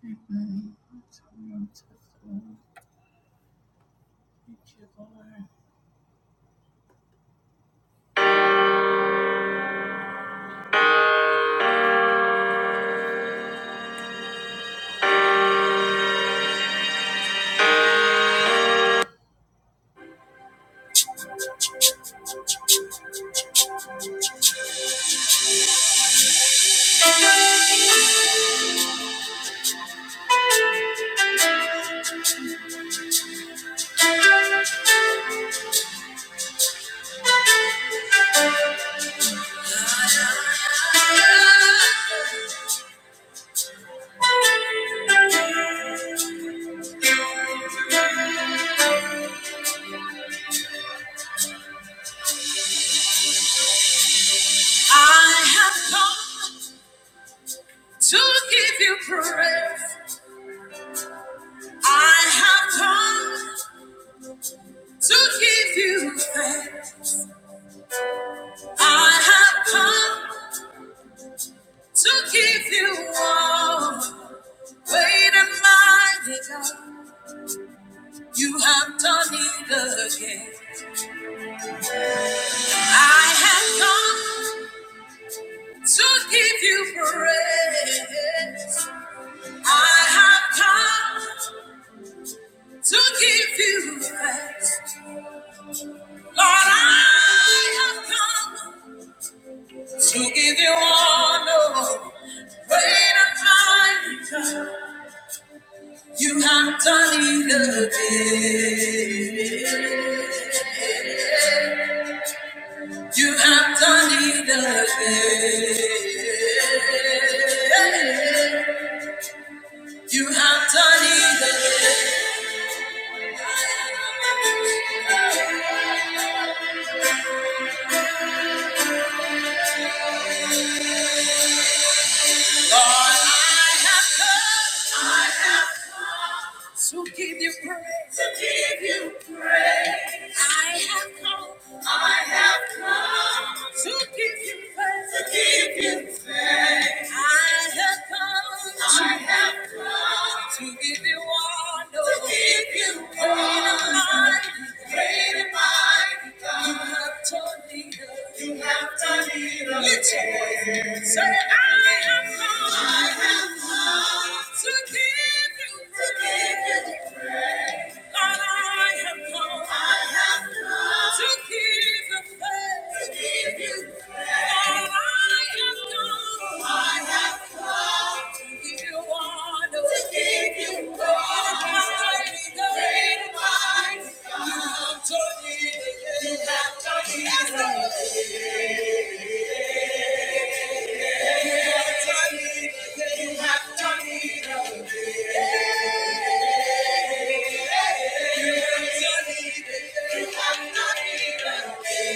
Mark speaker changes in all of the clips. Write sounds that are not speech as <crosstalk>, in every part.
Speaker 1: I have come to give you praise. I have come to give you faith. I have come to give you all. Wait and mighty God, you have done it again. I have come to give you praise. I have come. to give you thanks. Lord, I have come to give you honor. Great and mighty God, you have done it again. You have done it again. You have done it again. Lord, I have come. to give you praise. To give you praise. I have come. I have come to give you thanks. To give you thanks. I have come. I have come to give you honor. To give you Great and honor. mighty, great and mighty God. You have taught me. to- You have taught me. to Lift your voice. Say, I have come. I have come to give you. praise. To give you you have Thank you. have have you have done it.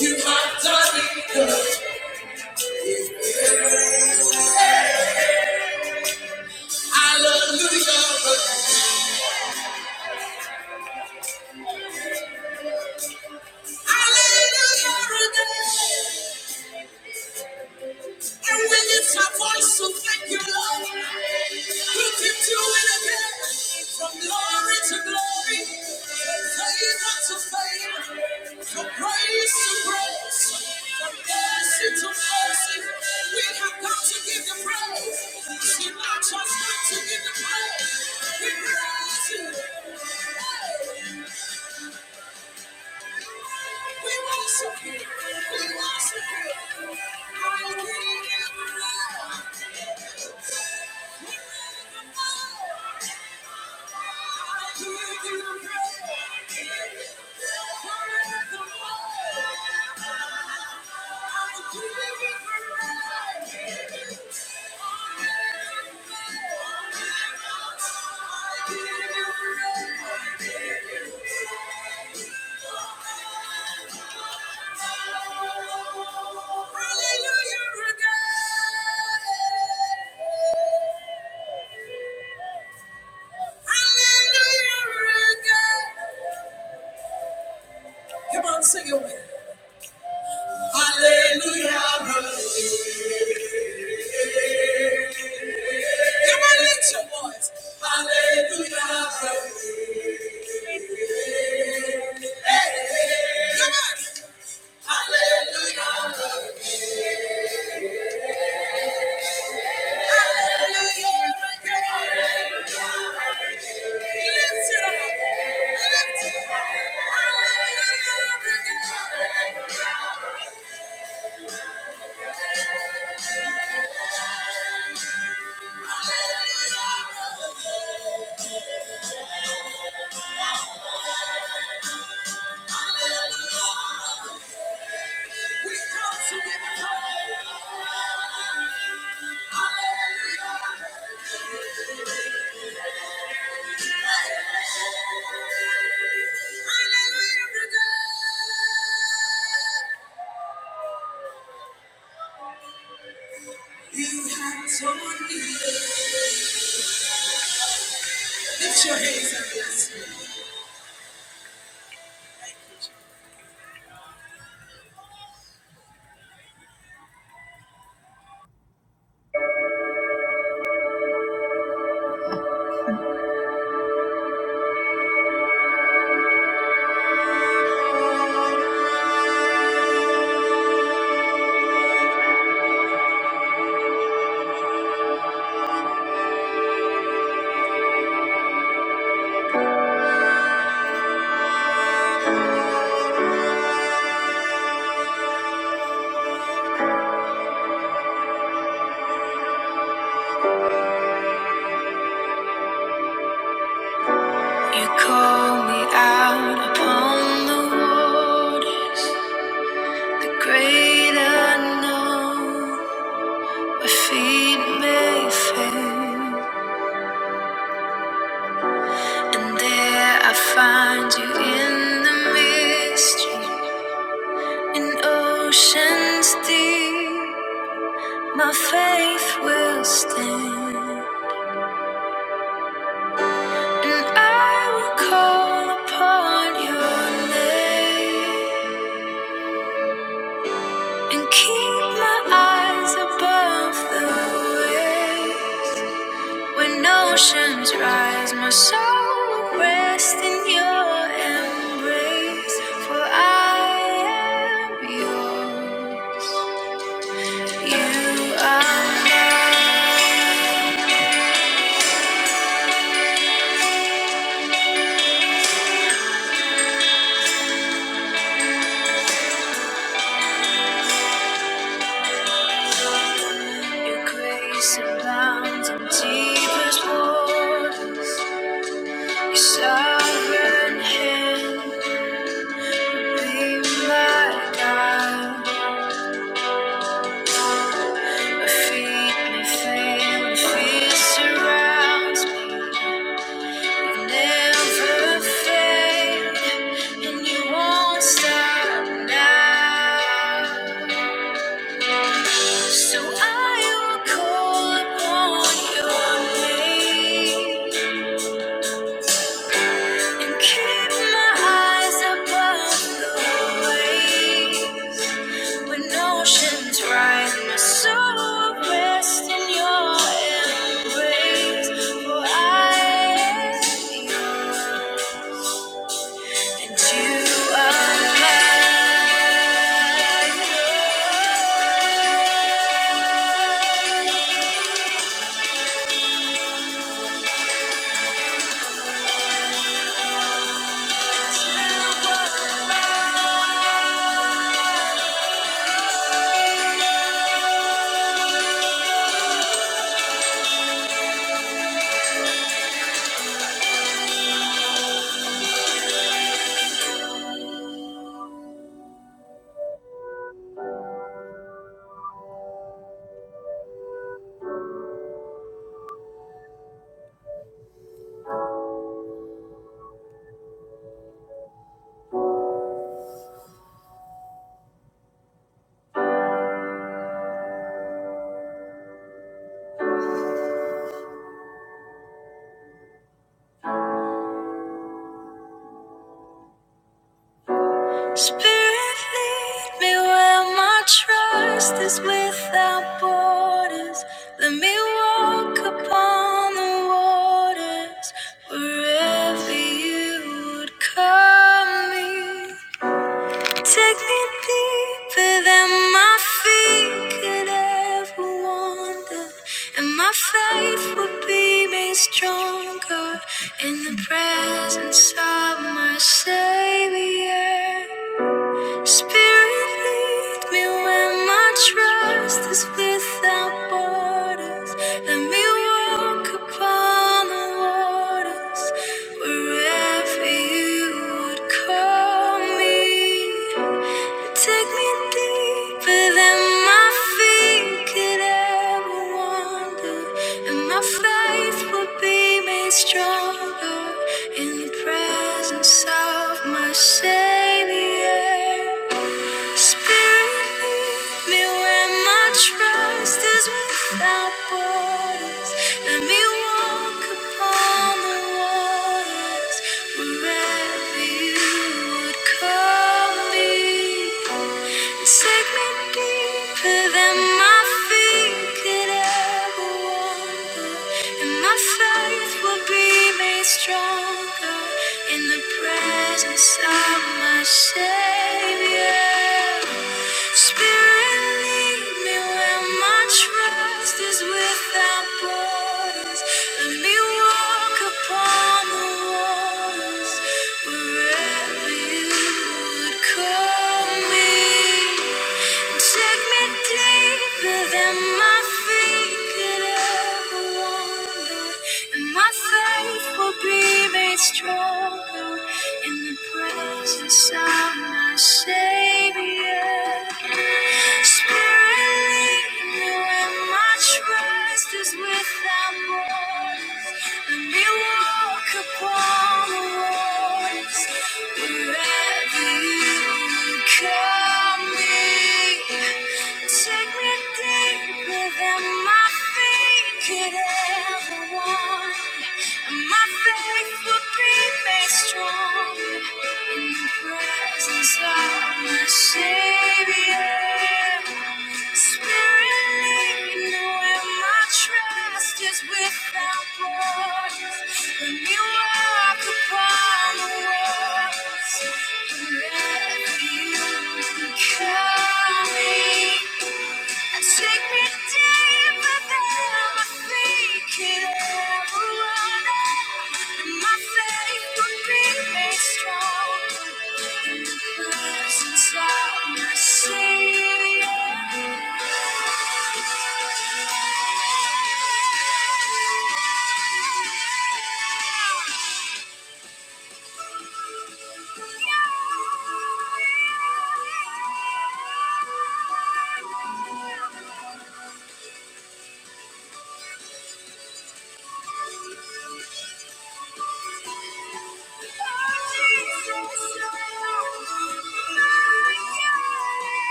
Speaker 1: You are Donnie, I love you. Hallelujah, again. And when it's our voice, so thank you, Lord. We can do it again. From glory to glory, favor to favor, from grace to grace, from mercy to mercy. We have come to give the praise. It's in our trust not to give the praise. We praise you. We worship you. We worship you. I I give give give you you you praise. Forevermore. I give you praise. We Hallelujah, again. again. Hallelujah again. Come on, sing it with me. Hallelujah, hallelujah. Come on, lift your voice. Hallelujah, hallelujah. Hey, hey. Come on. Hallelujah, hallelujah. Lift it up. Lift it up. Hallelujah, hallelujah. We come to give it all. Hallelujah. Hallelujah. You have torn me. Lift your hands and bless me. You call me out upon the waters, the great unknown. My feet may fail, and there I find you in the mystery, in oceans deep. My faith will stand. And I will call upon your name and keep my eyes above the waves. When oceans rise, my soul will rest in your embrace. For I am yours. You are mine. Your grace abounds in deepest waters. Your sovereign hand. Be my guide, a feeling when fear surrounds me. You never fade, and you won't stop now. So I will call upon your name and keep my eyes above the waves. When oceans rise, my soul will rest in your embrace. For I and you are mine. Spirit, lead me where my trust is without borders. Let me walk upon the waters wherever you would call me. Take me deeper than my feet could ever wander, and my faith will be made stronger in the presence of my Savior. Spirit, lead me where my trust is without borders. Let me walk upon the waters wherever you would call me. Take me deeper than my feet could ever wander, and my faith will be made stronger in the presence of my Savior. Spirit, lead me where my trust is without borders. Let me walk upon the water wherever you would call me. Take me deeper than my feet could ever wander, and my faith will be made stronger in the presence of my Savior. Spirit, lead me where my trust is without borders. Let me walk upon the waters wherever you would call me. Take me deeper than my feet could ever wander, and my faith will be made stronger in the presence of of my Savior. Take me deeper than my feet could ever want. My faith will be made strong in the presence of my Savior. Spirit, lead where my trust is without borders. Let me walk upon the waters wherever you call me. Take me deeper than my feet can ever run. And my faith will be made strong in the presence of my Savior.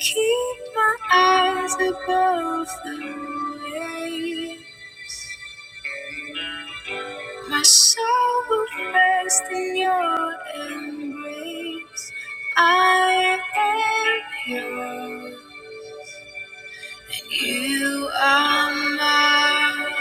Speaker 1: Keep my eyes above the wave. My soul will rest in your embrace. I am yours, and you are mine.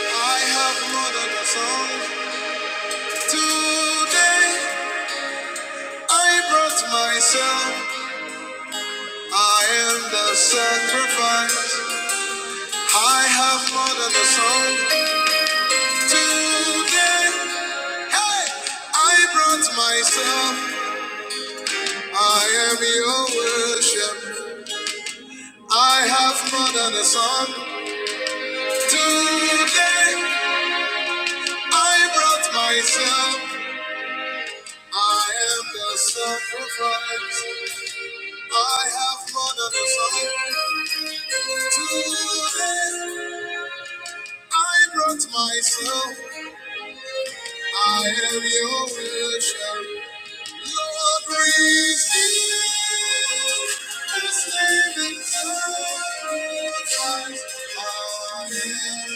Speaker 1: I have murdered a song. Today I brought myself. I am the sacrifice. I have murdered a song. Today, hey, I brought myself. I am your worship. I have more than a song. Today I brought myself. I am the sacrifice. I have more than a song. Today I brought myself. I am your worship. Lord, receive this living sacrifice. I am.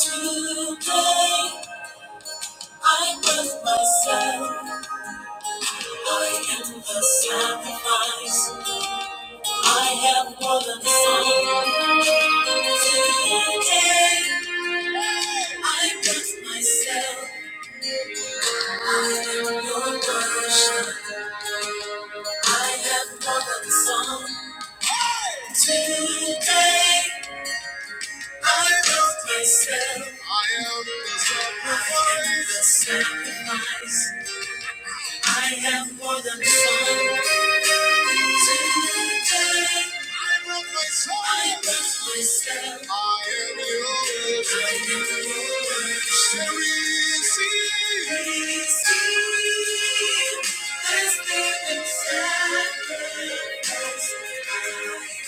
Speaker 1: Today I birth myself. I am the sacrifice. I am more than a song. Today I birth myself. Today I love myself. I am the sacrifice. I am more than some. Today I love myself. I am your I am yours. Receive. Receive this living sacrifice.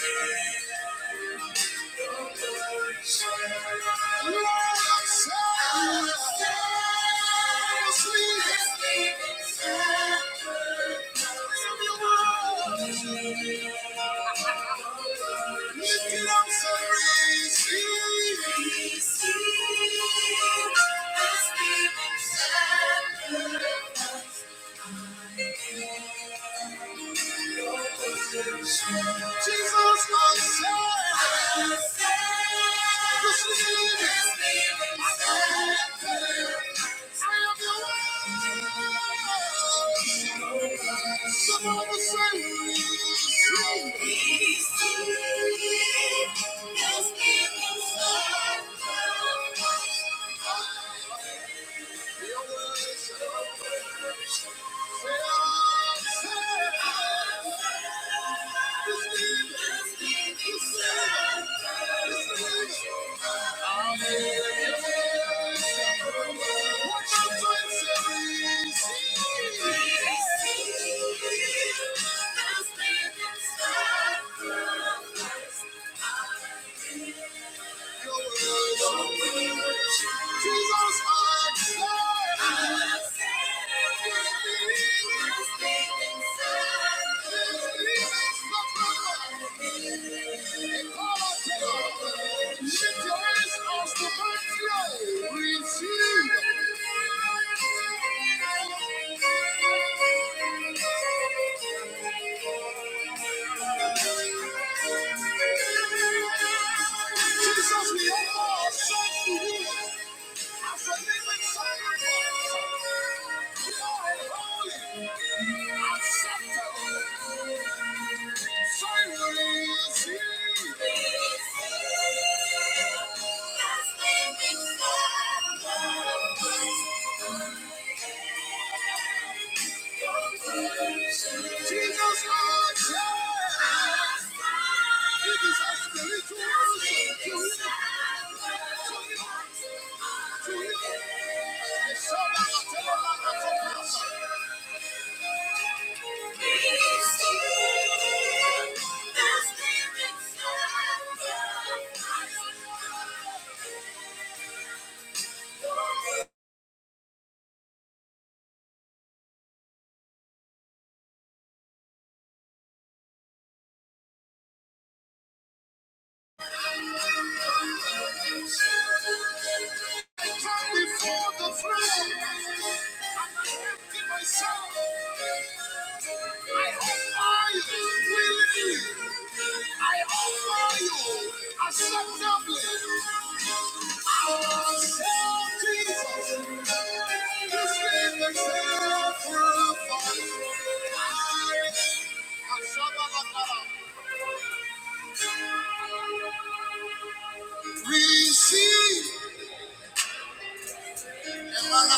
Speaker 1: Jesus, my Savior. This is Thank you. Thank you. Receive. I am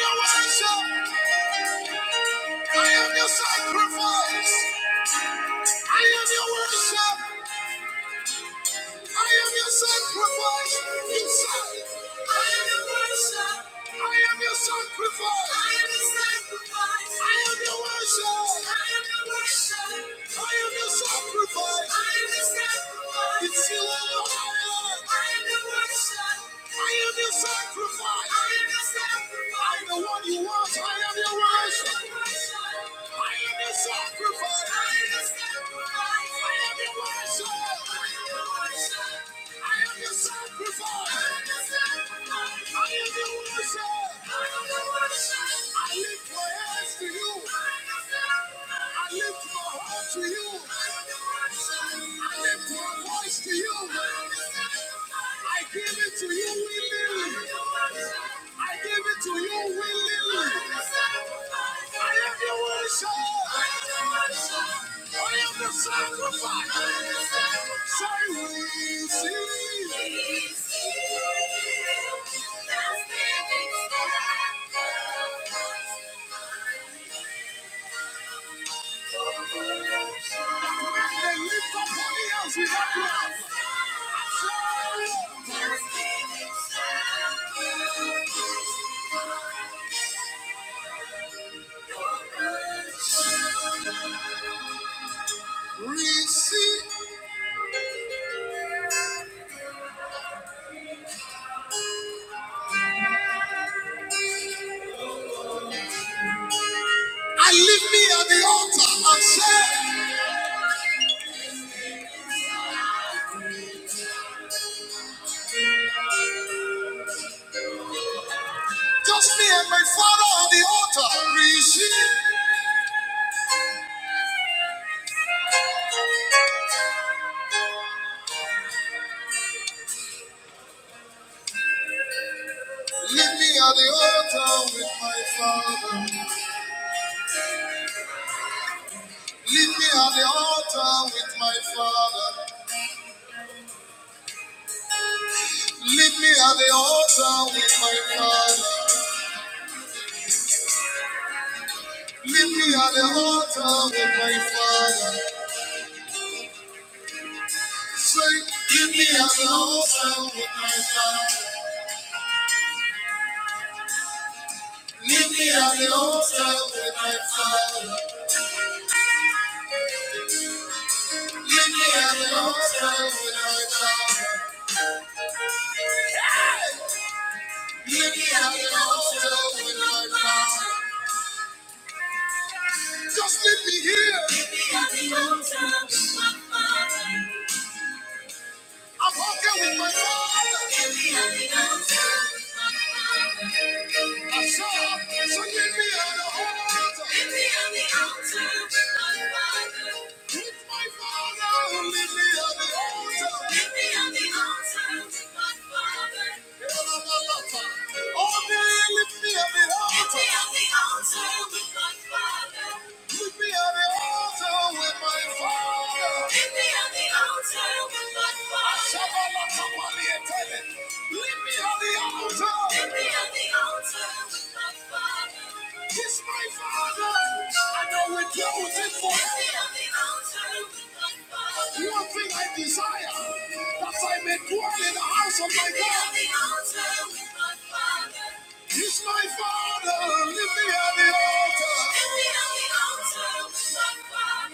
Speaker 1: your master. I am your worship. I am your sacrifice. I am your worship. I am your sacrifice. I am your worship. I am your sacrifice. You say, I am your worship. I am your sacrifice. I am your sacrifice. I am your worship. I am your worship. I am your sacrifice. I am your sacrifice. It's you alone. I am your worship. I am your sacrifice. I am your sacrifice. I am the one you want. I am your worship. I am your sacrifice. I am your sacrifice. I am your worship. I am your worship. I am your sacrifice. I am your sacrifice. Sacrifice, so we see. Receive. I leave me at the altar and say, just me and my father at the altar. Receive. Leave me at the altar with my father. Leave me at the altar with my father. Leave me at the altar with my father. Leave me at the altar with my father. Say, leave me at the altar with my Just leave me here. I'm walking with my father. so get me on the altar. Get me on the altar with my father. With my father, get me on the altar. Get me on the altar with my father. Give me on the altar. Oh, man, lift me on the altar. Get me on the altar with my father. Put me on the altar with my father. Put me on the altar with my father. Shabalakapali etele. Leave me on the altar. Leave me on the altar with my father. Kiss my father. I know we're chosen for. Leave me on the altar with my father. One thing I desire, that I may dwell in the house of my Leave me God. on the altar with my father. He's my father. Lift me on the altar. Lift me on the altar, my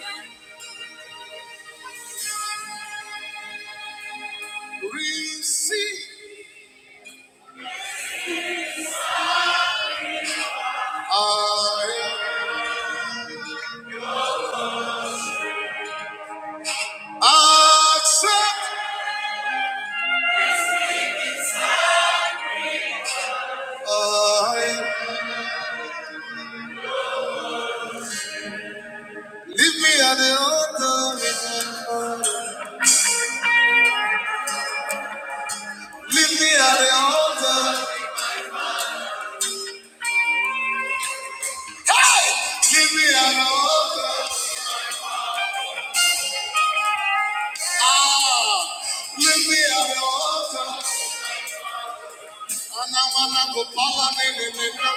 Speaker 1: father. Receive. I accept. I lift me at the altar. Lift me at the altar. Hey! Lift me at the altar. Ah! Lift me at the altar. Anawana Gopala nene nene.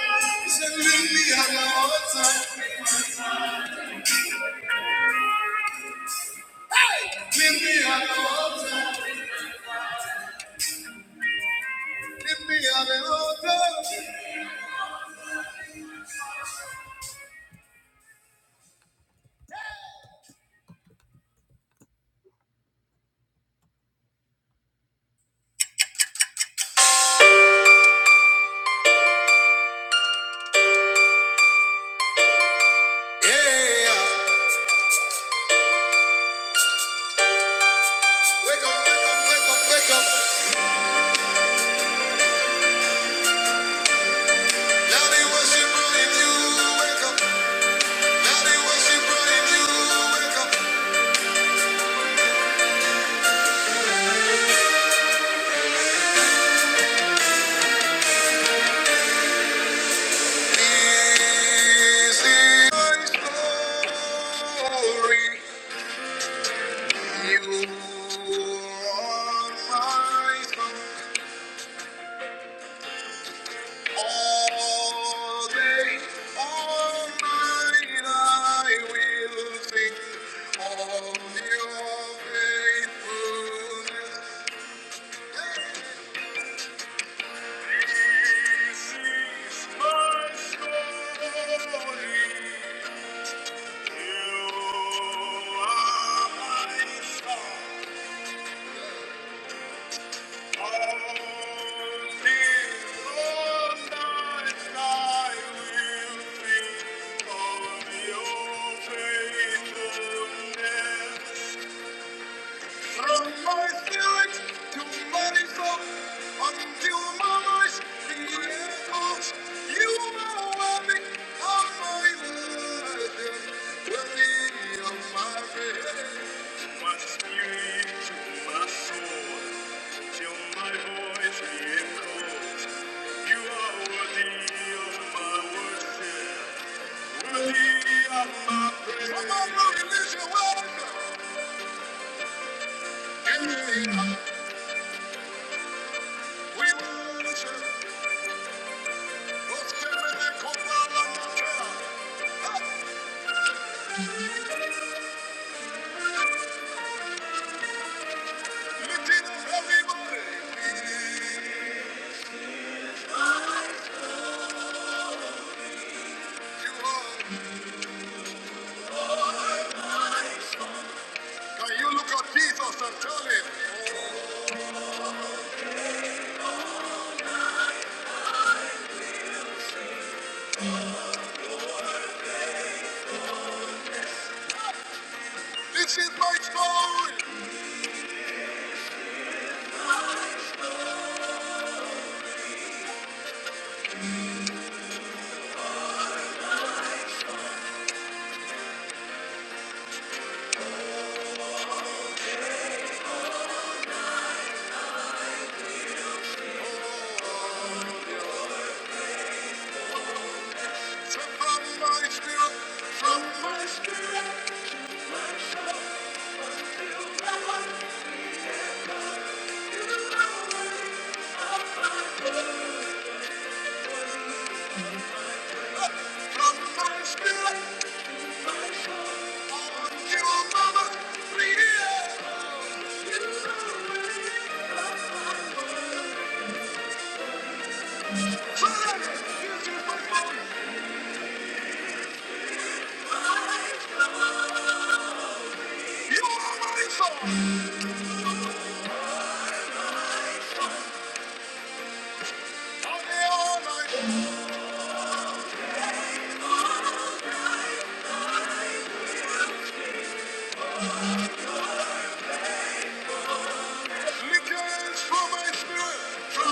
Speaker 1: He said, leave me at the altar. Leave me at the altar. Leave me at the altar. Yeah. Wake wake wake up, wake up, up, up, Now they worship brought in you. Wake up. Now Glory, you Wake up. This is my story. You are my song. All day, all night, I will sing of your faithfulness. This is my story. You are my song. Thank you. From my my my my my my my voice be echoed, you are worthy of my worship, worthy of my praise. my spirit spirit to to soul, soul, until voice voice be be echoed, echoed, you you are are worthy Worthy worthy Worthy of of of of worship. worship. praise. praise. till Come on, Lord, release your welcome. Can you look at Jesus and tell him, This is my story. Sent from my spirit, from my spirit, from my spirit. On you, mama, free here. So that this is my story. You are my song. I'm here all night. From my spirit to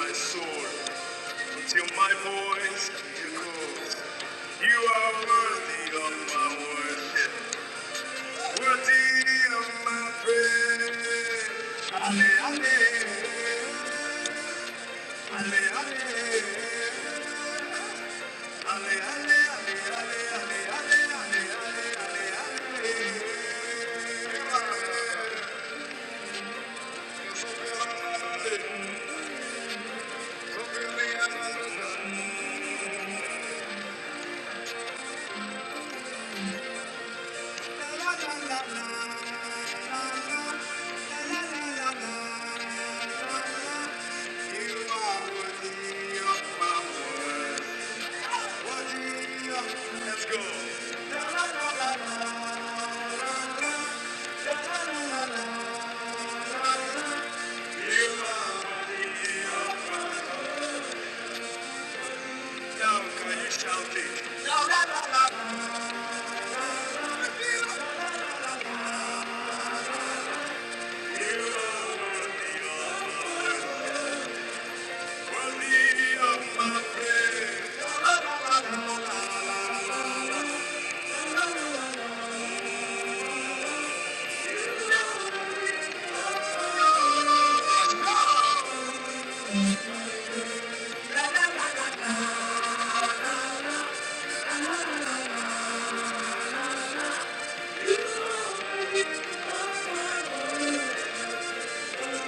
Speaker 1: my soul, till my voice echoes. You are worthy of my worship. Worthy of my praise. Ale, ale. Ale, ale. Ale, ale, ale, ale, ale, ale, ale, ale, ale, ale. Let's go. Now can you shout it? Worthy of my-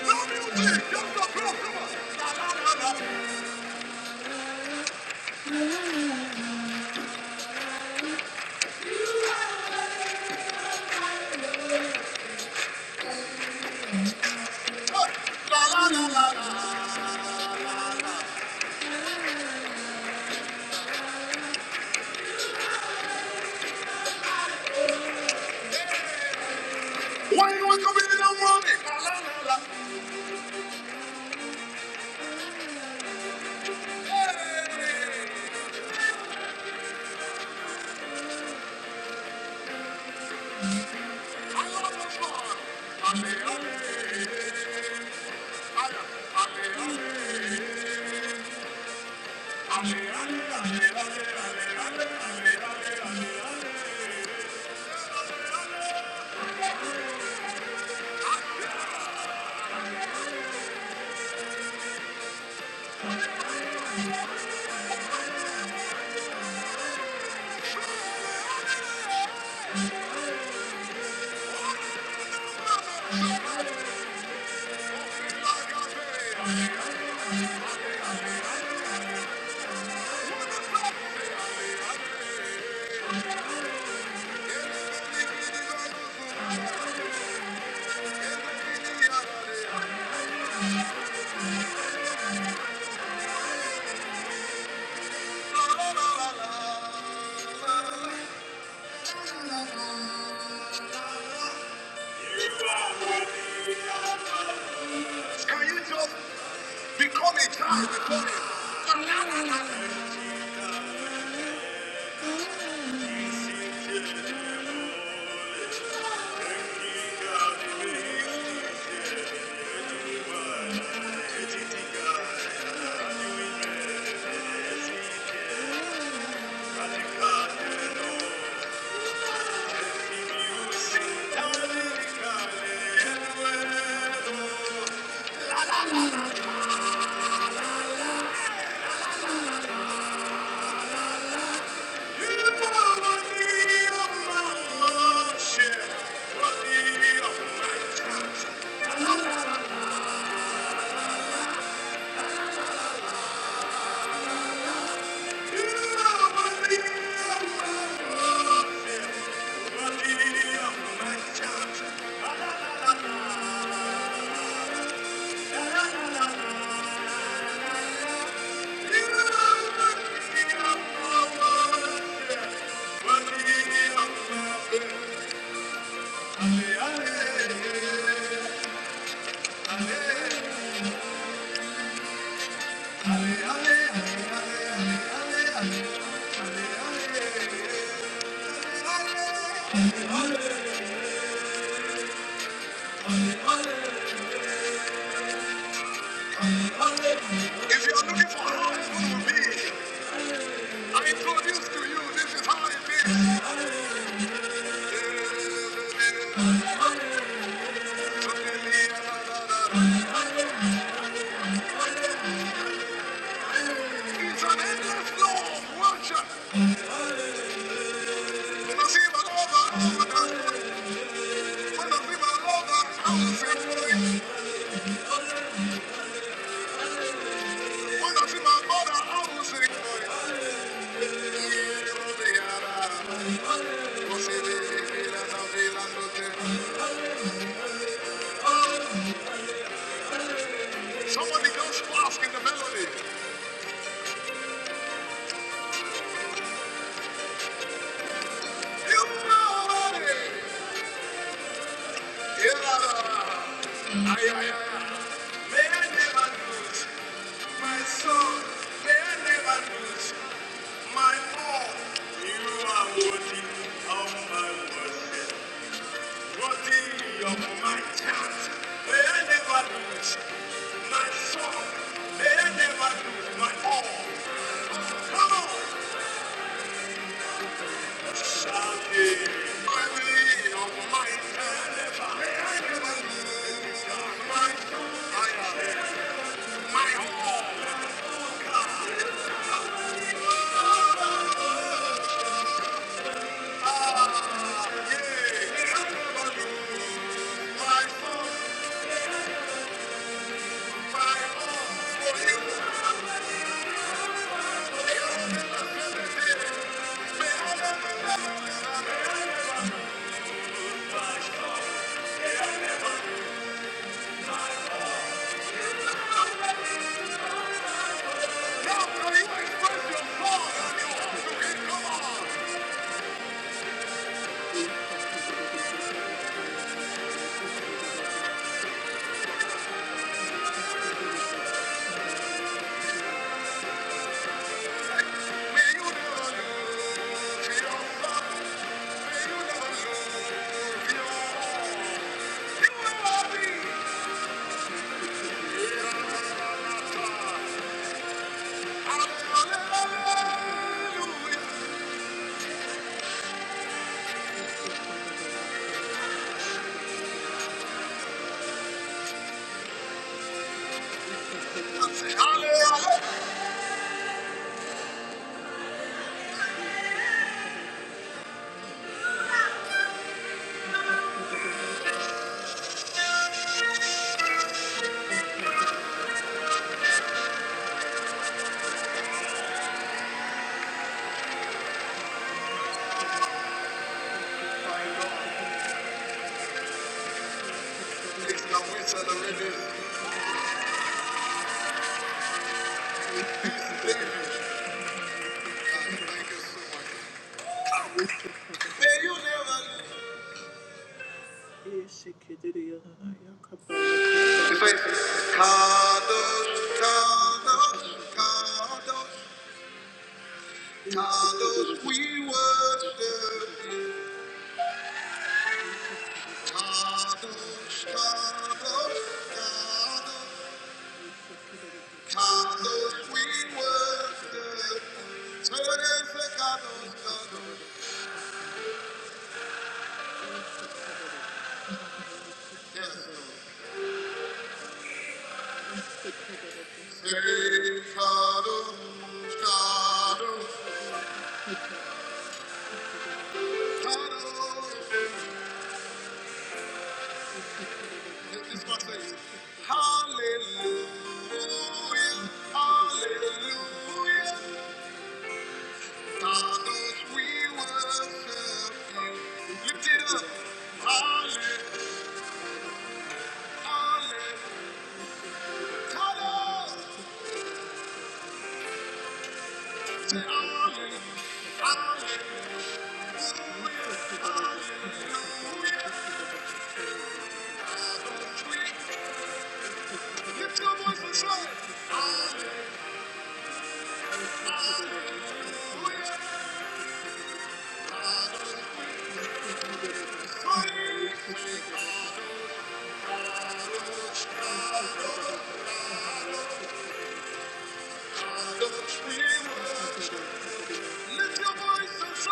Speaker 1: No music, just the program. Why you want to be the one? Can you just become a child? Ale, ale, ale. If you're looking for how it's going to be, I introduce to you this is how it is. It's an endless flow of worship. نصيب الأوضة والأسود ونصيب الأوضة والأسود Somebody goes fast in the melody. You know it. Yeah. Ay, ay, ay. May I never lose my soul. May I never lose my all. You are worthy of my worship. Worthy of my chance, may I never lose my song, may I never lose my all. Come on, shout it. Worthy of my chance, may I never lose my song, my chance, my all. Ah, yeah, may I never lose my song, my all. It's not we celebrate this. Thank you so much. May you never lose. Kadosh, Kadosh, Kadosh, Kadosh, we worship you. Kadosh, Kadosh, Kadosh, Kadosh, we worship you. Say it again, say Kadosh, Kadosh. Yes, Lord. Say Kadosh, This one says, Hallelujah, hallelujah. Fathers, we worship you. Lift it up. Hallelujah, hallelujah. Say hallelujah, hallelujah. Lift your voice and say, Fathers, we worship you. Lift your voice and say,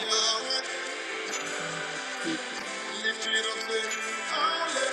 Speaker 1: Yahweh. Lift it up, say, Hallelujah.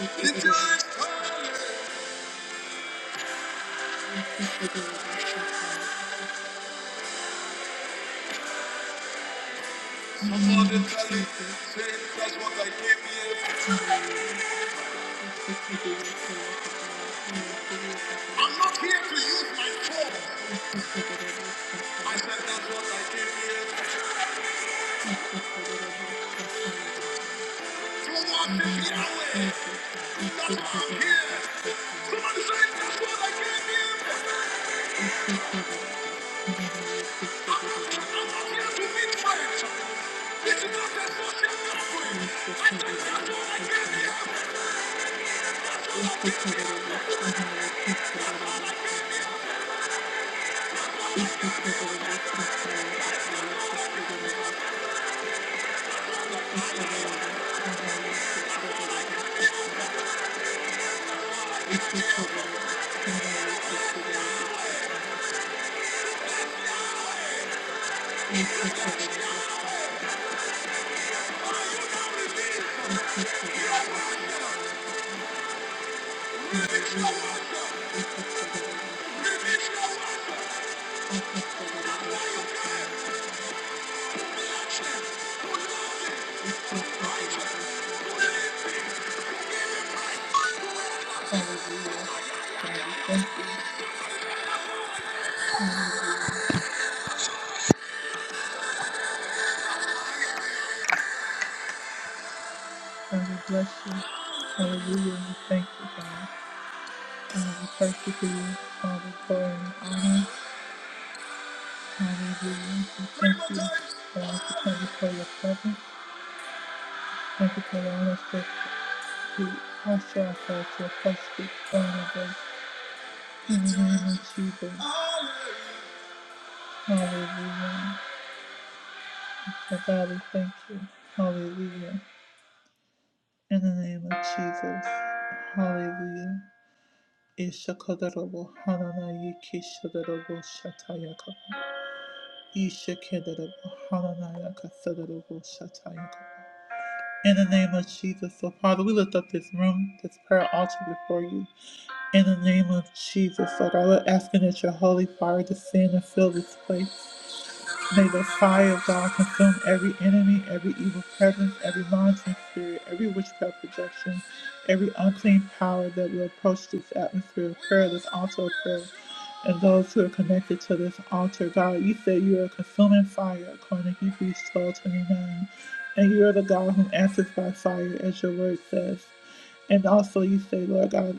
Speaker 1: Somebody tell him, say, that's what I came here for. I'm not here to use my phone. I said, that's what I came here for. To worship Yahweh. That's why I'm here. Somebody say, that's what I came here for. I'm not here to meet friends. This is not a social Hallelujah. Bless you. Hallelujah. We thank you, God. And we thank you for you, Father, glory and honor. Hallelujah. We thank you, God, for coming for your presence. Thank you for allowing us to, to usher ourselves to a place of vulnerable. In the name of Jesus. Hallelujah. But God, we thank you. Hallelujah. In the name of Jesus. Hallelujah. Ishakadarabo Hananayiki Shadarabo Shatayakaba. Ishakadarabo Hananayaka Sadarabo Shatayakaba. In the name of Jesus, so Father, we lift up this room, this prayer altar before you. In the name of Jesus, so God, we're asking that your holy fire descend and fill this place. May the fire of God consume every enemy, every evil presence, every monitoring spirit, every witchcraft projection, every unclean power that will approach this atmosphere of prayer, this altar of prayer, and those who are connected to this altar. God, you said you are a consuming fire, according to Hebrews 12:29, And you are the God who answers by fire, as your word says. And also, you say, Lord God,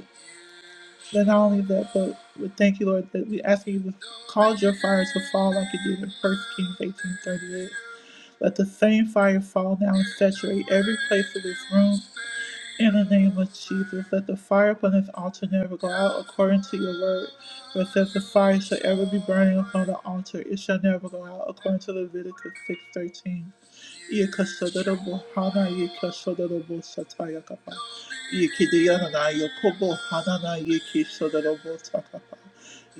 Speaker 1: that not only that, but we thank you, Lord, that we ask that you to cause your fire to fall like you did in 1 Kings eighteen thirty eight. Let the same fire fall now and saturate every place of this room. In the name of Jesus, let the fire upon this altar never go out according to your word. For it says the fire shall ever be burning upon the altar. It shall never go out according to Leviticus 6.13. Yekasadabo Hana Yekasadabo Sataya Kapa Yekidiyana Yokobo Hanana Yeki Sodarabo Sakapa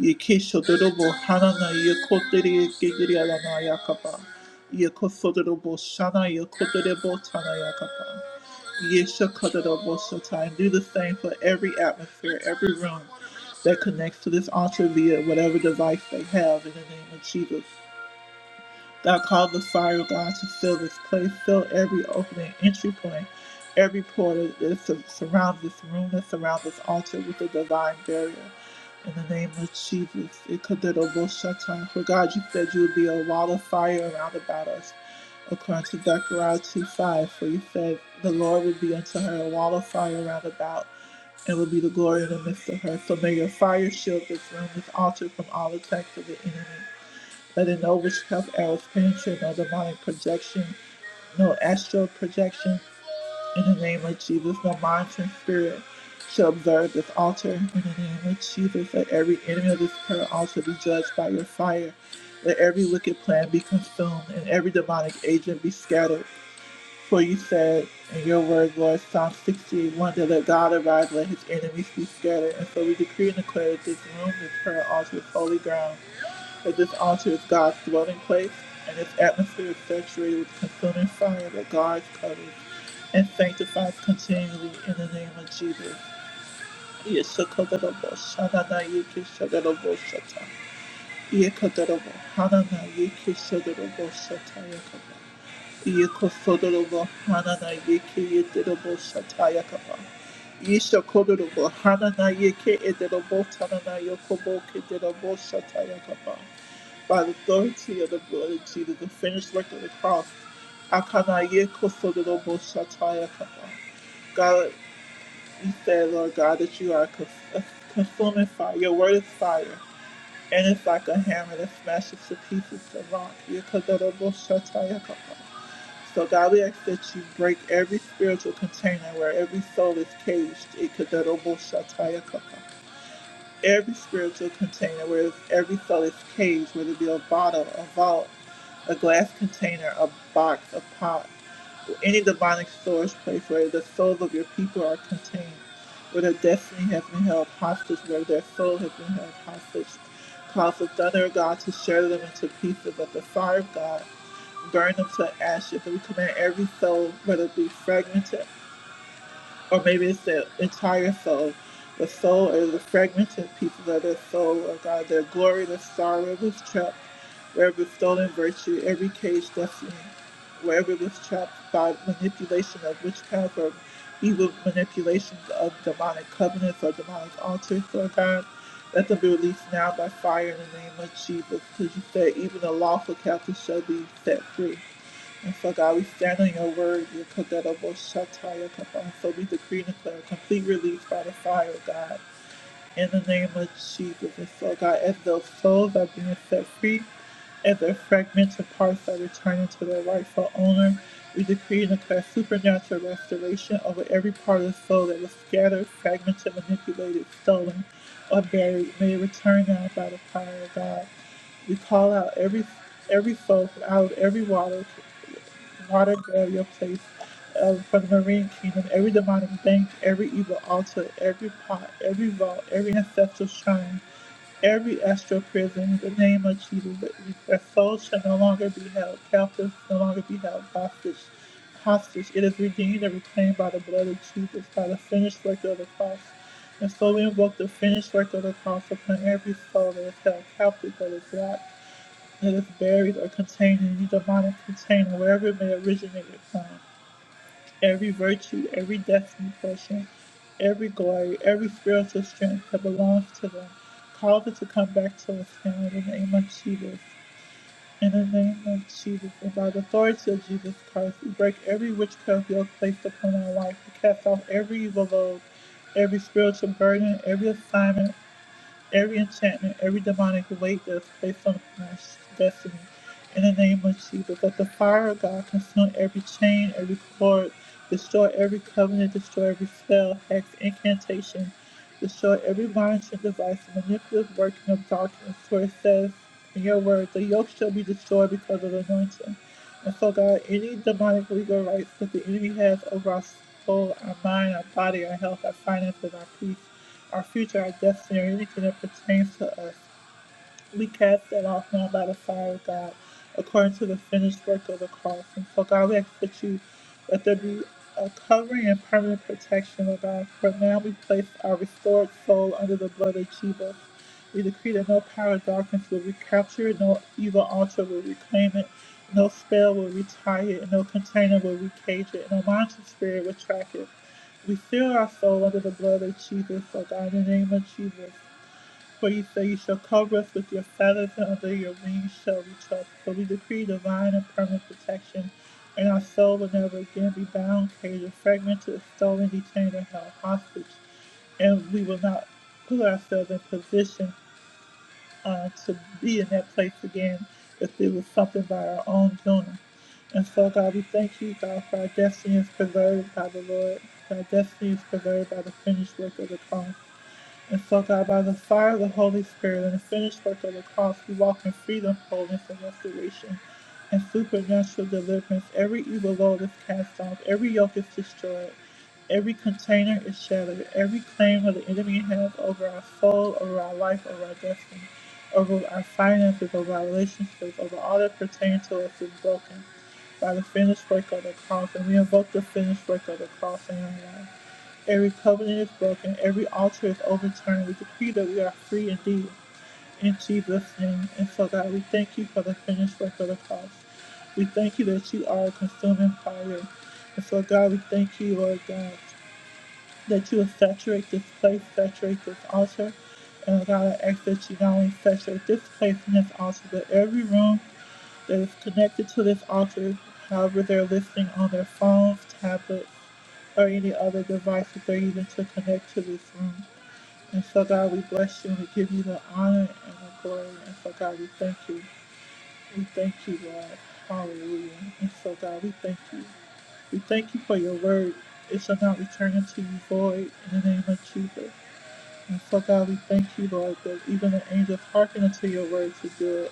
Speaker 1: Yeki Sodarabo Hanana Yekoteri Gigriana Yakapa Yekosodarabo Shana Yekodarabo Tana Yakapa Yesha Kadarabo Satai and do the same for every atmosphere, every room that connects to this altar via whatever device they have in the name of Jesus. Thou called the fire, God, to fill this place, fill every opening, entry point, every portal that sur- surrounds this room, that surrounds this altar with a divine barrier. In the name of Jesus, Ikadaroboshatai. for God, you said you would be a wall of fire around about us. According to Zechariah 2 5, for you said the Lord would be unto her a wall of fire round about, and would be the glory in the midst of her. So may your fire shield this room, this altar from all attacks of the enemy. Let it know witchcraft arrows penetrate, no demonic projection, no astral projection. In the name of Jesus, no monitoring spirit shall observe this altar. In the name of Jesus, let every enemy of this prayer altar be judged by your fire. Let every wicked plan be consumed and every demonic agent be scattered. For you said in your word, Lord, Psalm 68:1, that let God arise, let his enemies be scattered. And so we decree and declare that this room, this prayer altar is holy ground that this altar is God's dwelling place, and its atmosphere is saturated with consuming fire that guards, covers, and sanctifies continually in the name of Jesus. Yeshakadarabo, Shadanayiki, Shadarabo, Shata. Yekadarabo, Hananayiki, Shadarabo, Shata, Yakaba. Yekosodarabo, Hananayiki, Yedarabo, Shata, Yakaba. Yeshakadarabo, Hananayiki, Edarabo, Tananayokobo, Kedarabo, Shata, Yakaba by the authority of the blood of Jesus, the finished work of the cross. Akanaye kosodorobo shataya kapa. God, we said, Lord God, that you are a consuming fire. Your word is fire, and it's like a hammer that smashes to pieces the rock. Ye kosodorobo shataya kapa. So, God, we ask that you break every spiritual container where every soul is caged. Ye kosodorobo shataya kapa every spiritual container, whether it's every seller's cage, whether it be a bottle, a vault, a glass container, a box, a pot, or any demonic storage place where the souls of your people are contained, where their destiny has been held hostage, where their soul has been held hostage. Cause the thunder of God to shatter them into pieces, but the fire of God burn them to ashes. And we command every soul, whether it be fragmented or maybe it's their entire soul. The soul is the fragmented pieces of their soul, O God, their glory, their star, wherever was trapped, wherever it was stolen virtue, every cage destiny, wherever it was trapped by manipulation of witchcraft or evil manipulations of demonic covenants or demonic altars, Lord God. Let them be released now by fire in the name of Jesus, because you said even the lawful captive shall be set free. And so, God, we stand on your word, your Kaderobo Shataya Kaba. So we decree and declare complete release by the fire, God, in the name of Jesus. And so, God, as those souls are being set free, as their fragmented parts are returning to their rightful owner, we decree and declare supernatural restoration over every part of the soul that was scattered, fragmented, manipulated, stolen, or buried. May it return now by the fire of God. We call out every every soul from out of every water water girl, your place uh, for the marine kingdom, every demonic bank, every evil altar, every pot, every vault, every ancestral shrine, every astral prison, in the name of Jesus, that their souls shall no longer be held captive, no longer be held hostage. Hostage, it is redeemed and reclaimed by the blood of Jesus, by the finished work of the cross. And so we invoke the finished work of the cross upon every soul that is held captive, that is locked that is buried or contained in any demonic container, wherever it may originate from. Every virtue, every destiny portion, every glory, every spiritual strength that belongs to them, cause it to come back to us now in the name of Jesus. In the name of Jesus, and by the authority of Jesus Christ, we break every witchcraft yoke placed upon our life. We cast off every evil load, every spiritual burden, every assignment every enchantment, every demonic weight that's placed on my destiny. In the name of Jesus, let the fire of God consume every chain, every cord, destroy every covenant, destroy every spell, hex, incantation, destroy every monitoring device, manipulative working of darkness. For it says in your word, the yoke shall be destroyed because of the anointing. And so, God, any demonic legal rights that the enemy has over our soul, our mind, our body, our health, our finances, our peace, our future, our destiny, or anything that pertains to us, we cast that off now by the fire of God, according to the finished work of the cross. And so, God, we ask that you that there be a covering and permanent protection, of God. For now, we place our restored soul under the blood of Jesus. We decree that no power of darkness will recapture it, no evil altar will reclaim it, no spell will retire it, no container will recage it, no monster spirit will track it. We seal our soul under the blood of Jesus, O God, in the name of Jesus. For you say you shall cover us with your feathers, and under your wings shall we trust. So we decree divine and permanent protection, and our soul will never again be bound, caged, fragmented, stolen, detained, or held hostage. And we will not put ourselves in position uh, to be in that place again if it was something by our own doing. And so, God, we thank you, God, for our destiny is preserved by the Lord. Our destiny is preserved by the finished work of the cross. And so, God, by the fire of the Holy Spirit and the finished work of the cross, we walk in freedom, wholeness, and restoration, and supernatural deliverance. Every evil load is cast off, every yoke is destroyed, every container is shattered, every claim of the enemy has over our soul, over our life, over our destiny, over our finances, over our relationships, over all that pertains to us is broken by the finished work of the cross. And we invoke the finished work of the cross in our life. Every covenant is broken, every altar is overturned. We decree that we are free indeed in Jesus' name. And so, God, we thank you for the finished work of the cross. We thank you that you are a consuming fire. And so, God, we thank you, Lord God, that you will saturate this place, saturate this altar. And God, I ask that you not only saturate this place and this altar, but every room that is connected to this altar, however they're listening on their phones, tablet or any other device that they're using to connect to this room. And so, God, we bless you and we give you the honor and the glory. And so, God, we thank you. We thank you, Lord. Hallelujah. And so, God, we thank you. We thank you for your word. It shall not return unto you void in the name of Jesus. And so, God, we thank you, Lord, that even the angels hearken unto your word to do it.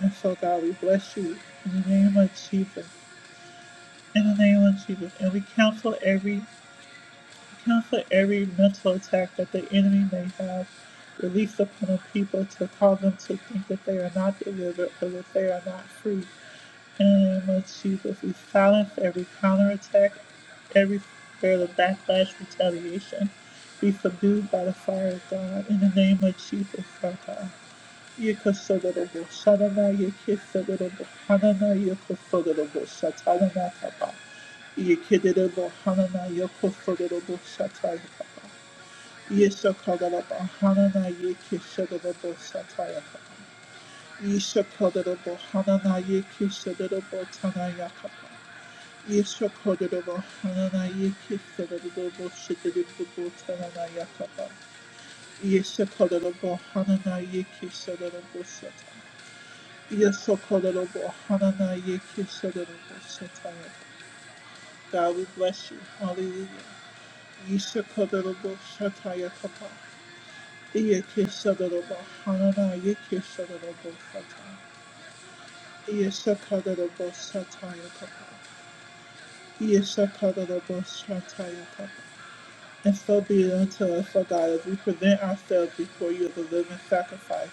Speaker 1: And so, God, we bless you in the name of Jesus. In the name of Jesus. And we counsel every Account for every mental attack that the enemy may have released upon a people to cause them to think that they are not delivered or that they are not free. In the name of Jesus, we silence every counterattack, every spirit of backlash, retaliation. Be subdued by the fire of God. In the name of Jesus, our God. Yekasodorobo Sanana Yekesodorobo Hanana Yokosodorobo Satarana Tapa Yekedorobo Hanana Yokosodorobo Sataya Tapa Yesakadorobo Hanana Yekesodorobo Sataya Tapa Yesakadorobo Hanana Yekesodorobo Tanaya Tapa Yesakadorobo Hanana Yekesodorobo Shidorobo Tanaya Tapa Yesakadorobo Hanana Yekesodorobo Sataya God, we bless you. Hallelujah. Yesokorobo Sataya Kapa. Iye Kisodorobo Hananaye Kisodorobo Sataya. Yesokorobo Kapa. Yesokorobo Sataya Kapa. And so be it unto us, O God, as we present ourselves before you as a living sacrifice.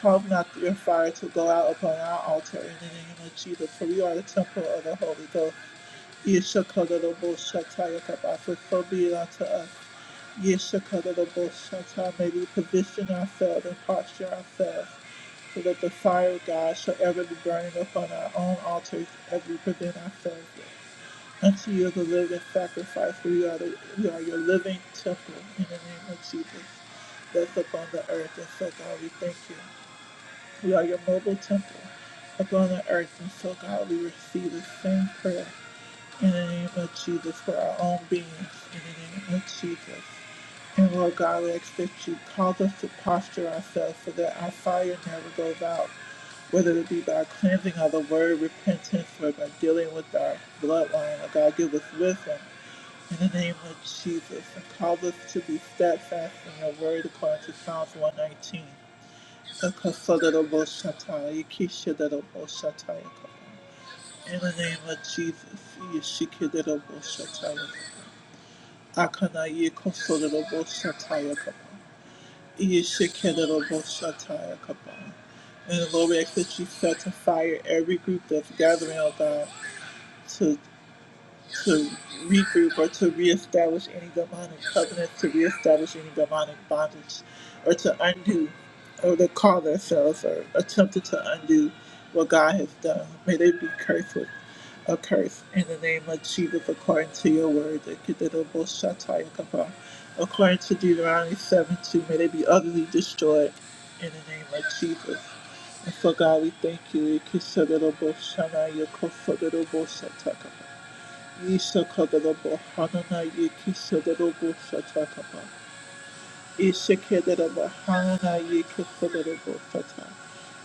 Speaker 1: Cause not your fire to go out upon our altar in the name of Jesus, for we are the temple of the Holy Ghost. Yeshakadabo Shatai Yakabafa, so be it unto us. Yeshakadabo Shatai, may we position ourselves and posture ourselves so that the fire of God shall ever be burning upon our own altars as we present ourselves. Unto you the living sacrifice, for you are, the, you are your living temple in the name of Jesus that's upon the earth. And so, God, we thank you. We are your mobile temple upon the earth. And so, God, we receive the same prayer in the name of Jesus, for our own beings, in the name of Jesus. And Lord God, we ask that you cause us to posture ourselves so that our fire never goes out, whether it be by cleansing of the word, repentance, or by dealing with our bloodline. Lord God, give us wisdom in the name of Jesus, and cause us to be steadfast in your word according to Psalms 119. In the name of Jesus, Yeshikidaraboshatayakapa. Akana Yekosodaraboshatayakapa. Yeshikidaraboshatayakapa. And Lord, we ask that you set to fire every group that's gathering, oh God, to to regroup or to reestablish any demonic covenant, to reestablish any demonic bondage, or to undo, or to call themselves or attempted to undo what God has done. May they be cursed with a curse in the name of Jesus according to your word. Ekededoboshatayakapa. According to Deuteronomy 7 2, may they be utterly destroyed in the name of Jesus. And so, God, we thank you. Ekededoboshanayakosodedoboshatakapa. Isakadalaba Hanana Yiki Sadalabo Satakaba. Isakadalaba Hanana Yiki Sadalabo Sata.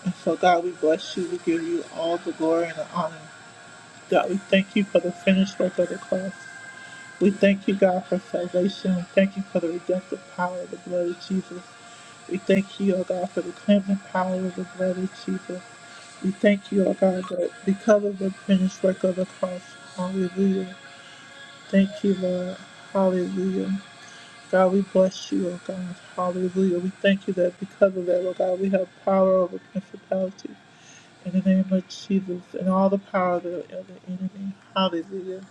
Speaker 1: And so, God, we bless you. We give you all the glory and the honor. God, we thank you for the finished work of the cross. We thank you, God, for salvation. We thank you for the redemptive power of the blood of Jesus. We thank you, O God, for the cleansing power of the blood of Jesus. We thank you, O God, that because of the finished work of the cross, hallelujah. Thank you, Lord. Hallelujah. God, we bless you, oh God. Hallelujah. We thank you that because of that, oh God, we have power over principalities. In the name of Jesus and all the power of the enemy. Hallelujah.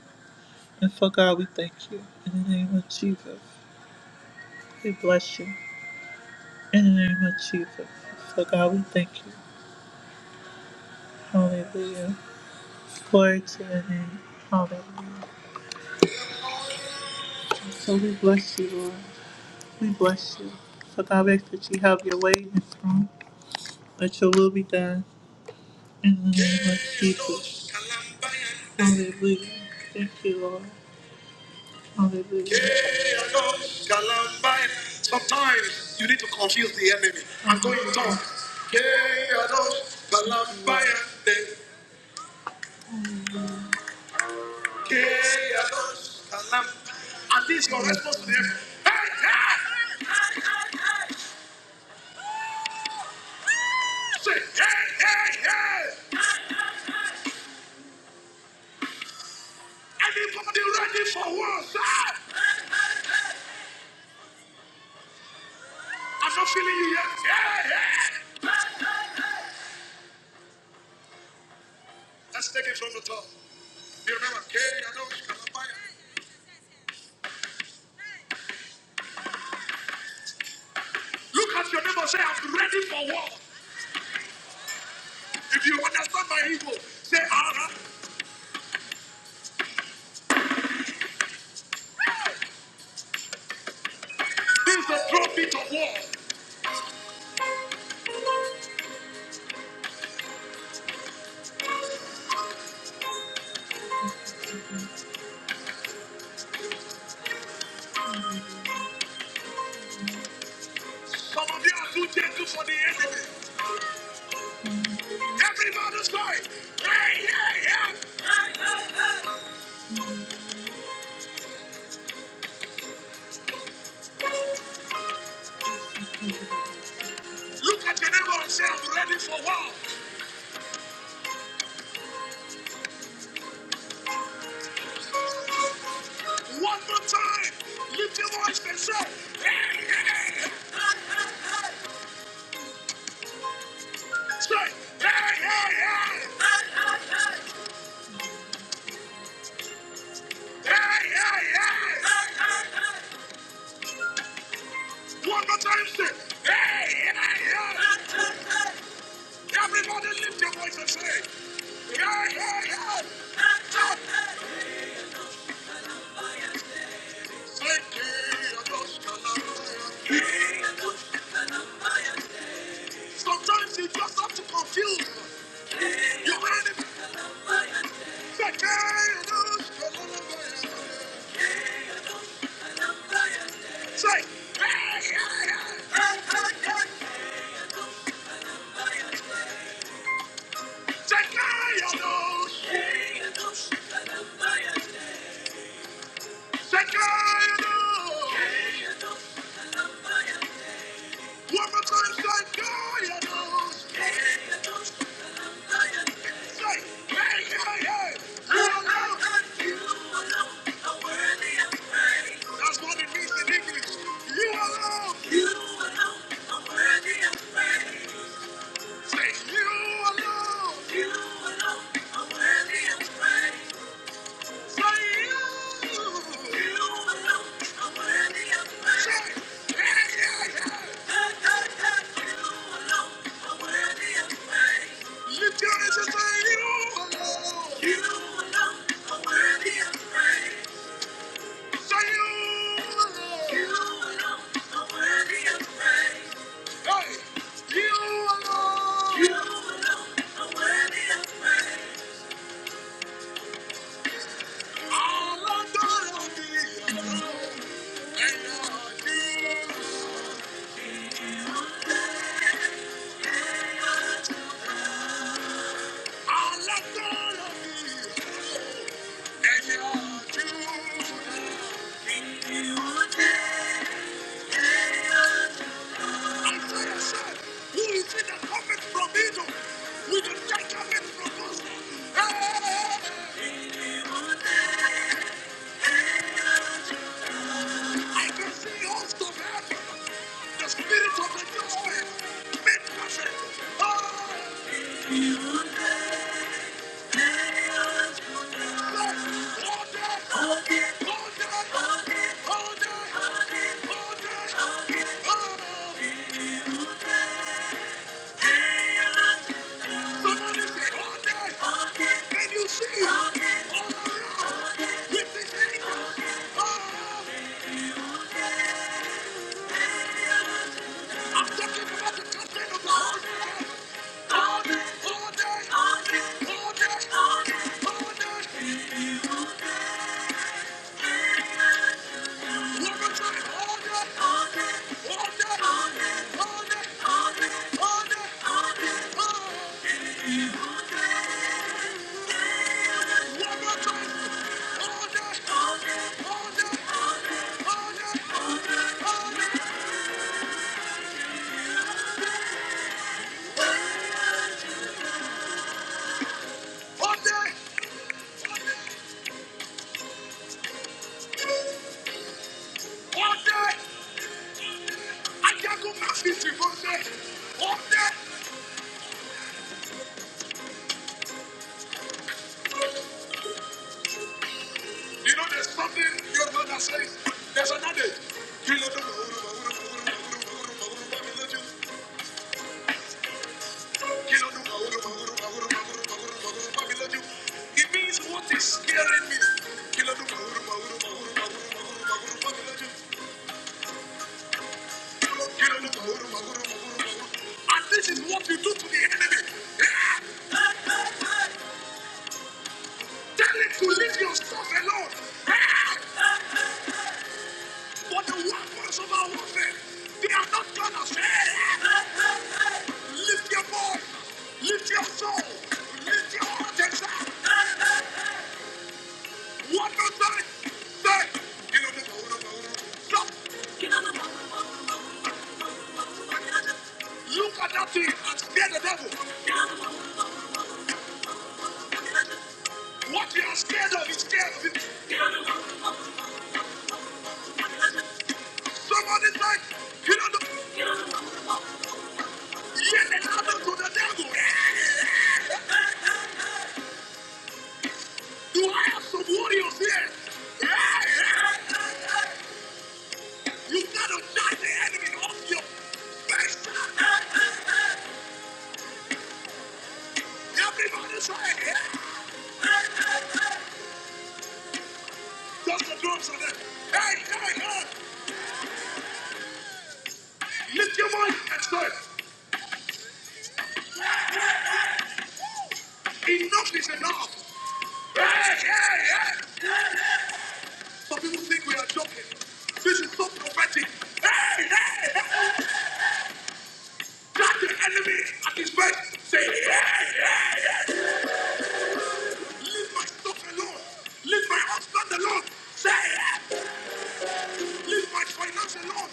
Speaker 1: And so, God, we thank you. In the name of Jesus. We bless you. In the name of Jesus. So, God, we thank you. Hallelujah. Glory to your name. Hallelujah. So we bless you, Lord. We bless you. So, God, we ask that you have your way in this room. Let your will be done in the name of Jesus. Hallelujah. Thank you, Lord. Hallelujah. Sometimes you need to confuse the enemy. I'm going to talk. And this is your response to the enemy. Hey, hey! Say, hey, hey, hey! Anybody ready for war, sir? I'm not feeling you yet. Hey, hey! Let's take it from the top. You remember? "Hey, I know you can buy it." Look at your neighbor. Say, I'm ready for war. If you understand my evil, say, Allah, this is the trumpet of war. Some of you are too gentle for the enemy. Everybody's going, hey, hey, hey. Look at your neighbor and say, I'm ready for war. One more time. Lift your voice and say, hey, hey, hey. Say, hey, hey, hey. Hey, hey, hey. One more time, say, hey, hey, hey. Everybody lift your voice and say, Yeah, yeah, yeah. Say, "Kayados-kalaya." Sometimes you just have to confuse. You heard it. Say, "Kayados-kalaya." Say, "Yeah, yeah, yeah." Hey, hey, hey. Say, "Kayados." Kayados-kalaya. Say, "Kayados." kayados One more time, say, and those." "Hey, hey, hey, yeah, yeah." you alone." That's what it means in English. You alone. are Say, "You alone." Thank you. I let go of you, and you're true. In you Isaiah said, Who is it that cometh from Egypt? With the light cometh from us. Hey, I can see hosts of heaven, the spirits of the just men, men perfect. Oh! I'm talking about the content of the whole thing. Order! I can't go past this reverse. Order! You know, there's something your mother says. There's another. Kilo do It means what is scaring me. Kilo do And this is what you do to the enemy. Tell him to leave your stuff alone. But the weapons of our warfare, they are not gonna fail. Lift your voice, lift your soul, lift your heart and shout. One, two, three, say, get on the boat, Stop. Get on the boat. Look at that thing and scare the devil. What you are scared of is scared of it. Somebody say, get on the boat, Yell it out to the devil. Hey. Do I have some warriors here? Hey, hey. You gotta knock the enemy off your face. Everybody say, yeah. Just the drums on that. Hey, hey, hey. Lift your voice and say, enough is enough. Hey, hey, hey. Some people think we are joking. This is so prophetic. Hey, hey, hey. That the enemy at his best say, hey, hey, hey. Leave my stuff alone. Leave my husband alone. Say, hey. hey. Leave my finance alone.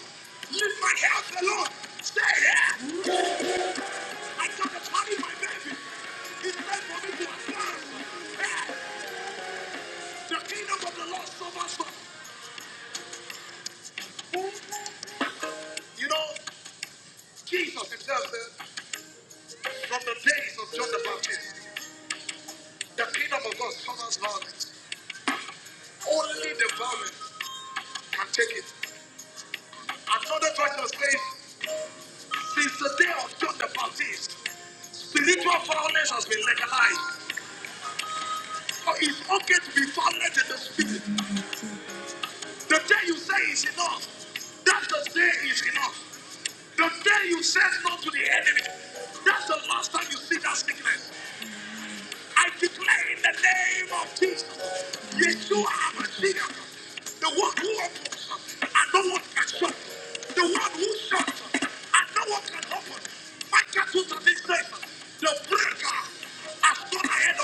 Speaker 1: Leave my health alone. Say, hey. hey. I got to carry my baby. It's time for me to advance. Hey. The kingdom of the Lord suffers from who? You know, Jesus himself said, from the days of John the Baptist, the kingdom of God suffers violence. Only the violent can take it. Another version says, since the day of John the Baptist, spiritual violence has been legalized. But it's okay to be violent in the spirit. The day you say is enough, that's the day is enough. The day you say no to the enemy, that's the last time you see that sickness. I declare in the name of Jesus, Yeshua HaMashiach, the one who opens and no one can shut, the one who shuts and no one can open. My cattle to this nation, the breaker has gone ahead of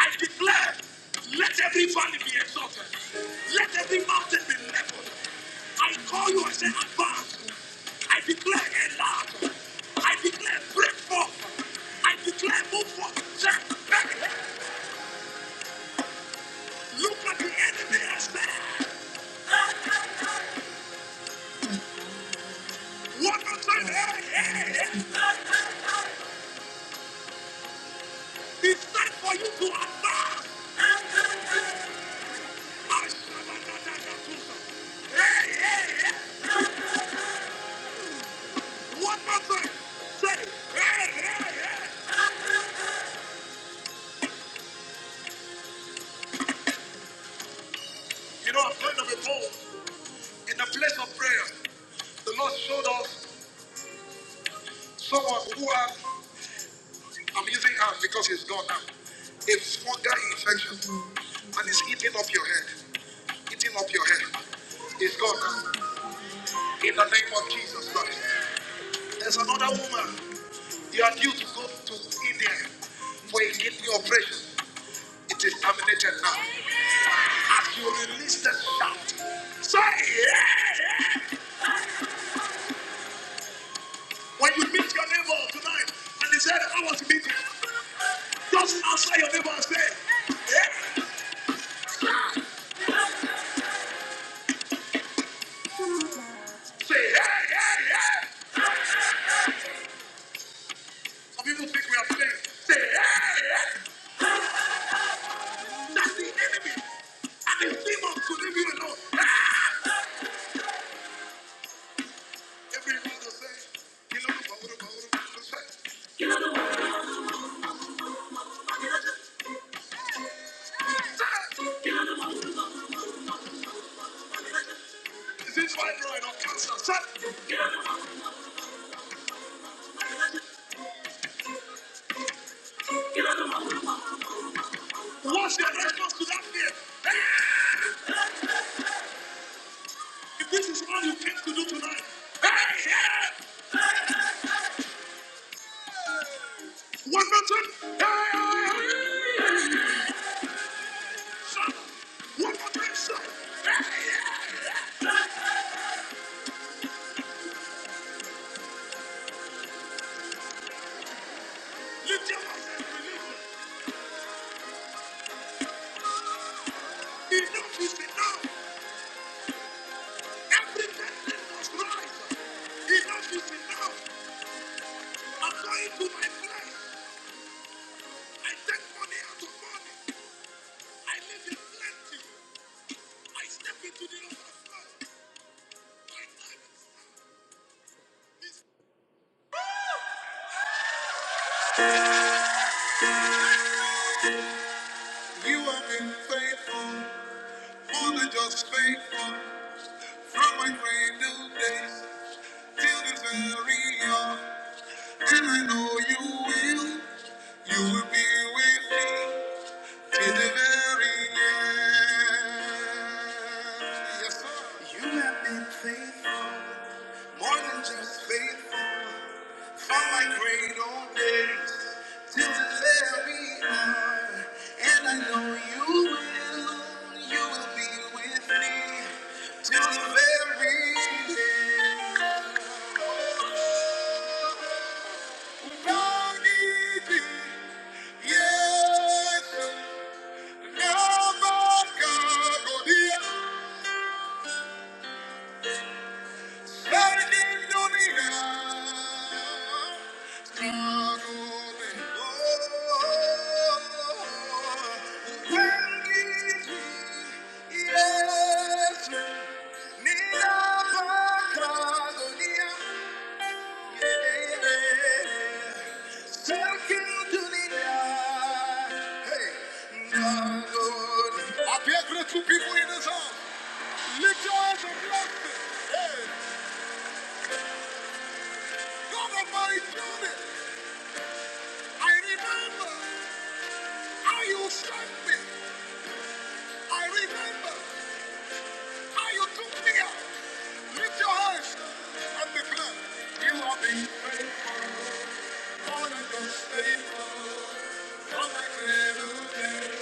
Speaker 1: I declare, let every valley be exalted. Let every mountain be leveled. I call you and say, advance. I declare, enlarge. I declare, break forth. I declare, move forth. step back. Look at the enemy and say, one more time, hey, hey, hey. It's time for you to advance. Ask One more time. Say, you know, I'm kind of a bold in the place of prayer. The Lord showed us someone who has I'm using hand because it's gone now. It's fungal infection and it's eating up your head. Eating up your head. It's gone now. In the name of Jesus Christ. There's another woman. You are due to go to India for a kidney operation. It is terminated now. As you release the shout, say yeah. When you meet your neighbor tonight and he said, I want to meet you, just answer your neighbor and say, yeah. Say, hey, hey, hey. Some people think we are playing. Say, hey, hey. That's the enemy. And the demons could leave you alone. Ah! Every man will say, "Kilo, bahuru, bahuru, bahuru, sir." Ah, Is it fibroid or cancer? Sir, what's your response to that fear? If this is all you came to do tonight, hey, hey, one more time, hey, hey, hey, sir, one more time, sir, lift your voice and believe. it. Enough is enough. Every person must rise. Enough is enough. i to my place. I take money out of money. I live in plenty. I step into the overflow. My time is now. It's now. you have been faithful, more than just faithful, from my cradle days till this very hour. And I know you will, you will be with me To the very end. Yes, sir. You have been faithful, more than just faithful, from my great old days till the very hour. And I know you will, you will be with me till the very end. Oh, Unagi, yes. sir. Yeah. I appear grateful people in this house. Lift your hands and bless it. Hey, God Almighty did it. I remember how you saved me. I remember how you took me out. Lift your hands and declare, You have been faithful. More than just faithful. Come back little days.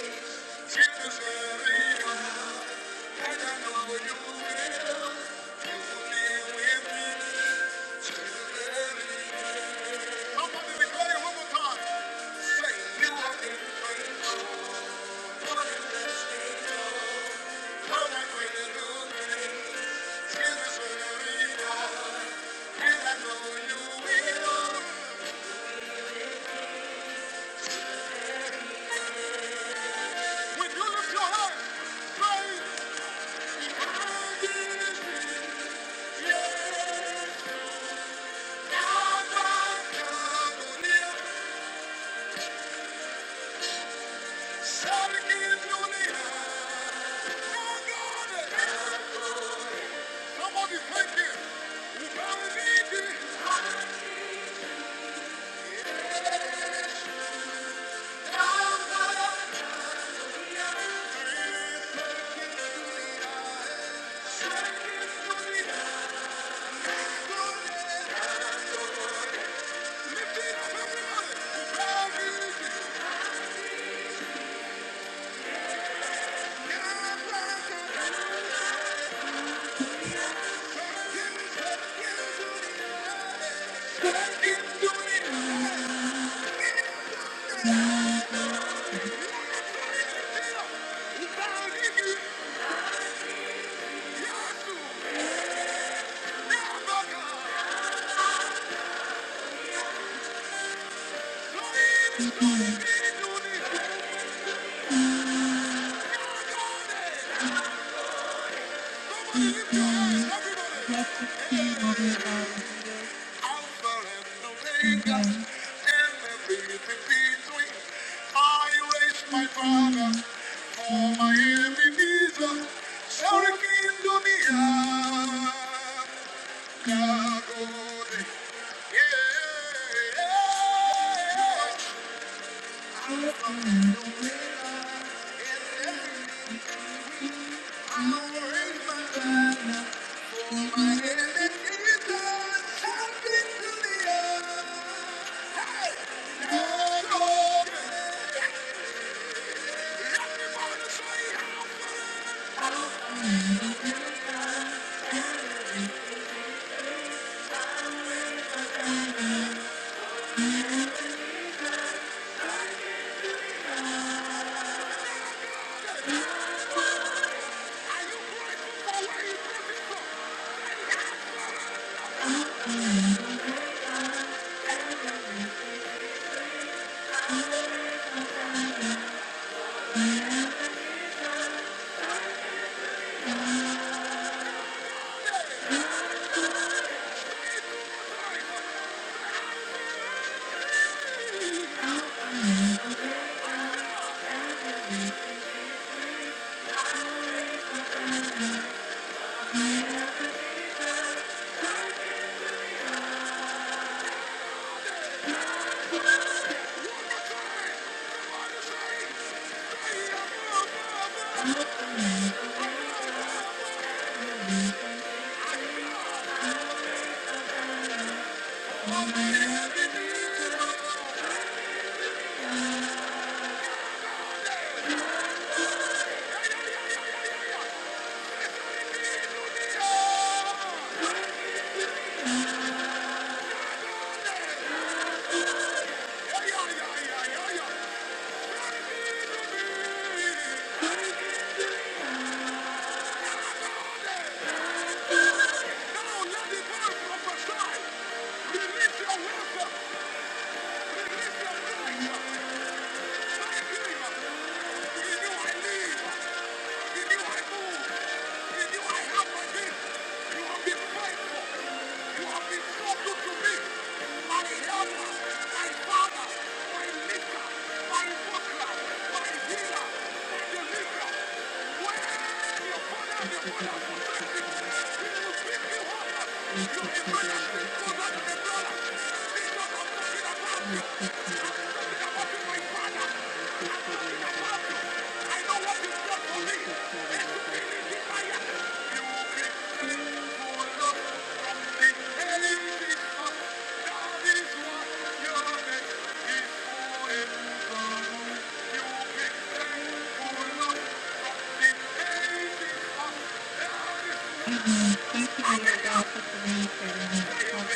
Speaker 1: Jesus, hurry up. And I know you will. You will be with me. till the very I'm gonna declare it one more time. Say, you have been faithful. What a goodness you are. What a great goodness. Give us a reward. And I know you will. When you lift your hand, say, "Great is He." Yes, our God. Shout again, Julia. Our God is Somebody thank him. We bow the knee to him. We bow the knee to him. Yasu. Yabaka. Somebody lift your hands, everybody. Alpha and Omega, and everything between. I raise my father for my enemies. Shouting into the air, Yeah. Alpha and Omega, and everything between. I raise my banner for my enemies. Release your wisdom! Release your direction! Thank you. Thank you, Lord God, for today's day. God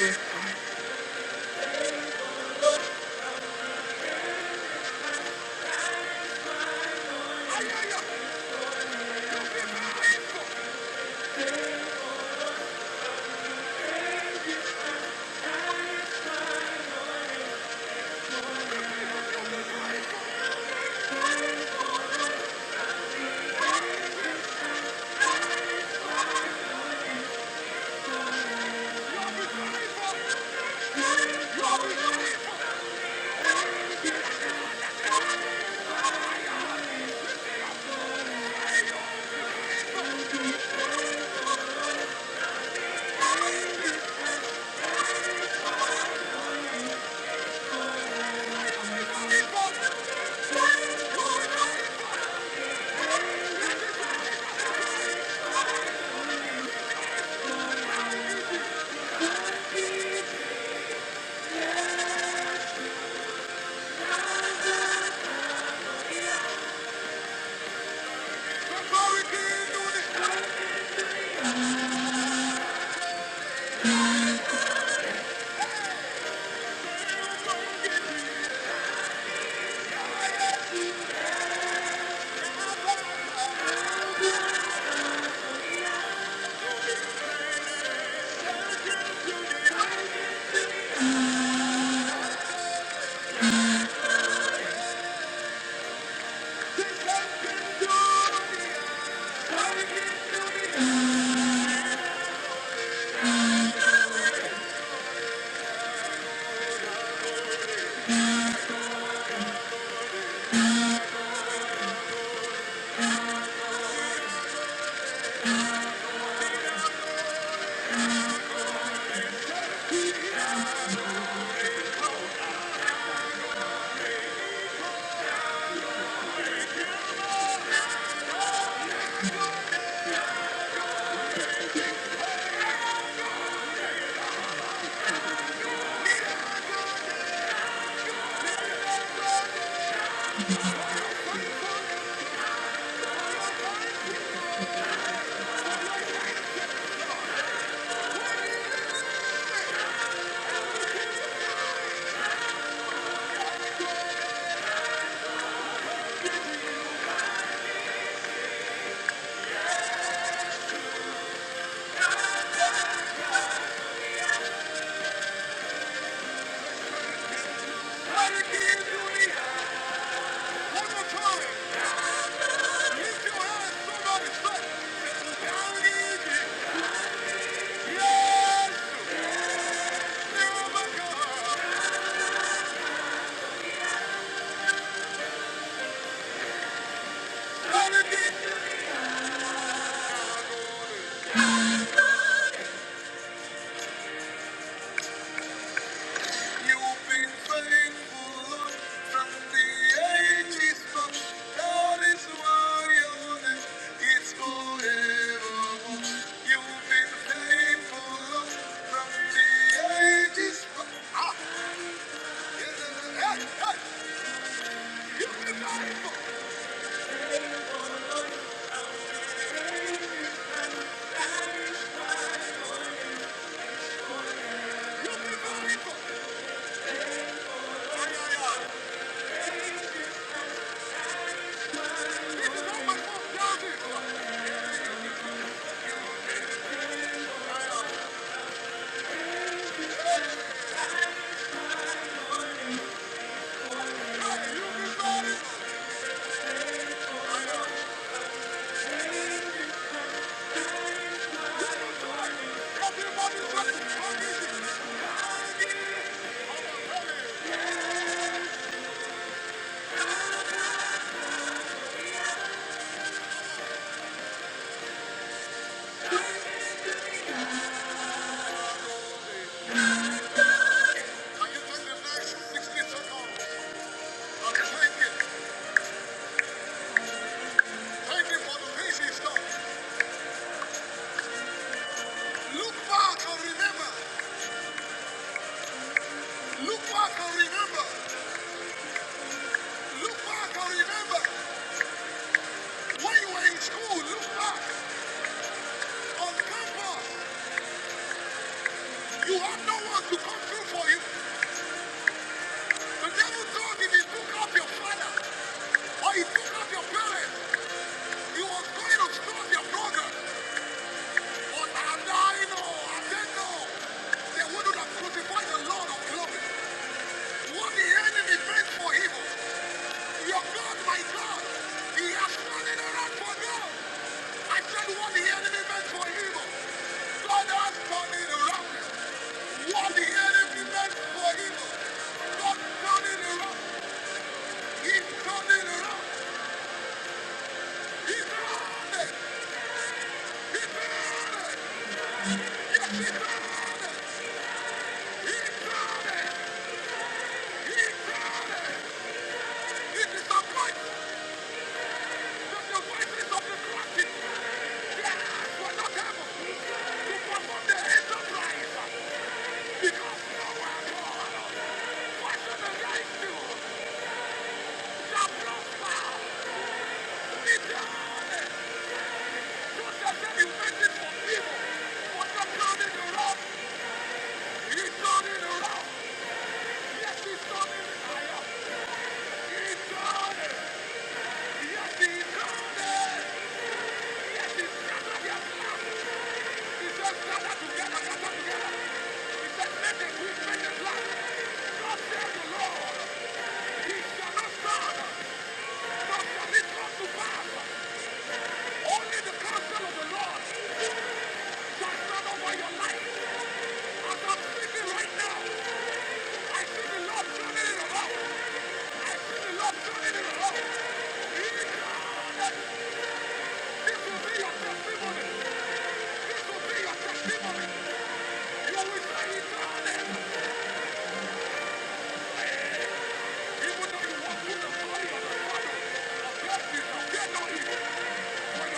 Speaker 1: bless you. You've been faithful, Lord, from the ages past. That is why your name is forevermore. You've been faithful, Lord, from the ages past. Yes, yes, yes. Hey, hey. Yeah, yeah, yeah. This is how much more Hey, School, Look back school, on campus. You had no one to come through for you. The devil thought if he took up your father or he took up your parents, he was going to stop your brother. But Adino, Adeno, they wouldn't have crucified the Lord of glory. What the enemy meant for evil, your God, my God, he has turned it around for good. I said what the enemy meant for evil, God has turned it around. What the enemy meant for evil, God turned it around. He turned it around. Yes, he done it. Yes, he done it. Yes, he done it. Yes, he done it. Yes, he's done it. Testimony. You will say he's done it. He will not walk with the blessings of death on you. It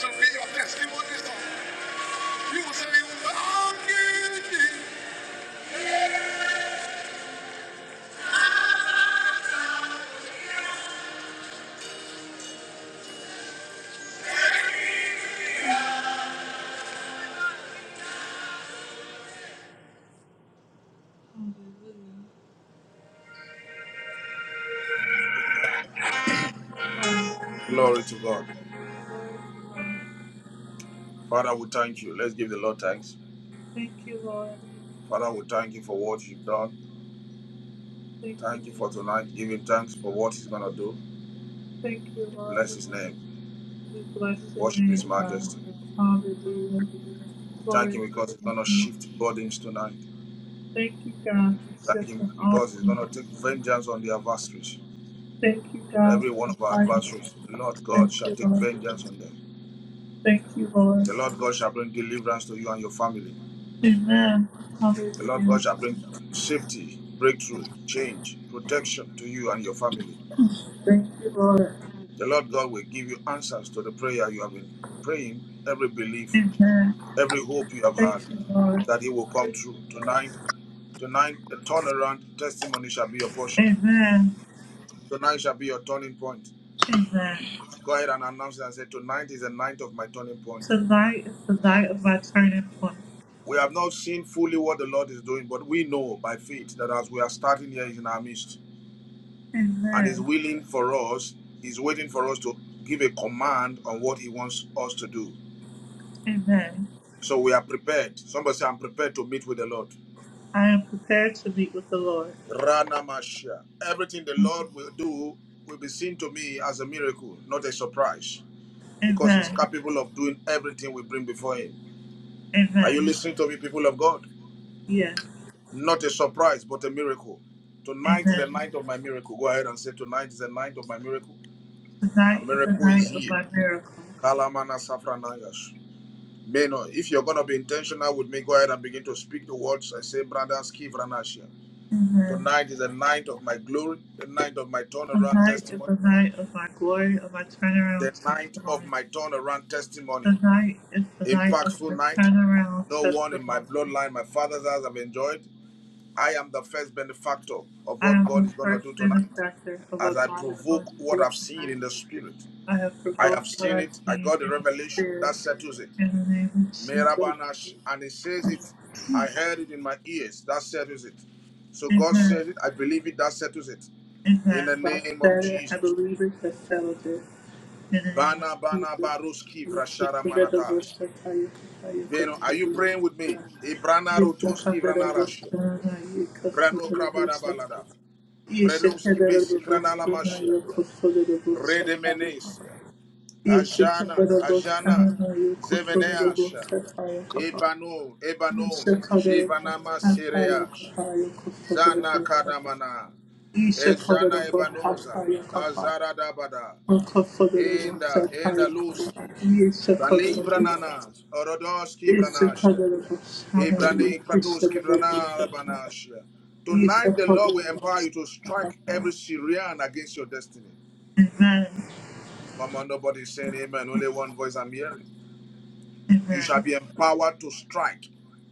Speaker 1: shall be your testimony You will say, "Thank you."
Speaker 2: Glory to God. Father, we thank you. Let's give the Lord thanks.
Speaker 1: Thank you, Lord.
Speaker 2: Father, we thank you for what you've done.
Speaker 1: Thank you,
Speaker 2: Thank you for
Speaker 1: Jesus.
Speaker 2: tonight. Give him thanks for what he's going to do.
Speaker 1: Thank you, Lord.
Speaker 2: Bless his name.
Speaker 1: We bless your
Speaker 2: Worship
Speaker 1: name,
Speaker 2: his
Speaker 1: God.
Speaker 2: majesty.
Speaker 1: Hallelujah.
Speaker 2: Thank
Speaker 1: Glory
Speaker 2: him because
Speaker 1: to
Speaker 2: he's going to
Speaker 1: you.
Speaker 2: shift burdens tonight.
Speaker 1: Thank you, God, for
Speaker 2: Thank
Speaker 1: shifting
Speaker 2: him
Speaker 1: all
Speaker 2: because he's
Speaker 1: things.
Speaker 2: going to take vengeance on the adversaries.
Speaker 1: Thank you, God,
Speaker 2: Every one
Speaker 1: for
Speaker 2: of our
Speaker 1: fighting.
Speaker 2: adversaries, the Lord God
Speaker 1: Thank
Speaker 2: shall
Speaker 1: you,
Speaker 2: take
Speaker 1: Lord.
Speaker 2: vengeance on them.
Speaker 1: Thank you, Lord.
Speaker 2: The Lord God shall bring deliverance to you and your family.
Speaker 1: Amen.
Speaker 2: The Lord
Speaker 1: Hallelujah.
Speaker 2: God shall bring safety, breakthrough, change, protection to you and your family.
Speaker 1: Thank you, Lord.
Speaker 2: The Lord God will give you answers to the prayer you have been praying, every belief,
Speaker 1: Amen.
Speaker 2: every hope you have had,
Speaker 1: Thank you, Lord.
Speaker 2: that He will come true. Tonight, tonight, the turnaround testimony shall be your portion.
Speaker 1: Amen.
Speaker 2: Tonight shall be your turning point.
Speaker 1: Amen.
Speaker 2: Go ahead and announce it and say, Tonight is the night of my turning point.
Speaker 1: Tonight is the night of my turning point.
Speaker 2: We have not seen fully what the Lord is doing, but we know by faith that as we are starting here, He's in our midst and is
Speaker 1: Amen.
Speaker 2: willing for us, He's waiting for us to give a command on what He wants us to do.
Speaker 1: Amen.
Speaker 2: So we are prepared. Somebody say, I'm prepared to meet with the Lord.
Speaker 1: I am prepared to meet with the Lord.
Speaker 2: Ranamasha. Everything the Lord will do will be seen to me as a miracle, not a surprise, because He's
Speaker 1: Amen.
Speaker 2: capable of doing everything we bring before Him. Are you
Speaker 1: Amen.
Speaker 2: listening to me, people of God?
Speaker 1: Yes.
Speaker 2: Not a surprise, but a miracle. Tonight is the
Speaker 1: Amen.
Speaker 2: night of my miracle. Go ahead and say, Tonight is the night of my miracle. My
Speaker 1: Tonight is the
Speaker 2: miracle is
Speaker 1: night of
Speaker 2: here.
Speaker 1: my miracle.
Speaker 2: Kalamana Safranayash. if you're going to be intentional with me, go ahead and begin to speak the words. I say, Brother Skivranasia.
Speaker 1: Amen.
Speaker 2: Tonight is the night of my glory, the night of my
Speaker 1: The
Speaker 2: turnaround
Speaker 1: night is
Speaker 2: testimony,
Speaker 1: the night of my glory, of my
Speaker 2: the
Speaker 1: turnaround
Speaker 2: night of
Speaker 1: testimony.
Speaker 2: my turnaround testimony.
Speaker 1: The night is the night of my
Speaker 2: Impactful night.
Speaker 1: turnaround
Speaker 2: No one in my
Speaker 1: testimony.
Speaker 2: bloodline, my father's house, have enjoyed. I am the first benefactor of
Speaker 1: I
Speaker 2: what
Speaker 1: am
Speaker 2: God
Speaker 1: the
Speaker 2: is going to
Speaker 1: first
Speaker 2: do tonight
Speaker 1: benefactor of
Speaker 2: as
Speaker 1: what
Speaker 2: I
Speaker 1: God is
Speaker 2: provoke
Speaker 1: going to
Speaker 2: what
Speaker 1: do
Speaker 2: I've seen
Speaker 1: tonight.
Speaker 2: in the spirit.
Speaker 1: I have
Speaker 2: I have
Speaker 1: provoked what
Speaker 2: seen
Speaker 1: I've
Speaker 2: it. I
Speaker 1: seen
Speaker 2: got the
Speaker 1: in the
Speaker 2: revelation
Speaker 1: spirit.
Speaker 2: that settles it.
Speaker 1: In the name of Jesus.
Speaker 2: Merabanash, and it says it. I heard it in my ears. That settles it. So God
Speaker 1: Amen.
Speaker 2: says it. I believe it. That settles it.
Speaker 1: It
Speaker 2: In
Speaker 1: has.
Speaker 2: the
Speaker 1: I
Speaker 2: name of
Speaker 1: said it.
Speaker 2: Jesus.
Speaker 1: I believe it. I settled it. In the name
Speaker 2: Bana
Speaker 1: of
Speaker 2: bana
Speaker 1: Jesus.
Speaker 2: baruski
Speaker 1: We seek
Speaker 2: vrashara
Speaker 1: the red of your
Speaker 2: manatas.
Speaker 1: shit, how you can you could
Speaker 2: Veno, are
Speaker 1: be
Speaker 2: you
Speaker 1: the red of your
Speaker 2: praying with me?
Speaker 1: shit.
Speaker 2: Ibrana
Speaker 1: We can come
Speaker 2: rotoski
Speaker 1: to the red of
Speaker 2: vranarashi.
Speaker 1: how you could see
Speaker 2: Brano
Speaker 1: the red of your
Speaker 2: krabara
Speaker 1: shit.
Speaker 2: balada.
Speaker 1: You should have
Speaker 2: Vredoski
Speaker 1: the red of
Speaker 2: veskranala
Speaker 1: how
Speaker 2: mashia.
Speaker 1: you could see the red of your shit,
Speaker 2: Rede
Speaker 1: how you could.
Speaker 2: menesia.
Speaker 1: You should have the
Speaker 2: Ajana,
Speaker 1: red of your
Speaker 2: ajana.
Speaker 1: how you could see the red of your
Speaker 2: Zeveneasha.
Speaker 1: shit, how you could.
Speaker 2: Ebano, ebano.
Speaker 1: Isha Kadarabha,
Speaker 2: Jivanama
Speaker 1: Ankara
Speaker 2: sereash.
Speaker 1: Kapaya
Speaker 2: Zana
Speaker 1: Kusadabha,
Speaker 2: kadamana.
Speaker 1: Isha
Speaker 2: Ejana
Speaker 1: Kadarabha,
Speaker 2: ebanoza.
Speaker 1: Hataya
Speaker 2: Azara dabada.
Speaker 1: Amen. Amen.
Speaker 2: Enda, enda luski. Bali brananas, orodoski branasha. Ibrani kratoski branara banasha. Tonight the Lord will empower you to strike every Syrian against your destiny. Come on, nobody saying amen. Only one voice I'm hearing. You shall be empowered to strike,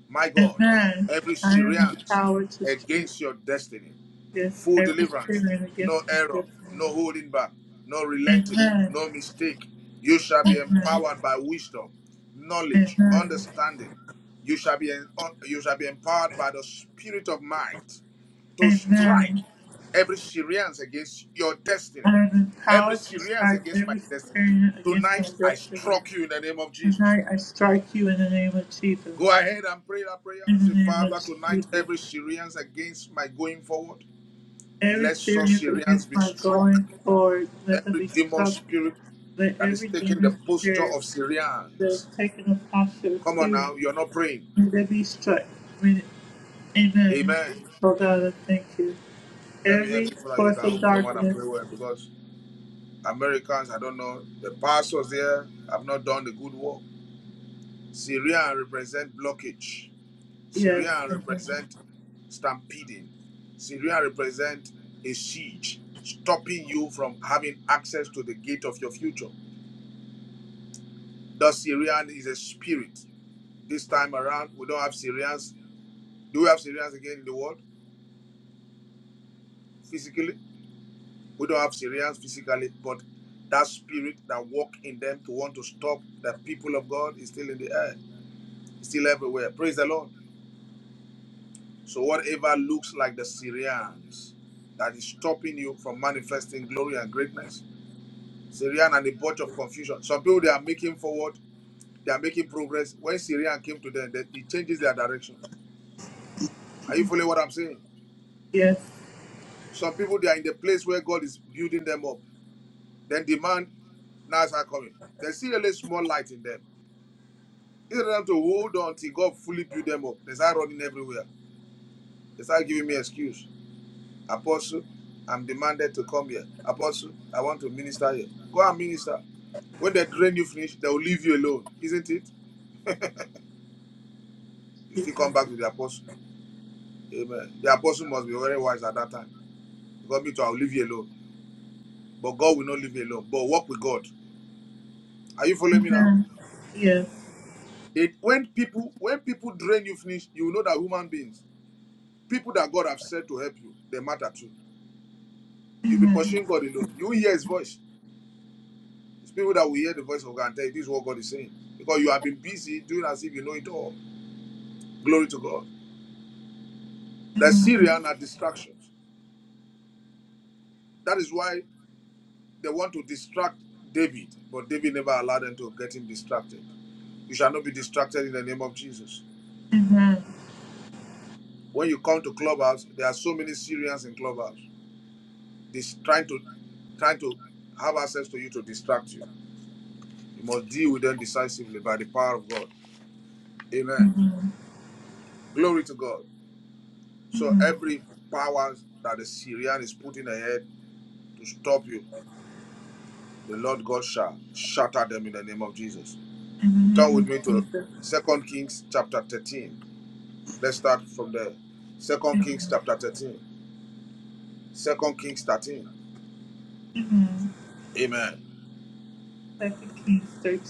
Speaker 2: my God,
Speaker 1: Amen.
Speaker 2: every
Speaker 1: I am
Speaker 2: Syrian
Speaker 1: empowered to strike
Speaker 2: against your destiny.
Speaker 1: against
Speaker 2: full
Speaker 1: every spirit
Speaker 2: deliverance,
Speaker 1: and
Speaker 2: no
Speaker 1: against my
Speaker 2: error,
Speaker 1: destiny.
Speaker 2: no holding back, no relenting,
Speaker 1: Amen.
Speaker 2: no mistake. You shall be
Speaker 1: Amen.
Speaker 2: empowered by wisdom, knowledge,
Speaker 1: Amen.
Speaker 2: understanding. You shall be en- uh, you shall be empowered by the spirit of might to strike
Speaker 1: Amen.
Speaker 2: every seriance against your
Speaker 1: I
Speaker 2: destiny,
Speaker 1: am
Speaker 2: every
Speaker 1: empowered to
Speaker 2: seriance
Speaker 1: strike
Speaker 2: against my
Speaker 1: every spirit
Speaker 2: destiny.
Speaker 1: against my
Speaker 2: Tonight I
Speaker 1: destiny.
Speaker 2: struck you in the name of Jesus.
Speaker 1: Tonight I strike you in the name of Jesus.
Speaker 2: Go ahead and pray that prayer.
Speaker 1: In
Speaker 2: Say,
Speaker 1: the name of
Speaker 2: Father, tonight
Speaker 1: Jesus,
Speaker 2: every seriance against my going forward,
Speaker 1: every
Speaker 2: let such
Speaker 1: serious
Speaker 2: seriance
Speaker 1: against
Speaker 2: be
Speaker 1: my
Speaker 2: struck
Speaker 1: going forward, let them
Speaker 2: Every
Speaker 1: be
Speaker 2: demon
Speaker 1: struck.
Speaker 2: spirit
Speaker 1: Let
Speaker 2: that is
Speaker 1: every
Speaker 2: taking the
Speaker 1: demon
Speaker 2: posture
Speaker 1: spirit
Speaker 2: of
Speaker 1: that is
Speaker 2: Syrians.
Speaker 1: taken a posture of
Speaker 2: Come on
Speaker 1: fearing,
Speaker 2: now, you're not praying.
Speaker 1: let them be struck. Amen. Amen.
Speaker 2: Amen.
Speaker 1: Oh God, I thank you.
Speaker 2: Let me
Speaker 1: Every
Speaker 2: help you for now. You
Speaker 1: force
Speaker 2: can
Speaker 1: of
Speaker 2: open your mouth and
Speaker 1: darkness,
Speaker 2: pray well because Americans, I don't know, the pastors there have not done the good work. Syrian represent blockage.
Speaker 1: yes,
Speaker 2: Syrian
Speaker 1: amen.
Speaker 2: represent stampeding. Syria represent a siege, stopping you from having access to the gate of your future. The Syrian is a spirit. This time around, we don't have Syrians Do we have Syrians again in the world physically? We don't have Syrians physically, but that spirit that walk in them to want to stop the people of God is still in the air, it's still everywhere. Praise the Lord. So whatever looks like the Syrians that is stopping you from manifesting glory and greatness, Syrian and a bunch of confusion. Some people they are making forward, they are making progress. When Syrian came to them, they, it changes their direction. Are you following what I'm saying?
Speaker 1: yes,
Speaker 2: Some people they are in the place where God is building them up. Then demand now it's not coming. They see a little small light in them. Instead of them to hold on till God fully build them up, they start running everywhere. They start giving me excuse. Apostle, I'm demanded to come here. Apostle, I want to minister here. Go and minister. When they drain you finish, they will leave you alone, isn't it? You still come
Speaker 1: Jesus,
Speaker 2: back to the apostle. Amen. The apostle must be very wise at that time. God me to I'll leave you alone. But God will not leave you alone. But walk with God. Are you following me now?
Speaker 1: yes.
Speaker 2: It, when people when people drain you finish, you will know that human beings. People that God have said to help you, they matter too. You'll be pursuing God alone. You will hear his voice. It's people that will hear the voice of God and tell you this is what God is saying. Because you have been busy doing as if you know it all. Glory to God. The Syrians are distractions. That is why they want to distract David, but David never allowed them to get him distracted. You shall not be distracted in the name of Jesus. When you come to clubhouse, there are so many Syrians in clubhouse. This trying to trying to have access to you to distract you. You must deal with them decisively by the power of God. Amen. Glory to God. So every power that the Syrian is putting ahead to stop you, the Lord God shall shatter them in the name of Jesus.
Speaker 1: In the
Speaker 2: Turn with
Speaker 1: name
Speaker 2: me
Speaker 1: of
Speaker 2: to
Speaker 1: Jesus,
Speaker 2: Second Kings chapter 13. Let's start from there. Second Kings
Speaker 1: amen.
Speaker 2: chapter 13. Second Kings 13.
Speaker 1: amen.
Speaker 2: Amen.
Speaker 1: Second Kings 13,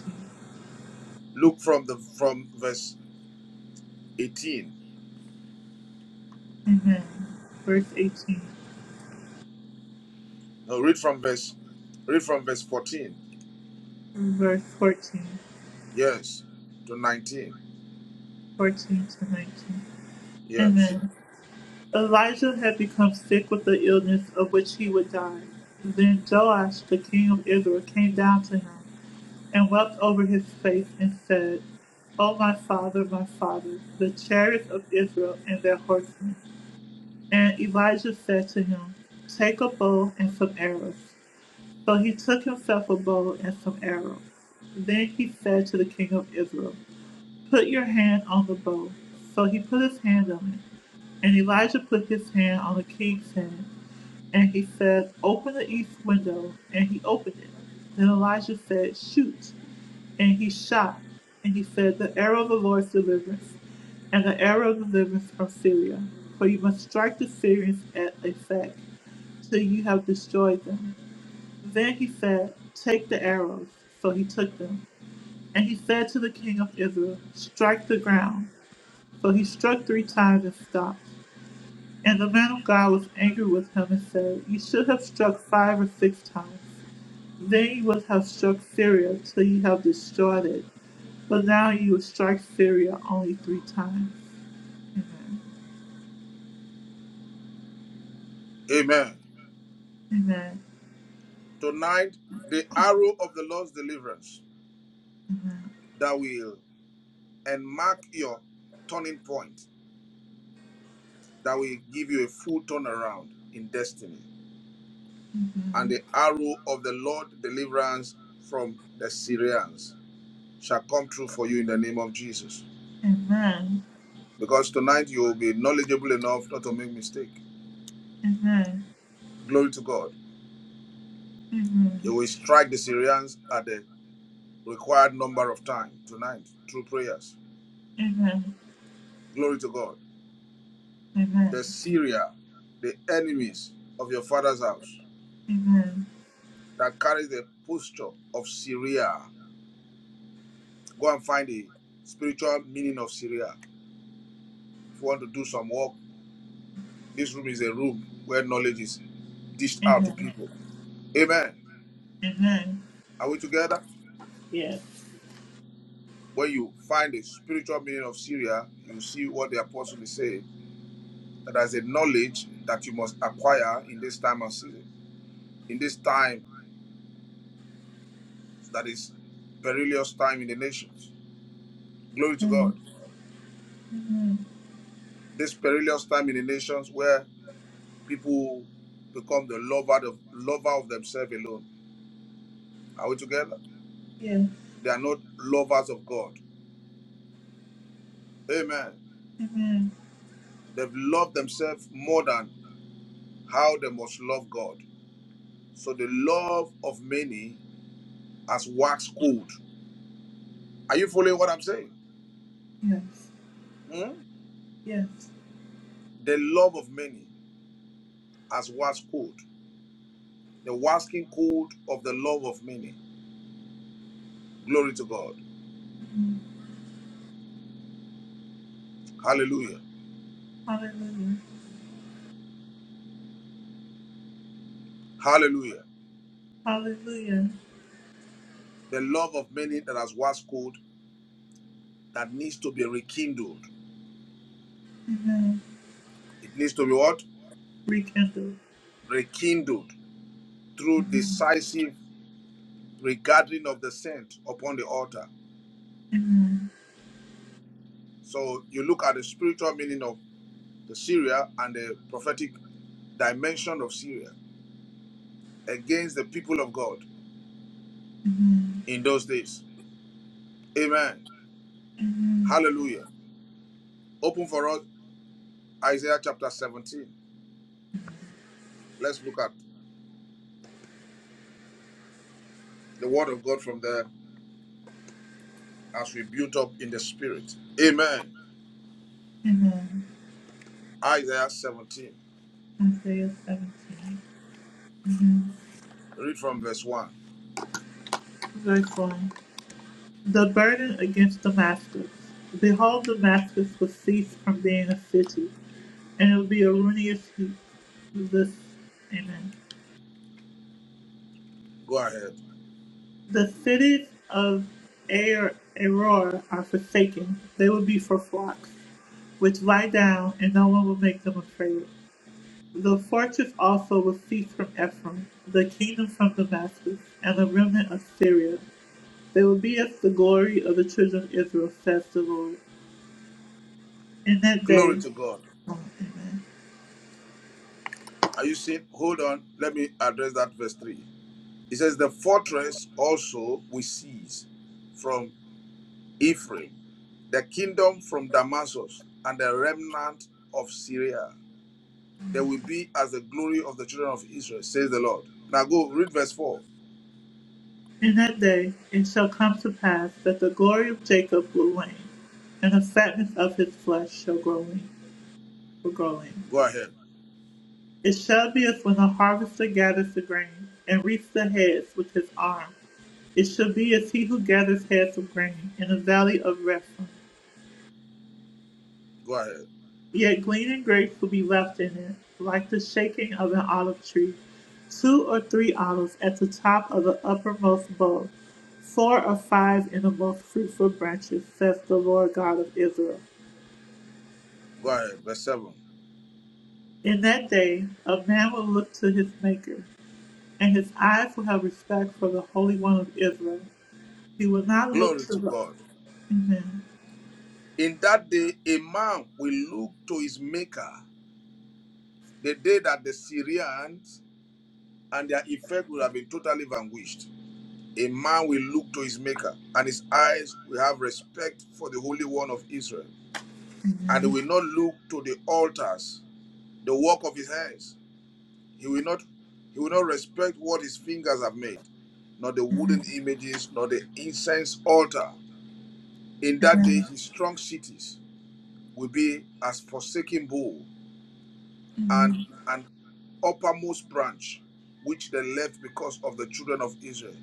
Speaker 2: Look from the from verse 18.
Speaker 1: verse 18,
Speaker 2: No, read from verse read from verse 14.
Speaker 1: verse 14,
Speaker 2: Yes. To 19.
Speaker 1: 14 to 19.
Speaker 2: Yes.
Speaker 1: Amen. Elijah had become sick with the illness of which he would die. Then Joash, the king of Israel, came down to him and wept over his face and said, O my father, my father, the chariots of Israel and their horsemen. And Elijah said to him, Take a bow and some arrows. So he took himself a bow and some arrows. Then he said to the king of Israel, Put your hand on the bow. So he put his hand on it and Elijah put his hand on the king's hand, and he said, Open the east window. And he opened it. Then Elijah said, Shoot. And he shot. And he said, The arrow of the Lord's deliverance, and the arrow of deliverance from Syria. For you must strike the Syrians at a sack, till you have destroyed them. Then he said, Take the arrows. So he took them. And he said to the king of Israel, Strike the ground. So he struck three times and stopped. And the man of God was angry with him and said, You should have struck five or six times. Then you would have struck Syria till you have destroyed it. But now you will strike Syria only three times.
Speaker 2: Amen.
Speaker 1: Amen.
Speaker 2: Tonight, the arrow of the Lord's deliverance that will and mark your turning point that will give you a full turnaround in destiny. And the arrow of the Lord's deliverance from the Syrians shall come true for you in the name of Jesus.
Speaker 1: Amen.
Speaker 2: Because tonight you will be knowledgeable enough not to make mistake.
Speaker 1: Amen.
Speaker 2: Glory to God. You
Speaker 1: Amen.
Speaker 2: will strike the Syrians at the required number of time tonight through prayers.
Speaker 1: Amen.
Speaker 2: Glory to God.
Speaker 1: Amen.
Speaker 2: the Syria, the enemies of your father's house
Speaker 1: Amen.
Speaker 2: that carries the posture of Syria. Go and find the spiritual meaning of Syria. If you want to do some work, this room is a room where knowledge is dished out to
Speaker 1: Amen.
Speaker 2: people. Amen.
Speaker 1: Amen.
Speaker 2: Are we together?
Speaker 1: Yes.
Speaker 2: When you find the spiritual meaning of Syria, you see what the apostle is saying. That there's a knowledge that you must acquire in this time of season, in this time that is perilous time in the nations. Glory to
Speaker 1: Amen.
Speaker 2: God.
Speaker 1: Amen.
Speaker 2: this perilous time in the nations where people become the lover of lover of themselves alone. Are we together?
Speaker 1: Yes.
Speaker 2: They are not lovers of God. Amen.
Speaker 1: Amen.
Speaker 2: They've loved themselves more than how they must love God. So the love of many as wax cold. Are you following what I'm saying?
Speaker 1: Yes.
Speaker 2: Hmm?
Speaker 1: Yes.
Speaker 2: The love of many as wax cold. The waxing cold of the love of many. Glory to God.
Speaker 1: Amen.
Speaker 2: Hallelujah.
Speaker 1: Hallelujah.
Speaker 2: Hallelujah.
Speaker 1: Hallelujah.
Speaker 2: The love of many that has waxed cold that needs to be rekindled.
Speaker 1: Amen.
Speaker 2: It needs to be what?
Speaker 1: Rekindle.
Speaker 2: Rekindled through decisive regathering of the saint upon the altar.
Speaker 1: Amen.
Speaker 2: So you look at the spiritual meaning of the Syria and the prophetic dimension of Syria against the people of God
Speaker 1: Amen.
Speaker 2: in those days. Amen.
Speaker 1: Amen.
Speaker 2: Hallelujah. Open for us Isaiah chapter 17. Let's look at the word of God from there as we build up in the spirit. Amen.
Speaker 1: Amen.
Speaker 2: Isaiah 17.
Speaker 1: Isaiah 17,
Speaker 2: Read from verse 1.
Speaker 1: verse 1. The burden against Damascus. Behold, Damascus will cease from being a city, and it will be a ruinous heap. This, amen.
Speaker 2: Go ahead.
Speaker 1: The cities of Ar Aror are forsaken. They will be for flocks, which lie down, and no one will make them afraid. The fortress also will cease from Ephraim, the kingdom from Damascus, and the remnant of Syria. They will be as the glory of the children of Israel, says the Lord. In that
Speaker 2: Glory
Speaker 1: day,
Speaker 2: to God. Are you seeing? Hold on. Let me address that verse 3. It says, The fortress also we seize from Ephraim, the kingdom from Damascus, and the remnant of Syria. They will be as the glory of the children of Israel, says the Lord. Now go read verse 4.
Speaker 1: in that day, it shall come to pass that the glory of Jacob will wane, and the fatness of his flesh shall grow in. Will grow in.
Speaker 2: Go ahead.
Speaker 1: It shall be as when the harvester gathers the grain and reaps the heads with his arm. It shall be as he who gathers heads of grain in the valley of Rephaim.
Speaker 2: Go ahead.
Speaker 1: Yet glean and grapes will be left in it, like the shaking of an olive tree. Two or three olives at the top of the uppermost bough, four or five in the most fruitful branches, saith the Lord God of Israel.
Speaker 2: Go ahead. Verse 7.
Speaker 1: In that day a man will look to his Maker, and his eyes will have respect for the Holy One of Israel. He will not look
Speaker 2: Glory
Speaker 1: to
Speaker 2: to
Speaker 1: the
Speaker 2: God.
Speaker 1: Amen.
Speaker 2: In that day, a man will look to his maker, the day that the Syrians and their effect will have been totally vanquished. A man will look to his maker, and his eyes will have respect for the Holy One of Israel. And he will not look to the altars, the work of his hands. He will not he will not respect what his fingers have made, nor the wooden images, nor the incense altar. In that day his strong cities will be as forsaken bull, and an uppermost branch, which they left because of the children of Israel,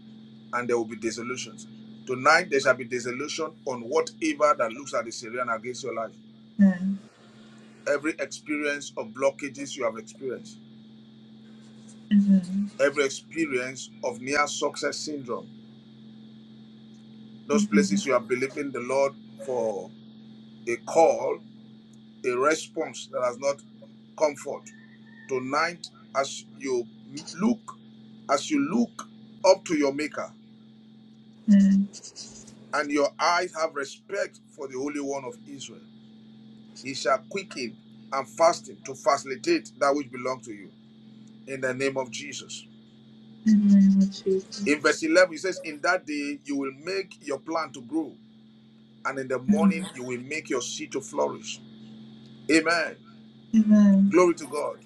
Speaker 2: and there will be desolations. Tonight there shall be desolation on whatever that looks at the Syrian against your life.
Speaker 1: Amen.
Speaker 2: Every experience of blockages you have experienced,
Speaker 1: Amen.
Speaker 2: every experience of near success syndrome, those
Speaker 1: Amen.
Speaker 2: places you are believing the Lord for a call, a response that has not come forth Tonight, as you look, as you look up to your maker,
Speaker 1: In
Speaker 2: and your eyes have respect for the Holy One of Israel. He shall quicken and fasten to facilitate that which belongs to you in the name of Jesus.
Speaker 1: the name of Jesus.
Speaker 2: In verse 11, he says, In that day you will make your plant to grow, and in the morning you will make your seed to flourish. Amen.
Speaker 1: Amen.
Speaker 2: Glory to God.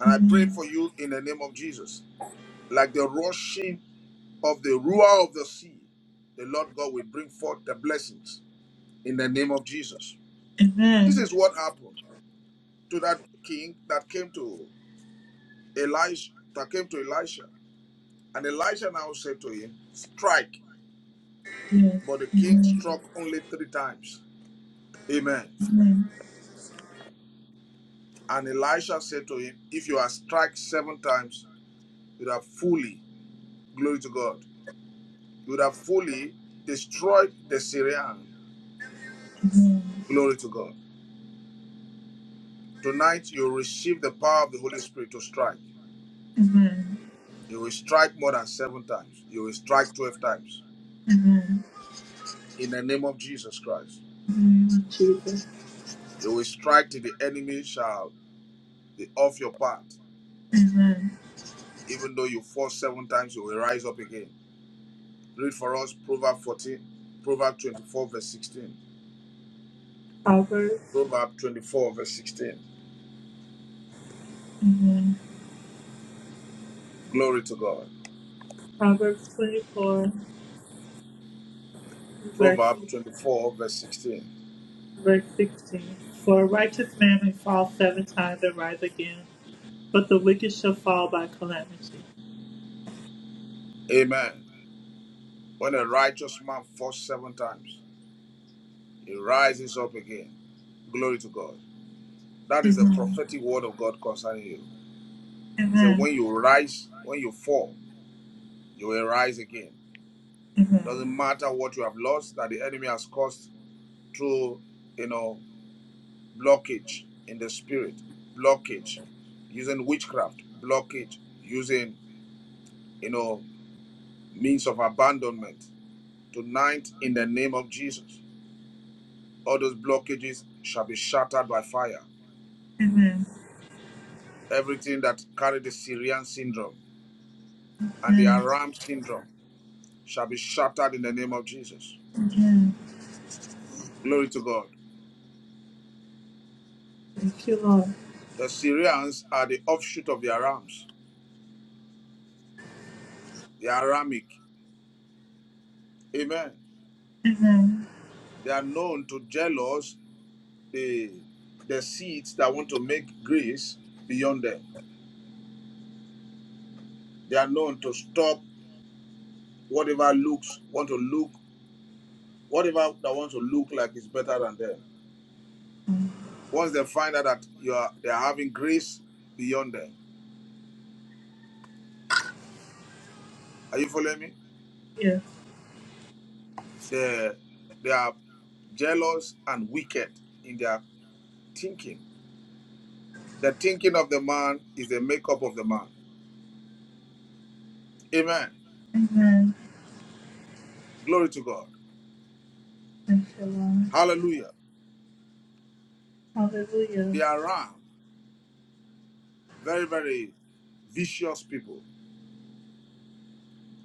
Speaker 2: And I pray
Speaker 1: Amen.
Speaker 2: for you in the name of Jesus. Like the rushing of the ruler of the sea, the Lord God will bring forth the blessings in the name of Jesus. This
Speaker 1: Amen.
Speaker 2: is what happened. to that king that came to Elisha, that came to Elisha. And Elisha now said to him, Strike.
Speaker 1: Yes.
Speaker 2: But the king
Speaker 1: Amen.
Speaker 2: struck only three times. Amen.
Speaker 1: Amen.
Speaker 2: And Elisha said to him, If you had struck seven times, you would have fully, glory to God, you would have fully destroyed the Syrian. Glory to God. Tonight you receive the power of the Holy Spirit to strike.
Speaker 1: Amen.
Speaker 2: You will strike more than seven times. You will strike 12 times.
Speaker 1: Amen.
Speaker 2: In the name of Jesus Christ.
Speaker 1: In the name of Jesus.
Speaker 2: You will strike till the enemy shall be off your path. Even though you fall seven times, you will rise up again. Read for us Proverbs 14, Proverbs 24, verse 16.
Speaker 1: Proverbs.
Speaker 2: Proverb 24, verse 16.
Speaker 1: Amen.
Speaker 2: Glory to God.
Speaker 1: Proverbs 24, verse,
Speaker 2: Proverbs 24, verse 16.
Speaker 1: verse 16. For a righteous man may fall seven times and rise again, but the wicked shall fall by calamity.
Speaker 2: Amen. When a righteous man falls seven times, he rises up again. Glory to God. That is the
Speaker 1: Amen.
Speaker 2: prophetic word of God concerning you. He said,
Speaker 1: Amen.
Speaker 2: When you rise, when you fall, you will rise again. Doesn't matter what you have lost that the enemy has caused through, you know, blockage in the spirit, blockage using witchcraft, blockage using, you know, means of abandonment. Tonight, in the name of Jesus, all those blockages shall be shattered by fire. Everything that carried the Syrian syndrome and the Aram syndrome shall be shattered in the name of Jesus. Glory to God.
Speaker 1: Thank you, Lord.
Speaker 2: The Syrians are the offshoot of the Arams, the Aramic. Amen. They are known to jealous the the seeds that want to make grace beyond them. They are known to stop whatever looks want to look whatever that wants to look like is better than them. Once they find out that you are they are having grace beyond them. Are you following me?
Speaker 1: Yes.
Speaker 2: They they are jealous and wicked in their thinking. The thinking of the man is the makeup of the man. Amen.
Speaker 1: Amen.
Speaker 2: Glory to God.
Speaker 1: Thank you, Lord.
Speaker 2: Hallelujah.
Speaker 1: Hallelujah.
Speaker 2: They are wrong. very, very vicious people.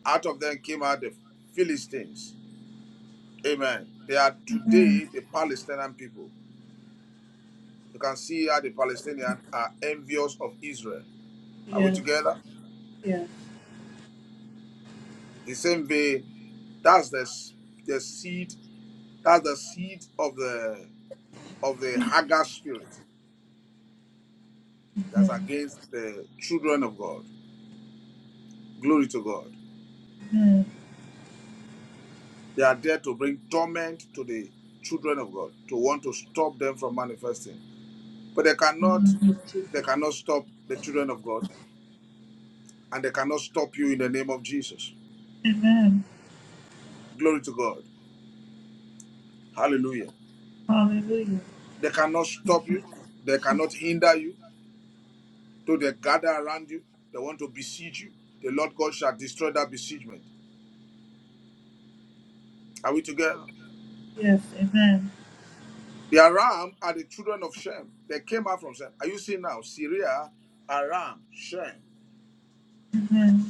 Speaker 2: Out of them came out the Philistines. Amen. They are
Speaker 1: Amen.
Speaker 2: today the Palestinian people. You can see how the Palestinians are envious of Israel. Are we
Speaker 1: Yes.
Speaker 2: together?
Speaker 1: Yes.
Speaker 2: The same way, that's the, the seed, that's the seed of the of the Hagar spirit that's against the children of God. Glory to God. They are there to bring torment to the children of God, to want to stop them from manifesting. But they cannot
Speaker 1: Thank you, Jesus.
Speaker 2: they cannot stop the children of God and they cannot stop you in the name of Jesus.
Speaker 1: Amen.
Speaker 2: Glory to God. Hallelujah.
Speaker 1: Hallelujah.
Speaker 2: They cannot stop you. They cannot hinder you. Though they gather around you, they want to besiege you. The Lord God shall destroy that besiegement. Are we together?
Speaker 1: Yes. Amen.
Speaker 2: The Aram are the children of Shem. They came out from Shem. Are you seeing now? Syria, Aram, Shem.
Speaker 1: Amen.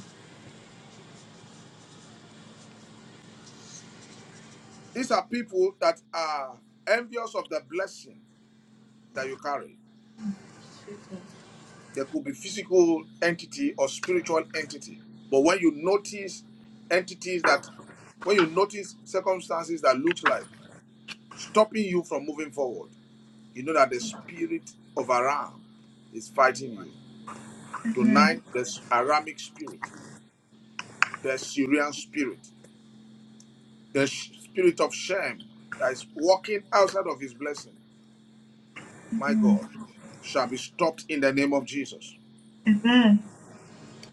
Speaker 2: These are people that are envious of the blessing that you carry.
Speaker 1: Jesus.
Speaker 2: There could be physical entity or spiritual entity. But when you notice entities that, when you notice circumstances that looks like stopping you from moving forward, you know that the spirit of Aram is fighting you. Tonight, the Aramic spirit, the Syrian spirit, the spirit of Shem that is walking outside of his blessing, my God, shall be stopped in the name of Jesus.
Speaker 1: Amen.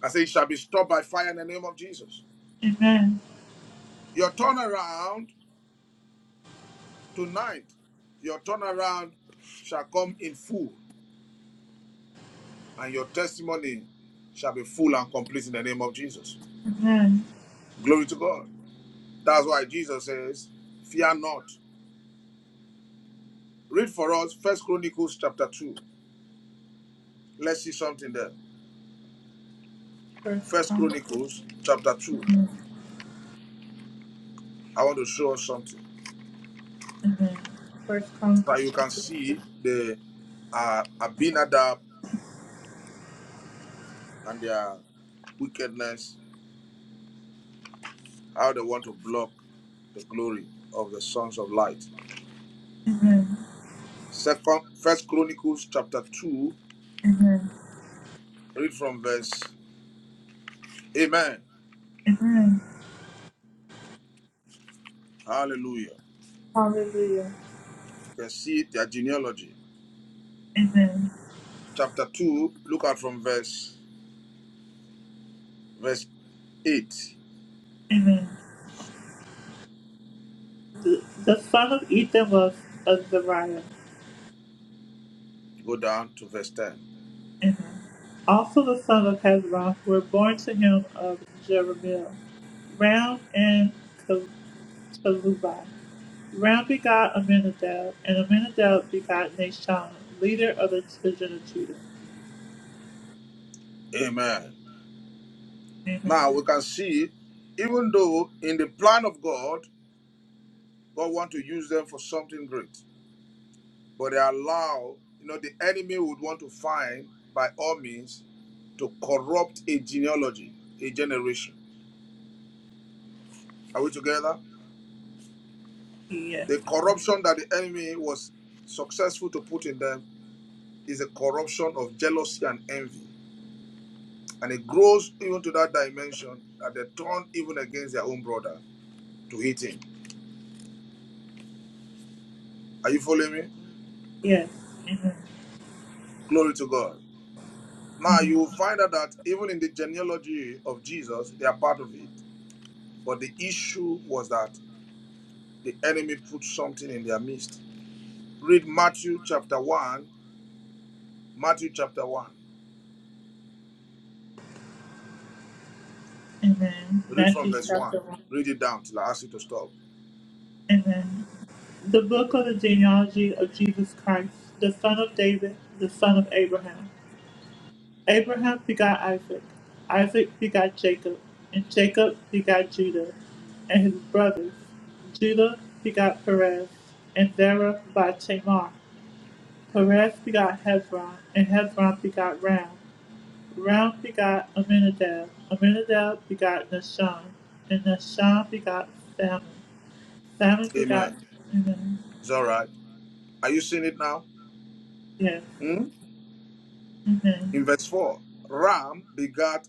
Speaker 2: I say, it shall be stopped by fire in the name of Jesus.
Speaker 1: Amen.
Speaker 2: Your turnaround Tonight, your turnaround shall come in full, and your testimony shall be full and complete in the name of Jesus.
Speaker 1: Amen.
Speaker 2: Glory to God. That's why Jesus says, Fear not. Read for us First Chronicles chapter 2. Let's see something there.
Speaker 1: First
Speaker 2: First
Speaker 1: come,
Speaker 2: Chronicles chapter 2. I want to show us something.
Speaker 1: first come,
Speaker 2: So you can
Speaker 1: constructive.
Speaker 2: see the uh, Abinadab and their wickedness, how they want to block the glory of the sons of light.
Speaker 1: Amen.
Speaker 2: Second, First Chronicles chapter 2,
Speaker 1: Amen.
Speaker 2: read from verse Amen.
Speaker 1: Amen.
Speaker 2: Hallelujah.
Speaker 1: Hallelujah.
Speaker 2: You can see their genealogy.
Speaker 1: Amen.
Speaker 2: Chapter 2, look at from verse verse 8.
Speaker 1: Amen. The, the son of Ethan was Azariah.
Speaker 2: Go down to verse 10.
Speaker 1: Amen. Also the son of Hezron were born to him of Jeremiah, Ram and Kel- Ram begot Aminadab, and Aminadab begot Nashon, leader of the children of Judah.
Speaker 2: Amen.
Speaker 1: Amen.
Speaker 2: Now we can see, even though in the plan of God, God want to use them for something great, but they allow, you know, the enemy would want to find by all means to corrupt a genealogy, a generation. Are we together?
Speaker 1: Yes.
Speaker 2: The corruption that the enemy was successful to put in them is a corruption of jealousy and envy. And it grows even to that dimension that they turn even against their own brother to hate him. Are you following me?
Speaker 1: Yes. Amen.
Speaker 2: Glory to God. Now you will find out that even in the genealogy of Jesus, they are part of it. But the issue was that the enemy put something in their midst. Read Matthew chapter 1. Matthew chapter 1.
Speaker 1: Amen.
Speaker 2: Read from
Speaker 1: Matthew
Speaker 2: verse 1. Read it down till I ask you to stop.
Speaker 1: Amen. The book of the genealogy of Jesus Christ, the son of David, the son of Abraham. Abraham begot Isaac. Isaac begot Jacob. And Jacob begot Judah and his brothers. Judah begot Perez and Zerah by Tamar. Perez begot Hezron, and Hezron begot Ram. Ram begot Amminadab. Amminadab begot Nahshon, and Nahshon begot Salmon. Salmon begot
Speaker 2: Amen.
Speaker 1: Amen.
Speaker 2: It's all right. Are you seeing it now?
Speaker 1: Yes.
Speaker 2: Hmm?
Speaker 1: Amen.
Speaker 2: In verse 4, Ram begat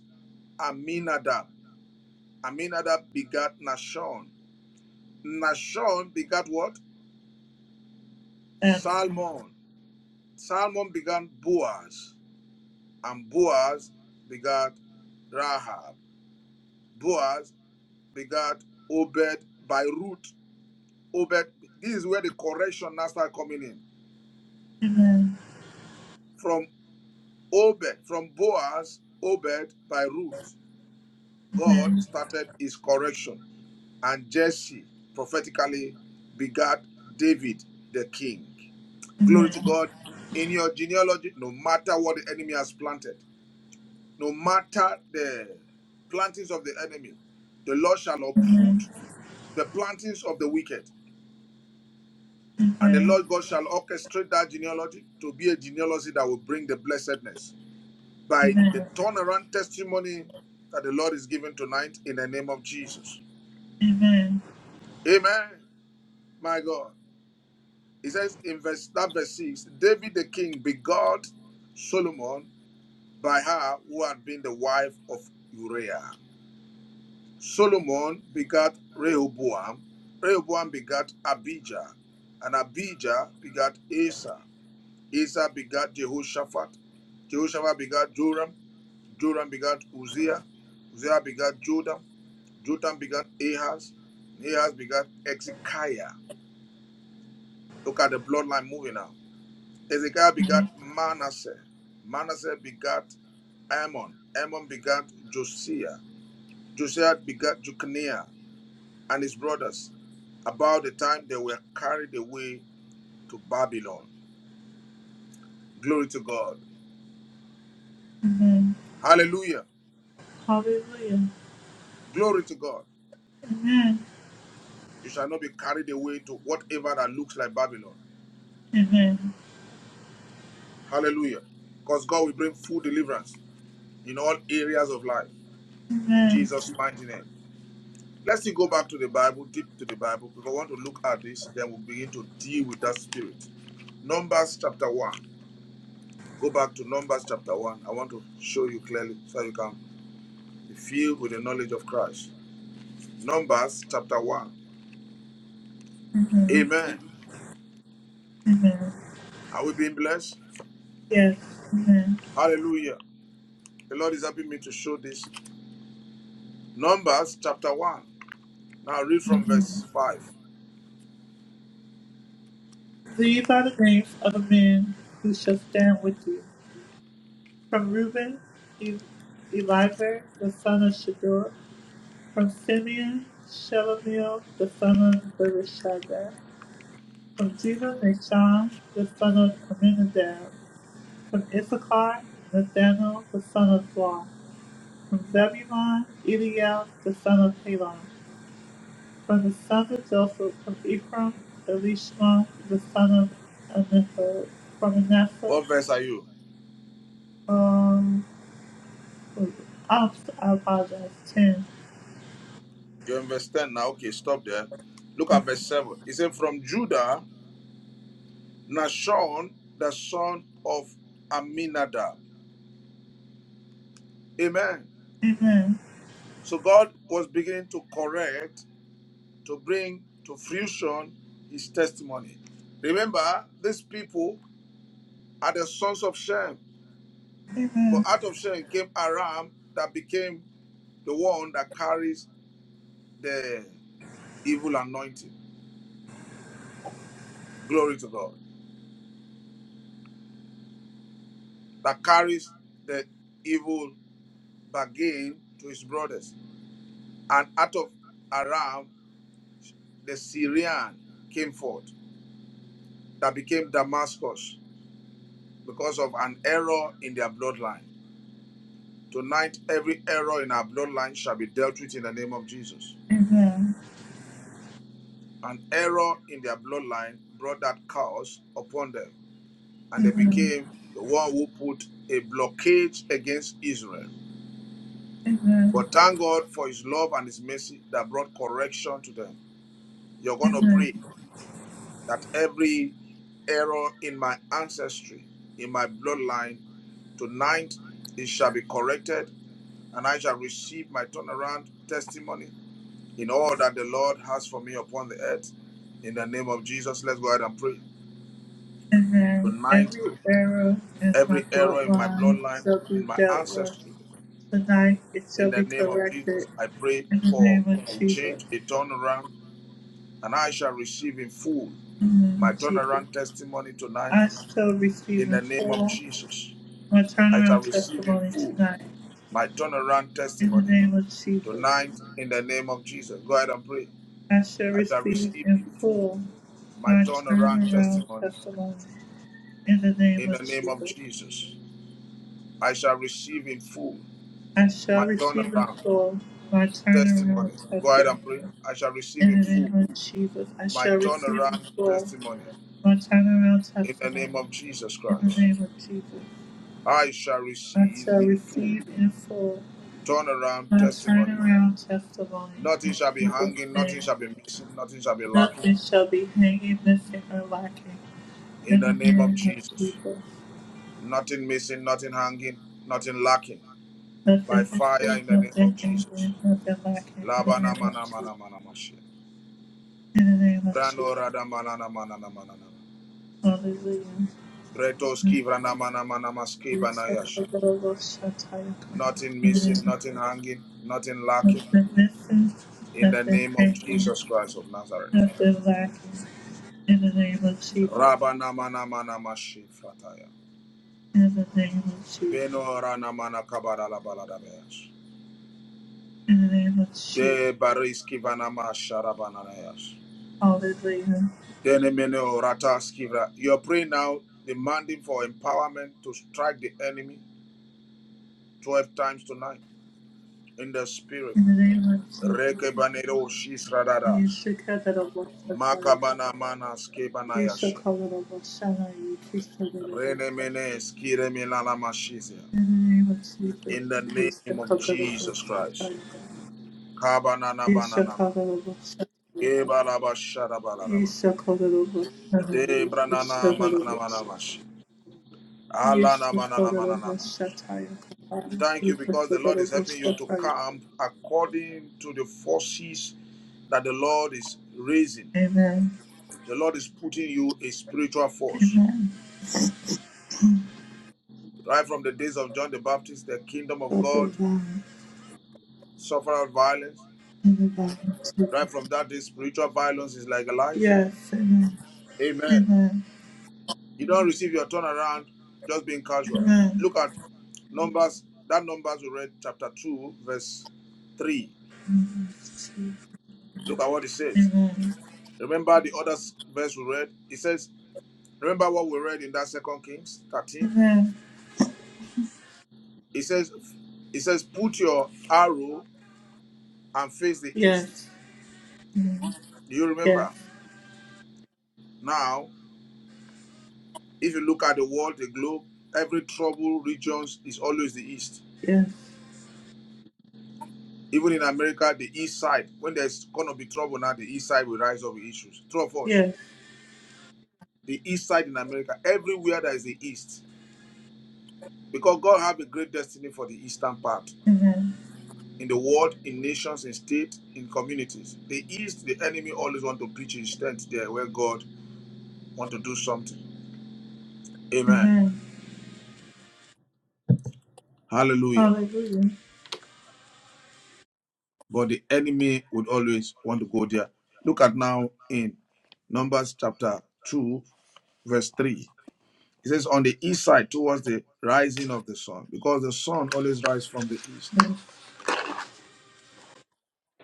Speaker 2: Aminadab. Aminadab begat Nashon. Nashon begat what?
Speaker 1: Amen.
Speaker 2: Salmon. Salmon begat Boaz. And Boaz begat Rahab. Boaz begat Obed by root. Obed, this is where the correction now start coming in. From Obed, from Boaz, Obed by root, God started his correction. And Jesse prophetically begat David the king. Glory to God. In your genealogy, no matter what the enemy has planted, no matter the plantings of the enemy, the Lord shall uproot the plantings of the wicked. And the Lord God shall orchestrate that genealogy to be a genealogy that will bring the blessedness by the turnaround testimony that the Lord is giving tonight in the name of Jesus. Amen. My God. He says in verse that verse six, David the king begot Solomon by her who had been the wife of Uriah. Solomon begat Rehoboam. Rehoboam begat Abijah, and Abijah begat Asa. Asa begat Jehoshaphat. Jehoshaphat begat Joram. Joram begat Uzziah. Uzziah begat Jotham. Jotham begat Ahaz. Ahaz begat Ezekiah. Look at the bloodline moving now. Hezekiah begat Manasseh. Manasseh begat Ammon. Ammon begat Josiah. Josiah begat Jeconiah and his brothers about the time they were carried away to Babylon. Glory to God.
Speaker 1: Amen.
Speaker 2: Hallelujah.
Speaker 1: Hallelujah.
Speaker 2: Glory to God. You shall not be carried away to whatever that looks like Babylon.
Speaker 1: Amen.
Speaker 2: Hallelujah. Because God will bring full deliverance in all areas of life. In Jesus' mighty name. Let's see, go back to the Bible, deep to the Bible, If I want to look at this, then we'll begin to deal with that spirit. Numbers chapter 1. Go back to Numbers chapter 1. I want to show you clearly so you can be filled with the knowledge of Christ. Numbers chapter 1. Amen. Are we being blessed?
Speaker 1: Yes.
Speaker 2: Hallelujah. The Lord is helping me to show this. Numbers chapter 1. Now read from verse 5.
Speaker 1: These are the names of the men who shall stand with you. From Reuben, E- Eliver, the son of Shador. From Simeon, Shelomiel, the son of Bereshadda. From Judah, Nashon, the son of Amminadab; From Issachar, Nathanael, the son of Blah. From Zebulun, Eliel, the son of Helon. From the sons of Joseph, from Ephraim, Elishma, the son of Aniphad. From Manasseh,
Speaker 2: What verse are you?
Speaker 1: um, Ops, I apologize, 10.
Speaker 2: You're in verse 10 now. Okay, stop there. Look at verse 7. It said, From Judah Nashon, the son of Aminadab. Amen. So God was beginning to correct, to bring to fruition his testimony. Remember, these people are the sons of Shem, but out of Shem came Aram that became the one that carries the evil anointing. Glory to God. That carries the evil bargain to his brothers. And out of Aram, the Syrian came forth. that became Damascus because of an error in their bloodline. Tonight, every error in our bloodline shall be dealt with in the name of Jesus. An error in their bloodline brought that curse upon them, and they became the one who put a blockage against Israel. But thank God for His love and His mercy that brought correction to them. You're going to pray that every error in my ancestry, in my bloodline, tonight it shall be corrected and I shall receive my turnaround testimony in all that the Lord has for me upon the earth. In the name of Jesus, let's go ahead and pray.
Speaker 1: And then
Speaker 2: Tonight,
Speaker 1: every error in my
Speaker 2: every error in my
Speaker 1: bloodline
Speaker 2: bloodline,
Speaker 1: shall be
Speaker 2: in my
Speaker 1: dealt with.
Speaker 2: ancestry,
Speaker 1: Tonight it
Speaker 2: in
Speaker 1: shall
Speaker 2: the
Speaker 1: be
Speaker 2: name of Jesus,
Speaker 1: corrected
Speaker 2: I pray
Speaker 1: in the
Speaker 2: for
Speaker 1: name of
Speaker 2: a
Speaker 1: Jesus.
Speaker 2: change, a turnaround, and I shall receive in full
Speaker 1: In the name
Speaker 2: my
Speaker 1: of Jesus.
Speaker 2: turnaround testimony tonight.
Speaker 1: I shall receive
Speaker 2: In
Speaker 1: in
Speaker 2: the name of
Speaker 1: full
Speaker 2: Jesus,
Speaker 1: my
Speaker 2: I shall
Speaker 1: turnaround
Speaker 2: receive in
Speaker 1: testimony
Speaker 2: full
Speaker 1: tonight.
Speaker 2: my turnaround
Speaker 1: In the
Speaker 2: testimony
Speaker 1: name of Jesus.
Speaker 2: tonight. In the name of Jesus, go ahead and pray.
Speaker 1: I shall
Speaker 2: I shall
Speaker 1: receive
Speaker 2: receive
Speaker 1: in
Speaker 2: in full
Speaker 1: full
Speaker 2: my
Speaker 1: my
Speaker 2: turnaround
Speaker 1: turnaround
Speaker 2: testimony
Speaker 1: testimony in the name
Speaker 2: in the
Speaker 1: of
Speaker 2: name of
Speaker 1: Jesus.
Speaker 2: Jesus. I shall receive in full
Speaker 1: I
Speaker 2: my
Speaker 1: shall receive in
Speaker 2: turnaround
Speaker 1: full my turnaround
Speaker 2: testimony. Go ahead
Speaker 1: testimony
Speaker 2: and pray. I shall receive
Speaker 1: in
Speaker 2: in
Speaker 1: the
Speaker 2: full
Speaker 1: name of Jesus. I
Speaker 2: my
Speaker 1: shall receive in
Speaker 2: turnaround
Speaker 1: full
Speaker 2: testimony
Speaker 1: my turnaround
Speaker 2: in the name
Speaker 1: testimony
Speaker 2: of Jesus
Speaker 1: in the
Speaker 2: Christ.
Speaker 1: name of Jesus.
Speaker 2: I shall
Speaker 1: I
Speaker 2: receive
Speaker 1: shall
Speaker 2: in full
Speaker 1: receive in full
Speaker 2: turnaround
Speaker 1: my
Speaker 2: testimony.
Speaker 1: turnaround testimony
Speaker 2: Nothing
Speaker 1: in
Speaker 2: shall be
Speaker 1: Jesus'
Speaker 2: hanging, nothing
Speaker 1: name.
Speaker 2: shall be missing, nothing shall be lacking
Speaker 1: Nothing shall be hanging, missing, or lacking
Speaker 2: in the
Speaker 1: in the
Speaker 2: name of
Speaker 1: name of
Speaker 2: Jesus.
Speaker 1: Jesus.
Speaker 2: Nothing missing, nothing hanging, nothing lacking
Speaker 1: Let there
Speaker 2: by
Speaker 1: be still,
Speaker 2: fire in the
Speaker 1: let
Speaker 2: name
Speaker 1: there
Speaker 2: of
Speaker 1: can
Speaker 2: Jesus.
Speaker 1: be, let there in the
Speaker 2: Labana
Speaker 1: name of
Speaker 2: mana
Speaker 1: Jesus.
Speaker 2: mana mana mashi.
Speaker 1: In the name of
Speaker 2: Rano
Speaker 1: Jesus.
Speaker 2: rada mana na mana na mana na.
Speaker 1: Hallelujah.
Speaker 2: Bretoski vrana mana mana maski
Speaker 1: We suffer
Speaker 2: banayashi.
Speaker 1: the Lord shall tie your crown.
Speaker 2: Nothing
Speaker 1: In the
Speaker 2: missing,
Speaker 1: name
Speaker 2: nothing hanging, nothing
Speaker 1: of
Speaker 2: lacking.
Speaker 1: Jesus. nothing missing,
Speaker 2: In the
Speaker 1: let there
Speaker 2: name of
Speaker 1: can be,
Speaker 2: Jesus Christ of Nazareth.
Speaker 1: let In the name of Jesus.
Speaker 2: Rabana mana mana mashi frataya.
Speaker 1: In the name of Jesus.
Speaker 2: Beno rana mana kabara la balada bayash.
Speaker 1: In the name of Jesus.
Speaker 2: De bariski vana masha rabana na
Speaker 1: Hallelujah.
Speaker 2: Dene mene o rataski vra. You're praying now, demanding for empowerment to strike the enemy 12 times tonight. in the spirit.
Speaker 1: In the name of Jesus.
Speaker 2: Rekebanero shisradadas.
Speaker 1: You should have that of us. that
Speaker 2: Makabana manas
Speaker 1: You should
Speaker 2: kebanayasha.
Speaker 1: call it of us. Shall I? You should call it
Speaker 2: Rene menes kire mashizia.
Speaker 1: In the name of Jesus,
Speaker 2: In the
Speaker 1: Isa
Speaker 2: name of
Speaker 1: Kakarabo
Speaker 2: Jesus Christ.
Speaker 1: Sataya.
Speaker 2: Kabanana
Speaker 1: Isa
Speaker 2: bananana.
Speaker 1: Kakarabo Sataya.
Speaker 2: Ebalabashada baladaba.
Speaker 1: Isa Kakarabo Sataya. Isa
Speaker 2: Debranana manana
Speaker 1: Kakarabo Sataya.
Speaker 2: manamashi.
Speaker 1: Isa
Speaker 2: Alana manana
Speaker 1: Kakarabo
Speaker 2: mananana.
Speaker 1: Sataya.
Speaker 2: Thank you
Speaker 1: Isa
Speaker 2: because the Lord is
Speaker 1: Kakarabo
Speaker 2: helping you to
Speaker 1: Sataya.
Speaker 2: camp according to the forces that the Lord is raising.
Speaker 1: Amen.
Speaker 2: The Lord is putting you a spiritual force. Right from the days of John the Baptist, the kingdom of
Speaker 1: Stop the
Speaker 2: God
Speaker 1: violence
Speaker 2: suffered violence.
Speaker 1: and the violence.
Speaker 2: Right from that day, spiritual violence is legalized.
Speaker 1: Yes, amen.
Speaker 2: Amen.
Speaker 1: Amen.
Speaker 2: You don't receive your turnaround just being casual.
Speaker 1: Amen.
Speaker 2: Look at Numbers, that Numbers we read, chapter 2, verse 3. Look at what it says.
Speaker 1: Amen.
Speaker 2: Remember the other verse we read? It says, Remember what we read in that second Kings 13? It says, it says, put your arrow and face the east.
Speaker 1: Yes.
Speaker 2: Do you
Speaker 1: Yes.
Speaker 2: remember? Now If you look at the world, the globe, every trouble regions is always the east.
Speaker 1: Yes.
Speaker 2: Even in America, the east side, when there's gonna be trouble now, the east side will rise up with issues. True of us.
Speaker 1: Yes.
Speaker 2: The east side in America, everywhere there is the east. Because God have a great destiny for the eastern part.
Speaker 1: Amen.
Speaker 2: In the world, in nations, in states, in communities. The east, the enemy always want to preach his tent there where God want to do something. Amen.
Speaker 1: Amen.
Speaker 2: Hallelujah.
Speaker 1: Hallelujah.
Speaker 2: but the enemy would always want to go there. Look at now in Numbers chapter 2, verse 3. It says, On the east side, towards the rising of the sun, because the sun always rises from the east,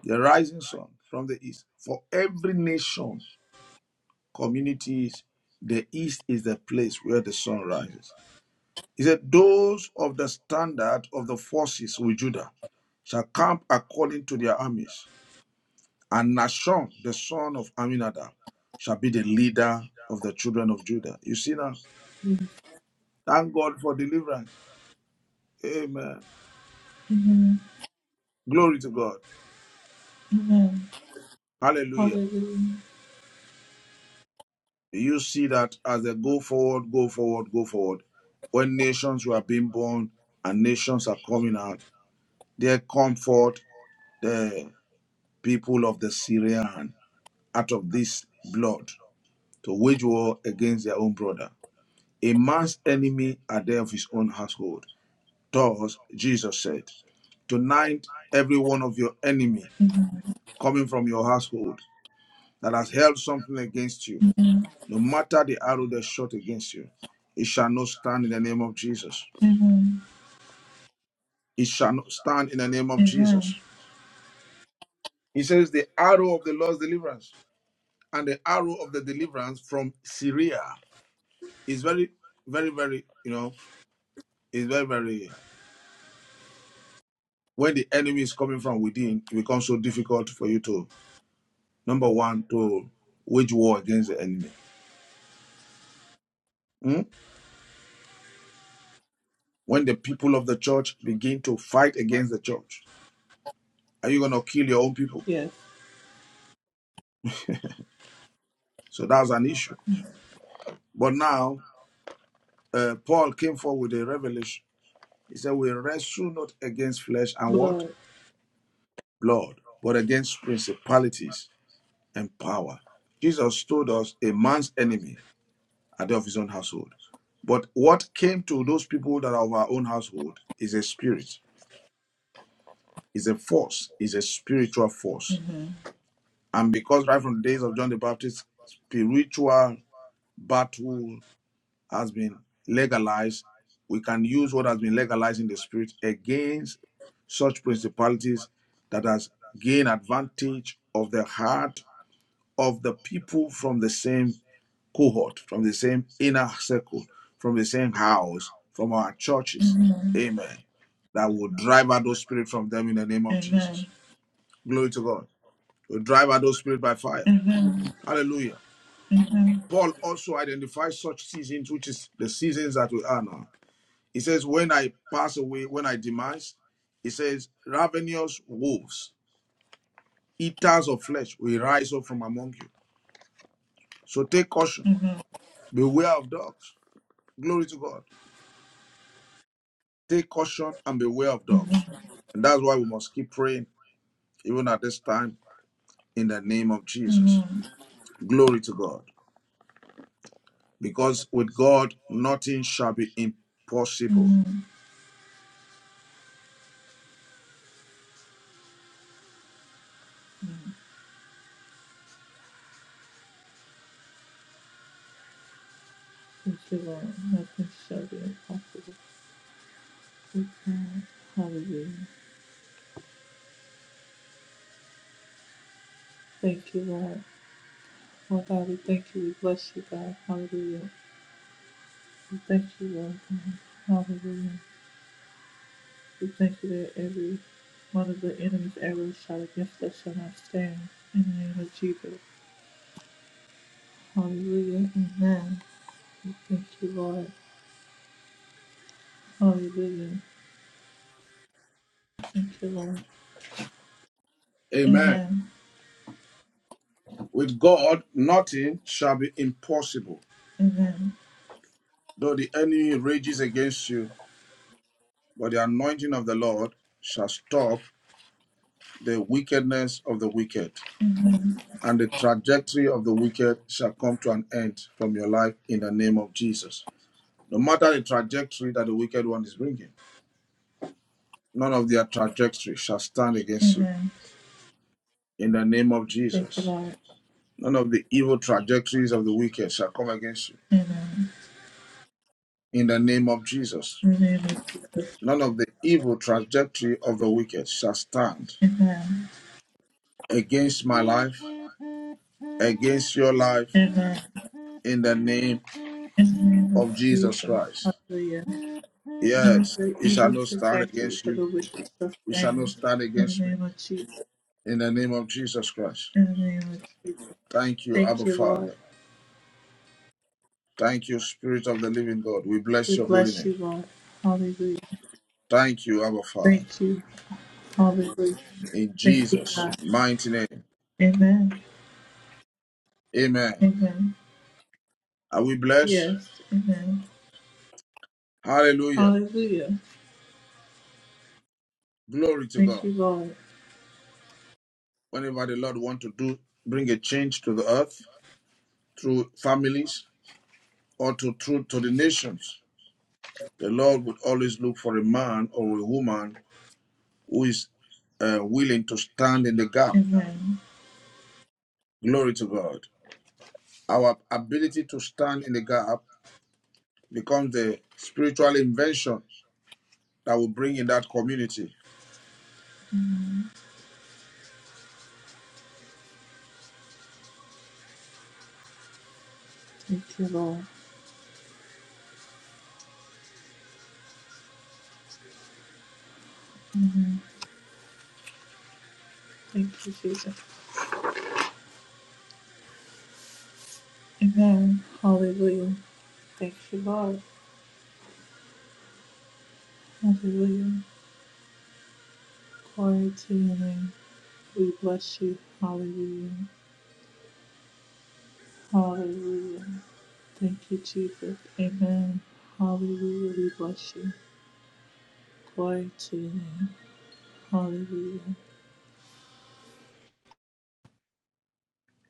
Speaker 2: the rising sun from the east. For every nation, communities, the east is the place where the sun rises. He said, Those of the standard of the forces with Judah shall camp according to their armies. And Nashon, the son of Aminadab, shall be the leader of the children of Judah. You see now? Thank God for deliverance. Amen.
Speaker 1: Amen.
Speaker 2: Glory to God.
Speaker 1: Amen.
Speaker 2: Hallelujah.
Speaker 1: Hallelujah.
Speaker 2: You see that as they go forward, go forward, go forward, when nations were being born and nations are coming out, they comfort the people of the Syrian out of this blood to wage war against their own brother. A man's enemy are they of his own household. doors, Jesus said. Tonight, every one of your enemy coming from your household that has held something against you, no matter the arrow they shot against you, it shall not stand in the name of Jesus.
Speaker 1: Amen.
Speaker 2: It shall not stand in the name of
Speaker 1: Amen.
Speaker 2: Jesus. He says, The arrow of the Lord's deliverance and the arrow of the deliverance from Syria is very, very, very, you know, is very, very, when the enemy is coming from within, it becomes so difficult for you to, number one, to wage war against the enemy. Hmm? When the people of the church begin to fight against the church, are you going to kill your own people?
Speaker 1: Yes.
Speaker 2: So that's an issue. But now, uh, Paul came forward with a revelation. He said, We wrestle not against flesh and what?
Speaker 1: Blood.
Speaker 2: Blood, but against principalities and power. Jesus told us a man's enemy are they of his own household. But what came to those people that are of our own household is a spirit, is a force, is a spiritual force. And because right from the days of John the Baptist, spiritual battle has been legalized, we can use what has been legalized in the spirit against such principalities that has gained advantage of the heart of the people from the same cohort, from the same inner circle, from the same house, from our churches. Amen. That will drive out those spirits from them in the name of
Speaker 1: Amen.
Speaker 2: Jesus. Glory to God. We'll drive out those spirits by fire.
Speaker 1: Amen.
Speaker 2: Hallelujah.
Speaker 1: Amen.
Speaker 2: Paul also identifies such seasons, which is the seasons that we are now. He says, When I pass away, when I demise, he says, ravenous wolves, eaters of flesh, will rise up from among you. So take caution,
Speaker 1: Amen. Amen.
Speaker 2: beware of dogs. Glory to God. Take caution and beware of dogs. And that's why we must keep praying, even at this time, in the name of Jesus.
Speaker 1: Amen.
Speaker 2: Glory to God. Because with God, nothing shall be impossible.
Speaker 1: Amen. Thank you, Lord. Nothing shall be impossible. with God. Hallelujah. Thank you, Lord. Oh God, we thank you. We bless you, God. Hallelujah. We thank you, Lord God. Hallelujah. We thank you that every one of the enemy's arrows shot against us shall not stand. In the name of Jesus. Hallelujah. Amen. We thank you, Lord. Hallelujah. Thank you, Lord.
Speaker 2: Amen.
Speaker 1: Amen.
Speaker 2: With God, nothing shall be impossible.
Speaker 1: Amen.
Speaker 2: Though the enemy rages against you, but the anointing of the Lord shall stop the wickedness of the wicked, and the trajectory of the wicked shall come to an end from your life in the name of Jesus. No matter the trajectory that the wicked one is bringing, none of their trajectory shall stand against you in the name of
Speaker 1: Thank you,
Speaker 2: Jesus.
Speaker 1: Lord.
Speaker 2: None of the evil trajectories of the wicked shall come against you
Speaker 1: Amen.
Speaker 2: in the name of Jesus.
Speaker 1: In the name of Jesus.
Speaker 2: None of the evil trajectory of the wicked shall stand
Speaker 1: Amen.
Speaker 2: against my life, against your life,
Speaker 1: Amen.
Speaker 2: in the name
Speaker 1: In the name
Speaker 2: of
Speaker 1: of
Speaker 2: Jesus
Speaker 1: Jesus.
Speaker 2: Christ.
Speaker 1: Hallelujah. Not
Speaker 2: Yes,
Speaker 1: the
Speaker 2: it shall
Speaker 1: evil
Speaker 2: not stand
Speaker 1: trajectory
Speaker 2: against
Speaker 1: for
Speaker 2: you.
Speaker 1: the wicked
Speaker 2: It shall not
Speaker 1: sustained.
Speaker 2: stand
Speaker 1: In the
Speaker 2: against me.
Speaker 1: name of Jesus.
Speaker 2: In the name of Jesus Christ.
Speaker 1: In the name of Jesus.
Speaker 2: Thank you,
Speaker 1: Thank
Speaker 2: Abba
Speaker 1: you, Lord.
Speaker 2: Father. Thank you, Spirit of the Living God. We
Speaker 1: We
Speaker 2: bless your holy
Speaker 1: bless you,
Speaker 2: name.
Speaker 1: Lord. Hallelujah.
Speaker 2: Thank you, Abba Father.
Speaker 1: Thank you. Hallelujah.
Speaker 2: In
Speaker 1: Thank you,
Speaker 2: Jesus'
Speaker 1: God.
Speaker 2: mighty name.
Speaker 1: Amen.
Speaker 2: Amen.
Speaker 1: Amen.
Speaker 2: Are we blessed?
Speaker 1: Yes. Amen.
Speaker 2: Hallelujah.
Speaker 1: Hallelujah.
Speaker 2: Glory to
Speaker 1: Thank
Speaker 2: God.
Speaker 1: you, Lord.
Speaker 2: whenever the Lord want to do, bring a change to the earth through families or to through to the nations, the Lord would always look for a man or a woman who is uh, willing to stand in the gap.
Speaker 1: Amen.
Speaker 2: Glory to God. Our ability to stand in the gap becomes the spiritual invention that will bring in that community.
Speaker 1: Thank you, Lord. Amen. Thank you, Jesus. Amen. Hallelujah. Thank you, Lord. Hallelujah. Glory to your name. We bless you. Hallelujah. Hallelujah. Thank you, Jesus. Amen. Hallelujah. We bless you. Glory to your name. Hallelujah.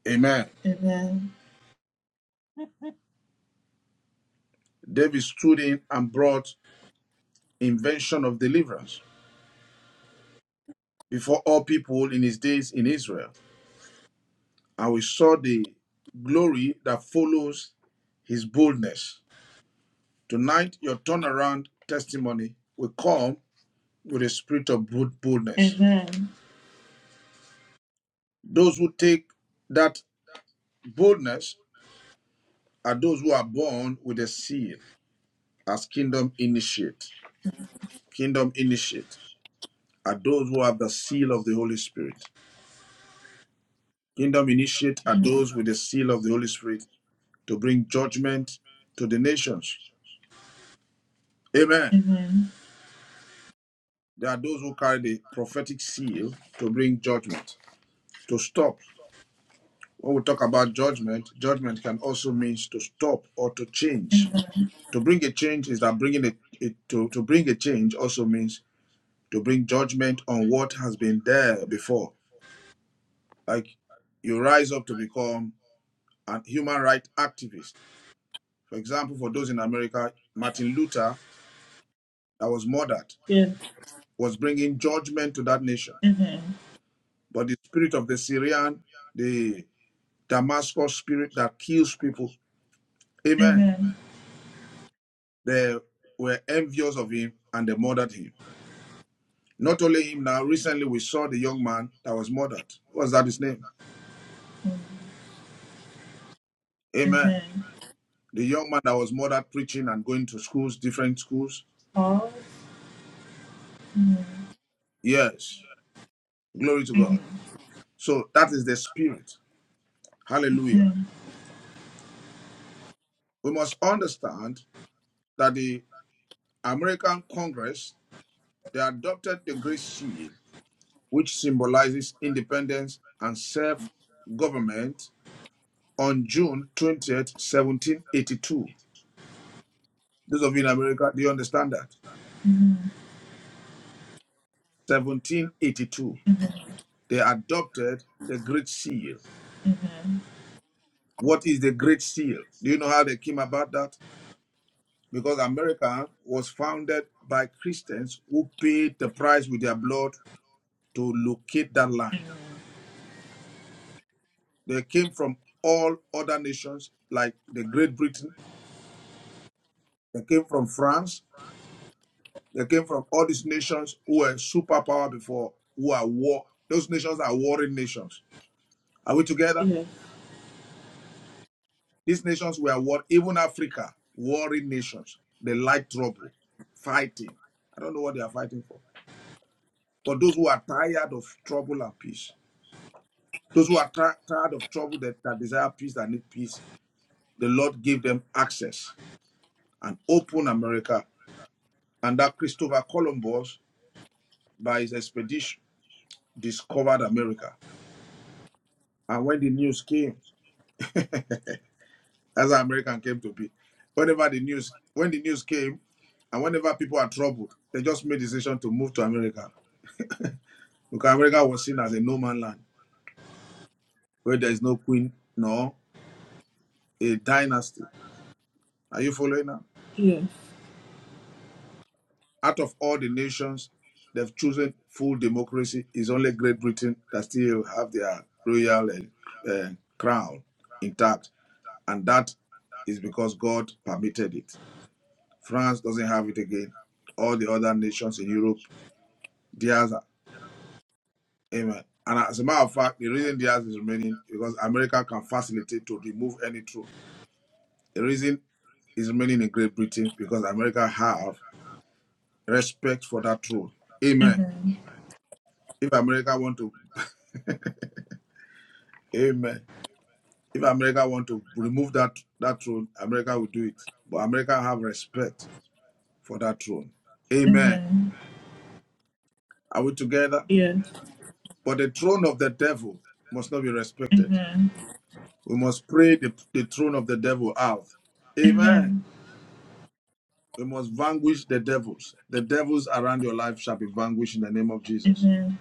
Speaker 2: Amen.
Speaker 1: Amen.
Speaker 2: David stood in and brought invention of deliverance before all people in his days in Israel. and we saw the glory that follows his boldness. Tonight, your turnaround testimony will come with a spirit of boldness.
Speaker 1: Amen.
Speaker 2: Those who take that boldness are those who are born with a seal as kingdom initiate. Kingdom initiate are those who have the seal of the Holy Spirit. Kingdom initiate are those with the seal of the Holy Spirit to bring judgment to the nations. Amen.
Speaker 1: Amen.
Speaker 2: There are those who carry the prophetic seal to bring judgment, to stop. When we talk about judgment, judgment can also mean to stop or to change. To bring a change is that bringing it, it to, to bring a change also means to bring judgment on what has been there before. Like you rise up to become a human rights activist. For example, for those in America, Martin Luther, that was murdered,
Speaker 1: Yes.
Speaker 2: was bringing judgment to that nation.
Speaker 1: Amen.
Speaker 2: But the spirit of the Syrian, the Damascus spirit that kills people. Amen.
Speaker 1: Amen.
Speaker 2: They were envious of him and they murdered him. Not only him now, recently we saw the young man that was murdered. What's that his name? Amen.
Speaker 1: Amen.
Speaker 2: The young man that was murdered preaching and going to schools, different schools.
Speaker 1: All.
Speaker 2: Yes. Glory to God. So that is the spirit. Hallelujah. We must understand that the American Congress, they adopted the Great Seal, which symbolizes independence and self government on June 20th, 1782. Those of you in America, do you understand that? 1782. They adopted the Great Seal. What is the Great Seal? Do you know how they came about that? Because America was founded by Christians who paid the price with their blood to locate that land. They came from all other nations like the Great Britain, they came from France, They came from all these nations who were superpower before, who are war. Those nations are warring nations. Are we together?
Speaker 1: Yes.
Speaker 2: These nations were war. Even Africa, warring nations. They like trouble, fighting. I don't know what they are fighting for. But those who are tired of trouble and peace, those who are tired of trouble that, that desire peace, that need peace, the Lord gave them access and opened America. And that Christopher Columbus, by his expedition, discovered America. And when the news came, That's how American came to be. Whenever the news, when the news came, and whenever people are troubled, they just made decision to move to America because America was seen as a no man land where there is no queen nor a dynasty. Are you following now?
Speaker 1: Yes.
Speaker 2: Out of all the nations, they've chosen full democracy. It's only Great Britain that still have their royal uh, uh, crown intact, and that is because God permitted it. France doesn't have it again. All the other nations in Europe, theirs Amen. And as a matter of fact, the reason theirs is remaining because America can facilitate to remove any throne. The reason is remaining in Great Britain because America have respect for that throne. Amen. If America want to, Amen. If America want to remove that that throne, America will do it. But America have respect for that throne. Amen.
Speaker 1: Amen.
Speaker 2: Are we together?
Speaker 1: Yes.
Speaker 2: But the throne of the devil must not be respected.
Speaker 1: Amen.
Speaker 2: We must pray the, the throne of the devil out. Amen.
Speaker 1: Amen.
Speaker 2: We must vanquish the devils. The devils around your life shall be vanquished in the name of Jesus.
Speaker 1: Amen.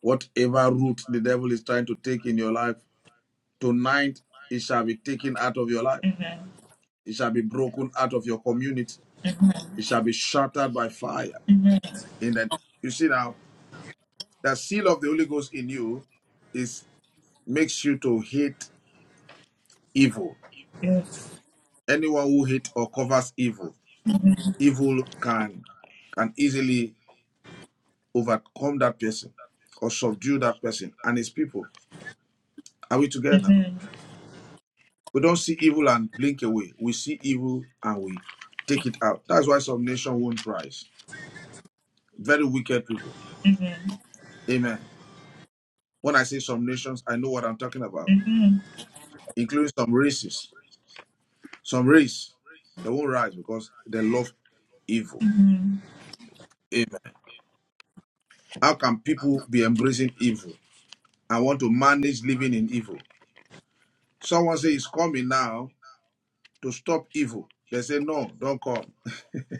Speaker 2: Whatever route the devil is trying to take in your life, tonight it shall be taken out of your life. It shall be broken out of your community. It shall be shattered by fire. In the you see now, the seal of the Holy Ghost in you is makes you to hate evil.
Speaker 1: Yes.
Speaker 2: Anyone who hates or covers evil, evil can can easily overcome that person or subdue that person and his people. Are we together? We don't see evil and blink away. We see evil and we take it out. That's why some nations won't rise. Very wicked people. Amen. When I say some nations, I know what I'm talking about, including some races. Some race, they won't rise because they love evil. Amen. How can people be embracing evil and want to manage living in evil? Someone say it's coming now to stop evil. They say, no, don't come.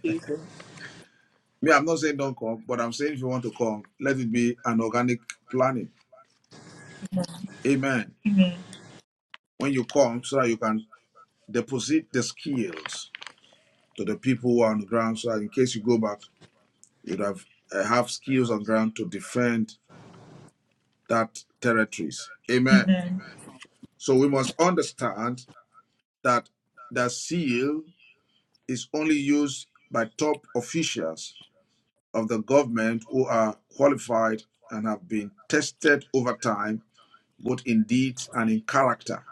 Speaker 1: Jesus.
Speaker 2: Me, I'm not saying don't come, but I'm saying if you want to come, let it be an organic planning. Amen. When you come, so that you can deposit the skills to the people who are on the ground, so that in case you go back, you'd have uh, have skills on ground to defend that territories. Amen. So we must understand that the seal is only used by top officials of the government who are qualified and have been tested over time both in deeds and in character,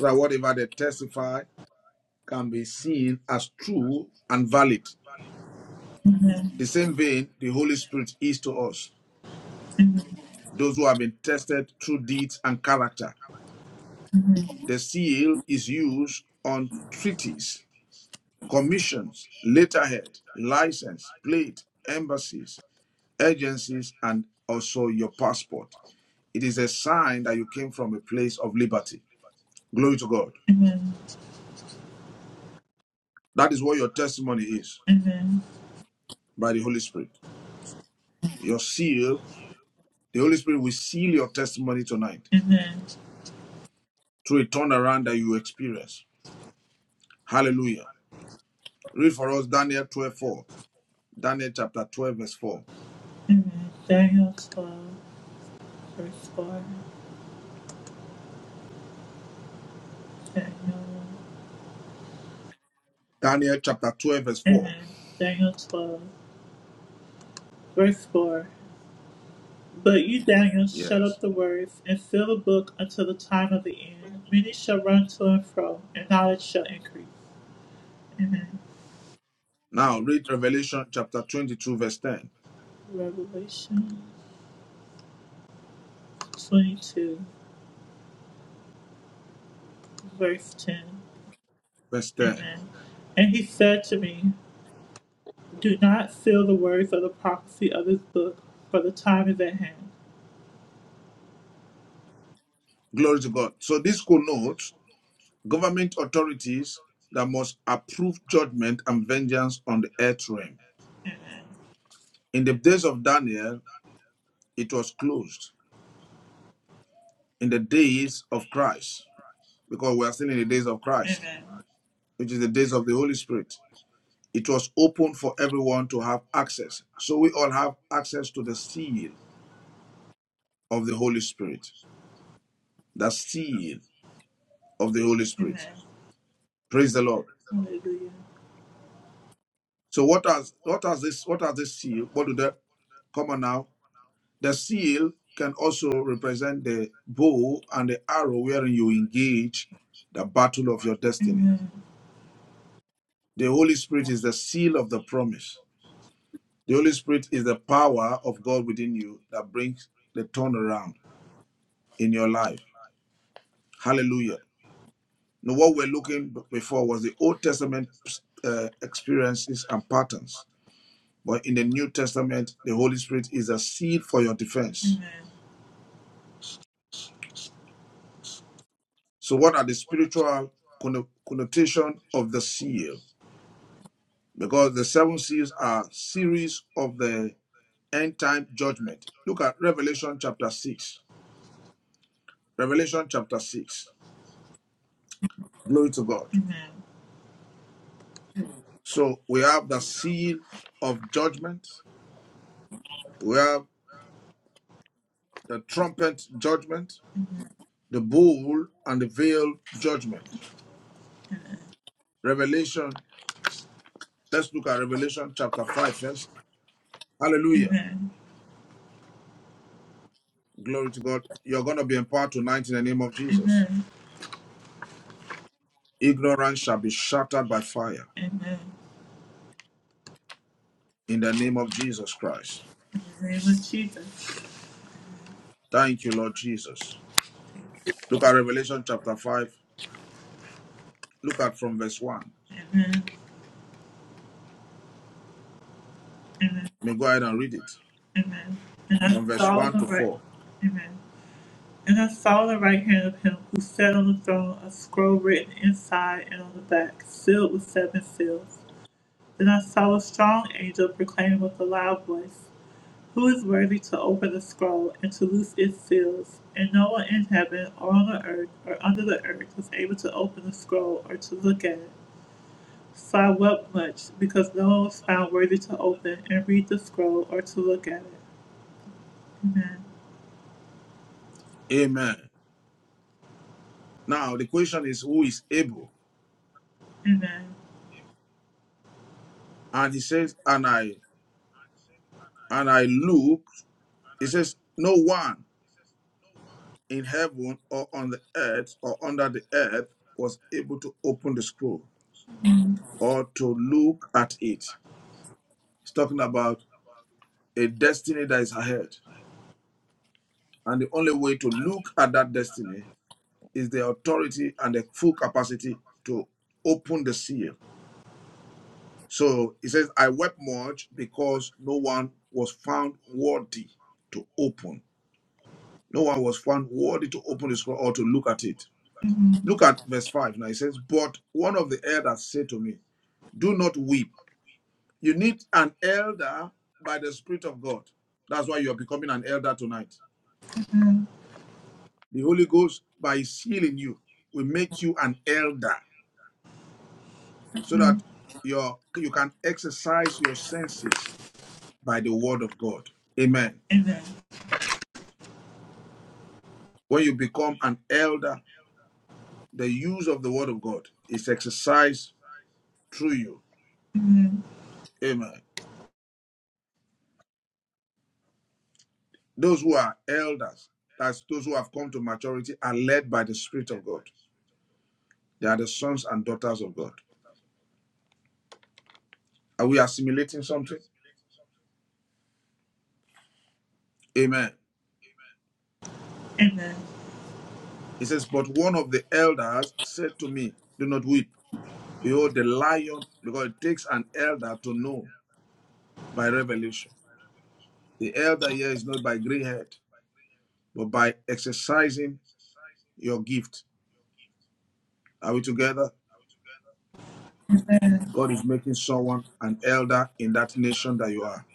Speaker 2: so that whatever they testify can be seen as true and valid. The same vein, the Holy Spirit is to us,
Speaker 1: Amen.
Speaker 2: those who have been tested through deeds and character. The seal is used on treaties, commissions, letterhead, license, plate, embassies, agencies, and also your passport. It is a sign that you came from a place of liberty. Glory to God. That is what your testimony is
Speaker 1: Amen.
Speaker 2: by the Holy Spirit. Your seal, the Holy Spirit will seal your testimony tonight
Speaker 1: Amen.
Speaker 2: through a turnaround that you experience. Hallelujah. Read for us Daniel 12 4, Daniel chapter 12, verse 4.
Speaker 1: Amen. Daniel 12, verse 4. Daniel.
Speaker 2: Daniel chapter 12, verse 4.
Speaker 1: Amen. Daniel 12, verse 4. But you, Daniel, shut up
Speaker 2: Yes.
Speaker 1: the words and seal the book until the time of the end. Many shall run to and fro, and knowledge shall increase. Amen.
Speaker 2: Now read Revelation chapter 22, verse 10.
Speaker 1: Revelation 22, verse 10.
Speaker 2: Verse 10.
Speaker 1: Amen. And he said to me, Do not seal the words of the prophecy of this book, for the time is at hand.
Speaker 2: Glory to God. So this connotes government authorities that must approve judgment and vengeance on the earth realm. In the days of Daniel, it was closed. In the days of Christ, because we are still in the days of Christ,
Speaker 1: Amen.
Speaker 2: which is the days of the Holy Spirit. It was open for everyone to have access. So we all have access to the seal of the Holy Spirit. The seal of the Holy Spirit.
Speaker 1: Amen.
Speaker 2: Praise the Lord.
Speaker 1: Hallelujah.
Speaker 2: So what has what has this what has this seal? What do the come on now? The seal can also represent the bow and the arrow wherein you engage the battle of your destiny. The Holy Spirit is the seal of the promise. The Holy Spirit is the power of God within you that brings the turnaround in your life. Hallelujah. Now, what we're looking before was the Old Testament uh, experiences and patterns. But in the New Testament, the Holy Spirit is a seal for your defense.
Speaker 1: Amen.
Speaker 2: So, what are the spiritual connotation of the seal? Because the seven seals are series of the end time judgment. Look at Revelation chapter 6. Revelation chapter 6. Glory to God.
Speaker 1: Amen.
Speaker 2: So we have the seal of judgment, we have the trumpet judgment, the bowl, and the veil judgment. Revelation, let's look at Revelation chapter 5 first. Hallelujah.
Speaker 1: Amen.
Speaker 2: Glory to God. You're going to be empowered tonight in the name of Jesus.
Speaker 1: Amen.
Speaker 2: Ignorance shall be shattered by fire
Speaker 1: Amen.
Speaker 2: in the name of Jesus Christ.
Speaker 1: In the name of Jesus.
Speaker 2: Thank you, Lord Jesus. Look at Revelation chapter 5. Look at from verse 1.
Speaker 1: Amen. Amen.
Speaker 2: May go ahead and read it
Speaker 1: Amen. And I
Speaker 2: from verse
Speaker 1: saw in
Speaker 2: 1
Speaker 1: the
Speaker 2: to
Speaker 1: right
Speaker 2: 4.
Speaker 1: Amen. And I saw the right hand of him who sat on the throne a scroll written inside and on the back, sealed with seven seals. Then I saw a strong angel proclaiming with a loud voice. Who is worthy to open the scroll and to loose its seals? And no one in heaven or on the earth or under the earth was able to open the scroll or to look at it. So I wept much because no one was found worthy to open and read the scroll or to look at it. Amen.
Speaker 2: Amen. Now the question is who is able?
Speaker 1: Amen.
Speaker 2: And he says, and I and I look, he says, no one in heaven or on the earth or under the earth was able to open the scroll or to look at it. He's talking about a destiny that is ahead. And the only way to look at that destiny is the authority and the full capacity to open the seal. So he says, I wept much because no one was found worthy to open No one was found worthy to open the scroll or to look at it. Look at verse 5. Now it says, But one of the elders said to me, Do not weep. You need an elder by the Spirit of God. That's why you are becoming an elder tonight. The Holy Ghost, by sealing you, will make you an elder so that your, you can exercise your senses by the word of God. Amen.
Speaker 1: Amen.
Speaker 2: When you become an elder, the use of the word of God is exercised through you.
Speaker 1: Amen.
Speaker 2: Amen. Those who are elders, that's those who have come to maturity, are led by the Spirit of God. They are the sons and daughters of God. Are we assimilating something? Amen.
Speaker 1: Amen.
Speaker 2: It says, But one of the elders said to me, Do not weep. Behold, the lion, because it takes an elder to know by revelation. The elder here is not by gray head, but by exercising your gift. Are we together?
Speaker 1: Amen.
Speaker 2: God is making someone an elder in that nation that you are.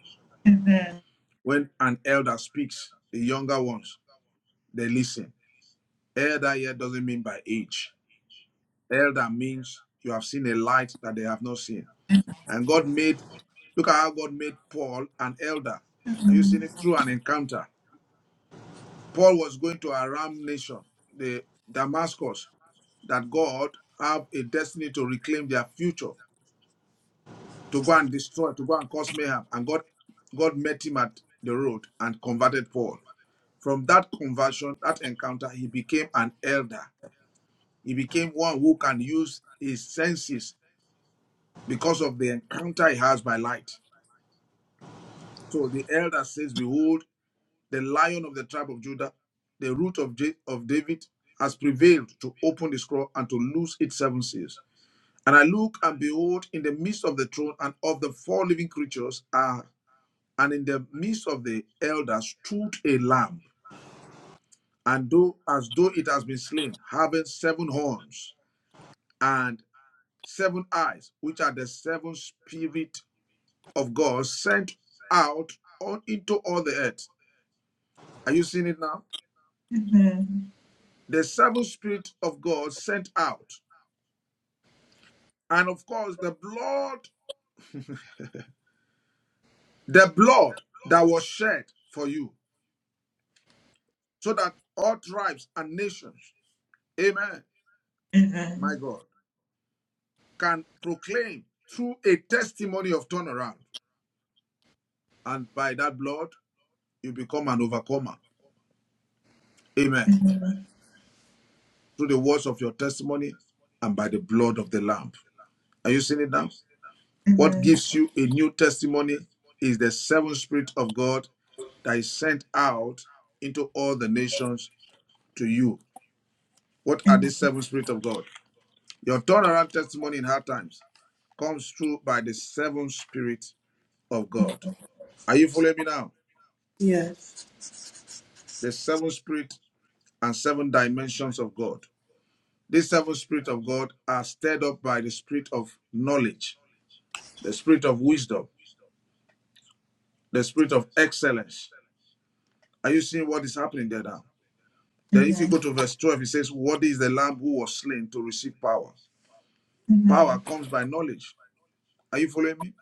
Speaker 1: Amen.
Speaker 2: When an elder speaks, the younger ones They listen. Elder here doesn't mean by age. Elder means you have seen a light that they have not seen. And God made, look at how God made Paul an elder. Are you seeing it through an encounter? Paul was going to Aram nation, the Damascus, that God have a destiny to reclaim their future, to go and destroy, to go and cause mayhem. And God, God met him at the road and converted Paul. From that conversion, that encounter, he became an elder He became one who can use his senses because of the encounter he has by light. So the elder says, Behold, the lion of the tribe of Judah, the root of, Ja- of David, has prevailed to open the scroll and to loose its seven seals. And I look and behold, in the midst of the throne and of the four living creatures are, and in the midst of the elder stood a lamb, and though as though it has been slain, having seven horns and seven eyes, which are the seven spirit of God sent out on into all the earth. Are you seeing it now?
Speaker 1: Amen.
Speaker 2: The seven spirit of God sent out. And of course, the blood, the blood that was shed for you, so that all tribes and nations, amen,
Speaker 1: Amen.
Speaker 2: my God, can proclaim through a testimony of turnaround. And by that blood, you become an overcomer. Amen. Through the words of your testimony and by the blood of the Lamb. Are you seeing it now? What
Speaker 1: Amen.
Speaker 2: gives you a new testimony is the seven spirit of God that is sent out into all the nations to you. What are the seven spirit of God? Your turnaround testimony in hard times comes through by the seven spirit of God. Are you following me now?
Speaker 1: Yes.
Speaker 2: The seven spirit and seven dimensions of God. These seven spirit of God are stirred up by the spirit of knowledge, the spirit of wisdom, the spirit of excellence. Are you seeing what is happening there now? Then, if you
Speaker 1: Amen.
Speaker 2: go to verse 12, it says, What is the lamb who was slain to receive power? Power
Speaker 1: Amen.
Speaker 2: comes by knowledge. Are you following me?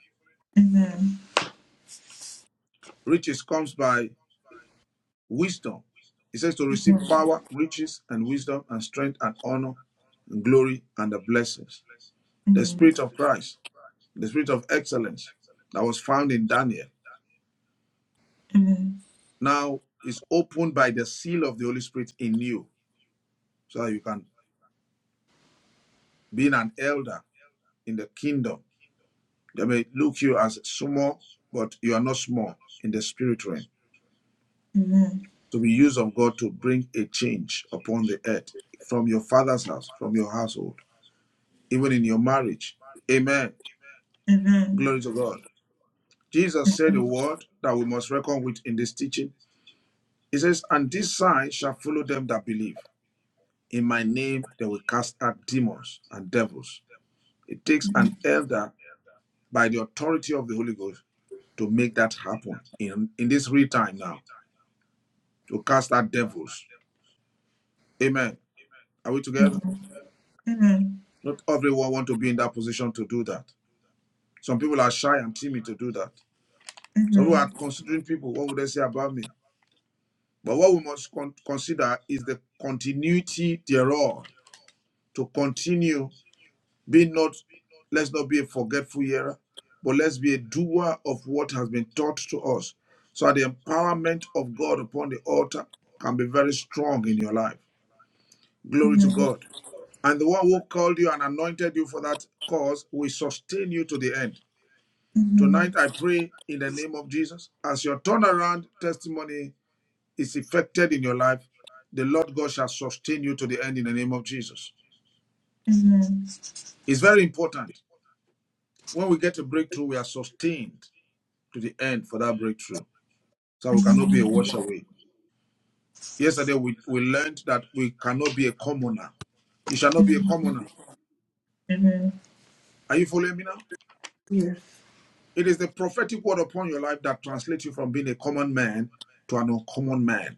Speaker 1: Amen.
Speaker 2: Riches comes by wisdom. It says to receive power, riches, and wisdom, and strength, and honor, and glory, and the blessings. The
Speaker 1: Amen.
Speaker 2: spirit of Christ, the spirit of excellence that was found in Daniel,
Speaker 1: Amen.
Speaker 2: now is opened by the seal of the Holy Spirit in you, so that you can be an elder in the kingdom They may look you as small, but you are not small in the spirit realm.
Speaker 1: Amen.
Speaker 2: To be used of God to bring a change upon the earth from your father's house, from your household, even in your marriage. Amen.
Speaker 1: Amen.
Speaker 2: Glory to God. Jesus said a word that we must reckon with in this teaching. He says, And this sign shall follow them that believe. In my name they will cast out demons and devils. It takes an elder by the authority of the Holy Ghost to make that happen in, in this real time now. to cast out devils. Amen. Are we together?
Speaker 1: Amen.
Speaker 2: Not everyone want to be in that position to do that. Some people are shy and timid to do that. Some people are
Speaker 1: Amen.
Speaker 2: considering people. What would they say about me? But what we must con- consider is the continuity thereof. To continue, be not, let's not be a forgetful hearer, but let's be a doer of what has been taught to us. So that the empowerment of God upon the altar can be very strong in your life. Glory to
Speaker 1: Amen.
Speaker 2: God. And the one who called you and anointed you for that cause will sustain you to the end. Tonight,
Speaker 1: Amen.
Speaker 2: I pray in the name of Jesus, as your turnaround testimony is effected in your life, the Lord God shall sustain you to the end in the name of Jesus.
Speaker 1: Amen.
Speaker 2: It's very important. When we get a breakthrough, we are sustained to the end for that breakthrough. So we cannot be a wash away. Yesterday, we, we learned that we cannot be a commoner. You shall not be a commoner.
Speaker 1: Amen.
Speaker 2: Are you following me now?
Speaker 1: Yes.
Speaker 2: It is the prophetic word upon your life that translates you from being a common man to an uncommon man,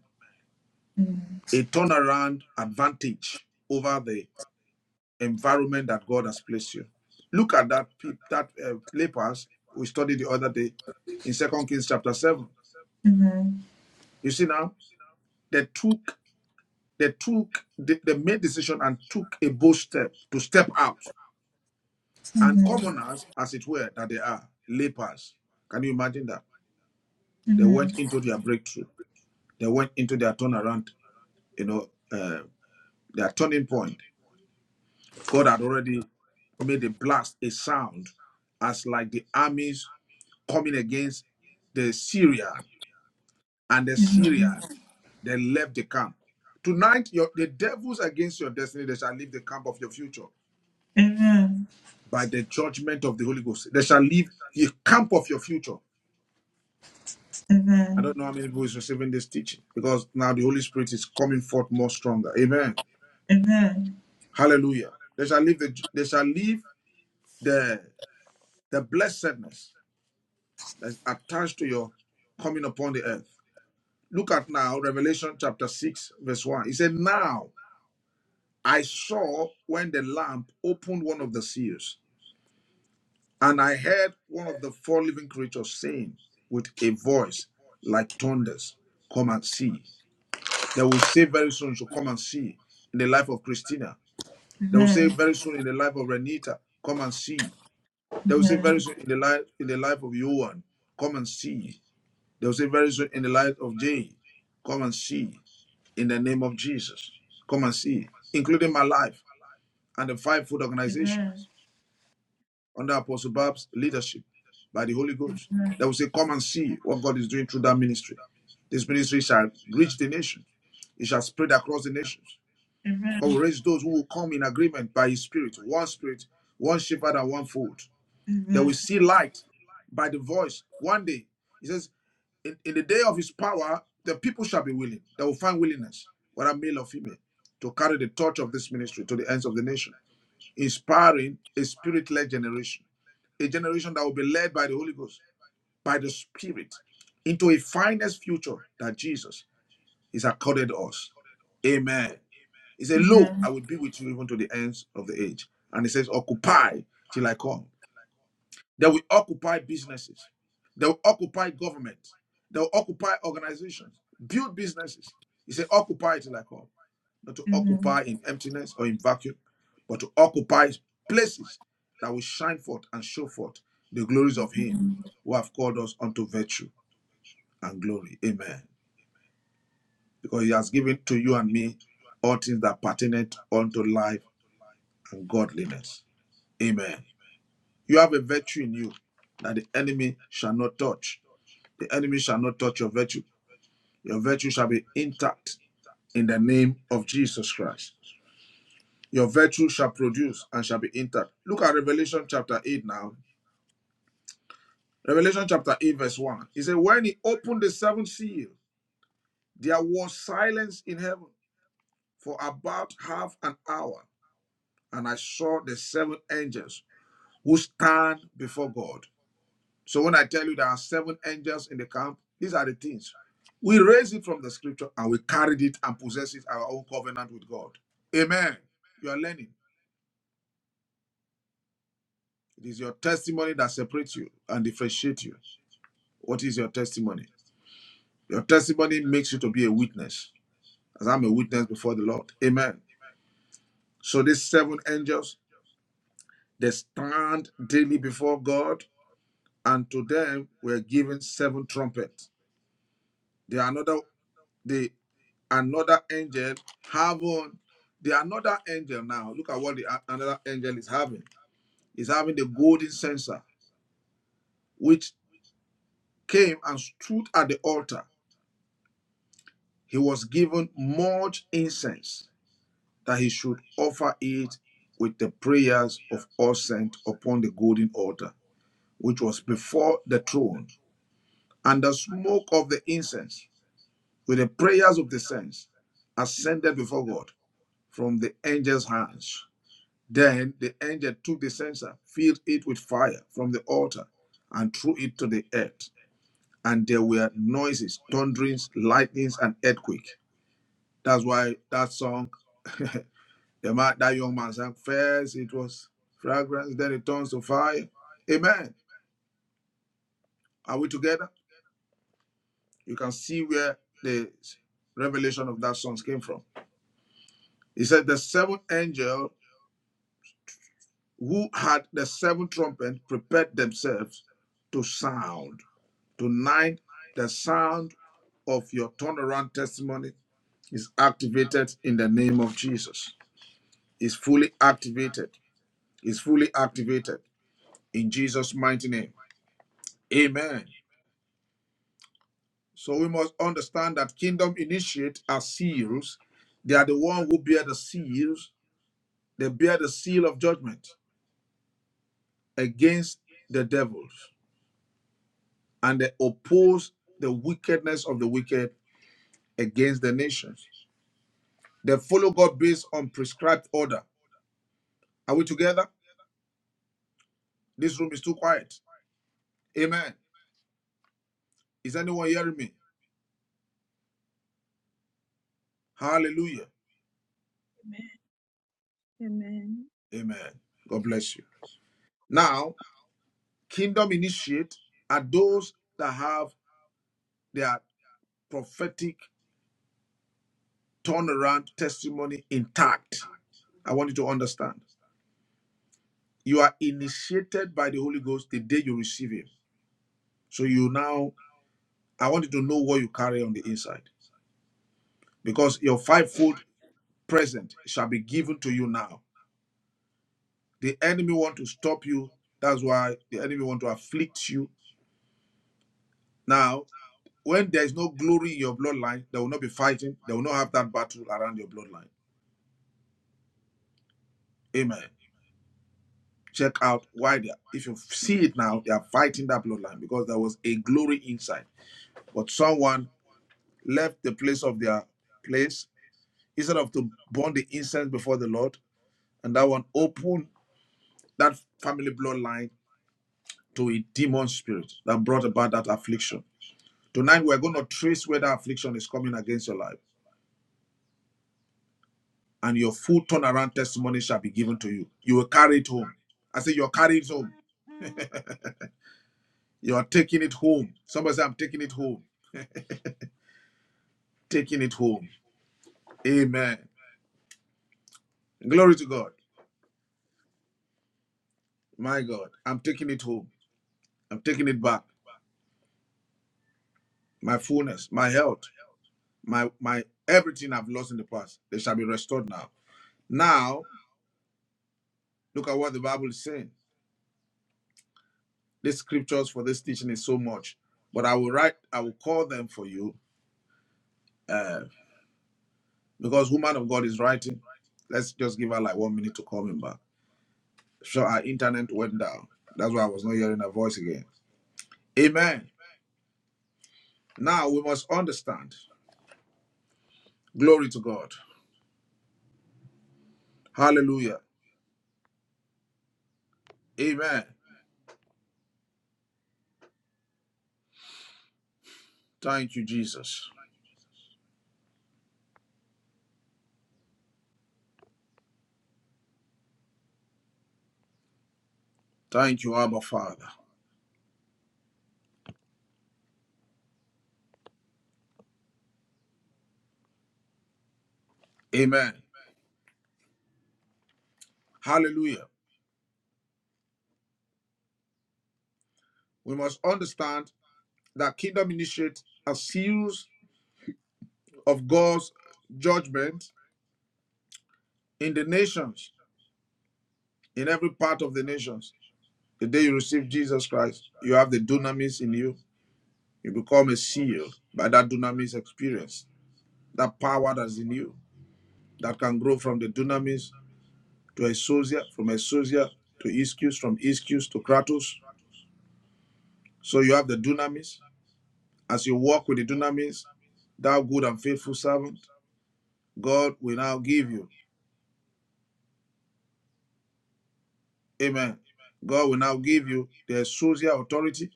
Speaker 2: a turnaround advantage over the environment that God has placed you. Look at that pe- that uh, lepers we studied the other day in Second Kings chapter seven.
Speaker 1: Amen.
Speaker 2: You see now they took they took they, they made decision and took a bold step to step out and
Speaker 1: Amen.
Speaker 2: commoners as it were that they are lepers. Can you imagine that they
Speaker 1: Amen.
Speaker 2: went into their breakthrough? They went into their turnaround you know, uh, their turning point. God had already made a blast, a sound, as like the armies coming against the Syria and the Syria. They left the camp. Tonight, your, the devils against your destiny, they shall leave the camp of your future
Speaker 1: Amen.
Speaker 2: by the judgment of the Holy Ghost. They shall leave the camp of your future. I
Speaker 1: Amen.
Speaker 2: don't know how many people is receiving this teaching because now the Holy Spirit is coming forth more stronger. Amen.
Speaker 1: Amen.
Speaker 2: Hallelujah. They shall leave the they shall leave the the blessedness that's attached to your coming upon the earth. Look at now Revelation chapter 6, verse 1. He said, Now I saw when the lamp opened one of the seals, and I heard one of the four living creatures saying with a voice like thunders, Come and see. They will say very soon, so come and see in the life of Christina. They will say
Speaker 1: Amen.
Speaker 2: very soon in the life of Renita, come and see.
Speaker 1: Amen.
Speaker 2: They will say very
Speaker 1: Amen.
Speaker 2: soon in the life in the life of Johan, come and see. They'll say very soon, in the light of day, come and see in the name of Jesus. Come and see, including my life and the five food organizations under Apostle Bab's leadership by the Holy Ghost. They will say, Come and see what God is doing through that ministry. This ministry shall reach the nation, it shall spread across the nations.
Speaker 1: Amen.
Speaker 2: God will
Speaker 1: Amen.
Speaker 2: raise those who will come in agreement by His Spirit, one Spirit, one shepherd, and one fold. They
Speaker 1: Amen.
Speaker 2: will see light by the voice. One day, He says. in, in the day of his power, the people shall be willing. They will find willingness, whether male or female, to carry the torch of this ministry to the ends of the nation, inspiring a spirit led generation, a generation that will be led by the Holy Ghost, by the Spirit, into a finest future that Jesus is accorded us. Amen. He said, Lo,
Speaker 1: Amen.
Speaker 2: I will be with you even to the ends of the age. And he says, Occupy till I come. They will occupy businesses. They will occupy government. They will occupy organizations. Build businesses. He said, occupy till I come. Not to occupy in emptiness or in vacuum, but to occupy places that will shine forth and show forth the glories of Him who have called us unto virtue and glory. Amen. Because He has given to you and me all things that pertain unto life and godliness. Amen. You have a virtue in you that the enemy shall not touch The enemy shall not touch your virtue. Your virtue shall be intact in the name of Jesus Christ. Your virtue shall produce and shall be intact. Look at Revelation chapter 8 now. Revelation chapter 8, verse 1. He said, When he opened the seventh seal, there was silence in heaven for about half an hour. And I saw the seven angels who stand before God. So when I tell you there are seven angels in the camp, these are the things. We raise it from the scripture and we carried it and possess it our own covenant with God. Amen. You are learning. It is your testimony that separates you and differentiates you. What is your testimony? Your testimony makes you to be a witness, as I'm a witness before the Lord. Amen. So these seven angels, they stand daily before God, and to them were given seven trumpets. They are another. They another angel having the another angel now look at what the a- another angel is having is having the golden censer which came and stood at the altar he was given much incense that he should offer it with the prayers of all saints upon the golden altar which was before the throne and the smoke of the incense with the prayers of the saints ascended before god from the angel's hands Then the angel took the censer, filled it with fire from the altar, and threw it to the earth. And there were noises, thunderings, lightnings, and earthquake. That's why that song, the man, that young man sang, first it was fragrance, then it turns to fire. Amen. Are we together? You can see where the revelation of that song came from. He said, The seventh angel who had the seven trumpets, prepared themselves to sound. Tonight, the sound of your turnaround testimony is activated in the name of Jesus. Is fully activated. Is fully activated in Jesus' mighty name. Amen. So we must understand that kingdom initiates are seals. They are the one who bear the seals. They bear the seal of judgment against the devils, and they oppose the wickedness of the wicked against the nations. They follow God based on prescribed order. Are we together? This room is too quiet. Amen. Is anyone hearing me? Hallelujah.
Speaker 3: Amen. Amen.
Speaker 2: Amen. God bless you. Now, kingdom initiate are those that have their prophetic turnaround testimony intact. I want you to understand. You are initiated by the Holy Ghost the day you receive Him. So you now, I want you to know what you carry on the inside because your fivefold present shall be given to you now. The enemy want to stop you. That's why the enemy want to afflict you. Now, when there is no glory in your bloodline, there will not be fighting. They will not have that battle around your bloodline. Amen. Check out why they are. If you see it now, they are fighting that bloodline because there was a glory inside. But someone left the place of their place instead of to burn the incense before the Lord, and that one opened that family bloodline to a demon spirit that brought about that affliction. Tonight we're going to trace where that affliction is coming against your life, and your full turnaround testimony shall be given to you. You will carry it home. I say you're carrying it home. You're taking it home. Somebody say, I'm taking it home. Taking it home. Amen. Glory to God. My God. I'm taking it home. I'm taking it back. My fullness, my health, my my everything I've lost in the past. They shall be restored now. Now, look at what the Bible is saying. The scriptures for this teaching is so much. But I will write, I will call them for you uh, because woman of God is writing. Let's just give her like one minute to call me back. So our internet went down. That's why I was not hearing her voice again. Amen. Now we must understand. Glory to God. Hallelujah. Amen. Thank you, Jesus. Thank you, Abba Father. Amen. Hallelujah. We must understand that kingdom initiates a series of God's judgment in the nations, in every part of the nations. The day you receive Jesus Christ, you have the dunamis in you You become a seal by that dunamis experience, that power that's in you that can grow from the dunamis to a sosia, from a sosia to ischius, from ischius to kratos. So you have the dunamis. As you walk with the dunamis, thou good and faithful servant, God will now give you. Amen. God will now give you the social authority.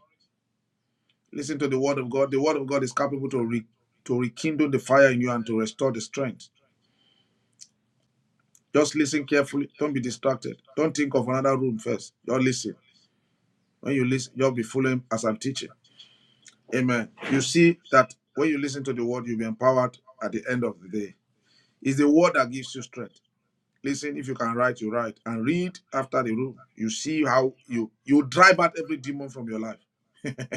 Speaker 2: Listen to the word of God. The word of God is capable to, re- to rekindle the fire in you and to restore the strength Just listen carefully. Don't be distracted. Don't think of another room first. Just listen. When you listen, you'll be following as I'm teaching. Amen. You see that when you listen to the word, you'll be empowered at the end of the day. It's the word that gives you strength. Listen, if you can write, you write and read after the room. You see how you you drive out every demon from your life. <laughs>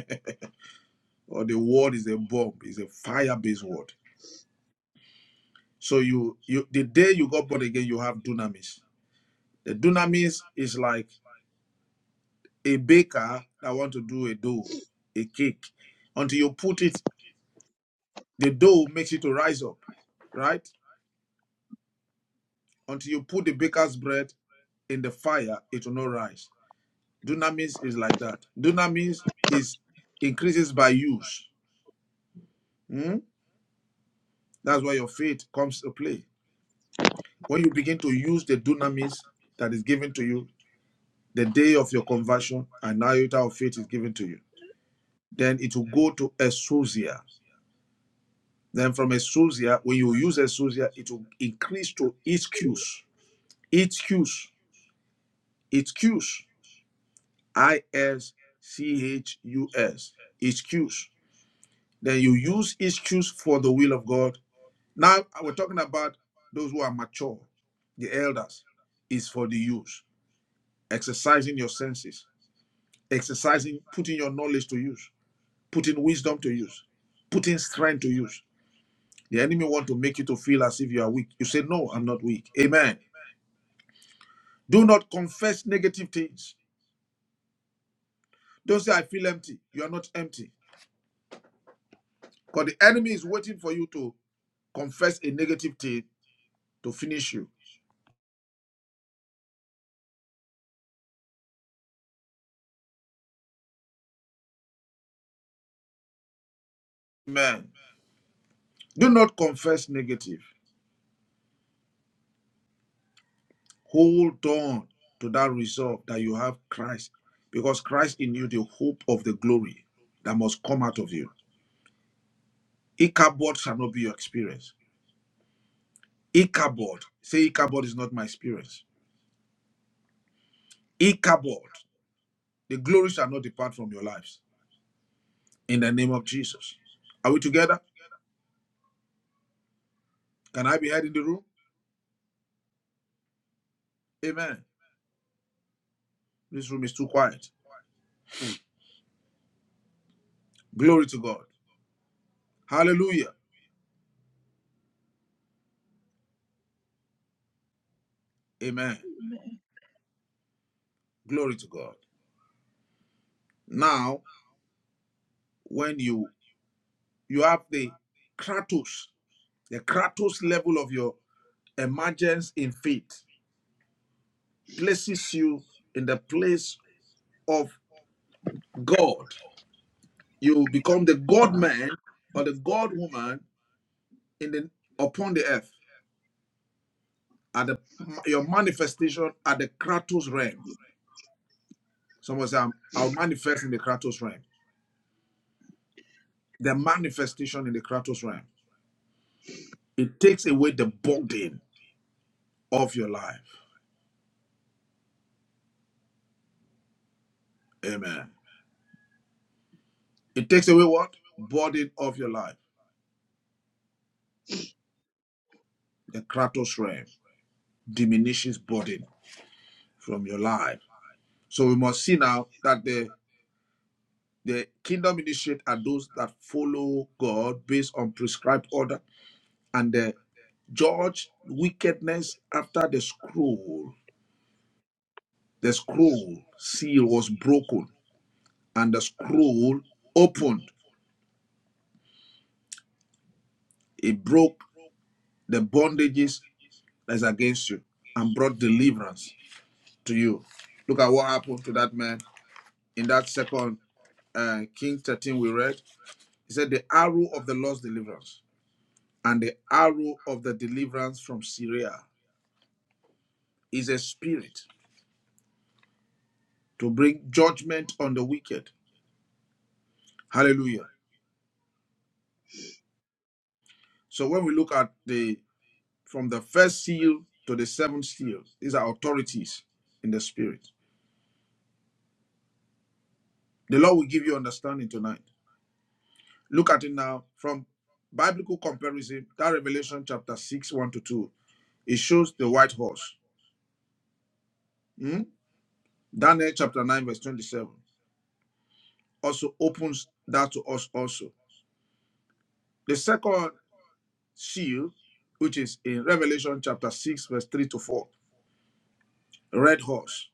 Speaker 2: Or the word is a bomb, It's a fire-based word. So you you the day you got born again, you have dunamis. The dunamis is like a baker that want to do a dough, a cake, until you put it, the dough makes it to rise up, right? Until you put the baker's bread in the fire, it will not rise. Dunamis is like that. Dunamis is increases by use. Hmm? That's why your faith comes to play. When you begin to use the dunamis that is given to you, the day of your conversion, and now of faith is given to you, then it will go to exousia. Then from exousia, when you use exousia, it will increase to HQs. HQs. HQs. I S C H U S. HQs. Then you use HQs for the will of God. Now we're talking about those who are mature, the elders, is for the use. Exercising your senses, exercising, putting your knowledge to use, putting wisdom to use, putting strength to use. The enemy want to make you to feel as if you are weak. You say, No, I'm not weak. Amen. Do not confess negative things. Don't say, I feel empty. You are not empty. Because the enemy is waiting for you to confess a negative thing to finish you. Amen. Do not confess negative. Hold on to that resolve that you have Christ. Because Christ in you, the hope of the glory that must come out of you. Ichabod shall not be your experience. Ichabod. Say, Ichabod is not my experience. Ichabod. The glory shall not depart from your lives. In the name of Jesus. Are we together? Can I be heard in the room? Amen. This room is too quiet. Glory to God. Hallelujah. Amen.
Speaker 3: Amen.
Speaker 2: Glory to God. Now, when you you have the kratos, the kratos level of your emergence in faith places you in the place of God. You become the God man or the God woman in the upon the earth at the, your manifestation at the kratos realm. Someone say, "I'm- I'll manifest in the kratos realm. the manifestation in the Kratos realm. It takes away the burden of your life. Amen. It takes away what? Burden of your life. The Kratos realm diminishes burden from your life. So we must see now that the the kingdom initiate are those that follow God based on prescribed order and the judge wickedness after the scroll. The scroll seal was broken and the scroll opened. It broke the bondages that is against you and brought deliverance to you. Look at what happened to that man in that second uh, King 13 we read. He said, The arrow of the Lord's deliverance and the arrow of the deliverance from Syria is a spirit to bring judgment on the wicked. Hallelujah. So when we look at the from the first seal to the seventh seal, these are authorities in the spirit. The Lord will give you understanding tonight. Look at it now from biblical comparison. That Revelation chapter 6, 1 to 2. It shows the white horse. Hmm? Daniel chapter 9, verse 27 also opens that to us also. The second seal, which is in Revelation chapter 6, verse 3 to 4, red horse.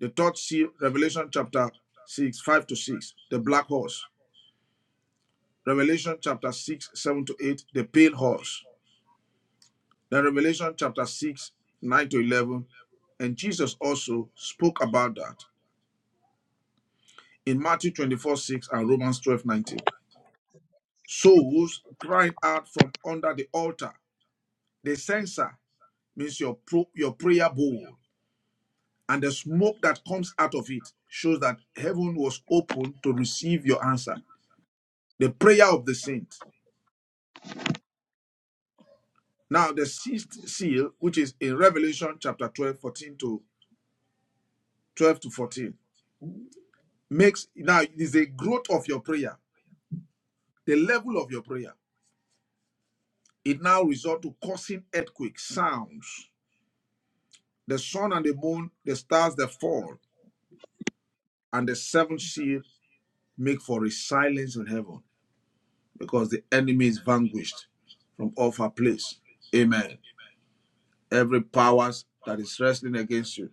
Speaker 2: The third seal, Revelation chapter 6, 5 to 6, the black horse. Revelation chapter 6, 7 to 8, the pale horse. Then Revelation chapter 6, 9 to 11, and Jesus also spoke about that in Matthew 24, 6 and Romans 12 19. Souls crying out from under the altar. The censer means your, pro- your prayer bowl, and the smoke that comes out of it shows that heaven was open to receive your answer. The prayer of the saint. Now, the sixth seal, which is in Revelation chapter 12 14 to 12 to 14, makes now it is a growth of your prayer The level of your prayer, it now resort to causing earthquakes, sounds. The sun and the moon, the stars that fall, and the seven seals make for a silence in heaven because the enemy is vanquished from off her place. Amen. Every powers that is wrestling against you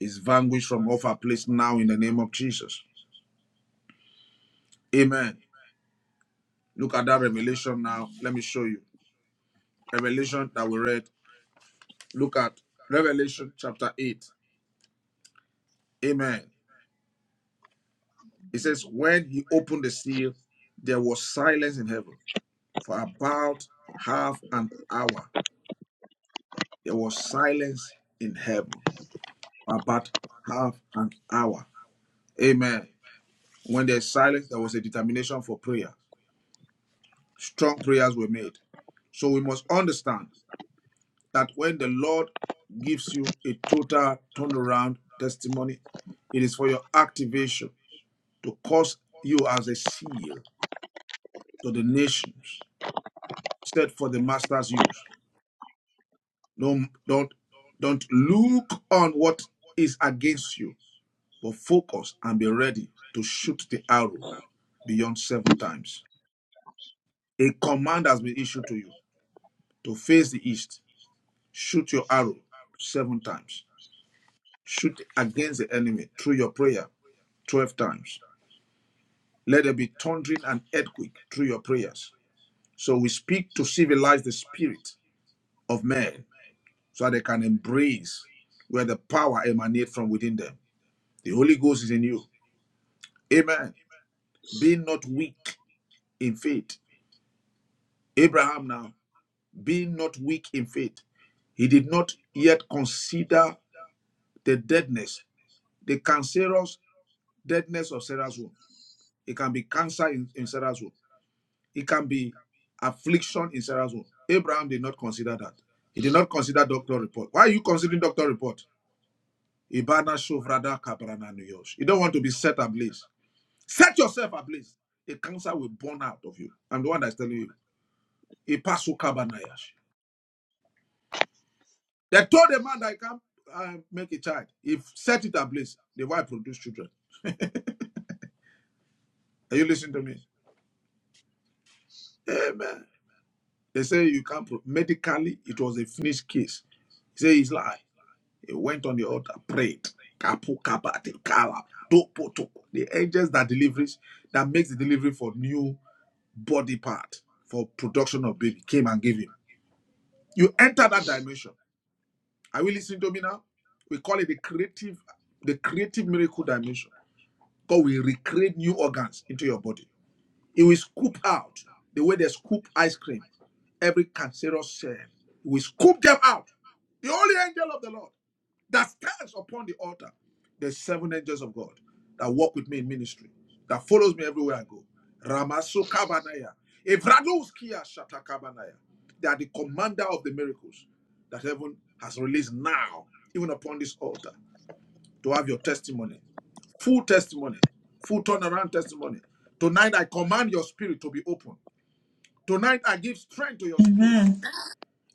Speaker 2: is vanquished from off her place now in the name of Jesus. Amen. Look at that revelation now. Let me show you. Revelation that we read. Look at Revelation chapter 8. Amen. It says, when he opened the seal, there was silence in heaven for about half an hour. There was silence in heaven for about half an hour. Amen. When there's silence, there was a determination for prayer. Strong prayers were made. So we must understand that when the Lord gives you a total turnaround testimony, it is for your activation to cause you as a seal to the nations set for the master's use. Don't don't don't look on what is against you, but focus and be ready to shoot the arrow beyond seven times. A command has been issued to you to face the east. Shoot your arrow seven times. Shoot against the enemy through your prayer 12 times. Let there be thundering and earthquake through your prayers. So we speak to civilize the spirit of men so that they can embrace where the power emanates from within them. The Holy Ghost is in you. Amen. Be not weak in faith. Abraham now, be not weak in faith. He did not yet consider the deadness, the cancerous deadness of Sarah's womb. It can be cancer in, in Sarah's womb. It can be affliction in Sarah's womb. Abraham did not consider that. He did not consider doctor report. Why are you considering doctor report? Ibana shovrada kabrana nuyosh. You don't want to be set ablaze. Set yourself ablaze. A cancer will burn out of you. I'm the one that's telling you. Ipasu kabanayash. They told the man that he can't uh, make a child. He set it ablaze. The wife produced children. Are you listening to me? Amen. They say you can't. Pro- Medically, it was a finished case. He said he's lying. He went on the altar, prayed. Kapu kabate kala dopo toko. The angels that delivers, that makes the delivery for new body part for production of baby came and gave him. You enter that dimension. Are we listening to me now? We call it the creative, the creative miracle dimension. God will recreate new organs into your body. He will scoop out the way they scoop ice cream, every cancerous cell. we scoop them out. The only angel of the Lord that stands upon the altar. There's seven angels of God that walk with me in ministry, that follows me everywhere I go. Ramasu Kabanaya. Evraduskia Shatakabanaya. They are the commander of the miracles that heaven has released now, even upon this altar, to have your testimony full testimony, full turnaround testimony. Tonight, I command your spirit to be open. Tonight, I give strength to your
Speaker 1: Amen.
Speaker 2: spirit.
Speaker 1: Amen.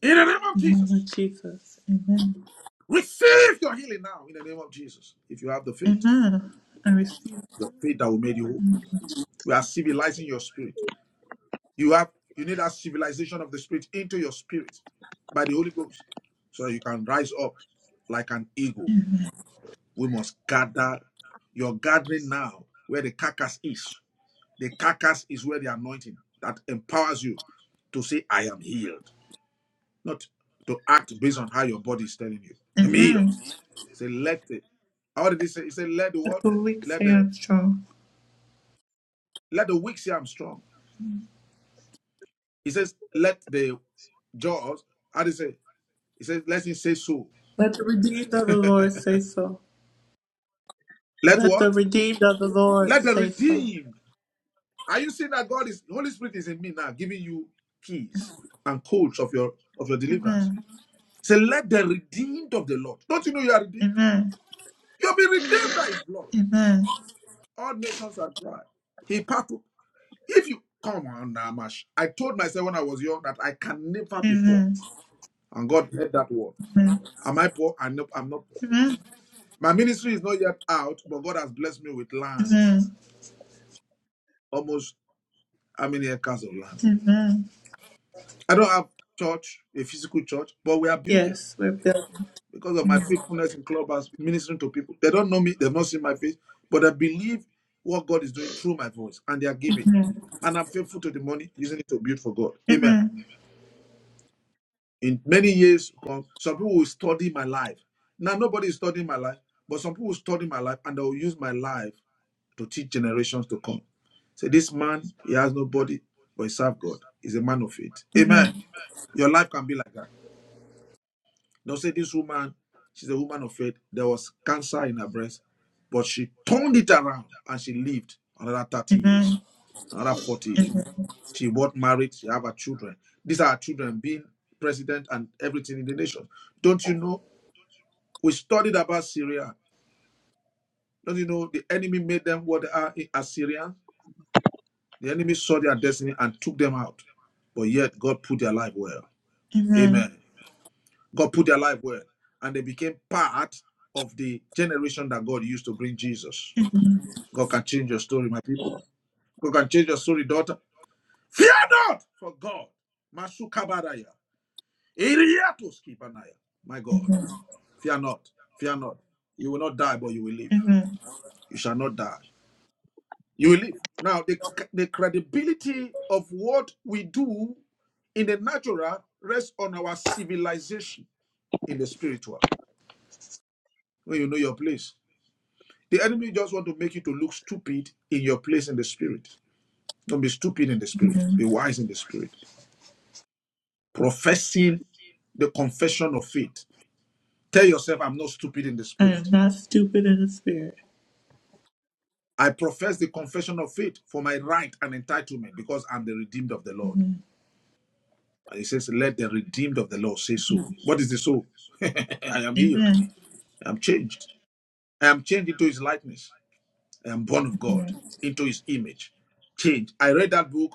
Speaker 2: In the name of
Speaker 1: In the name of
Speaker 2: Jesus,
Speaker 1: Jesus. Amen.
Speaker 2: receive your healing now. In the name of Jesus, if you have the faith,
Speaker 1: Amen. I receive.
Speaker 2: the faith that will make you whole. We are civilizing your spirit. You have, you need a civilization of the spirit into your spirit by the Holy Ghost, so that you can rise up like an eagle. We must gather your gathering now, where the carcass is. The carcass is where the anointing that empowers you to say, I am healed. Not to act based on how your body is telling you. I'm healed.
Speaker 1: Amen.
Speaker 2: Say, let it. How did he say? He said, let the
Speaker 1: Let
Speaker 2: what?
Speaker 1: the weak
Speaker 2: Let
Speaker 1: say
Speaker 2: the
Speaker 1: I'm strong.
Speaker 2: let the weak say I'm strong. He says, let the jaws. How did he say? He says, let him say so.
Speaker 1: Let the redeemed of the Lord say so.
Speaker 2: Let
Speaker 1: Let the
Speaker 2: what?
Speaker 1: redeemed of the Lord
Speaker 2: Let the
Speaker 1: say so.
Speaker 2: redeemed. Are you seeing that God is the Holy Spirit is in me now, giving you keys and codes of your of your deliverance?
Speaker 1: Amen.
Speaker 2: Say, let the redeemed of the Lord. Don't you know you are redeemed?
Speaker 1: Amen.
Speaker 2: You'll be redeemed by his blood.
Speaker 1: Amen.
Speaker 2: All nations are dry. He parted. If you come on, Namash. I told myself when I was young that I can never be poor.
Speaker 1: Amen.
Speaker 2: And God heard that word.
Speaker 1: Amen.
Speaker 2: Am I poor? I know I'm not poor.
Speaker 1: Amen.
Speaker 2: My ministry is not yet out, but God has blessed me with lands.
Speaker 1: Amen.
Speaker 2: Almost how many acres of land?
Speaker 1: Amen.
Speaker 2: I don't have church, a physical church, but we are building.
Speaker 1: Yes, we're built.
Speaker 2: because of my
Speaker 1: Amen.
Speaker 2: faithfulness in clubhouse, ministering to people. They don't know me, they've not seen my face, but I believe what God is doing through my voice, and they are giving.
Speaker 1: Amen.
Speaker 2: And I'm faithful to the money, using it to build for God. Amen.
Speaker 1: Amen.
Speaker 2: In many years to come, some people will study my life. Now nobody is studying my life, but some people will study my life and they will use my life to teach generations to come. Say this man, he has nobody, but he serves God. He's a man of faith. Amen.
Speaker 1: Amen.
Speaker 2: Your life can be like that. Don't say this woman, she's a woman of faith. There was cancer in her breast, but she turned it around and she lived another 30 years, another 40 years. She got married, she have her children. These are her children being president and everything in the nation. Don't you know? We studied about Syria. Don't you know the enemy made them what they are in Assyria? The enemy saw their destiny and took them out. But yet God put their life well.
Speaker 1: Amen.
Speaker 2: Amen. God put their life well, and they became part of the generation that God used to bring Jesus.
Speaker 1: Amen.
Speaker 2: God can change your story, my people. God can change your story, daughter. Fear not for God. Masukabaraya. Iriatoskibanaya. My God. Fear not. Fear not. You will not die, but you will live.
Speaker 1: Amen.
Speaker 2: You shall not die. You will live. Now, the, the credibility of what we do in the natural rests on our civilization in the spiritual. When you know your place, The enemy just want to make you to look stupid in your place in the spirit. Don't be stupid in the spirit. Be wise in the spirit. Professing the confession of faith. Tell yourself, I'm not stupid in the
Speaker 1: I
Speaker 2: spirit.
Speaker 1: am not stupid in the spirit.
Speaker 2: I profess the confession of faith for my right and entitlement because I'm the redeemed of the Lord.
Speaker 1: Amen.
Speaker 2: And he says, Let the redeemed of the Lord say so. What is the so? <laughs> I am healed.
Speaker 1: Amen.
Speaker 2: I'm changed. I am changed into his likeness. and born of God into his image. Change. I read that book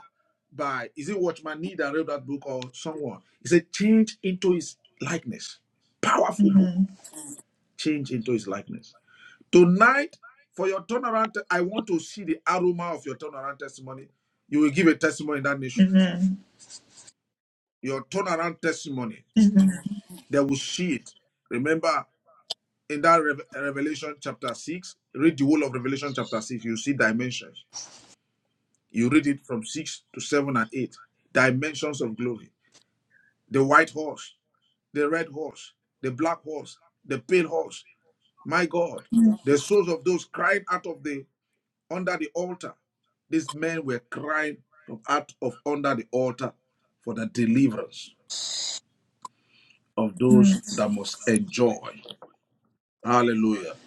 Speaker 2: by, is it Watchman Nee that read that book or someone? It said, change into his likeness. Powerful book.
Speaker 1: Amen.
Speaker 2: Change into his likeness. Tonight, for your turnaround, I want to see the aroma of your turnaround testimony. You will give a testimony in that nation.
Speaker 1: Amen.
Speaker 2: Your turnaround testimony,
Speaker 1: Amen.
Speaker 2: they will see it. Remember, in that Rev- Revelation chapter 6, read the whole of Revelation chapter 6, you see dimensions You read it from 6 to 7 and 8. Dimensions of glory. The white horse, the red horse, the black horse, the pale horse. My God, the souls of those crying out of the under the altar. These men were crying from out of under the altar for the deliverance of those that must enjoy. Hallelujah.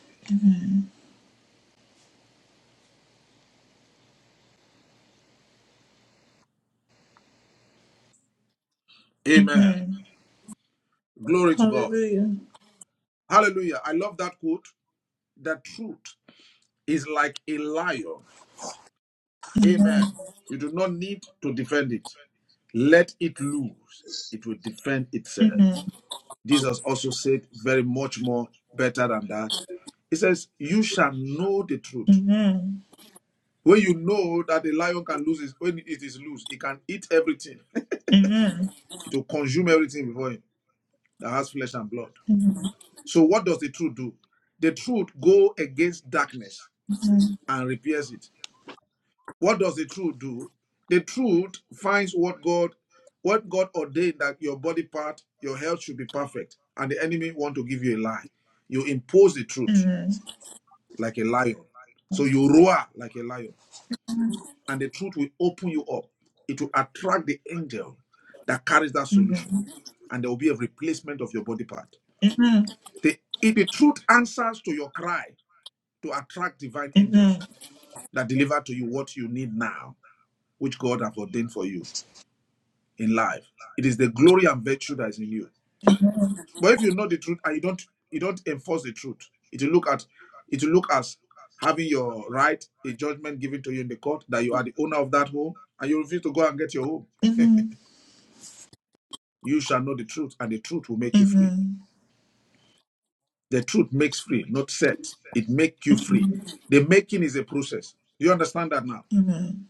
Speaker 2: Amen.
Speaker 1: Amen.
Speaker 2: Glory to God.
Speaker 1: Hallelujah.
Speaker 2: Hallelujah. I love that quote. That truth is like a lion.
Speaker 1: Amen.
Speaker 2: Amen. You do not need to defend it. Let it loose. It will defend itself.
Speaker 1: Amen.
Speaker 2: Jesus also said very much more better than that. He says, You shall know the truth.
Speaker 1: Amen.
Speaker 2: When you know that the lion can lose his, when it is loose, it can eat everything. <laughs>
Speaker 1: Amen.
Speaker 2: It will consume everything before him that has flesh and blood.
Speaker 1: Amen.
Speaker 2: So what does the truth do? The truth go against darkness
Speaker 1: Amen.
Speaker 2: and repairs it. What does the truth do? The truth finds what God what God ordained that your body part, your health should be perfect, and the enemy want to give you a lie. You impose the truth like a lion. So you roar like a lion, and the truth will open you up. It will attract the angel that carries that solution,
Speaker 1: Amen.
Speaker 2: and there will be a replacement of your body part.
Speaker 1: Amen. Amen.
Speaker 2: The, if the truth answers to your cry to attract divine
Speaker 1: Amen.
Speaker 2: angels that deliver to you what you need now, which God has ordained for you in life. It is the glory and virtue that is in you. But if you know the truth and you don't you don't enforce the truth, it will look at it will look as having your right, a judgment given to you in the court that you are the owner of that home and you refuse to go and get your home.
Speaker 1: Amen.
Speaker 2: You shall know the truth, and the truth will make you free. The truth makes free, not set. It makes you free.
Speaker 1: Amen.
Speaker 2: The making is a process. Do you understand that now?
Speaker 1: Amen.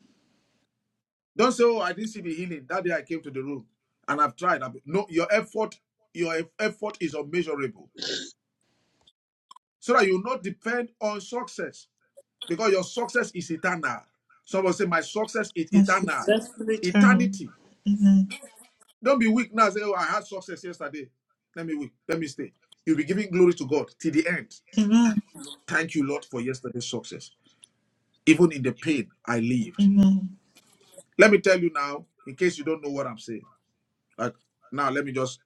Speaker 2: Don't say, "Oh, I didn't see the healing that day. I came to the room and I've tried." I've... No, your effort, your effort is unmeasurable. so that you not depend on success because your success is eternal. Someone say, My success is
Speaker 1: I
Speaker 2: eternal.
Speaker 1: successful eternal.
Speaker 2: Eternity.
Speaker 1: Amen.
Speaker 2: Don't be weak now. Say, Oh, I had success yesterday. Let me weak. Let me stay. You'll be giving glory to God till the end.
Speaker 1: Amen.
Speaker 2: Thank you, Lord, for yesterday's success. Even in the pain I lived.
Speaker 1: Amen.
Speaker 2: Let me tell you now, in case you don't know what I'm saying. Like now, let me just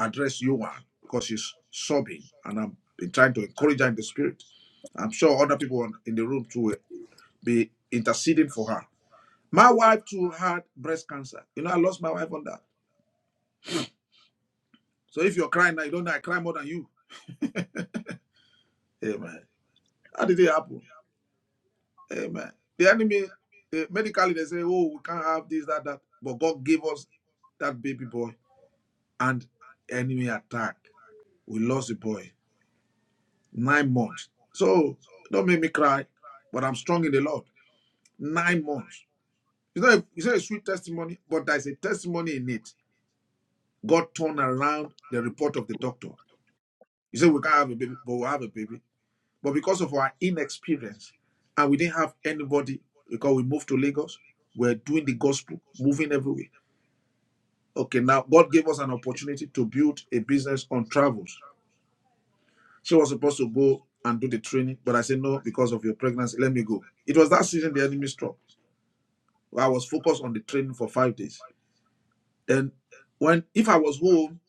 Speaker 2: address you one because she's sobbing and I've been trying to encourage her in the spirit. I'm sure other people in the room too be interceding for her. My wife too had breast cancer. You know, I lost my wife on that. So if you're crying now, you don't know I cry more than you. Amen. How did it happen? Amen. The enemy, eh, medically, they say, oh, we can't have this, that, that. But God gave us that baby boy and enemy attack. We lost the boy. Nine months. So don't make me cry, but I'm strong in the Lord. Nine months. It's not, a, it's not a sweet testimony, but there's a testimony in it. God turned around the report of the doctor. You say we can't have a baby, but we have a baby. But because of our inexperience and we didn't have anybody because we moved to Lagos, we're doing the gospel, moving everywhere. Okay, now God gave us an opportunity to build a business on travels. She was supposed to go and do the training, but I said no because of your pregnancy. Let me go. It was that season the enemy struck. I was focused on the training for five days. Then, when if I was home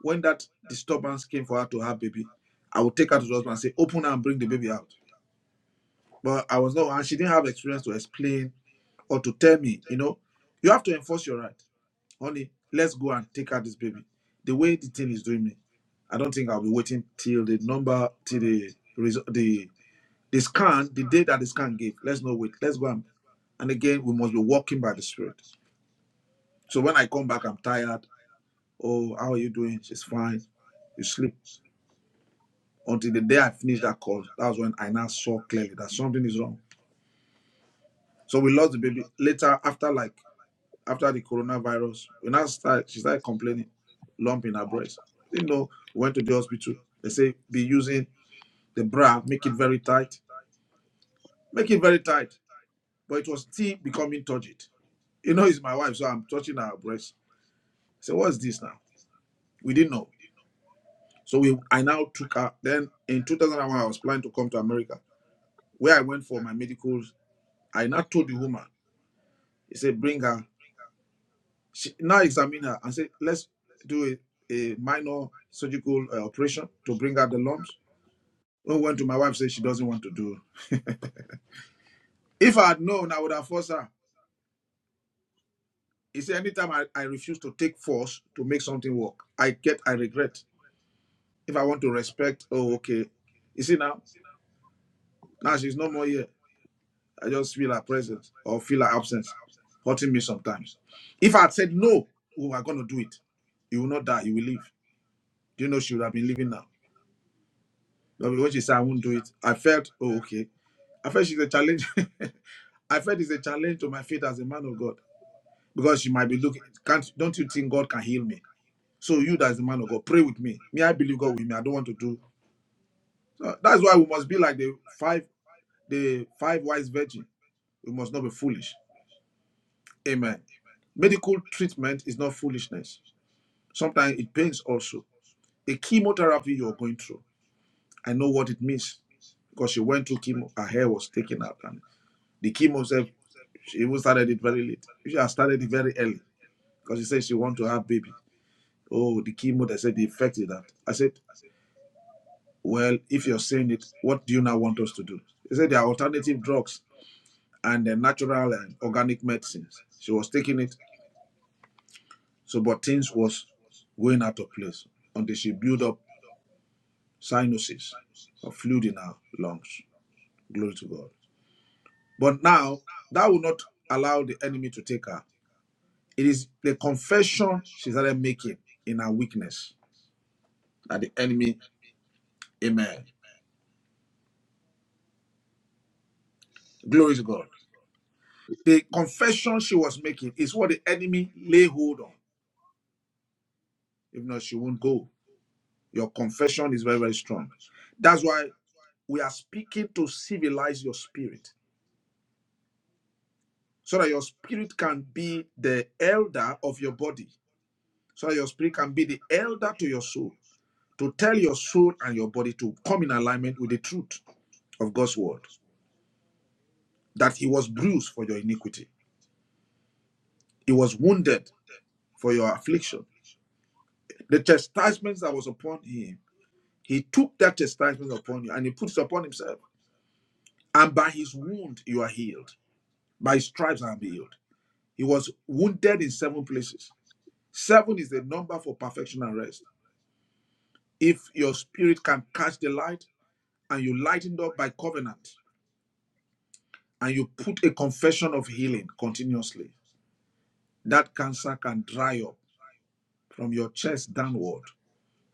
Speaker 2: when that disturbance came for her to have baby, I would take her to the hospital and say, "Open her and bring the baby out." But I was not, and she didn't have experience to explain or to tell me, you know, you have to enforce your right. Honey, let's go and take out this baby. The way the thing is doing me, I don't think I'll be waiting till the number, till the result, the, the scan, the day that the scan gave. Let's not wait. Let's go and, and again, we must be walking by the Spirit. So when I come back, I'm tired. Oh, how are you doing? She's fine. You sleep. Until the day I finished that call, that was when I now saw clearly that something is wrong. So we lost the baby later after like after the coronavirus. When I start, she started complaining, lump in her breast. Didn't know. Went to the hospital. They say be using the bra, make it very tight, make it very tight. But it was still becoming turgid. You know, it's my wife, so I'm touching her breast. So what's this now? We didn't know. So we, I now took her. Then in 2001, I was planning to come to America, where I went for my medicals. I now told the woman, he said, bring her She now examine her and say, let's do a, a minor surgical uh, operation to bring out the lumps. When we went to my wife, said she doesn't want to do it. If I had known, I would have forced her. He said, anytime I, I refuse to take force to make something work, I get, I regret. If I want to respect, oh, okay. You see now, now she's no more here. I just feel her presence or feel her absence hurting me sometimes. If I had said, no, we are going to do it, you will not die, you will live. Do you know she would have been living now? No, because when she said I won't do it. I felt, oh, okay. I felt she's a challenge. <laughs> I felt it's a challenge to my faith as a man of God. Because she might be looking, can't don't you think God can heal me? So you that's the man of God, pray with me. Me, I believe God with me. I don't want to do so that's why we must be like the five, the five wise virgin. We must not be foolish. Amen. Medical treatment is not foolishness. Sometimes it pains also. A chemotherapy you're going through. I know what it means because she went through chemo, her hair was taken out. and The chemo said she even started it very late. She had started it very early because she said she want to have baby. Oh, the chemo, they said they affected that. I said, well, if you're saying it, what do you now want us to do? She said there are alternative drugs and the natural and organic medicines. She was taking it, so but things was going out of place until she built up sinuses of fluid in her lungs. Glory to God. But now that will not allow the enemy to take her. It is the confession she started making in her weakness that the enemy, amen. Glory to God. The confession she was making is what the enemy lay hold on. If not, she won't go. Your confession is very, very strong. That's why we are speaking to civilize your spirit so that your spirit can be the elder of your body, so that your spirit can be the elder to your soul, to tell your soul and your body to come in alignment with the truth of God's word. that he was bruised for your iniquity, he was wounded for your affliction. The chastisement that was upon him, he took that chastisement upon you and he puts it upon himself. And by his wound, you are healed. By his stripes, I am healed. He was wounded in seven places. Seven is the number for perfection and rest. If your spirit can catch the light and you lightened up by covenant and you put a confession of healing continuously, that cancer can dry up from your chest downward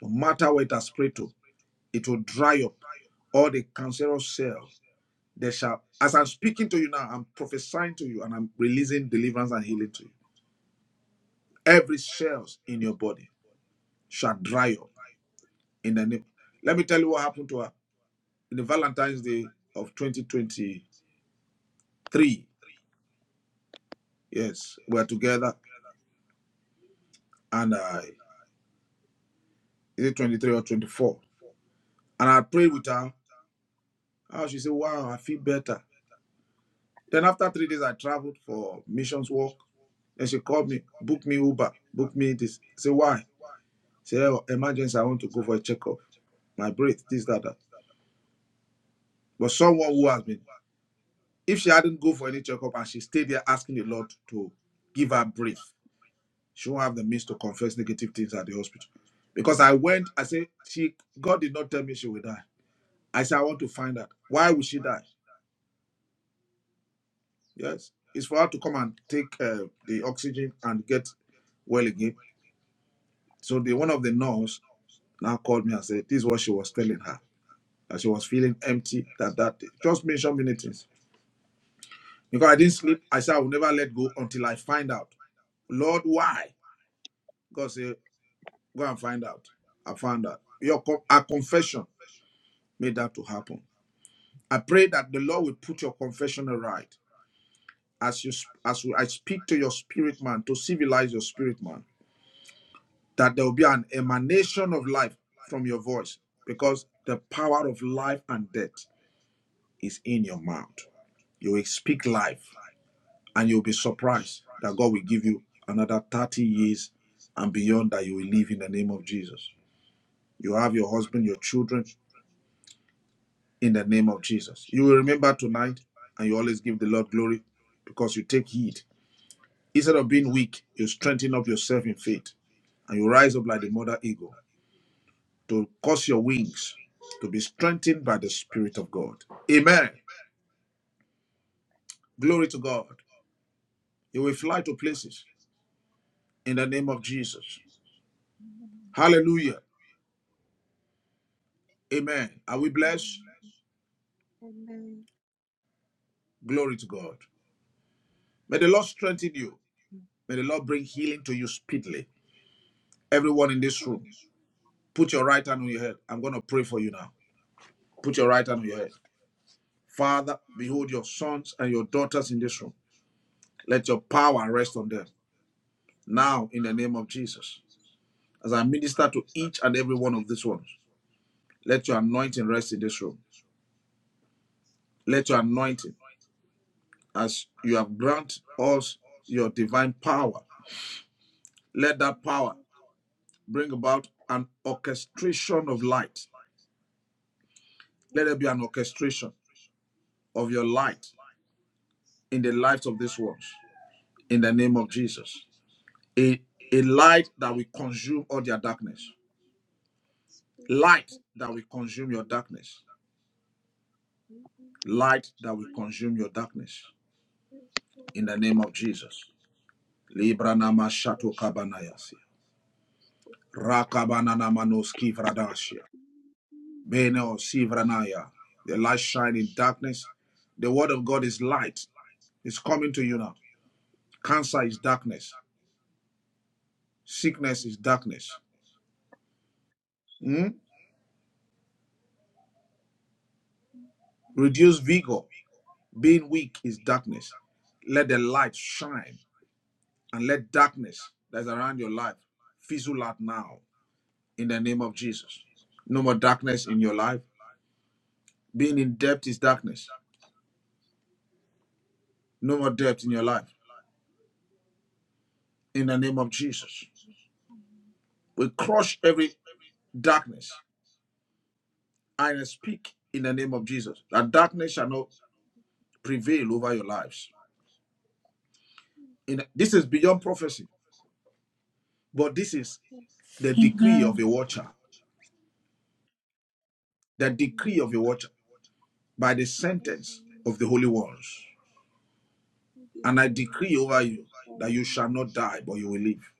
Speaker 2: No matter what it has prayed to, it will dry up all the cancerous cells. They shall, as I'm speaking to you now, I'm prophesying to you and I'm releasing deliverance and healing to you. Every cells in your body shall dry up in the name. Let me tell you what happened to her in the Valentine's Day of 2023. Yes, we are together, and uh, is it 23 or 24? And I prayed with her. Oh, she said, "Wow, I feel better." Then after three days, I traveled for missions work. Then she called me, book me Uber, book me this. Say why? Say oh, emergency. I want to go for a checkup. My breath, this, that, that. But someone who has been, if she hadn't go for any checkup and she stayed there asking the Lord to give her breath, she won't have the means to confess negative things at the hospital. Because I went, I said, she God did not tell me she will die. I said, I want to find out why would she die. Yes, it's for her to come and take uh, the oxygen and get well again So the one of the nurse now called me and said, This is what she was telling her. That she was feeling empty that that day. Just mentioned many things. Because I didn't sleep, I said I will never let go until I find out. Lord, why? God said, Go and find out. I found out. Your con- our confession made that to happen. I pray that the Lord will put your confession right as you sp- as we, I speak to your spirit man to civilize your spirit man. That there will be an emanation of life from your voice because the power of life and death is in your mouth. You will speak life and you'll be surprised that God will give you another 30 years and beyond that you will live in the name of Jesus. You have your husband, your children in the name of Jesus. You will remember tonight and you always give the Lord glory because you take heed. Instead of being weak, you strengthen up yourself in faith and you rise up like the mother eagle to cause your wings to be strengthened by the Spirit of God. Amen. Glory to God. You will fly to places in the name of Jesus. Hallelujah. Amen. Are we blessed?
Speaker 3: Amen.
Speaker 2: Glory to God. May the Lord strengthen you. May the Lord bring healing to you speedily. Everyone in this room, put your right hand on your head. I'm going to pray for you now. Put your right hand on your head. Father, behold your sons and your daughters in this room. Let your power rest on them now in the name of Jesus. As I minister to each and every one of these ones, let your anointing rest in this room. Let your anointing, as you have granted us your divine power, let that power bring about an orchestration of light. Let there be an orchestration of your light in the lives of these ones in the name of Jesus. A, a light that will consume all their darkness. Light that will consume your darkness. Light that will consume your darkness in the name of Jesus. Libranama nama shato kabanayasi. Rakabanana manoski vradashia. Bene o sivranaya. The light shine in darkness. The word of God is light. It's coming to you now. Cancer is darkness. Sickness is darkness. Mm? Reduced vigor, being weak is darkness. Let the light shine and let darkness that's around your life fizzle out now in the name of Jesus. No more darkness in your life. Being in debt is darkness. No more debt in your life in the name of Jesus. We crush every darkness I speak in the name of Jesus that darkness shall not prevail over your lives. In, this is beyond prophecy. But this is the decree of
Speaker 1: Amen.
Speaker 2: a watcher, the decree of a watcher by the sentence of the holy ones. And I decree over you that you shall not die, but you will live.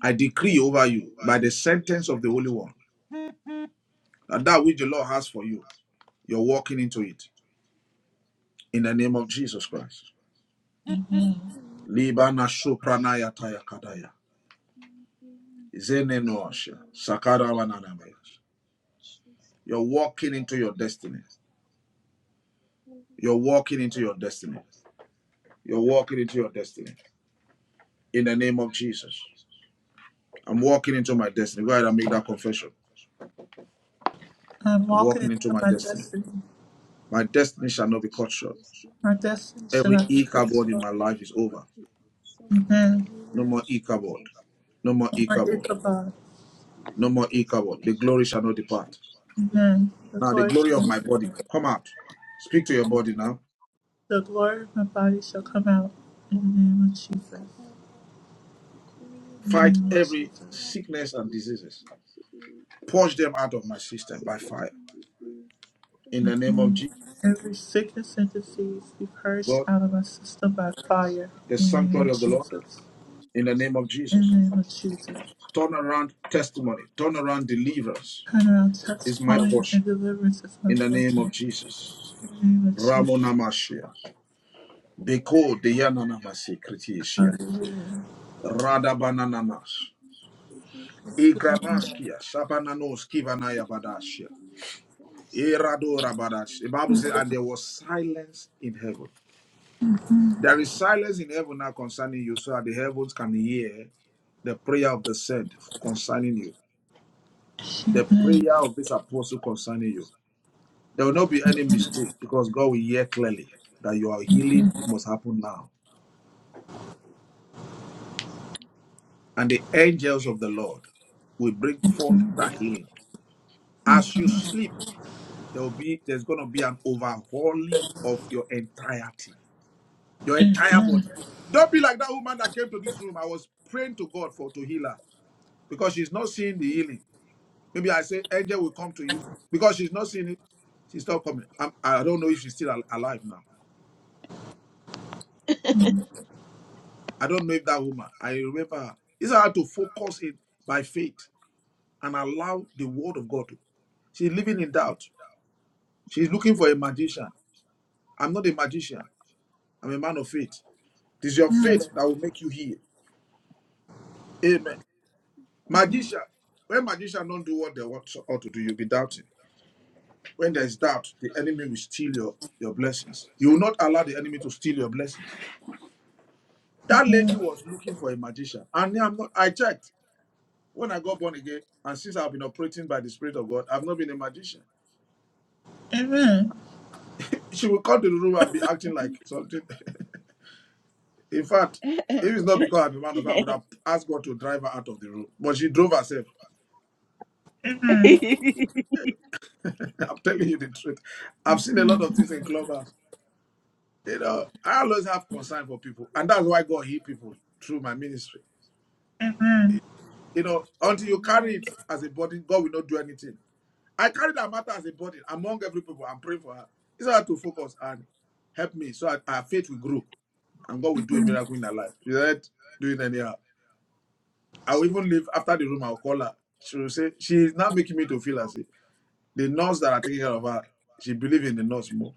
Speaker 2: I decree over you by the sentence of the holy one that that which the Lord has for you, you're walking into it in the name of
Speaker 3: Amen.
Speaker 2: Jesus Christ.
Speaker 1: Amen.
Speaker 3: Shall come out,
Speaker 2: You're walking into your destiny. You're walking into your destiny. You're walking into your destiny. in the name of Jesus. I'm walking into my destiny. Go ahead and make that confession.
Speaker 1: I'm
Speaker 2: I'm
Speaker 1: walking
Speaker 2: walking
Speaker 1: into
Speaker 2: into my
Speaker 1: my
Speaker 2: destiny.
Speaker 1: destiny.
Speaker 2: My destiny shall not be cut short.
Speaker 1: My destiny shall
Speaker 2: Every
Speaker 1: not be cut
Speaker 2: e-cardboard in
Speaker 1: short.
Speaker 2: my life is over.
Speaker 1: Amen.
Speaker 2: No more e-cardboard. No more
Speaker 1: My
Speaker 2: e-cardboard.
Speaker 1: Ichabod.
Speaker 2: No more e-cardboard. The glory shall not depart.
Speaker 1: Amen. The
Speaker 2: Now the
Speaker 1: glory
Speaker 2: glory
Speaker 1: of my
Speaker 2: of my body. Come out. Speak to your body now.
Speaker 1: The glory of my body shall come out in the name of Jesus. In
Speaker 3: the glory of my
Speaker 1: the
Speaker 2: Fight
Speaker 1: name of
Speaker 3: body shall
Speaker 2: every
Speaker 3: come
Speaker 1: Jesus.
Speaker 3: out in
Speaker 2: sickness and
Speaker 3: Jesus,
Speaker 2: diseases.
Speaker 3: mighty name.
Speaker 2: Purge them out of my system by
Speaker 3: Sickness
Speaker 2: fire.
Speaker 3: and disease,
Speaker 2: In the name
Speaker 3: questions
Speaker 2: of
Speaker 1: Amen.
Speaker 3: and
Speaker 2: Jesus,
Speaker 3: my
Speaker 1: Every
Speaker 3: sister
Speaker 1: sickness
Speaker 3: forgiveness,
Speaker 1: and
Speaker 3: In the
Speaker 1: disease be purged
Speaker 2: God,
Speaker 1: out of my system
Speaker 3: madness
Speaker 1: by
Speaker 3: of
Speaker 1: fire.
Speaker 2: the
Speaker 1: In the name
Speaker 2: sanctuary
Speaker 1: of
Speaker 2: of the Lord.
Speaker 1: Jesus.
Speaker 2: In the name of
Speaker 1: In
Speaker 2: Jesus.
Speaker 1: the name of
Speaker 3: Jesus,
Speaker 1: Jesus.
Speaker 2: Turn around, testimony, Turn around, deliverance
Speaker 1: Turn around
Speaker 2: is my
Speaker 1: testimony
Speaker 2: portion
Speaker 1: and deliverance is my
Speaker 2: in the name of
Speaker 1: portion.
Speaker 2: Jesus.
Speaker 1: In the name
Speaker 3: and
Speaker 1: of Jesus.
Speaker 3: Jesus,
Speaker 2: Ramonamashia. Beko
Speaker 3: all
Speaker 2: deyananamasi kritiishia.
Speaker 1: Hallelujah.
Speaker 2: Radabananamas.
Speaker 3: sickness, disease can stay in my
Speaker 2: Igranaskia.
Speaker 3: body,
Speaker 2: Shabananos kivanaya badashia.
Speaker 3: and this forms in the
Speaker 2: Iradora
Speaker 3: name of
Speaker 2: badash. The
Speaker 3: Jesus.
Speaker 2: Bible says, and there was silence in heaven. There is silence in heaven now concerning you, so that the heavens can hear the prayer of the saint concerning you, the
Speaker 1: Amen.
Speaker 2: prayer of this apostle concerning you. There will not be any mistake because God will hear clearly that your healing must happen now. And the angels of the Lord will bring forth
Speaker 1: Amen.
Speaker 2: that healing. As you sleep, there will be there's gonna be an overhauling of your entirety, your entire body.
Speaker 1: Amen.
Speaker 2: Don't be like that woman that came to this room. I was praying to God for to heal her because she's not seeing the healing. Maybe I say angel will come to you because she's not seeing it. She's not coming. I'm, I don't know if she's still al- alive now. I don't know if that woman, I remember her. It's how to focus it by faith and allow the word of God. She's living in doubt. She's looking for a magician. I'm not a magician. I'm a man of faith. It is your faith that will make you heal. Amen. Magician. When magician don't do what they want ought to do, you'll be doubting. When there's doubt, the enemy will steal your, your blessings. You will not allow the enemy to steal your blessings. That lady was looking for a magician. And I'm not I checked. When I got born again, and since I've been operating by the Spirit of God, I've not been a magician.
Speaker 1: Amen.
Speaker 2: She will come to the room and be acting like something. <laughs> In fact, if it's not because I'm a man of God, I would have asked God to drive her out of the room. But she drove herself. <laughs> I'm telling you the truth. I've seen a lot of things in clubhouse. You know, I always have concern for people, and that's why God heals people through my ministry.
Speaker 1: Amen.
Speaker 2: You know, until you carry
Speaker 3: Amen,
Speaker 2: it as a burden, God will not do anything. I carry that matter as a burden among every people. I'm praying for her. It's hard to focus and help me so that our faith will grow. and God will do a miracle in her life. She said, "Do it anyhow. I will even leave after the room, I'll call her. She will say, She's not making me to feel as if the nurse that are taking care of her, she believe in the nurse more.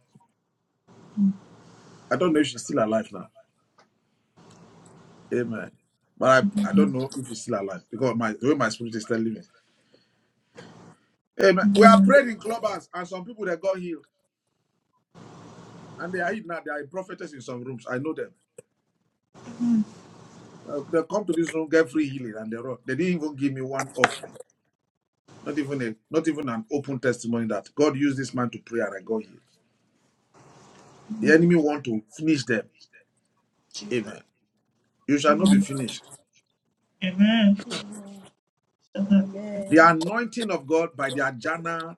Speaker 2: I don't know if she's still alive now. Amen. But I, I don't know if she's still alive because my the way my spirit is telling me. Amen. We are praying in clubhouse and some people that got healed and they are healed now. They are prophetess in some rooms. I know them. Uh, they come to this room, get free healing, and they run. They didn't even give me one offering. Not even a, not even an open testimony that God used this man to pray and I got healed. The enemy want to finish them.
Speaker 1: Jesus.
Speaker 2: Amen. You shall not be finished.
Speaker 1: Amen.
Speaker 3: amen,
Speaker 1: Amen.
Speaker 2: The
Speaker 3: amen,
Speaker 2: anointing of God by the Ajana,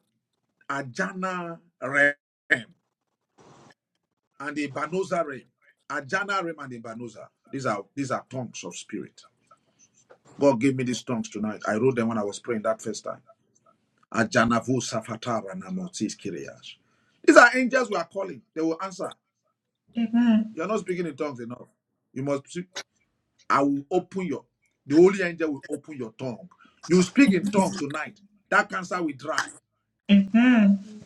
Speaker 2: Ajana realm and the Banoza realm. Ajana realm and the Banoza. These are these are tongues of spirit. God gave me these tongues tonight. I wrote them when I was praying that first time. Ajana vu safatara na motis These are angels we are calling. They will answer.
Speaker 1: Amen.
Speaker 2: You are not speaking in tongues enough. You must. I will open your, the Holy Angel will open your tongue. You speak in tongues tonight. That cancer will dry.
Speaker 1: Amen.
Speaker 3: amen,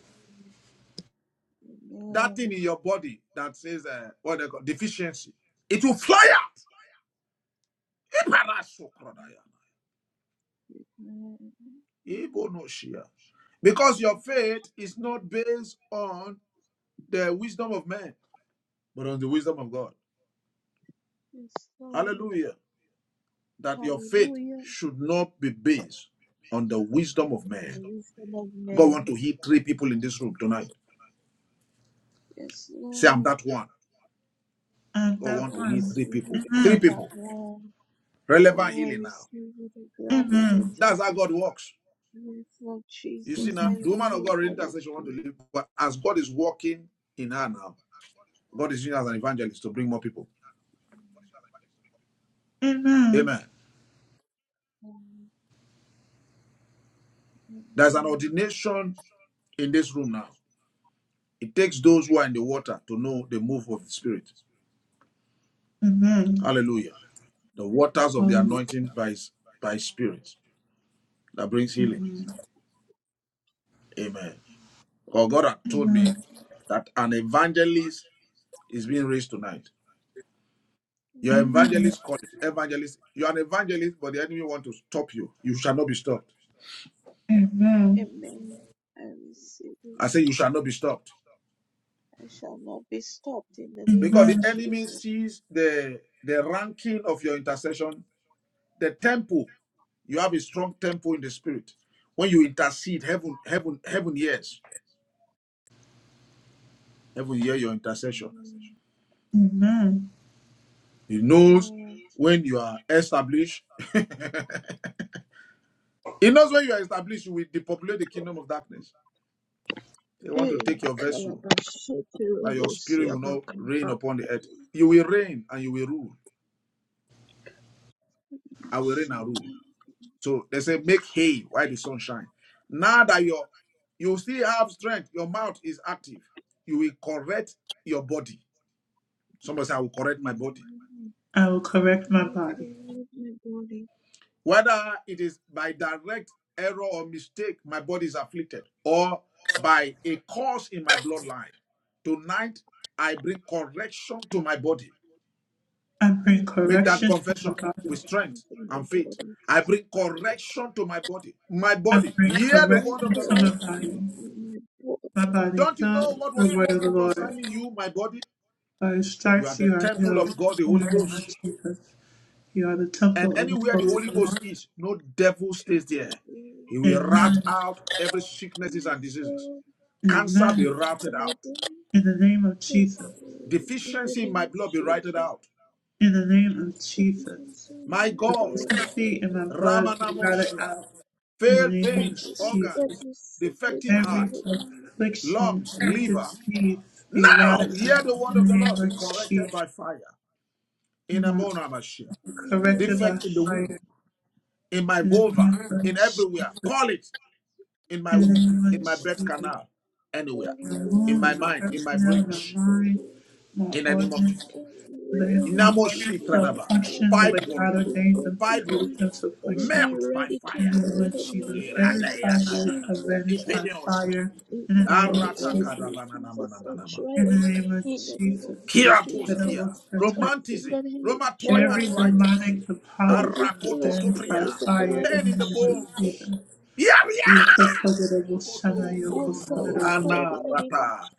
Speaker 2: That thing
Speaker 3: amen.
Speaker 2: in your body that says, uh, what they call deficiency, it will fly out. Iparasokrodaya.
Speaker 3: amen.
Speaker 2: Ibonoshia. Because
Speaker 3: Thank
Speaker 2: your faith is not based on the wisdom of man, but on the wisdom of God.
Speaker 3: Yes,
Speaker 2: Hallelujah. That your faith
Speaker 3: Hallelujah.
Speaker 2: should not be based on the wisdom of
Speaker 3: the
Speaker 2: man.
Speaker 3: wisdom of
Speaker 2: God want
Speaker 3: men.
Speaker 2: to heal three people in this room tonight.
Speaker 3: Yes,
Speaker 2: Say, I'm
Speaker 3: Lord,
Speaker 2: that one.
Speaker 1: And
Speaker 2: God
Speaker 1: that
Speaker 2: want
Speaker 3: I
Speaker 2: to heal
Speaker 1: one.
Speaker 2: three
Speaker 3: receive
Speaker 2: people.
Speaker 3: it
Speaker 2: Three
Speaker 3: on
Speaker 1: Amen.
Speaker 3: that
Speaker 2: people.
Speaker 3: one.
Speaker 2: Relevant
Speaker 3: Oh, I
Speaker 2: healing now.
Speaker 3: receive it, I grab it, I
Speaker 1: Amen.
Speaker 3: take
Speaker 2: That's how
Speaker 3: it.
Speaker 2: God works.
Speaker 3: Yes, Lord
Speaker 2: You see
Speaker 3: Jesus, I
Speaker 2: now, the
Speaker 3: am
Speaker 2: woman of
Speaker 3: healed
Speaker 2: God
Speaker 3: by
Speaker 2: in
Speaker 3: your
Speaker 2: intercession want to
Speaker 3: spirit.
Speaker 2: live, but as God is working in her now, God is using her as an evangelist to bring more people.
Speaker 1: Amen.
Speaker 2: Amen.
Speaker 3: Amen.
Speaker 2: There's an
Speaker 3: Amen.
Speaker 2: ordination in this room now. It takes those who are in the water to know the move of the Spirit.
Speaker 1: Amen.
Speaker 2: Hallelujah. The waters of the
Speaker 1: Hallelujah.
Speaker 2: anointing by, by Spirit that brings healing.
Speaker 1: Amen.
Speaker 2: Amen. Because God had told me
Speaker 1: Amen.
Speaker 2: that an evangelist is being raised tonight. Your
Speaker 3: Amen.
Speaker 1: Amen.
Speaker 2: evangelist calling, evangelist. You are an evangelist, but the enemy want to stop you. You shall not be stopped.
Speaker 1: Amen.
Speaker 3: Amen. I receive it.
Speaker 2: I say you shall not be stopped
Speaker 3: I shall not be stopped in the name of
Speaker 2: because the
Speaker 1: Amen.
Speaker 2: enemy
Speaker 3: Jesus.
Speaker 2: sees the the ranking of your intercession, the tempo. You have a strong tempo in the spirit. When you intercede, heaven, heaven, heaven hears. Heaven hear your intercession.
Speaker 3: Amen.
Speaker 1: Amen.
Speaker 2: He knows
Speaker 3: Amen.
Speaker 2: when you are established. He knows when you are established, you will depopulate the kingdom of darkness. They want
Speaker 3: Hey,
Speaker 2: to take your vessel
Speaker 3: Kalabashete,
Speaker 2: that your spirit will not reign
Speaker 3: Robosia,
Speaker 2: upon the earth. You will reign and you will rule. I will reign and rule.
Speaker 3: Sunday,
Speaker 2: So they say, make hay while the sun shines. Now that your you still have strength, your mouth is active. You will correct your body. Somebody say, I will
Speaker 3: I
Speaker 2: correct my body.
Speaker 1: I will correct my body.
Speaker 3: encourage my body.
Speaker 2: Whether it is by direct error or mistake, my body is afflicted, or by a cause in my bloodline. Tonight, I bring correction to my body.
Speaker 1: I
Speaker 3: I
Speaker 1: bring
Speaker 2: Make that
Speaker 1: correction to
Speaker 3: encourage
Speaker 2: confession
Speaker 1: my
Speaker 2: with
Speaker 1: body.
Speaker 2: strength
Speaker 3: into my
Speaker 2: and faith.
Speaker 3: body.
Speaker 2: I bring correction to my body. My
Speaker 1: I
Speaker 2: body,
Speaker 1: bring
Speaker 3: I
Speaker 2: hear the word
Speaker 1: correction
Speaker 2: of the
Speaker 1: to my
Speaker 3: encourage
Speaker 2: Lord.
Speaker 1: body.
Speaker 3: into my body.
Speaker 1: My body
Speaker 2: Don't you
Speaker 1: heals
Speaker 2: know what was
Speaker 1: the word of the
Speaker 2: spoken
Speaker 1: Lord.
Speaker 2: concerning you, my body?
Speaker 1: By his
Speaker 2: You are
Speaker 1: stripes
Speaker 2: the
Speaker 1: you are
Speaker 2: temple of
Speaker 1: healed.
Speaker 2: God, the
Speaker 1: In
Speaker 2: Holy
Speaker 1: the name
Speaker 2: Ghost.
Speaker 1: of Jesus. You are the
Speaker 2: And
Speaker 1: temple of the
Speaker 2: anywhere the
Speaker 1: Holy
Speaker 3: I'm
Speaker 2: Holy Ghost
Speaker 1: Ghost.
Speaker 2: is, no devil stays there.
Speaker 3: temporarily
Speaker 2: He will rout
Speaker 1: Amen.
Speaker 2: out every sicknesses and
Speaker 3: Yes,
Speaker 2: diseases.
Speaker 3: Lord.
Speaker 2: Cancer be
Speaker 1: Amen.
Speaker 2: routed
Speaker 3: And I
Speaker 2: out.
Speaker 3: believe
Speaker 1: In the name of
Speaker 3: My
Speaker 1: Jesus.
Speaker 3: soul In the
Speaker 2: Deficiency in my
Speaker 3: name of
Speaker 2: blood be routed
Speaker 3: Jesus,
Speaker 2: out.
Speaker 1: In the name of Jesus.
Speaker 3: deficient
Speaker 2: My
Speaker 3: in my
Speaker 2: God,
Speaker 3: blood is
Speaker 1: Deficiency in
Speaker 3: ready.
Speaker 1: my
Speaker 3: And
Speaker 1: blood be routed
Speaker 2: Ramanamoshia,
Speaker 1: out. In
Speaker 2: failed
Speaker 1: the name of
Speaker 2: veins,
Speaker 3: uproot
Speaker 1: Jesus.
Speaker 2: organs,
Speaker 3: every sickness
Speaker 2: defective
Speaker 3: in my
Speaker 1: Every
Speaker 2: heart.
Speaker 3: body.
Speaker 1: affliction,
Speaker 2: lungs,
Speaker 1: every
Speaker 2: liver.
Speaker 1: disease be
Speaker 2: Now
Speaker 1: routed
Speaker 3: Yes,
Speaker 2: hear
Speaker 1: out.
Speaker 2: the
Speaker 3: Lord.
Speaker 2: word
Speaker 1: In
Speaker 2: of
Speaker 1: the
Speaker 2: the Lord
Speaker 1: name of
Speaker 2: be corrected
Speaker 1: Jesus.
Speaker 2: by fire in
Speaker 1: My
Speaker 2: Amona Mashiach.
Speaker 3: In the
Speaker 1: corrected
Speaker 3: name of
Speaker 1: by
Speaker 2: Defect in the
Speaker 3: Jesus.
Speaker 2: womb,
Speaker 1: fire.
Speaker 2: in my
Speaker 1: In the
Speaker 2: vulva,
Speaker 1: name of
Speaker 2: in
Speaker 1: Jesus.
Speaker 2: everywhere. Call it in my
Speaker 1: In the
Speaker 2: womb,
Speaker 1: name of
Speaker 2: in my
Speaker 3: Father.
Speaker 2: breath
Speaker 1: Jesus.
Speaker 2: canal,
Speaker 3: Any
Speaker 2: anywhere,
Speaker 1: my
Speaker 2: in
Speaker 1: womb
Speaker 2: my
Speaker 1: and my
Speaker 2: mind, in
Speaker 3: disease
Speaker 2: my
Speaker 1: personnel
Speaker 3: and
Speaker 2: brains,
Speaker 1: my mind, my
Speaker 2: in the name of
Speaker 1: organs. Live. My
Speaker 2: Inamo
Speaker 1: organs shall
Speaker 2: Kradaba,
Speaker 1: function the way
Speaker 3: affliction
Speaker 2: Fibroid,
Speaker 1: God
Speaker 3: has been
Speaker 1: ordains them
Speaker 3: left
Speaker 1: to
Speaker 2: fibroid,
Speaker 1: create
Speaker 3: me,
Speaker 1: them to
Speaker 3: let it
Speaker 1: function.
Speaker 3: be
Speaker 2: melt by
Speaker 1: In
Speaker 2: fire.
Speaker 3: eradicated
Speaker 1: the name
Speaker 3: out
Speaker 1: of
Speaker 3: of me
Speaker 1: Jesus.
Speaker 3: in the
Speaker 1: Every
Speaker 3: name of
Speaker 1: fibroid
Speaker 2: Iradayananana.
Speaker 1: shall
Speaker 3: Jesus.
Speaker 1: vanish by
Speaker 2: Ipedeosia.
Speaker 1: fire.
Speaker 3: In
Speaker 1: In
Speaker 3: my
Speaker 1: the name
Speaker 3: body,
Speaker 1: of
Speaker 2: Arata
Speaker 1: Jesus.
Speaker 3: every princess and
Speaker 2: Kadabanana.
Speaker 3: dry
Speaker 1: In
Speaker 3: up
Speaker 1: the name of
Speaker 3: in the name of
Speaker 1: Jesus. The
Speaker 2: Kia poskia.
Speaker 3: Jesus.
Speaker 1: incredible satire.
Speaker 3: Anything
Speaker 2: Romanticism.
Speaker 3: that I have
Speaker 2: Rheumatoid
Speaker 1: Every
Speaker 3: drunk,
Speaker 2: arthritis.
Speaker 1: demonic
Speaker 3: let it
Speaker 1: deposit
Speaker 3: be
Speaker 1: shall
Speaker 3: flushed
Speaker 1: vanish
Speaker 3: out
Speaker 1: by
Speaker 3: with
Speaker 2: Arakototopria.
Speaker 3: the
Speaker 1: fire.
Speaker 3: blood
Speaker 1: In
Speaker 3: of
Speaker 2: Pain
Speaker 1: the
Speaker 2: in the
Speaker 1: name of
Speaker 3: Jesus.
Speaker 2: bones.
Speaker 1: Jesus.
Speaker 2: Yeah, yeah,
Speaker 1: Yokosudarabo Shana
Speaker 3: My
Speaker 2: Sokokoto. No,
Speaker 1: yoko
Speaker 2: no,
Speaker 3: bones are
Speaker 2: no.
Speaker 1: sodero
Speaker 3: restored in the name of
Speaker 2: Anarata.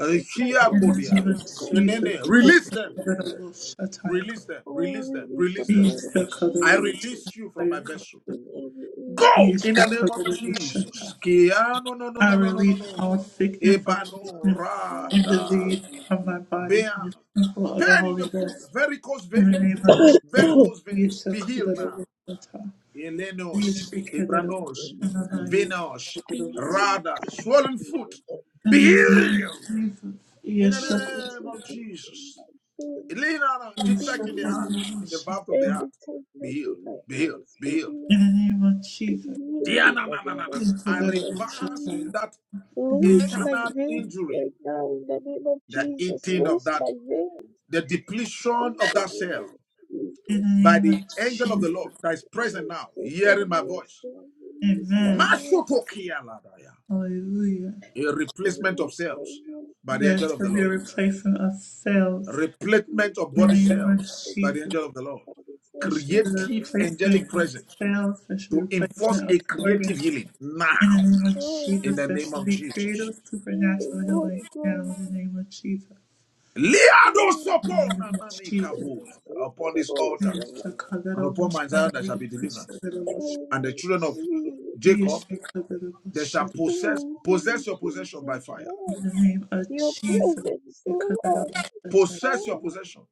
Speaker 2: Eh,
Speaker 3: My
Speaker 2: Kia
Speaker 1: In the
Speaker 3: organs
Speaker 2: kodia.
Speaker 3: are
Speaker 1: name of
Speaker 3: restored in
Speaker 1: Jesus,
Speaker 3: the
Speaker 2: Enene.
Speaker 3: name of
Speaker 1: please
Speaker 2: Release
Speaker 1: the
Speaker 2: them from you.
Speaker 3: Jesus.
Speaker 1: Kadarabo Shatayaka.
Speaker 2: Release them.
Speaker 3: Oh, I
Speaker 2: Release them.
Speaker 3: release the
Speaker 2: Release them.
Speaker 3: blood
Speaker 1: Please
Speaker 3: of
Speaker 1: the
Speaker 2: I
Speaker 1: Kadarabo
Speaker 2: release
Speaker 3: Jesus
Speaker 2: you from my
Speaker 1: Shatayaka.
Speaker 2: vessel.
Speaker 3: in every area of
Speaker 2: Go
Speaker 1: Please
Speaker 3: my
Speaker 2: in
Speaker 1: the
Speaker 2: the name
Speaker 3: body,
Speaker 2: of
Speaker 1: Kadarabo
Speaker 3: in
Speaker 2: Jesus.
Speaker 1: Shatayaka.
Speaker 2: Kia. No, no, no,
Speaker 1: I
Speaker 2: no, no, no, no,
Speaker 1: release
Speaker 2: no.
Speaker 1: all sickness,
Speaker 2: Ebano.
Speaker 1: affliction, and
Speaker 3: every
Speaker 2: Rada.
Speaker 1: disease
Speaker 3: tightness
Speaker 1: from my
Speaker 3: in
Speaker 1: body,
Speaker 2: Bear
Speaker 1: from the temple of the
Speaker 2: pain in
Speaker 1: Holy
Speaker 2: the foot,
Speaker 1: Ghost.
Speaker 2: varicose
Speaker 1: In the
Speaker 2: vein,
Speaker 1: name of
Speaker 3: <coughs>
Speaker 1: Jesus,
Speaker 2: varicose vein.
Speaker 1: please the
Speaker 2: Be healed now.
Speaker 1: Kadarabo Shatayaka.
Speaker 2: Elenos,
Speaker 1: Please the Kadarabo
Speaker 2: Ibranos,
Speaker 3: in my arm,
Speaker 1: Shatayaka.
Speaker 2: Venos,
Speaker 3: be healed
Speaker 2: Rada, swollen
Speaker 3: in the
Speaker 2: foot.
Speaker 3: name of
Speaker 2: Be
Speaker 1: In the name
Speaker 3: Jesus.
Speaker 1: of
Speaker 2: healed
Speaker 1: Jesus,
Speaker 2: in the
Speaker 1: yes,
Speaker 3: Every
Speaker 1: the
Speaker 2: name of
Speaker 3: tightness in
Speaker 2: Jesus.
Speaker 3: my bones,
Speaker 2: Elena,
Speaker 1: Kadarabo
Speaker 3: be
Speaker 2: defect in the heart,
Speaker 3: healed.
Speaker 2: in the
Speaker 1: Shatayaka.
Speaker 2: valve of the
Speaker 3: Every
Speaker 2: heart. Be
Speaker 3: tightness
Speaker 2: healed,
Speaker 3: in my
Speaker 2: be healed,
Speaker 3: arms,
Speaker 2: be
Speaker 3: be
Speaker 2: healed.
Speaker 3: healed.
Speaker 1: In the name of Jesus.
Speaker 3: believe in
Speaker 2: Diana,
Speaker 3: the
Speaker 2: na, na,
Speaker 3: name
Speaker 2: na, na.
Speaker 3: of
Speaker 2: I
Speaker 3: Jesus.
Speaker 2: reverse
Speaker 3: Be-
Speaker 2: that
Speaker 3: Loose
Speaker 1: In
Speaker 3: my
Speaker 2: internal
Speaker 3: veins
Speaker 2: injury,
Speaker 3: right now in the name of
Speaker 2: the
Speaker 3: Jesus.
Speaker 2: eating of
Speaker 3: Loose my
Speaker 2: that,
Speaker 3: veins
Speaker 2: the
Speaker 3: in
Speaker 2: depletion of
Speaker 3: the
Speaker 2: that
Speaker 3: name
Speaker 2: cell.
Speaker 3: of
Speaker 1: the
Speaker 3: Jesus.
Speaker 2: by
Speaker 1: name
Speaker 2: the
Speaker 1: of
Speaker 2: angel of the
Speaker 1: Jesus.
Speaker 2: Lord that is present
Speaker 3: Oh,
Speaker 2: now,
Speaker 3: so
Speaker 2: hearing my
Speaker 3: terrible,
Speaker 2: voice.
Speaker 3: so Loose my
Speaker 1: Amen.
Speaker 3: veins.
Speaker 1: Hallelujah.
Speaker 2: A replacement of
Speaker 3: Loose my
Speaker 2: cells
Speaker 3: veins.
Speaker 2: by the
Speaker 1: There
Speaker 2: angel of the
Speaker 1: shall be a
Speaker 2: Lord.
Speaker 3: Thank
Speaker 1: replacement of
Speaker 2: A
Speaker 1: fails.
Speaker 3: you.
Speaker 2: Replacement of
Speaker 1: In the
Speaker 2: body
Speaker 3: Loose my
Speaker 1: name of
Speaker 2: cells
Speaker 3: veins.
Speaker 2: by the
Speaker 1: Jesus.
Speaker 2: angel of the
Speaker 3: Loose
Speaker 2: Lord.
Speaker 3: my
Speaker 1: There
Speaker 3: veins
Speaker 1: shall
Speaker 3: in
Speaker 1: be
Speaker 3: the
Speaker 1: a
Speaker 3: name
Speaker 2: Creative
Speaker 3: of
Speaker 2: angelic
Speaker 1: replacement of
Speaker 2: presence
Speaker 1: fails. There shall be a
Speaker 2: to enforce
Speaker 1: replacement of
Speaker 2: a
Speaker 3: Jesus.
Speaker 2: creative
Speaker 1: organs.
Speaker 2: healing
Speaker 1: In the
Speaker 2: now
Speaker 1: name of
Speaker 3: Oh,
Speaker 2: in
Speaker 1: Jesus.
Speaker 2: the
Speaker 1: There
Speaker 2: name
Speaker 1: shall
Speaker 2: of
Speaker 1: be
Speaker 2: Jesus.
Speaker 1: creative
Speaker 3: oh,
Speaker 1: supernatural healing
Speaker 3: Holy
Speaker 1: now.
Speaker 3: Ghost.
Speaker 1: In the name of Jesus.
Speaker 3: Oh,
Speaker 1: In the
Speaker 2: Liadosopona
Speaker 1: name of
Speaker 3: it
Speaker 1: Jesus.
Speaker 3: is so
Speaker 2: Upon this
Speaker 3: terrible,
Speaker 2: altar
Speaker 1: Yes, the
Speaker 3: so-
Speaker 1: color
Speaker 2: and
Speaker 1: of my
Speaker 2: upon my
Speaker 1: shadow,
Speaker 2: Zion there
Speaker 1: we
Speaker 2: shall be
Speaker 1: push the
Speaker 2: deliverance.
Speaker 1: little shadow.
Speaker 2: And the
Speaker 3: Oh,
Speaker 2: children of
Speaker 3: Jesus.
Speaker 1: Yes,
Speaker 2: Jacob
Speaker 1: the color of my
Speaker 2: They shall possess
Speaker 3: Oh,
Speaker 2: possess your possession by
Speaker 3: Jesus
Speaker 2: fire.
Speaker 3: Christ,
Speaker 1: the name of
Speaker 3: your
Speaker 1: Jesus,
Speaker 3: presence,
Speaker 1: you cut the
Speaker 3: Lord.
Speaker 1: off that
Speaker 2: Possess your
Speaker 3: Oh,
Speaker 2: possession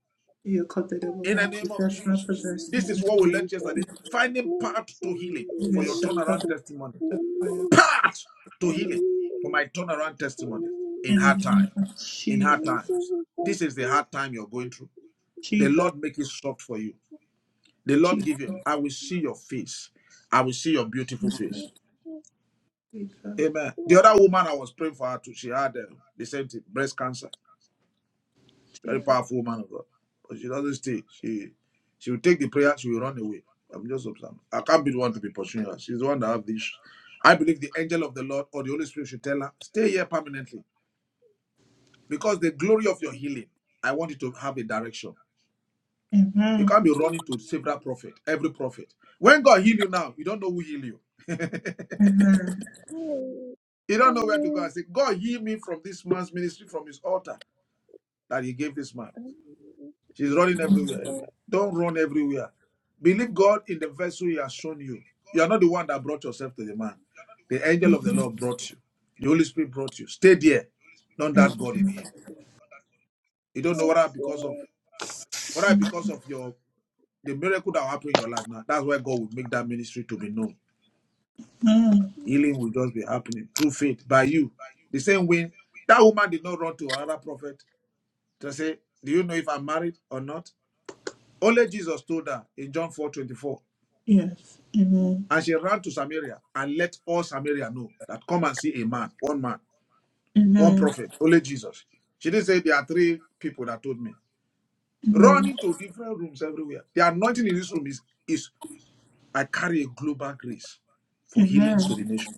Speaker 1: You cut that
Speaker 3: oh,
Speaker 1: off
Speaker 2: in the
Speaker 1: that
Speaker 3: oh,
Speaker 2: name of
Speaker 1: That's my
Speaker 2: Jesus.
Speaker 3: oh,
Speaker 2: This
Speaker 1: possession.
Speaker 2: is
Speaker 1: In
Speaker 2: what
Speaker 1: the
Speaker 2: we
Speaker 1: name
Speaker 2: learned
Speaker 3: Jesus,
Speaker 2: yesterday. Finding
Speaker 3: release,
Speaker 2: path to healing for
Speaker 1: of
Speaker 2: your
Speaker 1: Jesus, you
Speaker 3: release,
Speaker 1: cut
Speaker 2: turnaround testimony.
Speaker 1: that fire.
Speaker 3: release,
Speaker 2: Path to healing for my turnaround
Speaker 3: release,
Speaker 2: testimony in
Speaker 1: In
Speaker 2: hard
Speaker 1: the
Speaker 3: release,
Speaker 1: name
Speaker 2: time.
Speaker 1: of
Speaker 2: In hard
Speaker 1: Jesus,
Speaker 3: release
Speaker 2: times.
Speaker 3: every
Speaker 2: This is the
Speaker 3: presence.
Speaker 2: hard time you're going through. The
Speaker 1: Jesus,
Speaker 2: Lord make it soft for you. The Lord
Speaker 1: Jesus,
Speaker 2: give you, I will see your face. I will see your beautiful face.
Speaker 1: Jesus,
Speaker 2: Amen. The other woman I was praying for her too, she had uh, the same thing, breast cancer. Very
Speaker 1: Jesus.
Speaker 2: powerful woman of God. But she doesn't stay. She she will take the prayer, she will run away. I'm just observing. I can't be the one to be pursuing her. She's the one that have this. I believe the angel of the Lord or the Holy Spirit should tell her, stay here permanently. Because the glory of your healing, I want you to have a direction. You
Speaker 1: Amen.
Speaker 2: can't be running to several prophet, every prophet. When God heal you now, you don't know who heal you. <laughs> you
Speaker 1: Amen.
Speaker 2: don't know where to go
Speaker 3: Amen.
Speaker 2: and say, God heal me from this man's ministry, from his altar that he gave this man.
Speaker 3: Amen.
Speaker 2: She's running
Speaker 3: Yes,
Speaker 2: everywhere.
Speaker 3: Lord.
Speaker 2: everywhere. Don't run everywhere. Believe God in the vessel He has shown you. You are not the one that brought yourself to the man. The angel of the Lord brought you. The Holy Spirit brought you. Stay there. Don't doubt God in Him. You don't know whether
Speaker 3: Yes,
Speaker 2: because of
Speaker 3: Lord.
Speaker 2: whether because of your the miracle that will happen in your life now. That's why God will make that ministry to be known.
Speaker 1: Amen.
Speaker 2: Healing
Speaker 3: Yes,
Speaker 2: will just be
Speaker 3: Lord.
Speaker 2: happening through faith by you. The same way that woman did not run to another prophet to say, "Do you know if I'm married or not?" Only Jesus told her in John 4:24.
Speaker 1: Yes. Amen.
Speaker 2: And she ran to Samaria and let all Samaria know that come and see a man, one man, one
Speaker 1: Amen.
Speaker 2: prophet, only Jesus. She didn't say there are three people that told me. Run
Speaker 1: Amen.
Speaker 2: into different rooms everywhere. The anointing in this room is, is I carry a global grace for
Speaker 1: Amen.
Speaker 2: healings to the nation.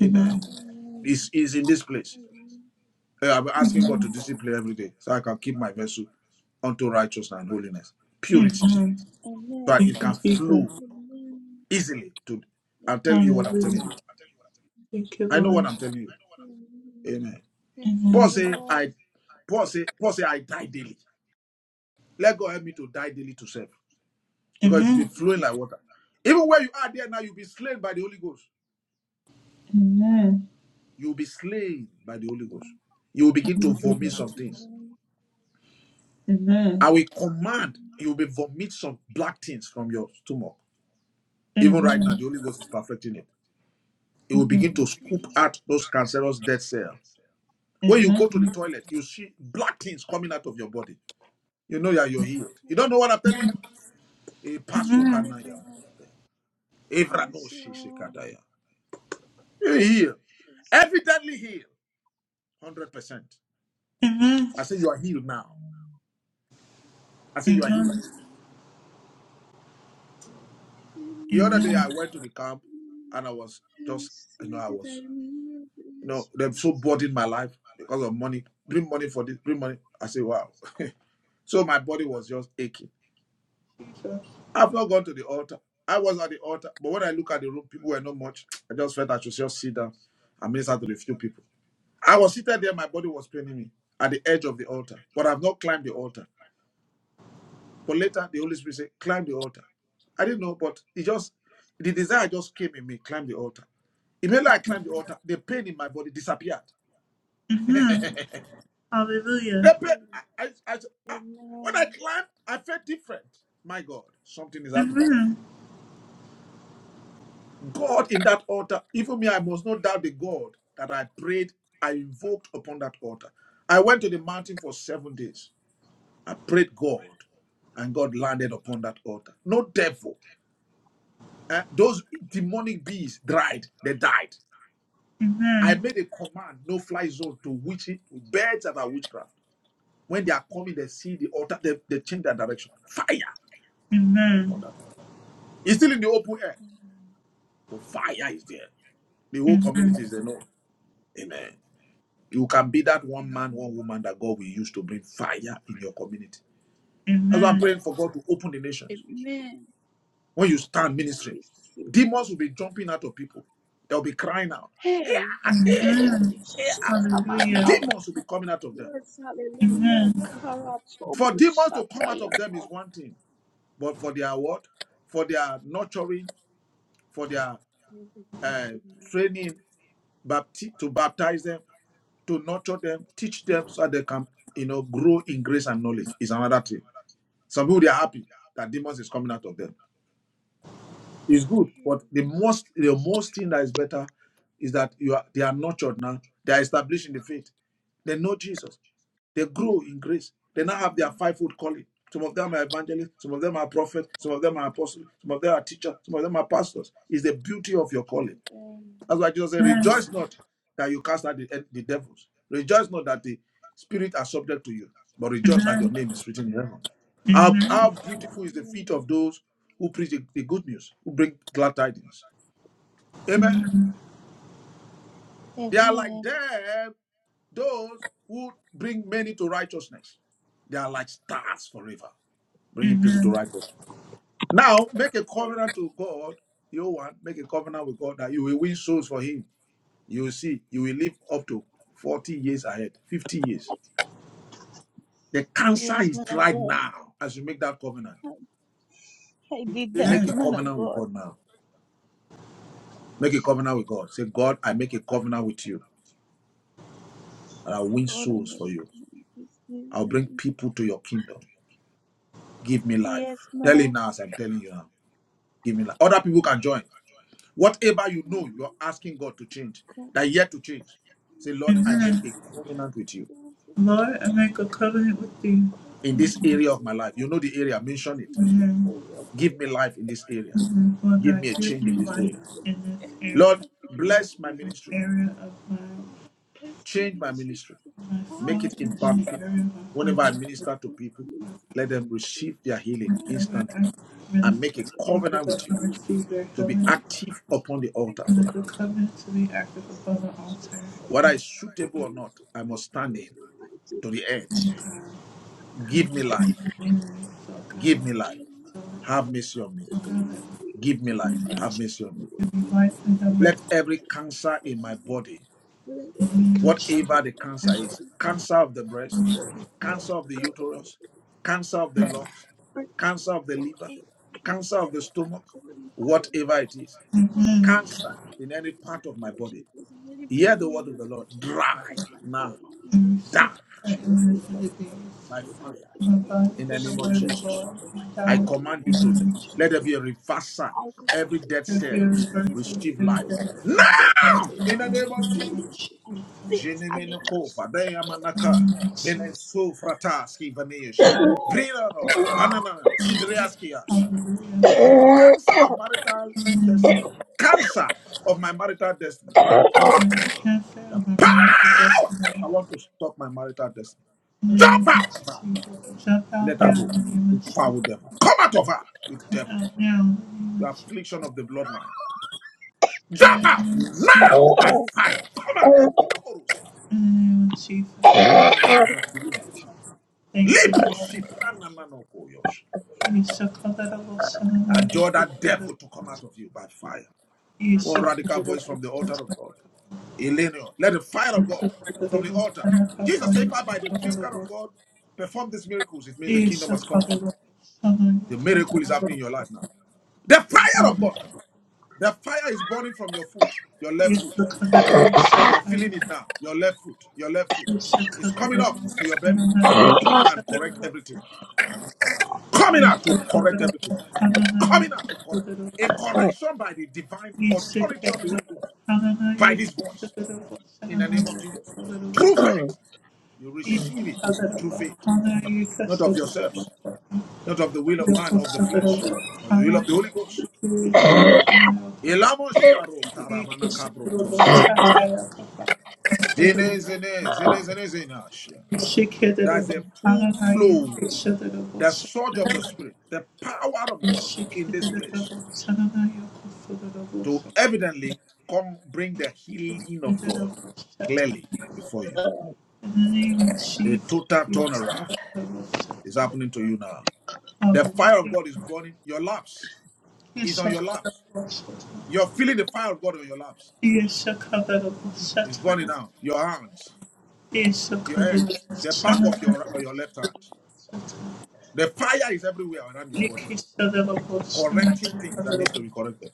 Speaker 1: Amen.
Speaker 2: Amen.
Speaker 3: Amen.
Speaker 2: This is in this place.
Speaker 3: Amen.
Speaker 2: Eh, I've been asking God to discipline every day so I can keep my vessel unto righteousness and holiness, purity,
Speaker 1: Amen.
Speaker 2: so that it
Speaker 1: Thank
Speaker 3: Amen.
Speaker 1: you,
Speaker 2: can flow
Speaker 1: Jesus.
Speaker 3: Amen.
Speaker 2: easily to. I'm telling you what I'm
Speaker 1: Hallelujah.
Speaker 2: telling you.
Speaker 1: Thank you,
Speaker 2: I know what
Speaker 1: Lord.
Speaker 2: I'm telling you.
Speaker 3: Amen.
Speaker 2: Amen.
Speaker 3: Thank you,
Speaker 2: Paul
Speaker 1: Amen.
Speaker 2: say,
Speaker 3: Lord.
Speaker 2: I Paul say, Paul say, I die daily. Let God help me to die daily to serve. Because it will be
Speaker 1: Amen.
Speaker 2: flowing like water. Even where you are there now, you'll be slain by the Holy Ghost.
Speaker 1: Amen.
Speaker 2: You'll be slain by the Holy Ghost.
Speaker 3: Amen.
Speaker 2: You will begin to vomit
Speaker 1: Hallelujah.
Speaker 2: some things.
Speaker 1: Amen.
Speaker 2: I will command
Speaker 3: Amen.
Speaker 2: you will vomit some black things from your stomach. Even right now, the
Speaker 1: Amen.
Speaker 2: Holy Ghost is perfecting it. It will
Speaker 1: Amen.
Speaker 2: begin to scoop
Speaker 3: Amen.
Speaker 2: out those cancerous dead cells. When you go to the
Speaker 1: Amen.
Speaker 2: toilet, you see black things coming out of your body. You know that you're healed. You don't know what I'm telling you? A pass through
Speaker 1: Amen.
Speaker 2: canal,
Speaker 3: Amen.
Speaker 2: yeah. Evrano
Speaker 3: Yes, Lord.
Speaker 2: shishikadaya. You're healed.
Speaker 3: Yes.
Speaker 2: Evidently healed. 100%.
Speaker 1: Amen.
Speaker 2: I say you are healed now. I say you are
Speaker 1: Amen.
Speaker 2: healed. The other day
Speaker 3: Amen.
Speaker 1: Amen.
Speaker 2: I went to the camp and I was
Speaker 3: I
Speaker 2: just, you know,
Speaker 3: receive
Speaker 2: I
Speaker 3: it.
Speaker 2: was,
Speaker 3: I need
Speaker 2: you
Speaker 3: your
Speaker 2: know, they're so
Speaker 3: strength.
Speaker 2: bored in my life because of money. Bring money for this, bring money. I say, wow. <laughs> So my body was just aching.
Speaker 1: Jesus.
Speaker 2: I've not gone to the altar. I was at the altar, but when I look at the room, people were not much. I just felt I should just sit down and minister to the few people. I was seated there, my body was paining me at the edge of the altar, but I've not climbed the altar. But later the Holy Spirit said, climb the altar. I didn't know, but it just the desire just came in me, climb the altar. Immediately I climbed the altar, the pain in my body disappeared. <laughs>
Speaker 1: Amen.
Speaker 2: the
Speaker 1: Hallelujah.
Speaker 2: pain,
Speaker 3: Amen.
Speaker 2: I, I, I, when I climbed, I felt different. My God, something is happening.
Speaker 1: Amen.
Speaker 2: God in that altar, even me, I must not doubt the God that I prayed, I invoked upon that altar. I went to the mountain for seven days. I prayed God, and God landed upon that altar. No devil. Uh, those demonic bees dried, they died. I
Speaker 1: Amen.
Speaker 2: made a command, no fly zone to witch birds that are witchcraft. When they are coming, they see the altar, they, they change their direction. Fire upon
Speaker 1: Amen.
Speaker 2: them. It's still in the open air,
Speaker 3: Amen.
Speaker 2: but fire is there. The whole community is
Speaker 1: Amen.
Speaker 2: there. No. Amen. You can be that one man, one
Speaker 3: Amen.
Speaker 2: woman that God will use to bring fire in your community. That's why I'm
Speaker 1: Amen.
Speaker 2: praying for God to open the nations.
Speaker 3: Amen.
Speaker 2: When you stand
Speaker 3: I
Speaker 2: ministering,
Speaker 3: receive it.
Speaker 2: demons will be jumping out of people. They'll be crying out.
Speaker 3: Hey,
Speaker 2: Yeah, yeah,
Speaker 3: kill
Speaker 2: yeah.
Speaker 1: Amen.
Speaker 2: yeah.
Speaker 1: Hallelujah.
Speaker 3: up
Speaker 2: Demons will be coming out of them.
Speaker 3: Yes, hallelujah.
Speaker 1: Amen.
Speaker 2: For
Speaker 3: Karatobo
Speaker 2: demons to come out of
Speaker 3: shataya.
Speaker 2: them is one thing, but for their what? For their nurturing, for their uh,
Speaker 3: Amen.
Speaker 2: training, bapti- to baptize them, to nurture them, teach them so they can, you know, grow in grace and knowledge is another thing. Some people they are happy that demons is coming out of them. It's good, but the most the most thing that is better is that you are they are nurtured now. They are established in the faith. They know Jesus. They grow in grace. They now have their fivefold calling. Some of them are evangelists, some of them are prophets, some of them are apostles, some of them are teachers, some of them are pastors. It's the beauty of your calling.
Speaker 3: Amen.
Speaker 2: That's why Jesus said,
Speaker 1: Amen.
Speaker 2: Rejoice not that you cast out the, the devils. Rejoice not that the spirit are subject to you, but rejoice that your
Speaker 1: Amen.
Speaker 2: name is written in heaven. How,
Speaker 1: Amen.
Speaker 2: how beautiful is the feet of those who preach the, the good news, who bring glad tidings. Amen. They are like
Speaker 3: Amen.
Speaker 2: them, those who bring many to righteousness. They are like stars forever, bringing people
Speaker 1: Amen.
Speaker 2: to righteousness. Now, make a covenant to God, you want make a covenant with God that you will win souls for Him You will see, you will live up to 40 years ahead, 50 years. The cancer
Speaker 3: Yes,
Speaker 2: is
Speaker 3: man of
Speaker 2: dried
Speaker 3: God.
Speaker 2: now as you make that covenant.
Speaker 3: I, I did that,
Speaker 2: Make a
Speaker 3: man of
Speaker 2: covenant with
Speaker 3: God.
Speaker 2: God now. Make a covenant with God. Say, God, I make a covenant with you, and I'll win
Speaker 3: God, I
Speaker 2: souls
Speaker 3: made
Speaker 2: for
Speaker 3: a
Speaker 2: you.
Speaker 3: covenant with you
Speaker 2: I'll
Speaker 3: that
Speaker 2: bring
Speaker 3: I-
Speaker 2: people to your kingdom. Give me life.
Speaker 3: Yes, man
Speaker 2: Tell him
Speaker 3: of
Speaker 2: now as I'm telling you now. Give me life. Other people can join. Whatever you know, you're asking God to change,
Speaker 3: God.
Speaker 2: that yet to change. Say,
Speaker 3: Yes,
Speaker 2: Lord,
Speaker 3: Lord
Speaker 2: I make
Speaker 1: Amen.
Speaker 2: a
Speaker 3: Jesus.
Speaker 2: covenant with you
Speaker 3: Lord, thank you,
Speaker 1: Lord, I
Speaker 3: man
Speaker 1: make a
Speaker 3: of God. I
Speaker 1: covenant
Speaker 3: made
Speaker 1: with thee.
Speaker 3: a
Speaker 2: in
Speaker 3: covenant
Speaker 2: this
Speaker 3: with
Speaker 1: Amen.
Speaker 2: area of
Speaker 3: you
Speaker 2: my life.
Speaker 3: that I
Speaker 2: You know
Speaker 3: will
Speaker 2: the
Speaker 3: be
Speaker 2: area, mention it.
Speaker 3: in the
Speaker 1: Amen.
Speaker 3: glory of my
Speaker 2: Give me life in this
Speaker 3: life.
Speaker 2: area.
Speaker 1: Lord
Speaker 2: Give
Speaker 1: God,
Speaker 2: me a
Speaker 1: give
Speaker 2: change
Speaker 1: me
Speaker 2: in
Speaker 3: Give
Speaker 2: this
Speaker 3: me
Speaker 1: life
Speaker 2: area.
Speaker 3: hope in
Speaker 1: in
Speaker 3: this
Speaker 1: this
Speaker 3: area,
Speaker 1: area,
Speaker 2: Lord,
Speaker 3: Father. Be
Speaker 1: God,
Speaker 2: bless my
Speaker 1: in
Speaker 3: healing,
Speaker 1: this
Speaker 2: ministry.
Speaker 3: Father.
Speaker 1: area of my.
Speaker 3: Father, place my
Speaker 2: Change my
Speaker 3: ministry
Speaker 2: ministry.
Speaker 3: because
Speaker 1: My
Speaker 2: Make it
Speaker 3: Father,
Speaker 1: Father in the
Speaker 3: check
Speaker 2: impactful.
Speaker 1: area my
Speaker 2: Whenever I
Speaker 1: father
Speaker 2: minister to
Speaker 3: what
Speaker 2: people,
Speaker 3: needs this
Speaker 2: let
Speaker 3: for
Speaker 2: them
Speaker 3: King
Speaker 2: receive their healing
Speaker 3: Father.
Speaker 1: whenever I
Speaker 2: instantly
Speaker 3: In the name of
Speaker 2: and make
Speaker 1: minister
Speaker 2: a
Speaker 1: to people
Speaker 2: covenant
Speaker 1: that
Speaker 2: with you
Speaker 1: have
Speaker 3: Jesus,
Speaker 1: received their
Speaker 3: Lord,
Speaker 2: to be
Speaker 1: healing,
Speaker 2: active upon
Speaker 3: let
Speaker 2: the
Speaker 3: me make
Speaker 2: altar
Speaker 3: a
Speaker 1: and
Speaker 2: for
Speaker 1: let
Speaker 2: you.
Speaker 1: the covenant
Speaker 3: covenant.
Speaker 1: to be active
Speaker 3: Yes,
Speaker 1: above the
Speaker 3: Lord
Speaker 1: altar.
Speaker 3: Jesus.
Speaker 1: In
Speaker 2: Whether
Speaker 1: the
Speaker 2: it's suitable or
Speaker 3: Please,
Speaker 2: not, I must
Speaker 3: Lord,
Speaker 2: stand
Speaker 3: in
Speaker 2: in
Speaker 3: the mighty
Speaker 2: to
Speaker 3: name
Speaker 2: the
Speaker 3: of
Speaker 2: end.
Speaker 3: Jesus,
Speaker 1: God, and
Speaker 2: Give
Speaker 1: the
Speaker 2: me
Speaker 1: spirit of the
Speaker 2: life.
Speaker 1: enemy,
Speaker 3: give
Speaker 1: so
Speaker 2: Give
Speaker 1: God,
Speaker 2: me life.
Speaker 3: me life,
Speaker 1: so,
Speaker 3: Father
Speaker 2: Have
Speaker 3: God.
Speaker 2: mercy on me.
Speaker 3: To
Speaker 1: oh
Speaker 3: do
Speaker 1: God, that
Speaker 3: your will,
Speaker 2: Give me
Speaker 3: to
Speaker 1: we
Speaker 3: do
Speaker 2: life.
Speaker 3: your
Speaker 1: watch,
Speaker 2: Have mercy on me.
Speaker 3: will. Lord,
Speaker 1: give me
Speaker 3: Give me
Speaker 1: life and have
Speaker 3: life in
Speaker 2: Let
Speaker 1: mercy
Speaker 2: every
Speaker 3: Jesus'
Speaker 2: cancer in my
Speaker 3: name.
Speaker 2: body
Speaker 3: Let
Speaker 1: in the
Speaker 3: every
Speaker 1: name of
Speaker 3: cast
Speaker 1: Jesus.
Speaker 2: whatever
Speaker 3: in
Speaker 2: the
Speaker 3: my
Speaker 2: cancer is
Speaker 3: body, my
Speaker 2: cancer of
Speaker 3: God,
Speaker 2: the breast,
Speaker 3: what
Speaker 2: cancer of the
Speaker 3: God, my
Speaker 2: uterus,
Speaker 3: God,
Speaker 2: cancer of the lungs, cancer of the
Speaker 3: so
Speaker 2: liver,
Speaker 3: it
Speaker 2: cancer
Speaker 3: comes
Speaker 2: of the
Speaker 3: in my
Speaker 2: stomach,
Speaker 3: body, Father.
Speaker 2: whatever it is,
Speaker 3: Oh,
Speaker 1: Amen.
Speaker 2: cancer in any
Speaker 3: yes,
Speaker 2: part of my
Speaker 3: Lord
Speaker 2: body.
Speaker 3: Jesus, let it be
Speaker 2: Hear the word of the Lord.
Speaker 3: eradicated out
Speaker 2: Dry
Speaker 3: of my
Speaker 2: now,
Speaker 3: body, in the
Speaker 1: Every
Speaker 2: die
Speaker 1: sick, right,
Speaker 3: dry
Speaker 1: illness, and
Speaker 3: them,
Speaker 1: disease.
Speaker 2: by
Speaker 3: dry
Speaker 2: fire
Speaker 3: up in
Speaker 1: Abide
Speaker 3: the name
Speaker 1: in
Speaker 3: of
Speaker 2: in the
Speaker 1: the
Speaker 2: name of
Speaker 1: word of
Speaker 3: Jesus,
Speaker 1: the
Speaker 3: come
Speaker 2: Jesus.
Speaker 1: Lord,
Speaker 3: out of my
Speaker 1: and
Speaker 2: I
Speaker 1: die
Speaker 3: body, in
Speaker 2: command
Speaker 1: in
Speaker 3: the
Speaker 2: you
Speaker 1: the
Speaker 2: to
Speaker 3: name of
Speaker 1: knowledge
Speaker 2: let there
Speaker 3: Jesus,
Speaker 2: be a reversal.
Speaker 3: out of my
Speaker 2: Every
Speaker 3: life
Speaker 2: dead
Speaker 1: of the
Speaker 3: today,
Speaker 2: cells
Speaker 3: let it be
Speaker 1: irreversible
Speaker 2: receive life
Speaker 3: eradicated,
Speaker 1: death
Speaker 3: every
Speaker 1: of
Speaker 3: death,
Speaker 1: death
Speaker 2: now
Speaker 3: every
Speaker 2: in the
Speaker 1: and
Speaker 3: evil,
Speaker 2: name of Jesus.
Speaker 1: ignorance.
Speaker 3: and fit, and it must.
Speaker 2: Jenemenekova, Dayamanaka,
Speaker 1: Ignorance.
Speaker 2: Venesufrataski Vanesh,
Speaker 3: Jesus, upon my
Speaker 2: Brilaro, Banana, Sidriaski Ashi.
Speaker 1: Hallelujah.
Speaker 2: Cancer
Speaker 3: head,
Speaker 2: of marital
Speaker 1: Amen.
Speaker 2: destiny. Cancer of my marital destiny.
Speaker 1: And the cancer
Speaker 2: The
Speaker 1: of the marriage of
Speaker 2: power!
Speaker 1: destiny.
Speaker 2: I want to stop my marital destiny.
Speaker 1: In
Speaker 2: Jump out now.
Speaker 1: Jump
Speaker 2: Let
Speaker 1: out
Speaker 2: her
Speaker 1: now in
Speaker 2: go.
Speaker 1: the name
Speaker 2: You
Speaker 1: of
Speaker 2: foul devil. Come out of her, you
Speaker 1: Come
Speaker 2: devil.
Speaker 1: out now in the name
Speaker 2: You
Speaker 1: of Jesus.
Speaker 2: affliction of the bloodline. Jump
Speaker 1: In the
Speaker 2: out
Speaker 1: name of
Speaker 2: now by fire. Come out. He chorus. Upon man's hand, is a
Speaker 1: Thank you,
Speaker 2: Lipo
Speaker 1: Lord.
Speaker 2: Shiprana Manokoyosh.
Speaker 1: We shall call that
Speaker 2: Adjure that
Speaker 1: a
Speaker 2: devil to come
Speaker 1: little
Speaker 2: out of you by fire.
Speaker 1: Thank
Speaker 2: One radical voice from the altar of God. Elenio, let the fire of God from the altar. Jesus said, if I by the finger of God perform these miracles, it means the kingdom has come. The miracle is happening in your life now. The fire of God. The fire is burning from your foot, your left foot. You're feeling it now. Your left foot, your left foot. It's coming up to your belly. It will burn and correct everything. Coming up to correct everything. coming out to correct a correction by the divine authority of the Holy Ghost by this voice in the name of Jesus. Through faith, you receive it through faith, not of yourselves,
Speaker 1: you.
Speaker 2: not of the will
Speaker 1: In
Speaker 2: of
Speaker 1: the
Speaker 2: man or
Speaker 1: name of
Speaker 2: of the flesh, but the will of the Holy Ghost.
Speaker 1: Jesus, we
Speaker 2: Elamo sharo tarabana
Speaker 1: accept
Speaker 2: kabro
Speaker 1: the Lord's Hallelujah. Yes, I cover the Lord's
Speaker 2: toskivanash. Zene, zene, zene, zene, zenash. There's a full flow, the surge of the Spirit, the power of God in this place. to evidently come bring the healing of God clearly before you. A total turnaround is happening to you now. The fire of God is burning your laps. Is
Speaker 1: Yes,
Speaker 2: on your laps. You're feeling the fire of God on your laps.
Speaker 1: I cover
Speaker 2: It's burning
Speaker 1: the
Speaker 2: now. Your hands,
Speaker 1: In the
Speaker 2: your hands,
Speaker 1: name of
Speaker 2: the back
Speaker 1: Jesus,
Speaker 2: of your your left hand. The fire is everywhere around your body, correcting things that needs to be corrected.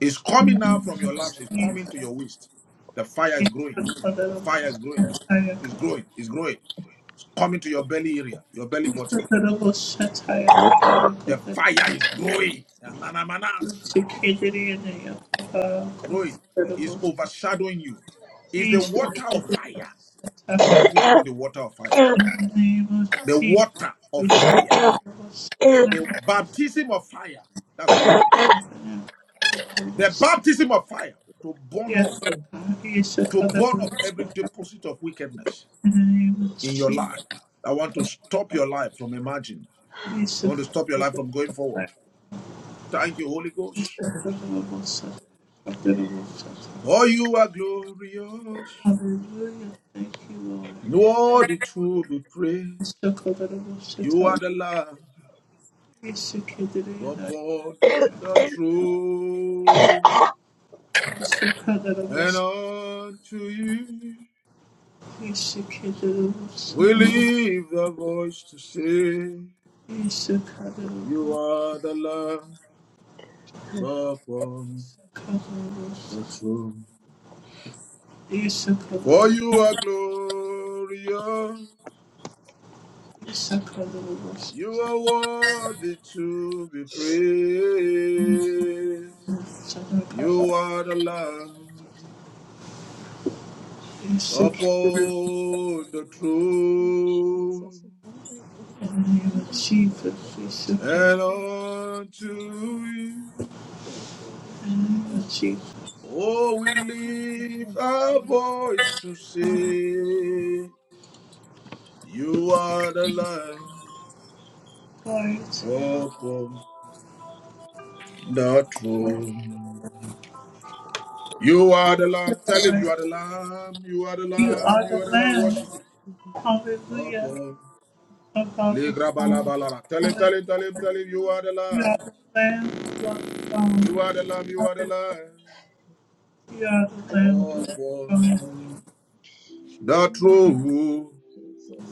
Speaker 2: It's coming now from your laps. It's coming to your waist. The fire is growing. The fire is growing. It's growing. It's growing. It's coming to your belly area, your belly button. The fire is growing. Nanamanaskias. It's growing. It's overshadowing you. It's the water of fire. God put into the water of fire. The water of
Speaker 1: we shall
Speaker 2: fire.
Speaker 1: cover
Speaker 2: The baptism of fire. That's what you need. The
Speaker 1: the
Speaker 2: baptism of fire to burn
Speaker 1: Yes,
Speaker 2: off,
Speaker 1: God. Yes,
Speaker 2: to
Speaker 1: God. Yes,
Speaker 2: burn off every
Speaker 1: God.
Speaker 2: deposit of wickedness
Speaker 1: In the name of
Speaker 2: in your
Speaker 1: Jesus.
Speaker 2: life I want to stop your life from emerging.
Speaker 1: Yes,
Speaker 2: I
Speaker 1: God. Yes,
Speaker 2: want to stop your life from going forward. Thank you, Holy Ghost.
Speaker 1: God. Yes, God. Yes, God.
Speaker 2: For you are glorious,
Speaker 1: Hallelujah. Thank you, Lord.
Speaker 2: worthy to be
Speaker 1: Yes,
Speaker 2: praised.
Speaker 1: God. Yes, God.
Speaker 2: You are the Lamb
Speaker 1: Yes, God.
Speaker 2: upon the throne, and
Speaker 1: Yeshakadarabosa,
Speaker 2: unto you we leave the voice to say, You are the Lamb upon the throne.
Speaker 1: Yeshakadarabosa, Yeshakadarabosa, Kadarabosa,
Speaker 2: For you are glorious.
Speaker 1: Yeshakadarabosa,
Speaker 2: You are worthy to be praised.
Speaker 1: Yeshakadarabosa,
Speaker 2: You are the Lamb
Speaker 1: Sadakaba,
Speaker 2: upon the throne,
Speaker 1: In the name of
Speaker 3: oh,
Speaker 1: Jesus, we should come.
Speaker 2: and unto you,
Speaker 3: the blood of Jesus, oh, the blood of
Speaker 1: In the name of
Speaker 3: Jesus,
Speaker 1: Jesus,
Speaker 2: oh, we
Speaker 3: oh, the blood of Jesus, oh, the
Speaker 2: lift
Speaker 3: blood
Speaker 2: our voice to say, You are the Lamb
Speaker 1: glory to
Speaker 2: upon the
Speaker 3: of
Speaker 2: throne. You are the
Speaker 1: you.
Speaker 2: Lamb. Tell him you
Speaker 1: Lord,
Speaker 2: are the Lamb. You are the
Speaker 1: you
Speaker 2: Lamb.
Speaker 1: are
Speaker 2: You
Speaker 1: the
Speaker 2: are the Lamb.
Speaker 1: Lamb.
Speaker 2: Worship him.
Speaker 1: Hallelujah.
Speaker 2: upon.
Speaker 1: Above the
Speaker 2: Ligra bala
Speaker 1: throne.
Speaker 2: bala Tell him,
Speaker 1: Hallelujah.
Speaker 2: tell him, tell him, tell him, you are the
Speaker 1: You are
Speaker 2: Lamb.
Speaker 1: the Lamb above the throne.
Speaker 2: You are the Lamb, you are the
Speaker 1: Hallelujah.
Speaker 2: Lamb.
Speaker 1: You are the Lamb above
Speaker 2: Upon
Speaker 1: the throne.
Speaker 2: the throne.
Speaker 3: Jesus, Jesus,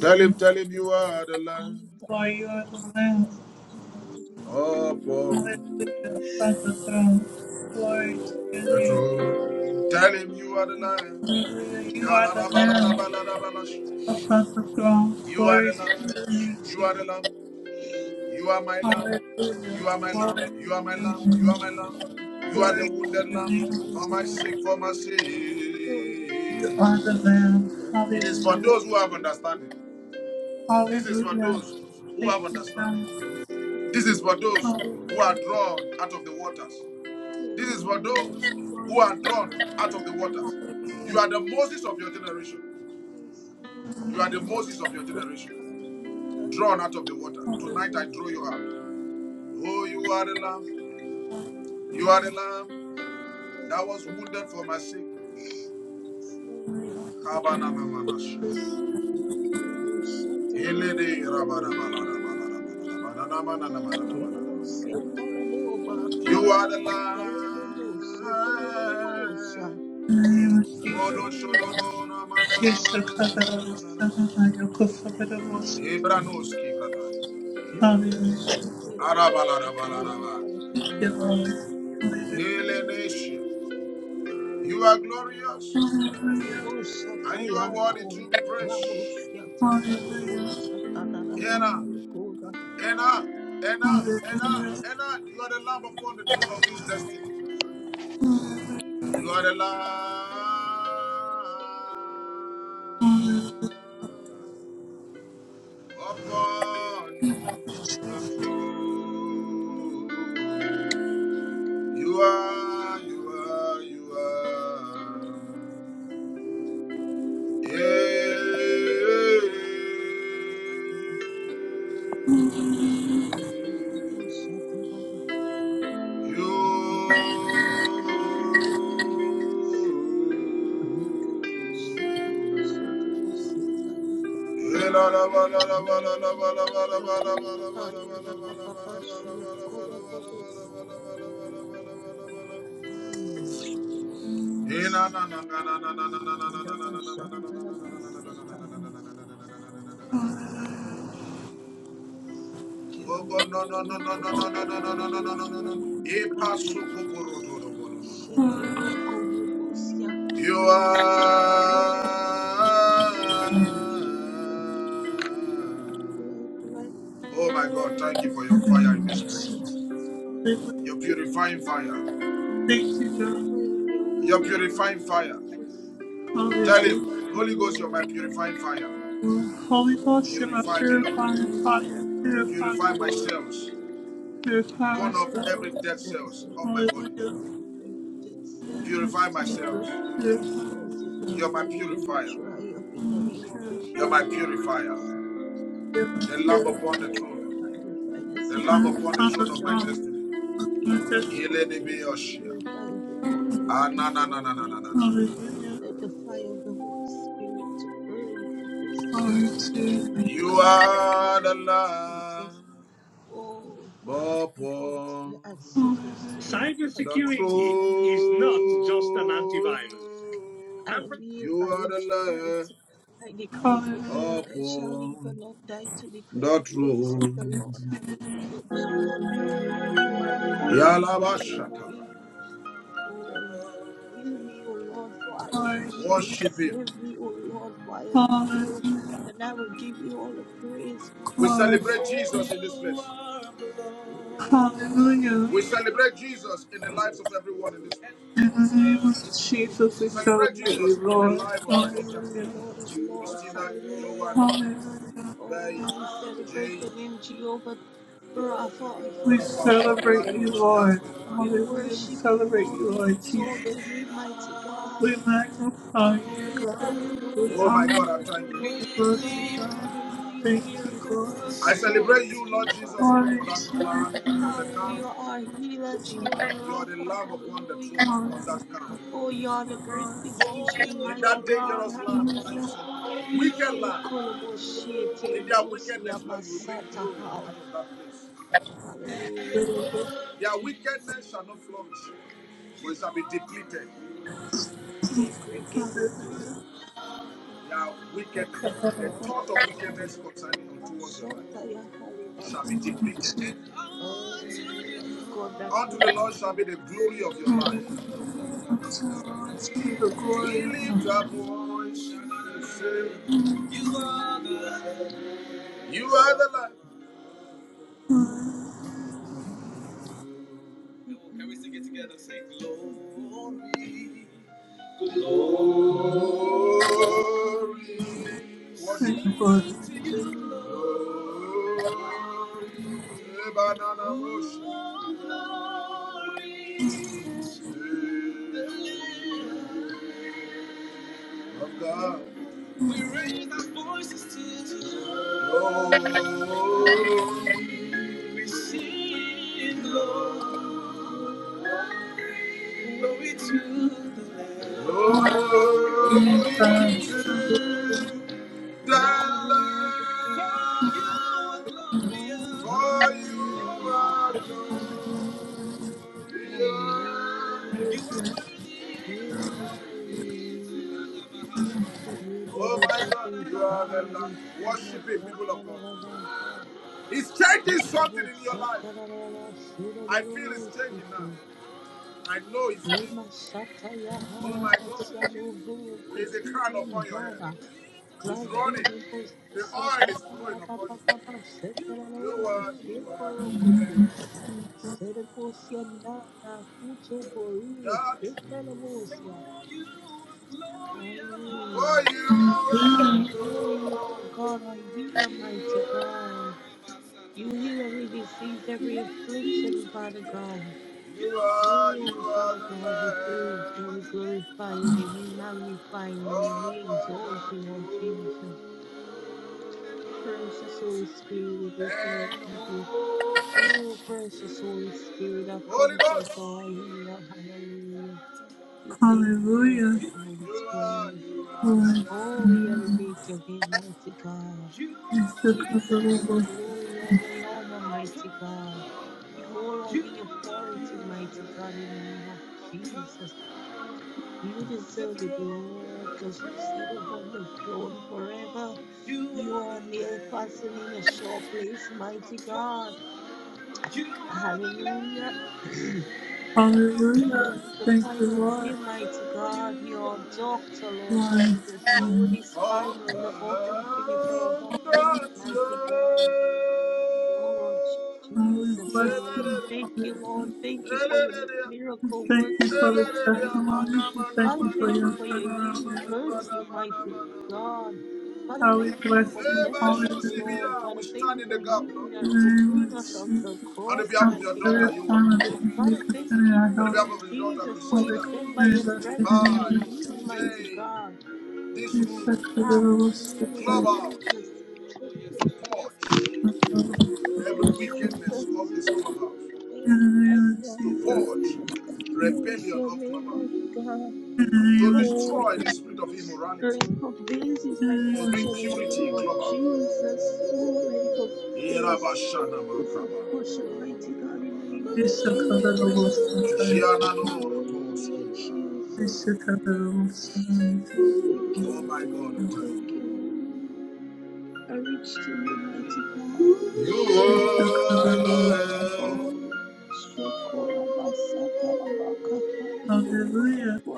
Speaker 2: Tell him, tell him, you are the
Speaker 3: I am
Speaker 2: Lamb.
Speaker 3: the
Speaker 1: Lord, you
Speaker 3: blood
Speaker 1: are
Speaker 3: of
Speaker 1: the Lamb.
Speaker 3: Jesus, I don't do
Speaker 2: Upon
Speaker 1: Hallelujah. Above the throne. Glory to your
Speaker 2: the
Speaker 1: name.
Speaker 2: throne. Tell him, you are the Lamb.
Speaker 1: Hallelujah. You are
Speaker 2: Kala
Speaker 1: the
Speaker 2: ra bala ra
Speaker 1: Lamb. Apostle Strong,
Speaker 2: You are
Speaker 1: glory
Speaker 2: the
Speaker 1: to
Speaker 2: Lamb.
Speaker 1: your name,
Speaker 2: You
Speaker 1: Jesus.
Speaker 2: are the Lamb. You are my Lamb.
Speaker 1: Hallelujah.
Speaker 2: You are my
Speaker 1: Glory to
Speaker 2: Lamb. You are my
Speaker 1: your
Speaker 2: Lamb. You
Speaker 1: name.
Speaker 2: are my Lamb. You are the
Speaker 1: Glory to
Speaker 2: wounded
Speaker 1: the name of
Speaker 2: Lamb.
Speaker 1: the
Speaker 2: For my
Speaker 1: Lord.
Speaker 2: sake, for my
Speaker 1: You
Speaker 2: sake.
Speaker 1: are the Lamb.
Speaker 2: It is for
Speaker 1: Hallelujah.
Speaker 2: those who have understanding. This is for
Speaker 1: Hallelujah.
Speaker 2: those who
Speaker 1: Thank
Speaker 2: have
Speaker 1: you, God.
Speaker 2: understanding. This is for those who are
Speaker 1: Hallelujah.
Speaker 2: drawn out of the waters. This is for those
Speaker 1: Glory
Speaker 2: who
Speaker 1: to
Speaker 2: are
Speaker 1: your
Speaker 2: drawn out
Speaker 1: name.
Speaker 2: of the waters.
Speaker 1: Hallelujah.
Speaker 2: You are the Moses of your generation. You are the
Speaker 1: Hallelujah.
Speaker 2: Moses of your generation, drawn out of the water.
Speaker 1: Hallelujah.
Speaker 2: Tonight I draw you out. Oh, you are the Lamb. You are the Lamb that was wounded for my sake. You are the light.
Speaker 1: In the name of
Speaker 2: Oh,
Speaker 1: Jesus.
Speaker 2: Lord, show the
Speaker 3: Hallelujah.
Speaker 2: Lord, na, na, na,
Speaker 1: Yes, the
Speaker 2: na, na, na,
Speaker 1: Father,
Speaker 2: na,
Speaker 1: the
Speaker 2: na, na, na.
Speaker 1: Son, and the Holy Spirit.
Speaker 2: Ibranoski, brother.
Speaker 3: Get wolf,
Speaker 1: Hallelujah.
Speaker 3: sit to the wolf, Tayahara
Speaker 2: Arabalabalaba.
Speaker 3: from
Speaker 1: Thank
Speaker 3: my
Speaker 1: you,
Speaker 3: heart.
Speaker 1: Lord. Hallelujah.
Speaker 2: Ele
Speaker 3: You
Speaker 2: nation. You are glorious
Speaker 3: are the
Speaker 1: Hallelujah.
Speaker 3: most
Speaker 2: and you are worthy
Speaker 3: Tayahara.
Speaker 2: to be
Speaker 3: Ramos,
Speaker 2: praised.
Speaker 3: Yatahari, Wolf,
Speaker 1: Hallelujah.
Speaker 3: Satana,
Speaker 2: Ena,
Speaker 3: Halekoda.
Speaker 2: Ena, Ena, Ena,
Speaker 1: Hallelujah.
Speaker 2: Ena. You are the lamb upon the throne of this destiny. You are the lamb. Upon You are, you are, you are. Yeah.
Speaker 3: You can go Satana, you never pass that little person. Nikala, she goes to Mosiata. You are my mother, Bayana, Papa
Speaker 2: You. Oh
Speaker 3: Kira basanta la basiata Kero
Speaker 2: God,
Speaker 3: kuto
Speaker 2: no, no, no, no,
Speaker 3: kuto
Speaker 2: no, no, no, no,
Speaker 3: kuto kuto
Speaker 2: no,
Speaker 3: kuto
Speaker 2: no, no,
Speaker 3: siani bakaha.
Speaker 2: no,
Speaker 3: Shetero
Speaker 2: no,
Speaker 3: kubo bosia.
Speaker 2: You are.
Speaker 3: Jesus, you are the light,
Speaker 2: Oh my God, thank you for your
Speaker 3: you
Speaker 2: fire in
Speaker 3: are
Speaker 2: this
Speaker 3: the
Speaker 2: place.
Speaker 3: light, I am
Speaker 1: Hallelujah.
Speaker 2: Your purifying
Speaker 3: the light.
Speaker 2: fire.
Speaker 1: Thank you,
Speaker 3: The
Speaker 1: God.
Speaker 3: apple of your
Speaker 2: Your
Speaker 3: eye, Lord
Speaker 2: purifying fire.
Speaker 3: Jesus.
Speaker 2: Tell
Speaker 1: Hallelujah.
Speaker 2: him, Holy Ghost, you're
Speaker 3: Oh,
Speaker 2: my purifying fire.
Speaker 1: Lord. Holy
Speaker 3: Lord,
Speaker 1: Ghost, you're
Speaker 3: those
Speaker 1: my
Speaker 3: who
Speaker 2: Purify
Speaker 3: are
Speaker 2: me, Lord.
Speaker 1: purifying
Speaker 3: my
Speaker 1: fire.
Speaker 3: refined,
Speaker 1: Purify me,
Speaker 2: Purify my
Speaker 1: Lord.
Speaker 2: cells.
Speaker 1: Purify my
Speaker 2: Burn off
Speaker 3: my
Speaker 1: soul.
Speaker 2: every dead
Speaker 3: distance,
Speaker 2: cells
Speaker 3: Lord,
Speaker 2: of my
Speaker 3: you
Speaker 2: body.
Speaker 3: just
Speaker 1: Hallelujah.
Speaker 3: remove every dead cell.
Speaker 1: Amen.
Speaker 2: Purify my
Speaker 1: Jesus.
Speaker 3: Every
Speaker 2: cells.
Speaker 3: crazy
Speaker 1: Purify
Speaker 3: source in
Speaker 1: my
Speaker 3: my
Speaker 2: You're my
Speaker 3: body will
Speaker 2: purifier.
Speaker 3: dry up in the
Speaker 1: soul.
Speaker 3: name of
Speaker 2: You're
Speaker 1: Purify
Speaker 2: my
Speaker 1: it.
Speaker 3: Jesus.
Speaker 2: purifier.
Speaker 1: Yeah,
Speaker 3: You're
Speaker 2: The
Speaker 3: my
Speaker 2: lamb
Speaker 1: purify
Speaker 2: upon the
Speaker 1: it.
Speaker 3: purifier, you're
Speaker 2: throne.
Speaker 3: my refiner's
Speaker 2: The lamb
Speaker 3: fire,
Speaker 1: Around
Speaker 2: upon
Speaker 1: from
Speaker 2: the
Speaker 1: the
Speaker 2: throne
Speaker 3: mighty
Speaker 2: of my
Speaker 3: God.
Speaker 1: throne.
Speaker 2: destiny.
Speaker 1: From my
Speaker 3: In the
Speaker 1: destiny.
Speaker 3: name of
Speaker 2: Yelene
Speaker 3: Jesus,
Speaker 2: Beoshia.
Speaker 3: purify every organ in
Speaker 2: Ah,
Speaker 3: my
Speaker 2: na, na, na,
Speaker 3: body,
Speaker 2: na, na, na, na,
Speaker 3: mighty
Speaker 2: na, na,
Speaker 3: God.
Speaker 2: na,
Speaker 1: Hallelujah.
Speaker 3: Let the fire of the Holy Spirit to burn every
Speaker 1: Glory
Speaker 3: cancer
Speaker 1: to
Speaker 3: cell
Speaker 1: you.
Speaker 3: in my
Speaker 2: You
Speaker 3: body in the
Speaker 2: are
Speaker 3: name
Speaker 2: the
Speaker 3: of Jesus.
Speaker 2: lamb
Speaker 3: Oh, Father, I bless
Speaker 2: upon the
Speaker 3: the secret spirit
Speaker 1: Hallelujah.
Speaker 3: to the body in the name
Speaker 2: Cybersecurity
Speaker 3: of
Speaker 2: is
Speaker 3: Jesus.
Speaker 2: not just an antivirus. throne.
Speaker 3: I
Speaker 2: Amber-
Speaker 3: live
Speaker 2: You
Speaker 3: by
Speaker 2: are
Speaker 3: your
Speaker 2: the
Speaker 3: stripes.
Speaker 2: lamb
Speaker 3: I decree and declare
Speaker 1: Hallelujah.
Speaker 3: that I shall live
Speaker 2: upon
Speaker 3: and not die to declare
Speaker 2: Not
Speaker 3: the works
Speaker 2: true.
Speaker 3: of the Lord. Hallelujah,
Speaker 1: Glory,
Speaker 3: Jesus. You are the God that healeth me.
Speaker 2: Yalabashata.
Speaker 3: Oh, heal me, O Lord, for I am healed.
Speaker 2: Worship
Speaker 3: Save
Speaker 2: Him.
Speaker 3: me, O Lord, for I am saved.
Speaker 1: hallelujah,
Speaker 3: And I will give you all the praise,
Speaker 2: We
Speaker 3: mighty
Speaker 1: glory,
Speaker 2: celebrate
Speaker 3: God.
Speaker 2: Jesus in this place.
Speaker 3: In the name of
Speaker 1: hallelujah.
Speaker 2: We
Speaker 3: Jesus.
Speaker 2: celebrate Jesus in the lives of
Speaker 3: Yes,
Speaker 2: everyone in
Speaker 3: Lord.
Speaker 2: this place.
Speaker 1: In the name of
Speaker 3: We
Speaker 1: Jesus, we
Speaker 3: celebrate the
Speaker 2: Celebrate
Speaker 1: celebrate you,
Speaker 2: Jesus
Speaker 3: mighty
Speaker 2: in the
Speaker 3: King
Speaker 1: Lord.
Speaker 3: of
Speaker 2: life of
Speaker 3: Kings
Speaker 2: Renita,
Speaker 3: and the
Speaker 1: Hallelujah,
Speaker 3: Lord of Lords.
Speaker 2: Christina,
Speaker 3: Hallelujah.
Speaker 2: Johan,
Speaker 1: hallelujah.
Speaker 2: Bay,
Speaker 3: Oh, we celebrate
Speaker 2: Jay.
Speaker 3: your name, Jehovah Rapha, our
Speaker 1: We
Speaker 2: going
Speaker 3: healer.
Speaker 2: perform
Speaker 1: celebrate
Speaker 2: that
Speaker 1: you,
Speaker 3: Hallelujah.
Speaker 2: which He has
Speaker 1: Lord.
Speaker 2: for your
Speaker 3: We
Speaker 2: life.
Speaker 1: Hallelujah, we
Speaker 3: worship you,
Speaker 1: celebrate
Speaker 3: Lord.
Speaker 1: you,
Speaker 3: We
Speaker 1: Lord
Speaker 3: exalt
Speaker 1: Jesus.
Speaker 3: your name, mighty God.
Speaker 1: We magnify you, God. We
Speaker 2: Oh
Speaker 3: Hallelujah,
Speaker 2: my
Speaker 1: honor
Speaker 2: God, I
Speaker 1: you,
Speaker 2: thank
Speaker 3: miracle
Speaker 2: you.
Speaker 1: we
Speaker 3: working
Speaker 1: love you,
Speaker 3: God.
Speaker 1: God.
Speaker 3: Hallelujah,
Speaker 1: We thank you,
Speaker 3: miracle
Speaker 1: Lord.
Speaker 3: worker,
Speaker 2: I celebrate
Speaker 3: promise
Speaker 2: you, Lord
Speaker 3: keeper.
Speaker 2: Jesus, even for
Speaker 1: Hallelujah!
Speaker 2: that
Speaker 1: to
Speaker 2: plan, for the camp.
Speaker 3: Hallelujah, our healer, Jehovah
Speaker 2: You are the
Speaker 3: Rapha.
Speaker 2: Lamb upon the
Speaker 3: Hallelujah.
Speaker 2: throne on that camp.
Speaker 3: Oh, you are the great physician,
Speaker 2: in
Speaker 3: mighty
Speaker 2: that
Speaker 3: God.
Speaker 2: dangerous land that you
Speaker 3: Hallelujah.
Speaker 2: see, wicked land.
Speaker 3: Ekoloboshi,
Speaker 2: In their
Speaker 3: Telebosia,
Speaker 2: wickedness, Lord, you will bring
Speaker 3: Masata,
Speaker 2: glory
Speaker 3: how.
Speaker 2: out of that place.
Speaker 1: you,
Speaker 3: Hallelujah.
Speaker 2: Their wickedness shall not flourish, for it shall be depleted.
Speaker 3: Kekrekedoko,
Speaker 2: Their wickedness, the thought of wickedness concerning unto towards your life,
Speaker 3: Shataya
Speaker 2: shall be
Speaker 1: hallelujah.
Speaker 3: Halibakata.
Speaker 2: depleted.
Speaker 1: Thank you, Lord.
Speaker 3: Oh, you are the God that
Speaker 2: Unto the
Speaker 3: heals
Speaker 2: Lord shall
Speaker 3: me.
Speaker 2: be the glory of your life.
Speaker 3: You are the God
Speaker 1: to the
Speaker 3: who
Speaker 2: We
Speaker 1: glory of my
Speaker 2: lift
Speaker 3: heals
Speaker 2: our
Speaker 1: heart
Speaker 2: voice
Speaker 3: me.
Speaker 2: to say, You are the Lord. You are the Lord.
Speaker 3: You are the healer.
Speaker 2: Can we sing it together? Say glory, glory.
Speaker 3: You are the God
Speaker 1: and
Speaker 2: Worship Him.
Speaker 3: I
Speaker 1: the glory
Speaker 2: to you,
Speaker 3: need.
Speaker 2: glory. Ebanana
Speaker 3: You
Speaker 2: moshe.
Speaker 3: are the God
Speaker 2: Glory
Speaker 3: that
Speaker 2: to the
Speaker 3: heals
Speaker 2: Lamb
Speaker 3: me.
Speaker 2: of
Speaker 3: You
Speaker 2: God.
Speaker 3: are
Speaker 2: We
Speaker 3: the
Speaker 2: raise our
Speaker 3: God.
Speaker 2: voices to the
Speaker 3: You are
Speaker 2: Lord. Glory. We sing
Speaker 3: the
Speaker 2: glory. Glory to the Lamb. Glory to the Lamb.
Speaker 3: overcome
Speaker 2: For you are
Speaker 3: my
Speaker 2: glorious. You
Speaker 3: healing.
Speaker 2: are glorious.
Speaker 3: Hallelujah.
Speaker 2: You are worthy.
Speaker 3: Oh, hallelujah. You did
Speaker 2: Oh
Speaker 3: it
Speaker 2: my
Speaker 3: with
Speaker 2: God,
Speaker 3: this.
Speaker 2: you are the
Speaker 3: You
Speaker 2: Lamb.
Speaker 3: will see a
Speaker 2: Worship Him, people of God.
Speaker 3: master.
Speaker 2: He's changing
Speaker 3: You
Speaker 2: something
Speaker 3: will
Speaker 2: in
Speaker 3: see a
Speaker 2: your life.
Speaker 3: master.
Speaker 2: I
Speaker 3: You
Speaker 2: feel it's
Speaker 3: will see a
Speaker 2: changing
Speaker 3: master.
Speaker 2: now. I know it's changing.
Speaker 3: Limashata ya
Speaker 2: Oh
Speaker 3: haya
Speaker 2: my God,
Speaker 3: basialo huru
Speaker 2: there is a crown
Speaker 3: kutiri
Speaker 2: upon your head.
Speaker 3: njara.
Speaker 2: It's
Speaker 3: Grazi
Speaker 2: running.
Speaker 3: nebo
Speaker 2: The oil
Speaker 3: siata
Speaker 2: is flowing
Speaker 3: kaya
Speaker 2: upon
Speaker 3: papa papa
Speaker 2: you.
Speaker 3: shetera
Speaker 2: You
Speaker 3: lomo
Speaker 2: are, you
Speaker 3: sheko
Speaker 2: are the
Speaker 3: rokotu.
Speaker 2: land
Speaker 3: Serposia nana kuto boire
Speaker 2: that.
Speaker 3: shetera
Speaker 2: For
Speaker 3: bosia.
Speaker 2: you are glorious.
Speaker 3: Hallelujah.
Speaker 2: For You are, glorious.
Speaker 3: Oh, you are God, our healer,
Speaker 2: you
Speaker 3: mighty God. You heal every disease, every affliction, Father God.
Speaker 2: are you
Speaker 3: Oh,
Speaker 2: are
Speaker 3: Father
Speaker 2: the
Speaker 3: God, we praise you, we
Speaker 2: land upon
Speaker 3: glorify
Speaker 2: the
Speaker 3: your name, we magnify your
Speaker 2: throne.
Speaker 3: name, we exalt you, Lord Jesus. Precious Holy Spirit, we
Speaker 2: And
Speaker 3: thank you.
Speaker 2: all
Speaker 3: Oh, precious Holy Spirit, our
Speaker 2: Holy
Speaker 3: comforter,
Speaker 2: Ghost,
Speaker 3: our healer, hallelujah. We thank you,
Speaker 1: Hallelujah.
Speaker 3: precious
Speaker 2: you
Speaker 3: Holy
Speaker 2: are,
Speaker 3: Spirit.
Speaker 2: you are
Speaker 1: Lord,
Speaker 2: the
Speaker 3: Oh, we
Speaker 2: Lamb.
Speaker 3: elevate your name, mighty God.
Speaker 2: You
Speaker 1: thank
Speaker 2: are the
Speaker 3: You
Speaker 1: you,
Speaker 3: deserve
Speaker 2: Lamb
Speaker 3: all the
Speaker 1: Lord.
Speaker 3: glory, all the honor,
Speaker 2: of God.
Speaker 3: mighty God. You hold all
Speaker 2: You
Speaker 3: the
Speaker 2: are the
Speaker 3: authority, mighty God,
Speaker 2: Lamb
Speaker 3: in the name of
Speaker 2: upon
Speaker 3: Jesus. You
Speaker 2: the
Speaker 3: deserve it,
Speaker 2: throne.
Speaker 3: Lord, because you sit upon the throne forever.
Speaker 2: You
Speaker 3: You
Speaker 2: are
Speaker 3: are
Speaker 2: the
Speaker 3: nail fastened in a
Speaker 2: Lamb.
Speaker 3: sure place, mighty God.
Speaker 2: You are the
Speaker 3: Hallelujah.
Speaker 2: Lamb
Speaker 3: <clears throat>
Speaker 2: upon
Speaker 3: You
Speaker 1: Hallelujah.
Speaker 3: are the
Speaker 1: Thank you,
Speaker 3: final say,
Speaker 1: Lord.
Speaker 3: mighty
Speaker 2: Oh,
Speaker 3: God.
Speaker 2: you
Speaker 3: Your
Speaker 2: are
Speaker 3: doctor, Lord
Speaker 1: Lord,
Speaker 3: Jesus.
Speaker 2: the
Speaker 3: Your word
Speaker 2: Lamb
Speaker 3: is
Speaker 2: upon
Speaker 3: final, the author and finisher of all things,
Speaker 2: God's love.
Speaker 3: mighty God. Oh, Lord
Speaker 1: God, we
Speaker 3: Jesus.
Speaker 1: bless
Speaker 3: Oh,
Speaker 1: you.
Speaker 3: thank you, Lord.
Speaker 1: Hallelujah.
Speaker 3: Thank you for your
Speaker 1: We
Speaker 3: miracle
Speaker 1: Thank you
Speaker 3: working
Speaker 1: for the
Speaker 3: hands, mighty God.
Speaker 1: testimony. We Thank
Speaker 3: Father,
Speaker 1: you for
Speaker 3: thank you
Speaker 1: your
Speaker 3: for your
Speaker 1: turnaround
Speaker 3: healing
Speaker 1: miracle.
Speaker 3: virtue, mighty God. Father,
Speaker 1: God, we
Speaker 3: thank you
Speaker 1: bless
Speaker 3: for
Speaker 1: you.
Speaker 3: touching us, oh
Speaker 1: Hallelujah.
Speaker 3: Lord. Father,
Speaker 2: We
Speaker 3: thank
Speaker 2: stand
Speaker 3: you
Speaker 2: in the
Speaker 3: for
Speaker 2: gap, Lord.
Speaker 3: healing
Speaker 1: In
Speaker 3: us, for
Speaker 1: the name of
Speaker 3: freeing us of the
Speaker 1: Jesus,
Speaker 2: On
Speaker 1: we
Speaker 2: the
Speaker 3: cross,
Speaker 2: behalf
Speaker 1: come
Speaker 2: of your
Speaker 3: mighty
Speaker 1: to
Speaker 2: daughter,
Speaker 1: every
Speaker 3: God.
Speaker 1: form of the enemy
Speaker 3: Father, thank
Speaker 1: concerning
Speaker 2: Yohan.
Speaker 1: our
Speaker 3: you,
Speaker 2: On the
Speaker 3: oh
Speaker 2: behalf
Speaker 3: Lord
Speaker 2: of
Speaker 1: health.
Speaker 2: your daughter,
Speaker 3: Jesus, for
Speaker 1: All
Speaker 3: you
Speaker 1: the
Speaker 3: said
Speaker 2: Christina.
Speaker 3: by your
Speaker 1: concerns of the
Speaker 3: strength we are
Speaker 2: By
Speaker 1: name of
Speaker 3: healed,
Speaker 1: Jesus.
Speaker 3: mighty
Speaker 2: day,
Speaker 3: God.
Speaker 2: this
Speaker 1: Yes, I
Speaker 2: room,
Speaker 1: could have lost the
Speaker 3: Hallelujah,
Speaker 1: fight.
Speaker 2: clubhouse,
Speaker 3: Jesus.
Speaker 2: to
Speaker 3: Thank you, Lord.
Speaker 2: purge
Speaker 1: Hallelujah.
Speaker 3: thank you,
Speaker 2: every wickedness of
Speaker 3: Jesus.
Speaker 2: this clubhouse.
Speaker 3: Thank you, mighty God.
Speaker 2: To purge
Speaker 3: Praise
Speaker 2: rebellion
Speaker 3: your
Speaker 2: of
Speaker 3: name, mighty
Speaker 2: clubhouse.
Speaker 3: God.
Speaker 2: To
Speaker 3: Oh,
Speaker 2: destroy the spirit of immorality.
Speaker 3: length of days is my
Speaker 2: To bring
Speaker 3: portion in the
Speaker 2: purity in
Speaker 3: name of
Speaker 2: clubhouse.
Speaker 3: Jesus. Oh, length of days is a portion, mighty God, in the name of Jesus. Hallelujah, Jesus. Oh, thank you,
Speaker 2: Oh my God,
Speaker 3: Lord.
Speaker 2: we thank you.
Speaker 3: Thank you, Lord. I reach to you, mighty God.
Speaker 2: You
Speaker 3: Hallelujah.
Speaker 2: are the Lamb.
Speaker 3: Oh, Sheko Abasata Abakaha. You are wounded for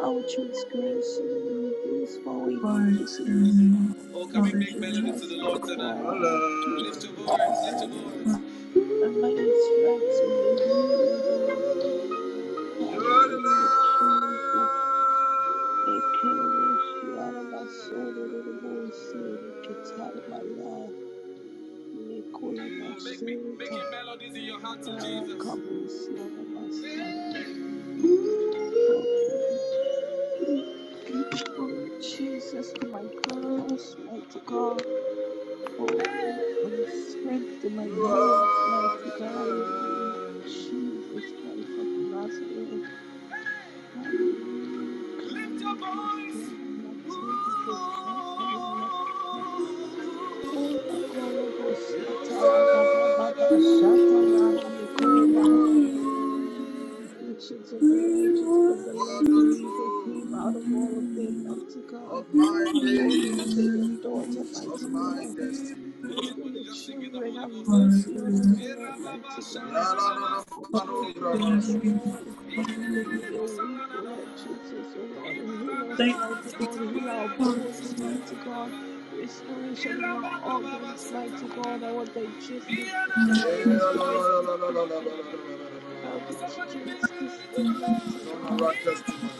Speaker 3: our transgression, you bruise for our
Speaker 1: Glory to your
Speaker 3: iniquities,
Speaker 1: name.
Speaker 2: Oh, can
Speaker 3: and
Speaker 2: we
Speaker 3: the
Speaker 2: make
Speaker 1: Hallelujah.
Speaker 2: melody to the
Speaker 3: chastisement
Speaker 2: Lord
Speaker 3: for
Speaker 2: tonight? Your
Speaker 3: our
Speaker 2: Lamb. Lift
Speaker 3: peace
Speaker 2: your
Speaker 3: was
Speaker 2: voice, lift your
Speaker 3: upon you.
Speaker 2: voice.
Speaker 3: And by your stripes we are healed.
Speaker 2: You are the
Speaker 3: Hallelujah,
Speaker 2: Lamb.
Speaker 3: Jesus. Ekemoshi alamasoro rorobosi eketarabaya nekola
Speaker 2: Oh, make me
Speaker 3: maseta
Speaker 2: making melodies in your heart to Jesus.
Speaker 3: darakabusi alabasa. Oh, thank you, Lord Jesus, my first mighty God. Oh, and strength to my
Speaker 2: You
Speaker 3: bones,
Speaker 2: are
Speaker 3: mighty
Speaker 2: the
Speaker 3: God, in the name of
Speaker 2: Lamb.
Speaker 3: Jesus Christ of Nazareth. Hallelujah.
Speaker 2: Lift your
Speaker 3: Carol
Speaker 2: voice.
Speaker 3: Bosia,
Speaker 2: Ooh.
Speaker 3: Martin Bosia, Tayana. Oh, Nicole
Speaker 2: You
Speaker 3: Bosia, Tara, Baba,
Speaker 2: are the
Speaker 3: Baba, Shata,
Speaker 2: Lamb of
Speaker 3: Yahanikoma.
Speaker 2: God.
Speaker 3: Many are the afflictions of the
Speaker 1: We
Speaker 3: righteous, but the
Speaker 2: You
Speaker 1: worship
Speaker 2: are
Speaker 3: Lord
Speaker 2: the
Speaker 3: delivers him
Speaker 2: truth
Speaker 3: out of all of them, mighty
Speaker 2: of
Speaker 3: God.
Speaker 2: my
Speaker 3: Oh, deliver
Speaker 2: days
Speaker 3: your
Speaker 1: you.
Speaker 3: daughter,
Speaker 2: of
Speaker 3: mighty
Speaker 2: my
Speaker 3: God.
Speaker 2: destiny. Oh,
Speaker 3: Deliver
Speaker 2: somebody
Speaker 3: your
Speaker 2: just sing in the
Speaker 3: children.
Speaker 2: Holy
Speaker 3: Have
Speaker 1: Hallelujah.
Speaker 2: Ghost tonight.
Speaker 1: Glory to
Speaker 3: mercy on us, O Lord, mighty God.
Speaker 2: La la la
Speaker 3: Have mercy
Speaker 1: your
Speaker 3: on us, O
Speaker 1: name.
Speaker 3: Lord.
Speaker 1: Hallelujah.
Speaker 3: We are weak, O Lord Jesus, O Lord. Heal us,
Speaker 1: Thank you.
Speaker 3: mighty God.
Speaker 2: la la
Speaker 3: Heal our
Speaker 2: la la
Speaker 3: bones, mighty God.
Speaker 2: la. Turn around testimony.
Speaker 3: Restoration in our organs, mighty God. Our digestive
Speaker 2: Turn
Speaker 3: system, our
Speaker 1: Hallelujah.
Speaker 3: respiratory system, our pituitary system, mighty God.
Speaker 2: around testimony.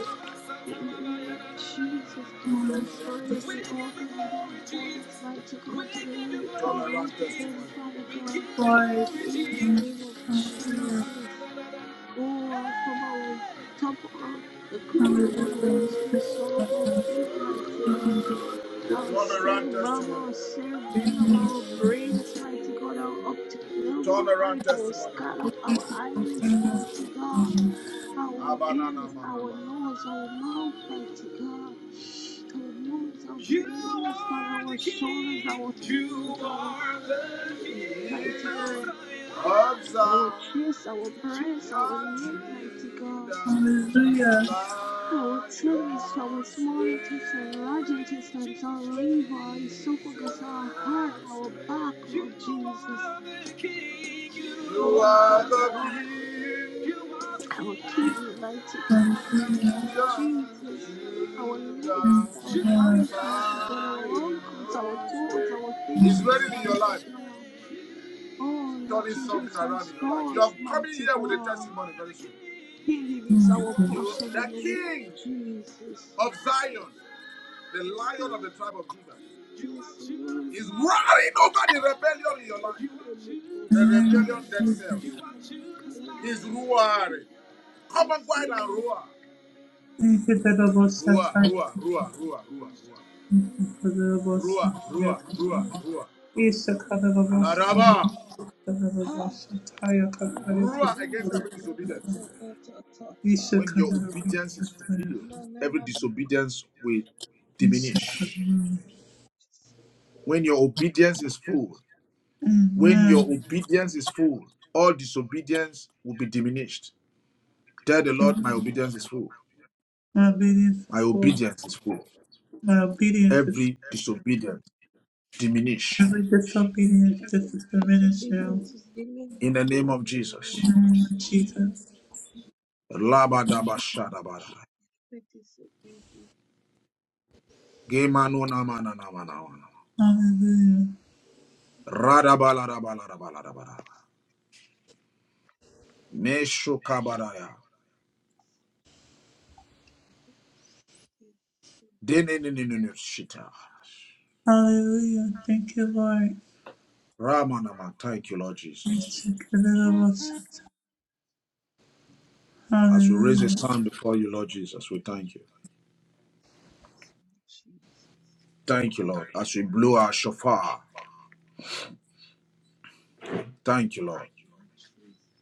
Speaker 3: In the
Speaker 2: Turn
Speaker 3: name of
Speaker 2: around testimony.
Speaker 3: Jesus, Father, restore
Speaker 2: We
Speaker 3: every
Speaker 2: give you
Speaker 3: organ in our
Speaker 2: glory,
Speaker 3: bodies,
Speaker 2: Jesus.
Speaker 3: mighty God, to the way you
Speaker 2: Turn
Speaker 3: created
Speaker 2: around
Speaker 3: them, Father God.
Speaker 1: Glory.
Speaker 3: in the name of
Speaker 1: Hallelujah.
Speaker 3: Jesus. Oh, from our top of the crown of our heads
Speaker 1: Hallelujah.
Speaker 3: to the sole of our feet, mighty God. Our cerebellum,
Speaker 2: testimony.
Speaker 3: our cerebellum, our brains, mighty God, our optic nerve, our
Speaker 2: Turn around
Speaker 3: eyes, our
Speaker 2: testimony.
Speaker 3: scalp, our iris, mighty God, our
Speaker 2: Abanana
Speaker 3: ears, our
Speaker 2: manama.
Speaker 3: nose, our mouth, mighty God, our nose, our
Speaker 2: You
Speaker 3: premolars, Father,
Speaker 2: are
Speaker 3: our
Speaker 2: the
Speaker 3: shoulders,
Speaker 2: king.
Speaker 3: our
Speaker 2: You
Speaker 3: fingers, our
Speaker 2: are the
Speaker 3: skin,
Speaker 2: king
Speaker 3: mighty God
Speaker 2: of
Speaker 3: our
Speaker 2: Zion.
Speaker 3: chest, our breast, our
Speaker 2: Zion,
Speaker 3: neck,
Speaker 2: Judah,
Speaker 3: mighty God.
Speaker 1: Hallelujah.
Speaker 3: Our tummies, our
Speaker 2: Lion's
Speaker 3: small intestine, large
Speaker 2: reign.
Speaker 3: intestines, our
Speaker 2: Jesus reign.
Speaker 3: liver, our esophagus, our heart, our back,
Speaker 2: You
Speaker 3: Lord Jesus.
Speaker 2: are the king. You
Speaker 3: Oh,
Speaker 2: are
Speaker 3: Father
Speaker 2: the
Speaker 3: God.
Speaker 2: king. You are the
Speaker 3: Our
Speaker 2: king.
Speaker 3: kidney, mighty God.
Speaker 1: Hallelujah.
Speaker 3: Lord Jesus. Our legs,
Speaker 1: Thank you,
Speaker 3: our
Speaker 1: Lord.
Speaker 3: thighs, mighty God. Our ankles, our toes, our
Speaker 2: It's
Speaker 3: fingers,
Speaker 2: ready in your
Speaker 3: mighty
Speaker 2: life.
Speaker 3: God. Oh, Lord
Speaker 2: Turning something
Speaker 3: Jesus,
Speaker 2: around in your life.
Speaker 3: restore
Speaker 2: You are
Speaker 3: us,
Speaker 2: coming
Speaker 3: mighty
Speaker 2: here with a
Speaker 3: God.
Speaker 2: testimony very soon.
Speaker 3: Healing is our
Speaker 2: You,
Speaker 3: portion in
Speaker 2: the
Speaker 3: the name of
Speaker 2: King
Speaker 3: Jesus.
Speaker 2: of Zion,
Speaker 3: Yes,
Speaker 2: the Lion of
Speaker 3: Lord.
Speaker 2: the tribe of
Speaker 3: Yes,
Speaker 2: Judah,
Speaker 3: Lord.
Speaker 2: is roaring over the rebellion in your life.
Speaker 3: Okay, my
Speaker 2: The
Speaker 3: gosh.
Speaker 1: Amen.
Speaker 3: Okay,
Speaker 2: rebellion
Speaker 3: my
Speaker 2: dead
Speaker 3: God.
Speaker 2: cells.
Speaker 3: I'm not coming.
Speaker 2: is roaring. Come on,
Speaker 3: Yes,
Speaker 2: go
Speaker 3: Lord.
Speaker 2: and roar.
Speaker 1: Thank you, the Lord, most high.
Speaker 2: Roar,
Speaker 1: Thank
Speaker 2: roar, roar, roar, roar,
Speaker 3: Yes,
Speaker 2: roar.
Speaker 3: Lord.
Speaker 1: you for the Lord, most
Speaker 2: Rua,
Speaker 1: high.
Speaker 2: Rua, Rua,
Speaker 3: Oh,
Speaker 2: Rua.
Speaker 1: Yes, the God of the
Speaker 3: ah,
Speaker 1: most high.
Speaker 2: Laraba.
Speaker 1: The Lord,
Speaker 3: ah.
Speaker 1: most high. I come by you,
Speaker 3: Ugu,
Speaker 1: good
Speaker 2: Rua
Speaker 3: ugu,
Speaker 2: against
Speaker 3: da,
Speaker 2: every
Speaker 1: Lord.
Speaker 3: da, da,
Speaker 2: disobedience.
Speaker 3: da, da, da, da, da.
Speaker 1: Yes, the
Speaker 2: When
Speaker 1: God
Speaker 2: your
Speaker 1: of the
Speaker 2: obedience is
Speaker 1: most high.
Speaker 2: fulfilled,
Speaker 3: No, no,
Speaker 2: every
Speaker 3: no.
Speaker 2: disobedience will
Speaker 1: Yes, the God of the
Speaker 2: diminish.
Speaker 1: most high.
Speaker 2: When your obedience is full, when your
Speaker 1: Amen.
Speaker 2: obedience is full, all disobedience will be diminished. Tell the Lord, my obedience is full.
Speaker 1: My obedience
Speaker 2: My
Speaker 1: is full.
Speaker 2: obedience is full.
Speaker 1: My obedience is full.
Speaker 2: Every disobedience diminish.
Speaker 1: Every disobedience,
Speaker 3: Every
Speaker 1: diminished now. In
Speaker 3: disobedience is
Speaker 2: In the
Speaker 3: diminished
Speaker 2: name
Speaker 3: in
Speaker 2: of
Speaker 3: the name
Speaker 2: Jesus.
Speaker 1: the
Speaker 3: of
Speaker 1: name of
Speaker 3: Jesus.
Speaker 1: Jesus.
Speaker 2: Labadabashadabada.
Speaker 3: The
Speaker 2: Gemanonamanamanamana.
Speaker 1: Hallelujah.
Speaker 2: Radabalarabalarabalarabara. Meshukabaraya.
Speaker 3: disobedience.
Speaker 2: Denenenenushita.
Speaker 1: Hallelujah. Thank you, Lord.
Speaker 2: Ramanama. Thank you, Lord Jesus.
Speaker 1: Thanks to Lord
Speaker 2: As we raise a
Speaker 1: Hallelujah.
Speaker 2: sound before you, Lord Jesus, we thank you.
Speaker 3: Sweet Jesus.
Speaker 2: Thank you, Lord. As we blow our shofar, thank you, Lord.
Speaker 3: Thank you, Jesus.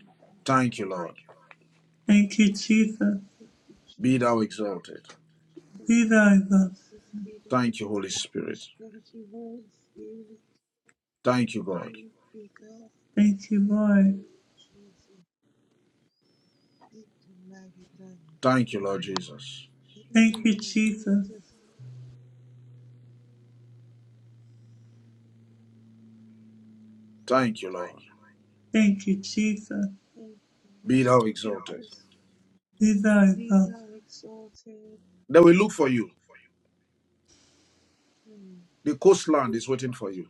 Speaker 3: Oh,
Speaker 2: Thank you, Lord.
Speaker 1: Thank you,
Speaker 3: hallelujah.
Speaker 1: Jesus.
Speaker 3: Thank you,
Speaker 2: Be
Speaker 3: Jesus.
Speaker 2: thou exalted.
Speaker 3: Thank
Speaker 1: Be
Speaker 3: you,
Speaker 1: thy love.
Speaker 3: Jesus. Be the example.
Speaker 2: Thank you, Holy Spirit.
Speaker 3: Thank you, Holy Spirit.
Speaker 2: Thank you, God.
Speaker 3: Thank you, God.
Speaker 1: Thank you, Lord.
Speaker 3: Hallelujah, Jesus. Thank you, mighty God.
Speaker 2: Thank you, Lord Jesus.
Speaker 3: Thank you,
Speaker 1: Thank you,
Speaker 3: Lord
Speaker 1: Jesus.
Speaker 3: Jesus.
Speaker 2: Thank you, Lord.
Speaker 1: Thank you, Jesus.
Speaker 3: Thank you,
Speaker 2: Be
Speaker 3: Lord
Speaker 2: thou exalted.
Speaker 3: Jesus.
Speaker 1: Be thy
Speaker 3: Be
Speaker 1: love.
Speaker 3: thou exalted.
Speaker 2: They will look for you.
Speaker 3: Mm.
Speaker 2: The coastland is waiting for you.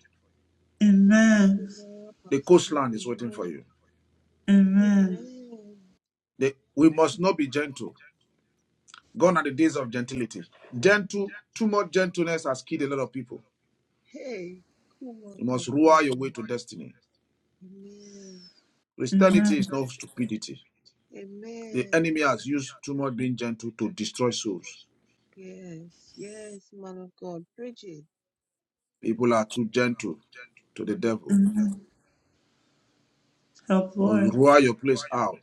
Speaker 3: Thank you,
Speaker 1: Amen.
Speaker 3: Lord.
Speaker 2: The coastland is waiting for you.
Speaker 3: Amen.
Speaker 1: Amen.
Speaker 3: Amen.
Speaker 2: The- we must not be gentle. Gone are the days of gentility. Gentle, too much gentleness has killed a lot of people.
Speaker 3: Hey,
Speaker 2: You must rule your
Speaker 3: Kumakatuhu.
Speaker 2: way to destiny.
Speaker 3: Amen.
Speaker 1: Amen.
Speaker 2: Christianity is not stupidity. The
Speaker 3: Amen.
Speaker 2: enemy has used too much being gentle to destroy souls.
Speaker 3: Yes, yes, man of God. Bridget.
Speaker 2: People are too gentle to the devil.
Speaker 1: Amen. Help,
Speaker 2: You must
Speaker 1: Lord.
Speaker 2: rule your place out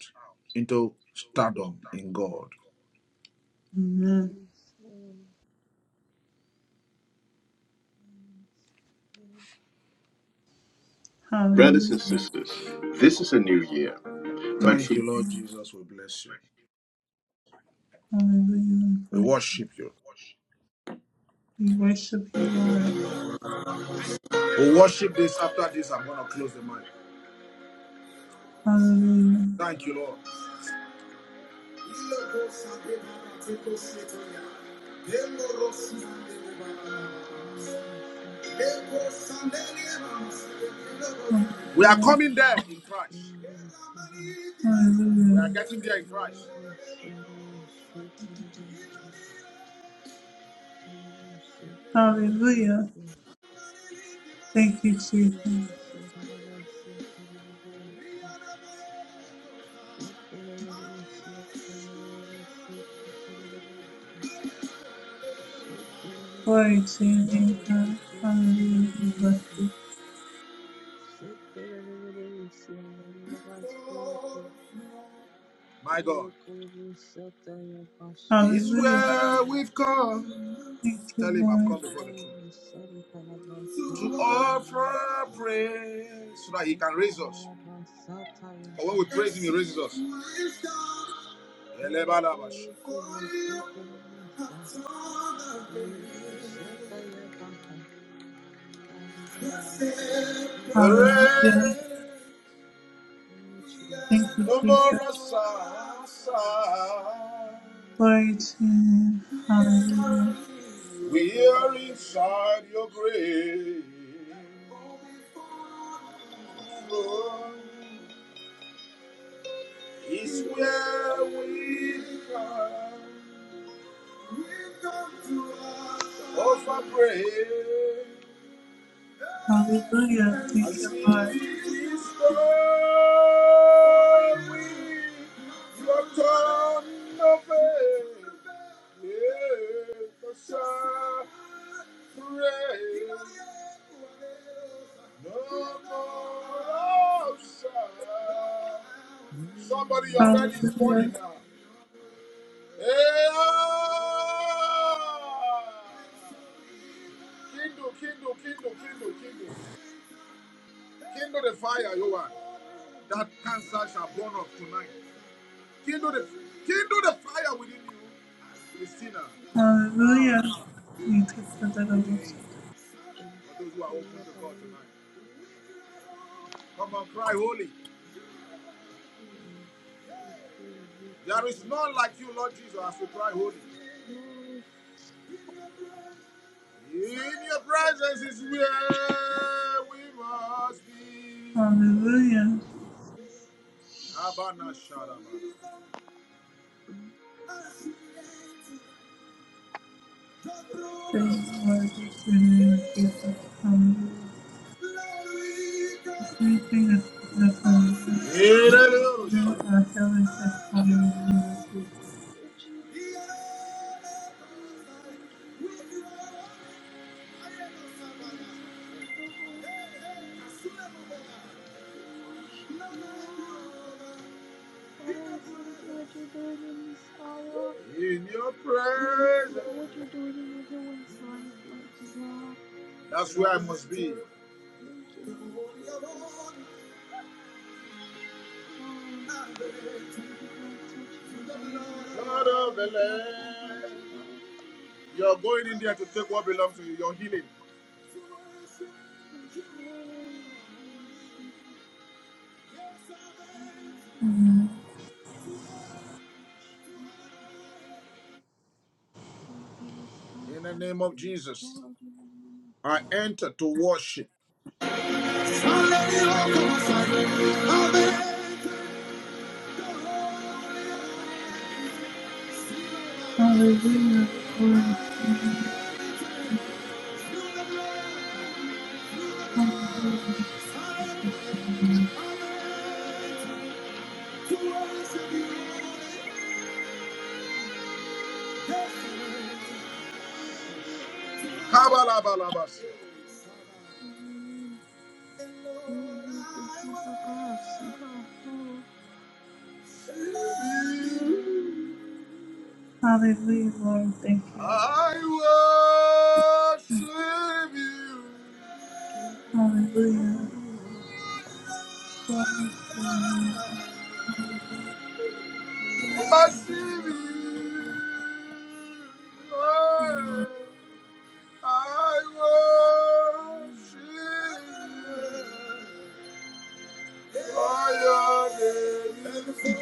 Speaker 2: into stardom in God.
Speaker 1: Amen.
Speaker 3: Yes, Lord. Yes. Thank
Speaker 2: Brothers
Speaker 1: Hallelujah.
Speaker 2: and sisters, this is a new year, Thank
Speaker 1: Thank you,
Speaker 2: you, Lord
Speaker 1: Lord.
Speaker 2: Jesus. We bless you.
Speaker 1: Hallelujah.
Speaker 2: We worship you.
Speaker 1: We worship you,
Speaker 3: you.
Speaker 1: Lord.
Speaker 2: We worship this. After this, I'm going to close the mic.
Speaker 1: Hallelujah.
Speaker 2: Thank you, Lord.
Speaker 3: Thank you, Mama. Such a very, very cool
Speaker 2: We
Speaker 3: woman.
Speaker 2: are
Speaker 1: yeah.
Speaker 2: coming there
Speaker 3: Mm,
Speaker 2: in Christ.
Speaker 3: send them to me.
Speaker 2: We
Speaker 1: Hallelujah.
Speaker 2: are getting there in
Speaker 3: Mm,
Speaker 2: Christ.
Speaker 3: yes, in the name of us, in the name of Satan, in the of us,
Speaker 1: Hallelujah.
Speaker 3: in the
Speaker 1: Thank you, Jesus.
Speaker 3: of us, in the of us. Shut
Speaker 1: Glory to your name, God. Hallelujah. We Bless you.
Speaker 2: My God. It's
Speaker 1: Hallelujah.
Speaker 2: where we've come.
Speaker 1: Thank
Speaker 2: Tell
Speaker 1: you,
Speaker 2: him I've
Speaker 1: Lord.
Speaker 2: come before the throne. To offer praise so that he can raise us. For when we praise Him, He raises us.
Speaker 3: up, Hallelujah, Jesus. Thank you, Lord.
Speaker 1: Hallelujah.
Speaker 2: Hooray!
Speaker 3: Oh,
Speaker 1: Thank
Speaker 3: Jesus.
Speaker 1: you,
Speaker 2: No more
Speaker 1: Jesus.
Speaker 2: aside.
Speaker 3: Mm.
Speaker 1: Glory to your name. Hallelujah.
Speaker 2: We are inside your grave. It's where we are. Wisdom to Offer praise
Speaker 1: Hallelujah.
Speaker 2: and
Speaker 1: Thank you,
Speaker 2: see
Speaker 1: Lord.
Speaker 2: this
Speaker 3: Oh,
Speaker 2: song with your tongue of faith. Let us shout praise. No more outside. Somebody, your belly is
Speaker 1: Hallelujah.
Speaker 2: burning now. Hey, ah! Kindle, kindle, kindle, kindle, kindle. Kindle the fire, you are. That cancer shall burn up tonight. Kindle the, kindle the fire within you, Christina.
Speaker 1: Hallelujah.
Speaker 2: Bye.
Speaker 1: Thank you for the love
Speaker 3: thank
Speaker 1: of-
Speaker 2: Jay.
Speaker 1: us.
Speaker 3: you. And
Speaker 2: For those who are open
Speaker 3: here
Speaker 2: to
Speaker 3: I
Speaker 2: God
Speaker 3: am.
Speaker 2: tonight. Come on, cry holy. There is none like you, Lord Jesus, as we cry holy.
Speaker 3: Lord
Speaker 2: In your presence is where we must be.
Speaker 1: Hallelujah.
Speaker 3: Jesus Christ.
Speaker 2: Habana Sharabana.
Speaker 1: Thank you, Lord. Thank you, in the name of Jesus. Hallelujah. Anything
Speaker 3: Oh,
Speaker 1: that's that's a
Speaker 2: Yereyoruz.
Speaker 1: you are heaven testimony.
Speaker 3: Jesus. Oh, thank you. Blessed is the Holy Spirit, we worship you, Lord. Father, we thank you what you're doing in this hour.
Speaker 2: In your
Speaker 3: We thank you
Speaker 2: presence.
Speaker 3: for what you're doing in everyone's life, mighty God.
Speaker 2: That's where I must be.
Speaker 3: Thank you,
Speaker 2: To
Speaker 3: Lord
Speaker 2: of
Speaker 3: Jesus. Oh,
Speaker 2: the
Speaker 3: mighty God, touch my brothers and
Speaker 2: Lord of
Speaker 3: sisters on the
Speaker 2: the
Speaker 3: platform, mighty
Speaker 2: land.
Speaker 3: God.
Speaker 2: You are going in there to take what belongs to you, your healing.
Speaker 3: Yes, Lord, I receive it. Receive my healing, mighty God, in the name of Jesus. Oh, be
Speaker 2: Yes,
Speaker 3: restored,
Speaker 2: In the
Speaker 3: praise
Speaker 2: name of
Speaker 3: be
Speaker 2: Jesus,
Speaker 3: restored in the name of Jesus.
Speaker 2: I enter to worship.
Speaker 3: Zebedish
Speaker 1: Hallelujah. Glory.
Speaker 2: Kabalabalabas. I worship you.
Speaker 1: Hallelujah, Lord. Thank you.
Speaker 2: I
Speaker 1: Hallelujah. Glory to the name
Speaker 2: Worship you. I I worship you. I honor you.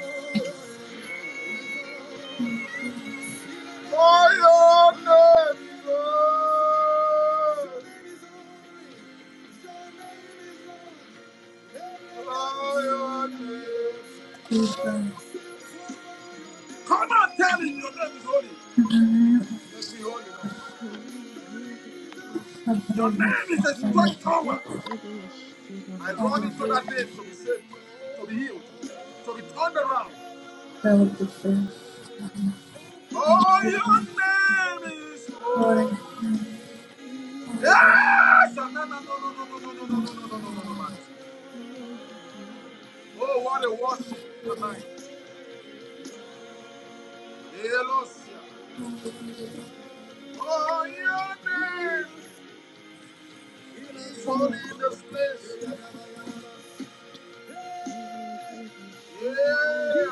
Speaker 2: I honor you. I honor
Speaker 1: of Jesus. To
Speaker 2: Come on, tell him your name is holy.
Speaker 1: the name
Speaker 2: Let me holy.
Speaker 1: of the
Speaker 2: Your
Speaker 1: Lord
Speaker 2: name
Speaker 1: has
Speaker 2: is a
Speaker 1: come.
Speaker 2: strong
Speaker 1: in.
Speaker 2: tower. I run
Speaker 3: Kidamahan
Speaker 2: into
Speaker 1: Hallelujah.
Speaker 2: that name to be saved, to be healed, to be turned around.
Speaker 1: That was the thing.
Speaker 2: Oh, your
Speaker 1: Hallelujah.
Speaker 2: name is
Speaker 1: Glory
Speaker 2: holy.
Speaker 1: to you.
Speaker 3: Deborah
Speaker 1: Hallelujah.
Speaker 2: Yes! No, no, no, no, no, no, no, no, no, no, no,
Speaker 1: Thank
Speaker 2: no,
Speaker 1: you,
Speaker 2: no, no, no,
Speaker 1: Lord.
Speaker 2: man. Oh, what a worship tonight. Elosia. Oh, your name it is holy in this place. Yeah. La, la,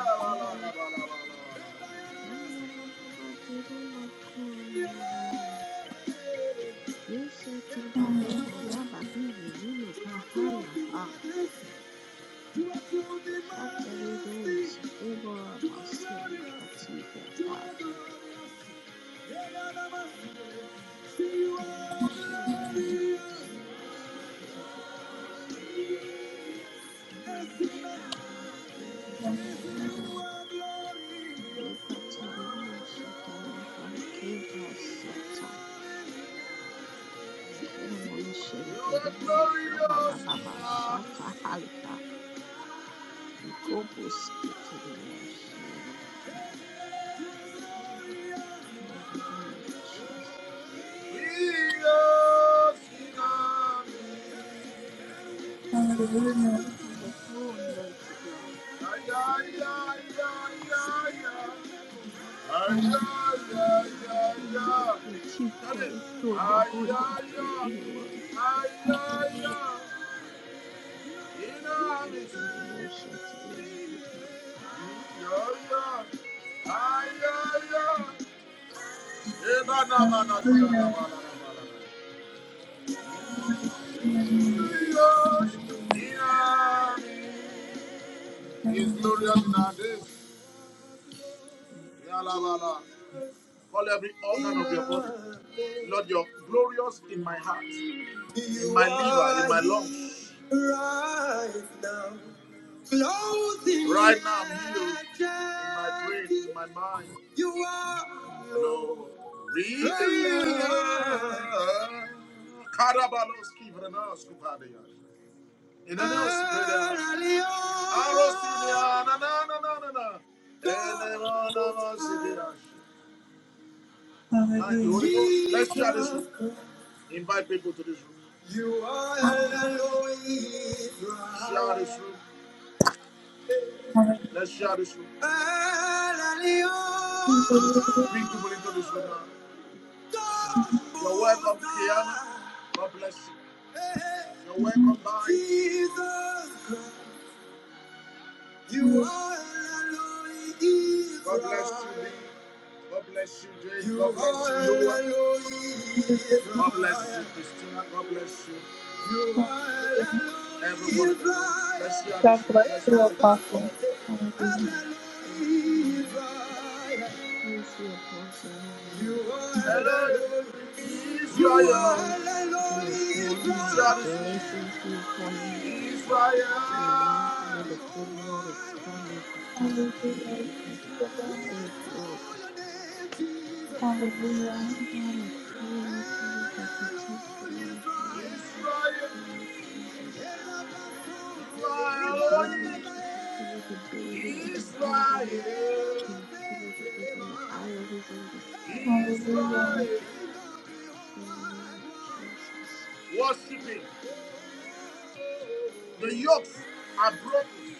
Speaker 2: la, la, la, la, la. To our good in majesty, to our
Speaker 3: Masia
Speaker 2: glorious,
Speaker 3: Makatibia
Speaker 2: to our
Speaker 3: Dacha.
Speaker 2: glorious, yeah, yeah, yeah, yeah. See you are
Speaker 3: Mashamba
Speaker 2: glorious.
Speaker 3: ambayo
Speaker 2: Yes, you are. Yes, you are glorious. Yes, You are glorious,
Speaker 3: Hallelujah, Jesus.
Speaker 2: Jesus.
Speaker 3: You are
Speaker 1: Hallelujah.
Speaker 3: seated on the throne, mighty God.
Speaker 2: He
Speaker 3: Hallelujah. You are the chief cornerstone, the Godhead free in one. from emotion to your holy God.
Speaker 1: Hallelujah. Glory to your name. Hallelujah.
Speaker 2: is
Speaker 1: Hallelujah.
Speaker 2: glorious in our days. Yalabala. Call every organ of your body. Lord, you're glorious in my heart. in my liver, in my lungs. Right now, right now, I'm healed in my brain, in my mind. You
Speaker 3: Yes,
Speaker 2: are Lord. Redeemer. Karabalos kivrenas kuvadeyas. In an else, Arosinia, na na na na na na. Thank you,
Speaker 1: Hallelujah.
Speaker 2: Holy Ghost. Let's share this. Invite people to this room. You are El Eloi Share this room.
Speaker 1: Hallelujah.
Speaker 2: Let's share this room. El Bring people into this room now.
Speaker 3: Lord.
Speaker 2: You're welcome, Kiana. God bless you. Hey. You're welcome, Barry. Jesus You are El Eloi God bless you. God bless you, Jay. God bless you, Noah. God bless you, Christina. God bless you.
Speaker 1: Hallelujah.
Speaker 2: Everybody, bless you,
Speaker 1: God
Speaker 2: Addison.
Speaker 1: bless
Speaker 2: Bless
Speaker 1: you, Apostle. Hallelujah.
Speaker 3: Cleanse the apostle in the name
Speaker 2: you.
Speaker 3: of Jesus.
Speaker 2: Hello,
Speaker 3: Lord,
Speaker 2: Israel.
Speaker 3: grace be upon you. More blessings be upon you.
Speaker 2: Israel.
Speaker 3: May Lord, may the good Lord expand your
Speaker 1: Hallelujah.
Speaker 3: capacity in in
Speaker 1: Thank you, Lord.
Speaker 3: several.
Speaker 2: Israel.
Speaker 3: For this
Speaker 1: Hallelujah.
Speaker 3: mercy, Lord, I pray, Lord Jesus, that you
Speaker 2: Israel,
Speaker 3: touch the man of God.
Speaker 2: Israel,
Speaker 3: Lord Jesus. You build him up, continue to build him and strengthen him. Continue to open the eye of his understanding, my good
Speaker 1: Hallelujah.
Speaker 3: Lord, in the name of Jesus.
Speaker 2: Worshiping. The yokes are broken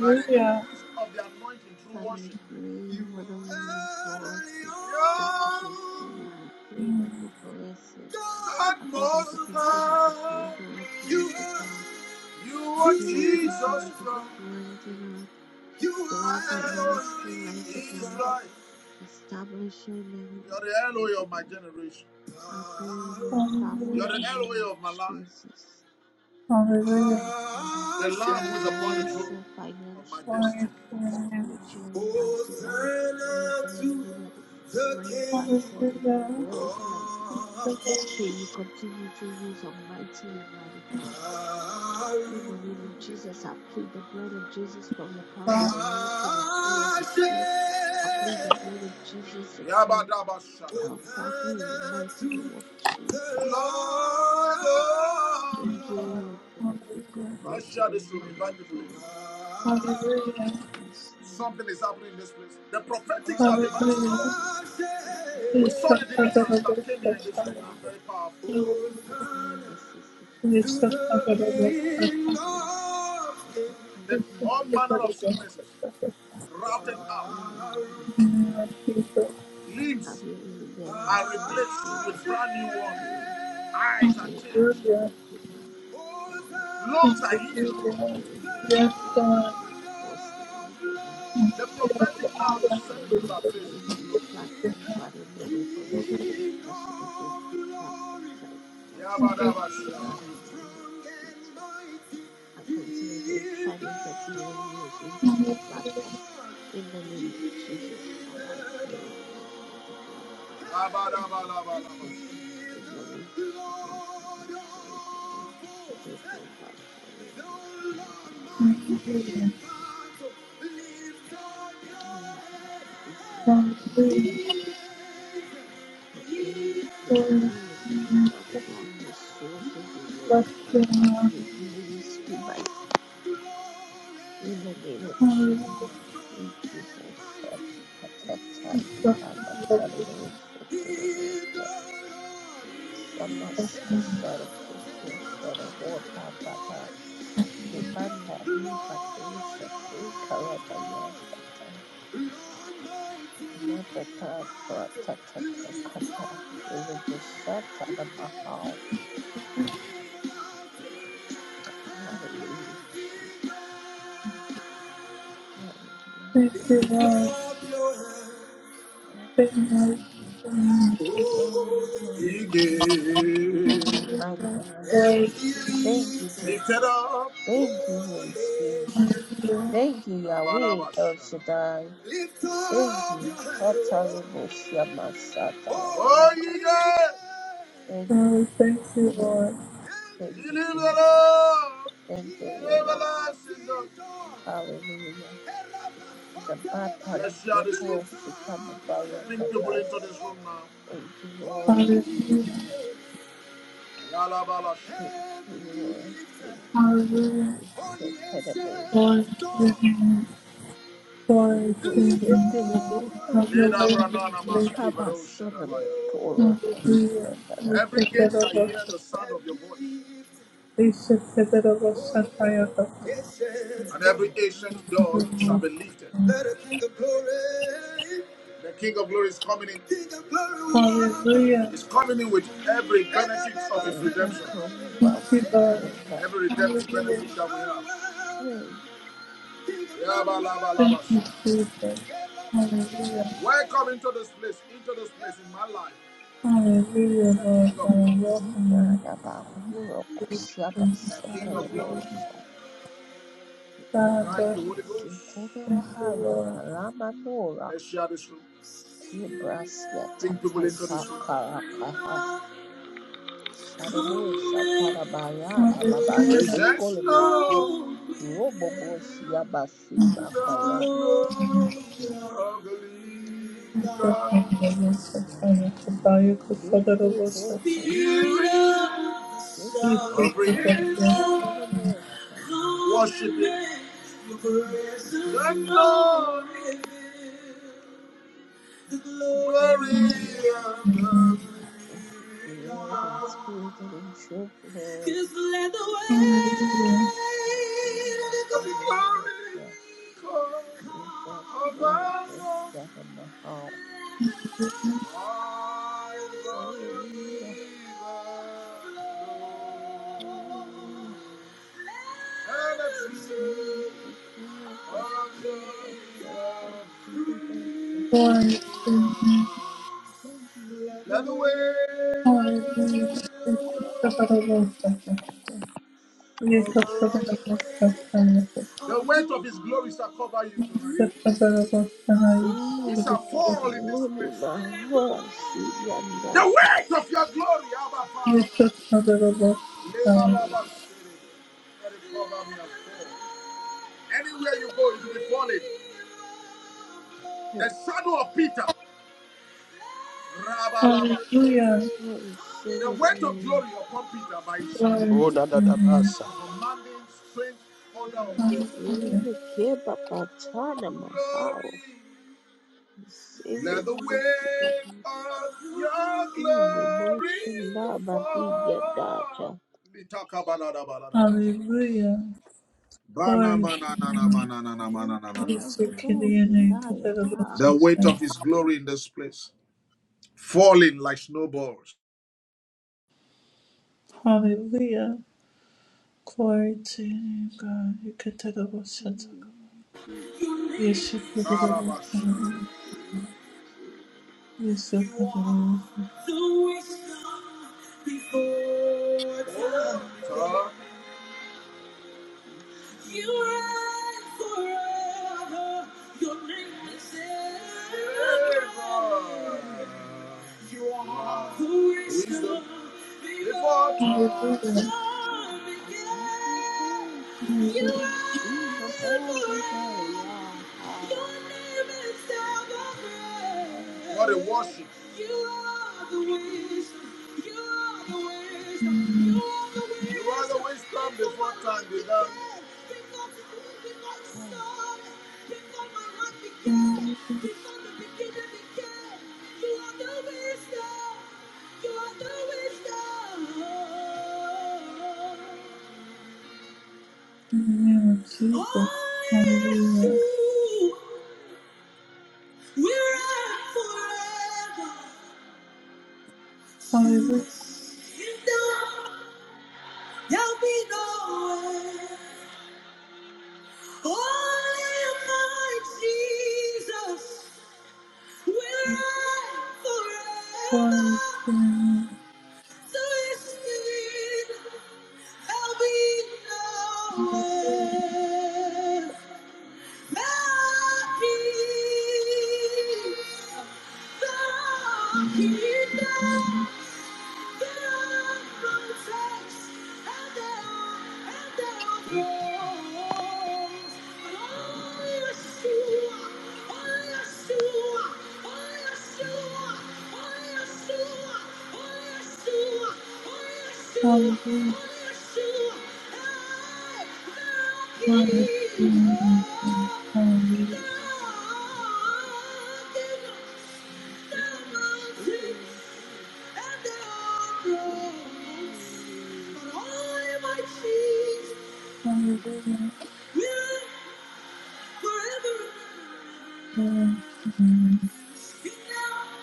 Speaker 2: by the increase of the anointing through
Speaker 3: Father, I
Speaker 2: worship.
Speaker 3: pray
Speaker 2: You
Speaker 3: for the woman of God, Chris- Sister Christina.
Speaker 2: are
Speaker 3: I pray that you bless her.
Speaker 2: God
Speaker 3: I pray that you
Speaker 2: most
Speaker 3: continue to build
Speaker 2: high.
Speaker 3: her up,
Speaker 2: You,
Speaker 3: mighty God.
Speaker 2: you
Speaker 3: I
Speaker 2: are
Speaker 3: pray that you continue
Speaker 2: Jesus
Speaker 3: to
Speaker 2: Christ.
Speaker 3: strengthen her.
Speaker 2: You
Speaker 3: The
Speaker 2: are
Speaker 3: open
Speaker 2: Elohim.
Speaker 3: ministry, mighty
Speaker 2: in
Speaker 3: God.
Speaker 2: Israel.
Speaker 3: Establish her name,
Speaker 2: You are the Elohim
Speaker 3: mighty
Speaker 2: of
Speaker 3: God.
Speaker 2: my generation.
Speaker 3: I pray for family
Speaker 2: You are
Speaker 3: in
Speaker 1: Hallelujah.
Speaker 2: the
Speaker 3: the name of
Speaker 2: Elohim of my life.
Speaker 3: Jesus.
Speaker 1: Hallelujah.
Speaker 3: Lord Father,
Speaker 2: The Lamb
Speaker 3: we
Speaker 2: who is upon the
Speaker 3: bless
Speaker 2: throne
Speaker 3: her
Speaker 2: of my
Speaker 3: financially,
Speaker 1: Glory to
Speaker 2: destiny.
Speaker 1: your name.
Speaker 3: spiritually,
Speaker 2: Oh,
Speaker 3: mighty God.
Speaker 2: turn
Speaker 3: We bless and may
Speaker 2: to
Speaker 3: you let us
Speaker 2: the
Speaker 3: strength, Father
Speaker 2: King
Speaker 3: God, in
Speaker 1: Hallelujah.
Speaker 3: health, mighty God.
Speaker 1: The
Speaker 2: of Kings.
Speaker 1: best
Speaker 3: May you continue to use her mightily, mighty God. In the name of Jesus, I plead the blood of Jesus from the crown of
Speaker 1: God.
Speaker 3: her head to the sole of her
Speaker 2: Hashem.
Speaker 3: feet. I plead the blood of Jesus upon
Speaker 2: Yabadabashada.
Speaker 3: our family in the
Speaker 2: Hosanna
Speaker 3: mighty name
Speaker 2: to
Speaker 3: of
Speaker 2: the
Speaker 3: Jesus.
Speaker 2: Lord of Lords.
Speaker 3: Thank you, Lord, for what you're go-
Speaker 1: Hallelujah.
Speaker 3: about
Speaker 2: Let's
Speaker 3: to
Speaker 2: share
Speaker 3: do
Speaker 2: this
Speaker 3: in
Speaker 2: room.
Speaker 3: our life,
Speaker 2: Invite people in.
Speaker 3: Lord.
Speaker 1: Hallelujah.
Speaker 3: Yes, Lord.
Speaker 2: Something is happening in this place. The
Speaker 3: I
Speaker 2: prophetics have
Speaker 3: pray,
Speaker 2: been
Speaker 3: Lord
Speaker 2: very
Speaker 1: Hallelujah.
Speaker 2: strong.
Speaker 3: Jesus, I pray,
Speaker 2: We
Speaker 1: It's
Speaker 3: Lord,
Speaker 2: saw the
Speaker 3: good,
Speaker 2: deliverance
Speaker 3: Lord.
Speaker 1: the
Speaker 2: that came
Speaker 3: So
Speaker 2: here in this room.
Speaker 1: Lord.
Speaker 2: now,
Speaker 3: Chadaba,
Speaker 2: Very powerful.
Speaker 1: Hallelujah.
Speaker 3: I pray
Speaker 2: Hosanna
Speaker 3: that Sister
Speaker 2: to
Speaker 1: Hallelujah.
Speaker 3: Karen, Lord
Speaker 2: the
Speaker 1: Hallelujah.
Speaker 3: Jesus, Lord,
Speaker 1: Yes,
Speaker 3: I
Speaker 2: King
Speaker 3: pray
Speaker 2: of
Speaker 3: that
Speaker 2: Kings.
Speaker 3: you touch
Speaker 2: That
Speaker 3: her,
Speaker 2: all
Speaker 3: Lord
Speaker 2: manner of
Speaker 3: Jesus,
Speaker 2: sicknesses
Speaker 3: and
Speaker 2: routed
Speaker 3: I pray, Lord,
Speaker 2: out.
Speaker 3: mighty God, have
Speaker 2: Limbs
Speaker 3: your way in their life,
Speaker 2: are
Speaker 3: Lord
Speaker 2: replaced with
Speaker 3: Jesus.
Speaker 2: brand new ones.
Speaker 3: Amen.
Speaker 2: Eyes
Speaker 3: I
Speaker 2: are
Speaker 3: am
Speaker 2: changed.
Speaker 3: mighty God, Father,
Speaker 2: Lungs are
Speaker 3: I fight
Speaker 2: healed.
Speaker 3: for mighty God, for
Speaker 1: God.
Speaker 3: the apostle, mighty God.
Speaker 2: The
Speaker 1: Get up with
Speaker 2: prophetic now
Speaker 1: all
Speaker 3: Yes,
Speaker 2: will
Speaker 1: that is
Speaker 2: set
Speaker 3: Lord,
Speaker 2: people
Speaker 1: good.
Speaker 3: I pray
Speaker 2: ablaze into
Speaker 3: over this
Speaker 2: glory.
Speaker 3: platform,
Speaker 1: Hallelujah.
Speaker 3: Father, no weapons fashioned against this platform shall prosper, mighty
Speaker 2: Yabadabashaba.
Speaker 1: Hallelujah.
Speaker 3: God, in the name of Jesus. I cancel every assignment of the enemy against this
Speaker 1: Hallelujah.
Speaker 3: platform, in the name of Jesus, Father, I pray, Lord, mighty God, for this platform,
Speaker 2: Abba-dabba-labba-labba.
Speaker 3: in several
Speaker 2: He
Speaker 3: ways,
Speaker 2: is the
Speaker 3: Father God,
Speaker 2: Lord
Speaker 3: financially, Father,
Speaker 2: of
Speaker 3: that you
Speaker 2: hosts.
Speaker 3: provide for them,
Speaker 2: The
Speaker 3: mighty God, in the name of
Speaker 2: mighty
Speaker 1: Hallelujah.
Speaker 2: in
Speaker 3: Jesus.
Speaker 2: battle, lift up
Speaker 3: Oh,
Speaker 2: your
Speaker 3: Father God, we
Speaker 2: head.
Speaker 3: thank
Speaker 1: Glory
Speaker 3: you,
Speaker 1: to you.
Speaker 2: Hey!
Speaker 3: Lord.
Speaker 2: He is,
Speaker 3: I
Speaker 2: he
Speaker 3: pray
Speaker 2: is
Speaker 3: this
Speaker 2: everlasting
Speaker 3: ministry, Father God, the souls will be
Speaker 2: God.
Speaker 3: led,
Speaker 1: Bless
Speaker 3: Father
Speaker 1: your
Speaker 3: God,
Speaker 2: He
Speaker 3: to
Speaker 1: name.
Speaker 3: this
Speaker 2: is the King
Speaker 3: ministry by
Speaker 2: of glory.
Speaker 3: in the
Speaker 2: The
Speaker 3: name of Jesus.
Speaker 1: Hallelujah.
Speaker 2: Lord
Speaker 3: Thank
Speaker 2: strong
Speaker 3: you,
Speaker 2: and
Speaker 3: Lord.
Speaker 2: mighty. He is the Lord. He is the Lord. He is the Lord.
Speaker 3: Tibanda riba dosha te karabaya sata natata pratatata kata ilubushata na Hallelujah, Jesus. Hallelujah,
Speaker 1: Bless your
Speaker 3: hallelujah,
Speaker 1: name. Thank you,
Speaker 2: Lift
Speaker 1: Lord.
Speaker 2: up your hands
Speaker 1: Thank you, Lord. Thank
Speaker 3: hallelujah.
Speaker 1: you, Lord.
Speaker 3: Oh,
Speaker 2: oh, he
Speaker 3: hallelujah, Jesus. Thank you, mighty God.
Speaker 1: Lord,
Speaker 2: Lift
Speaker 3: Thank you,
Speaker 2: it
Speaker 3: Jesus.
Speaker 2: up.
Speaker 3: Thank you, Holy Spirit.
Speaker 1: hallelujah.
Speaker 3: Thank you, Yahweh El
Speaker 2: Labarabasharabara.
Speaker 3: Shaddai.
Speaker 2: Lift
Speaker 3: Thank
Speaker 2: up your
Speaker 3: you.
Speaker 2: head.
Speaker 3: Katarobosia
Speaker 2: Oh,
Speaker 3: Masatarakaha.
Speaker 2: you did.
Speaker 3: Thank
Speaker 1: Oh,
Speaker 3: you.
Speaker 1: thank you, Lord.
Speaker 3: Thank
Speaker 2: You
Speaker 3: you,
Speaker 2: lift it
Speaker 3: Jesus.
Speaker 2: up.
Speaker 3: Thank
Speaker 2: The
Speaker 3: you, Lord.
Speaker 2: everlasting God.
Speaker 3: Hallelujah. The battle,
Speaker 2: Let's share
Speaker 3: the
Speaker 2: this room.
Speaker 3: poor Sitababaya
Speaker 2: Bring people
Speaker 3: Kata.
Speaker 2: into this room now.
Speaker 3: Thank you, Lord.
Speaker 1: Hallelujah.
Speaker 3: Thank you, Lord. Thank you,
Speaker 2: Yalabalasha.
Speaker 3: thank
Speaker 1: Hallelujah.
Speaker 3: you.
Speaker 2: Oh, yes,
Speaker 3: Shetelebos,
Speaker 2: yes,
Speaker 1: Glory to your
Speaker 2: God.
Speaker 1: name. Glory to
Speaker 3: Telebos,
Speaker 1: your
Speaker 2: Lift
Speaker 1: name. Lord.
Speaker 2: up
Speaker 3: Shetelebos.
Speaker 2: your
Speaker 1: Have
Speaker 2: head.
Speaker 1: your way in this
Speaker 3: We
Speaker 1: place.
Speaker 2: maski
Speaker 3: come as
Speaker 2: varosha
Speaker 3: son of the poor of us and
Speaker 1: Hallelujah. We
Speaker 2: Every
Speaker 1: set
Speaker 2: gate shall
Speaker 1: that over.
Speaker 2: hear the sound of your voice.
Speaker 1: We set that over. Shakaya.
Speaker 2: And every ancient door shall
Speaker 1: Hallelujah.
Speaker 2: be lifted. Let the King of Glory. The King of Glory is coming in. King of Glory will
Speaker 1: hallelujah,
Speaker 2: coming in with every benefit of his redemption.
Speaker 1: Thank you, Lord.
Speaker 2: Every redemptive
Speaker 1: Hallelujah.
Speaker 2: benefit that we have. Yaba laba laba
Speaker 1: Thank you,
Speaker 2: sha.
Speaker 1: Jesus. Hallelujah.
Speaker 2: Welcome into this place, into this place in my life.
Speaker 1: Hallelujah,
Speaker 2: The King
Speaker 1: Lord
Speaker 2: of Glory,
Speaker 1: God. Welcome you.
Speaker 2: the King of Glory.
Speaker 1: Hallelujah. God
Speaker 2: Thank
Speaker 1: bless
Speaker 2: you, Holy Ghost.
Speaker 1: you,
Speaker 3: the
Speaker 1: Lord.
Speaker 3: Malama Nora
Speaker 2: Let's share this room.
Speaker 3: Kibrasia
Speaker 2: Bring people
Speaker 3: Tata
Speaker 2: into this room.
Speaker 3: Hakaraka, Sarobo satarabaya bababa
Speaker 1: Hallelujah.
Speaker 2: Presence,
Speaker 3: sokolobo se
Speaker 2: Lord,
Speaker 3: robobo
Speaker 2: reveal
Speaker 3: siabasi
Speaker 2: the
Speaker 3: bakaya.
Speaker 2: glory of the living
Speaker 1: Jesus,
Speaker 2: God.
Speaker 1: we worship you.
Speaker 3: Hallelujah.
Speaker 1: Lord. We bow your
Speaker 3: Mm,
Speaker 1: Father, You could Father, Lord,
Speaker 3: Keke
Speaker 1: we worship
Speaker 3: toko
Speaker 2: Spirit
Speaker 1: you.
Speaker 3: kekari
Speaker 1: We
Speaker 2: of
Speaker 3: papa
Speaker 1: thank
Speaker 2: real
Speaker 1: you, God.
Speaker 2: love.
Speaker 3: sitarabo sababa.
Speaker 2: Worship Him. Let God reveal the
Speaker 3: Lord
Speaker 2: glory
Speaker 3: Jesus,
Speaker 2: of the
Speaker 3: worship you,
Speaker 2: living
Speaker 3: Lord, in
Speaker 2: God.
Speaker 3: spirit and in truth, Lord.
Speaker 2: Just let the
Speaker 1: Hallelujah.
Speaker 2: weight of
Speaker 3: Hallelujah.
Speaker 2: the glory come.
Speaker 3: Hallelujah.
Speaker 2: of our Lord
Speaker 3: Hallelujah.
Speaker 2: I love you,
Speaker 3: Hallelujah.
Speaker 2: Jesus, Lord.
Speaker 3: Hallelujah.
Speaker 2: And it's
Speaker 3: I'm Only
Speaker 2: you,
Speaker 3: the God of universe and possibilities and
Speaker 1: Glory to you.
Speaker 2: Let the weight,
Speaker 1: Hallelujah. We thank you, Father, Lord, we worship you. We thank you, Father, Lord, we worship you. We thank you,
Speaker 2: the weight of His glory shall cover you tonight.
Speaker 1: Father, Lord,
Speaker 2: It
Speaker 1: we worship
Speaker 2: shall
Speaker 3: goodness. And
Speaker 1: you.
Speaker 2: fall in this
Speaker 3: only
Speaker 2: place.
Speaker 3: Mahora
Speaker 2: The
Speaker 3: Sibiandata.
Speaker 2: weight of your glory, Abba Father.
Speaker 1: Yes, that's not a robot.
Speaker 2: Anywhere you go, you will be falling.
Speaker 3: I receive
Speaker 2: The shadow of Peter.
Speaker 1: Hallelujah.
Speaker 3: I receive
Speaker 2: The
Speaker 3: it,
Speaker 2: weight of
Speaker 3: Lord.
Speaker 2: glory upon Peter by his shadow,
Speaker 1: Glory
Speaker 4: Oh, na
Speaker 1: to
Speaker 4: na na
Speaker 1: him.
Speaker 4: basa.
Speaker 2: commanding strength,
Speaker 3: I
Speaker 2: order of miracle.
Speaker 3: receive
Speaker 1: Hallelujah.
Speaker 3: it. Kiba Patana
Speaker 2: Glory,
Speaker 3: Mahao. Receive
Speaker 2: let
Speaker 3: it
Speaker 2: the weight
Speaker 3: Lord.
Speaker 2: of your
Speaker 3: in
Speaker 2: glory
Speaker 3: emotion, Baba Dibia
Speaker 2: fall.
Speaker 3: Data.
Speaker 1: Hallelujah. Glory to him.
Speaker 3: Yeah,
Speaker 1: Yes, you can be in a good level
Speaker 3: I'm
Speaker 1: to
Speaker 2: The weight
Speaker 1: say.
Speaker 2: of his glory in this place. falling like snowballs.
Speaker 1: Hallelujah. Glory to him, God. You can take a good
Speaker 3: to
Speaker 1: shot.
Speaker 3: Jesus.
Speaker 1: Yes, you can be the good
Speaker 3: Glory
Speaker 1: son.
Speaker 3: to you, Jesus.
Speaker 1: Yes, you
Speaker 2: You
Speaker 1: can be the
Speaker 2: are
Speaker 1: good son.
Speaker 2: the wisdom before time.
Speaker 3: Yes, Lord.
Speaker 2: You reign forever. Your name is evermore.
Speaker 3: Mm.
Speaker 2: You are the wisdom before
Speaker 1: Hallelujah.
Speaker 3: Oh,
Speaker 2: time
Speaker 3: Papa, you
Speaker 2: began.
Speaker 3: I
Speaker 2: You
Speaker 3: will see the
Speaker 2: reign
Speaker 3: better day.
Speaker 2: forever.
Speaker 3: Yeah. Ah.
Speaker 2: Your name is
Speaker 3: Mm.
Speaker 2: evermore. What a worship. You are the wisdom. You are the wisdom. You are the wisdom. You are the wisdom before time began. Before the world began,
Speaker 3: Ah.
Speaker 2: started. before my heart
Speaker 1: Hallelujah.
Speaker 2: began,
Speaker 1: In
Speaker 2: before the beginning began. You are the wisdom. You are the wisdom.
Speaker 1: the name of Jesus.
Speaker 2: Only yes,
Speaker 3: Mm.
Speaker 1: Hallelujah.
Speaker 2: you. We're at forever. To
Speaker 1: Hallelujah.
Speaker 2: you. There'll be no way. Only my Jesus will reign
Speaker 1: Glory
Speaker 2: forever.
Speaker 1: to him.
Speaker 2: So it's indeed, there'll be no way. Yeshua,
Speaker 3: Mm. This is a man, a man, a
Speaker 2: oh
Speaker 3: man.
Speaker 2: Yeshua, Forever,
Speaker 3: Mm.
Speaker 2: forever, forever.
Speaker 1: Hallelujah, hallelujah, hallelujah,
Speaker 3: Ah.
Speaker 1: hallelujah, hallelujah.
Speaker 2: Speak now.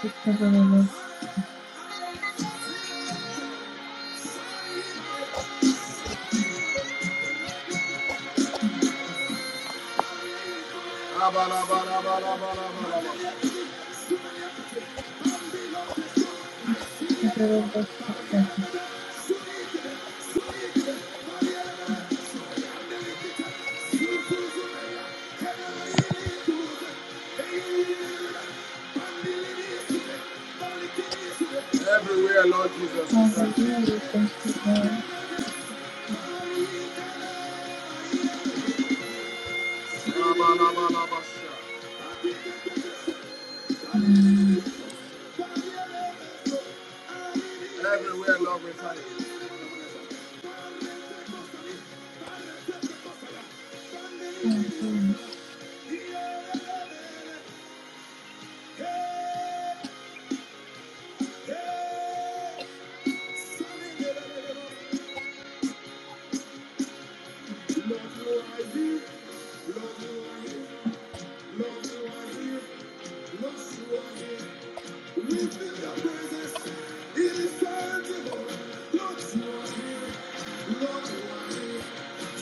Speaker 1: Because of us,
Speaker 2: Hallelujah.
Speaker 1: because of us, because of us. Hallelujah, thank you, Lord. Mm,
Speaker 2: Everywhere
Speaker 1: Hallelujah,
Speaker 2: Love you, I do. Love you, I do. Lord, you are here. Lord, you are here. Lift in your presence. It is tangible. Lord, you are here. Lord, you are here.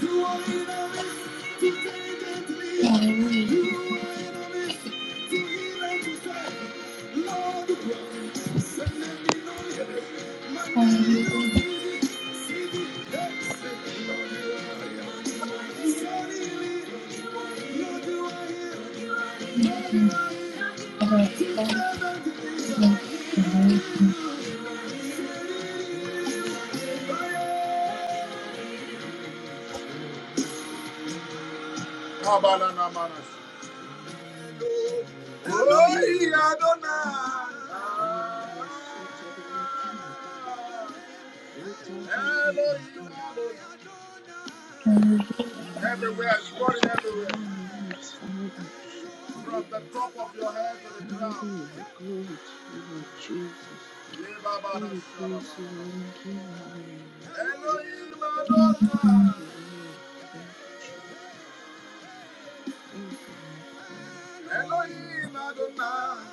Speaker 2: You are in our midst to take and lead.
Speaker 1: hallelujah,
Speaker 2: You are in our midst to heal and to save. Lord, you promise. Send them in all your day. Man, they will
Speaker 1: hallelujah.
Speaker 2: see the- see the depths of the Lord, you are here. Lord, you are here. Lord, you are here. Lord, you are here.
Speaker 1: And our
Speaker 2: To
Speaker 3: Hallelujah,
Speaker 1: Father,
Speaker 2: serve and to please. Lord, you are
Speaker 1: Hallelujah,
Speaker 2: here. Fire. Glory. And from the top of your head to the ground.
Speaker 3: glory to you, Lord Jesus.
Speaker 2: Yea, Baba,
Speaker 3: Oh, we
Speaker 2: that's
Speaker 3: praise you, Lord
Speaker 2: Shabbat.
Speaker 3: and King. Hallelujah.
Speaker 2: Elohim Adonai,
Speaker 3: Thank you, Lord. Thank you, Jesus. Thank you, mighty God. Hallelujah.
Speaker 2: Elohim Adonai,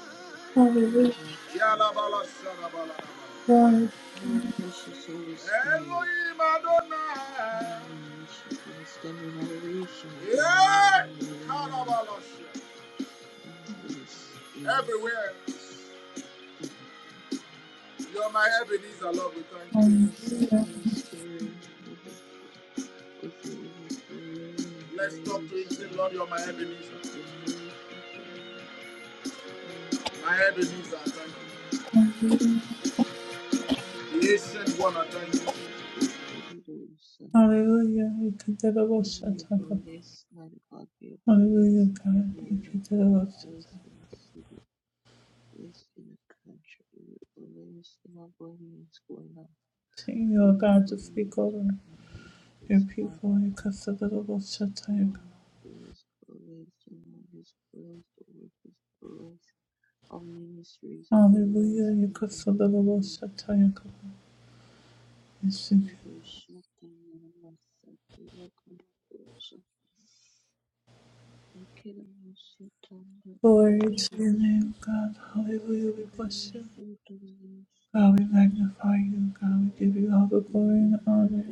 Speaker 3: Oh,
Speaker 1: Hallelujah,
Speaker 3: Lord, you.
Speaker 2: Yalabala Shalabala.
Speaker 1: Lord, hallelujah, Lord,
Speaker 3: Oh, precious Holy Spirit.
Speaker 2: Elohim Adonai,
Speaker 3: Oh, we worship you. We stand in adoration of your name.
Speaker 2: yeah,
Speaker 3: Hallelujah.
Speaker 2: Kalabala Shah.
Speaker 3: Oh, Holy Spirit.
Speaker 2: Everywhere,
Speaker 3: Mm.
Speaker 2: you're my Ebenezer, Lord, we thank you.
Speaker 3: Fill
Speaker 1: hallelujah,
Speaker 3: us up,
Speaker 1: God,
Speaker 3: Holy Spirit, over- with your overflowing
Speaker 2: Let's talk to him,
Speaker 3: grace, O
Speaker 2: say, Lord,
Speaker 3: Lord
Speaker 2: you're my
Speaker 3: Jesus,
Speaker 2: Ebenezer.
Speaker 3: your mercies, O Lord. Oh,
Speaker 2: My
Speaker 3: precious Holy
Speaker 2: Ebenezer, I thank you.
Speaker 3: Spirit. Yes,
Speaker 2: The
Speaker 3: oh, we
Speaker 2: ancient one,
Speaker 3: worship
Speaker 2: I thank you.
Speaker 3: you. We worship you, Lord.
Speaker 1: hallelujah. We can deliver us,
Speaker 3: we
Speaker 1: at
Speaker 3: are
Speaker 1: our-
Speaker 3: police, mighty God, we are
Speaker 1: Hallelujah,
Speaker 3: police in
Speaker 1: God.
Speaker 3: every
Speaker 1: We
Speaker 3: area
Speaker 1: can
Speaker 3: of our
Speaker 1: deliver
Speaker 3: life,
Speaker 1: us. at our-
Speaker 3: blessed in the city, police in the country, we are police in our going and going out.
Speaker 1: Sing your
Speaker 3: We are
Speaker 1: God to free
Speaker 3: police in
Speaker 1: God.
Speaker 3: the name of
Speaker 1: Your
Speaker 3: this mighty
Speaker 1: people, your
Speaker 3: God.
Speaker 1: Kasadalabo
Speaker 3: Oh,
Speaker 1: Shatayaka.
Speaker 3: police, police, your Lord is police, the work is police, our ministry is police,
Speaker 1: Hallelujah, your
Speaker 3: in the
Speaker 1: Kasadalabo
Speaker 3: name of Jesus.
Speaker 1: Shatayaka.
Speaker 3: Incredible Shatan, Namaste, Welcome, Shatan, Ikeda,
Speaker 1: Glory to your
Speaker 3: Shatan,
Speaker 1: name, God. Hallelujah, we
Speaker 3: Thank
Speaker 1: bless you. God, we magnify you. God, we give you all the glory and honor.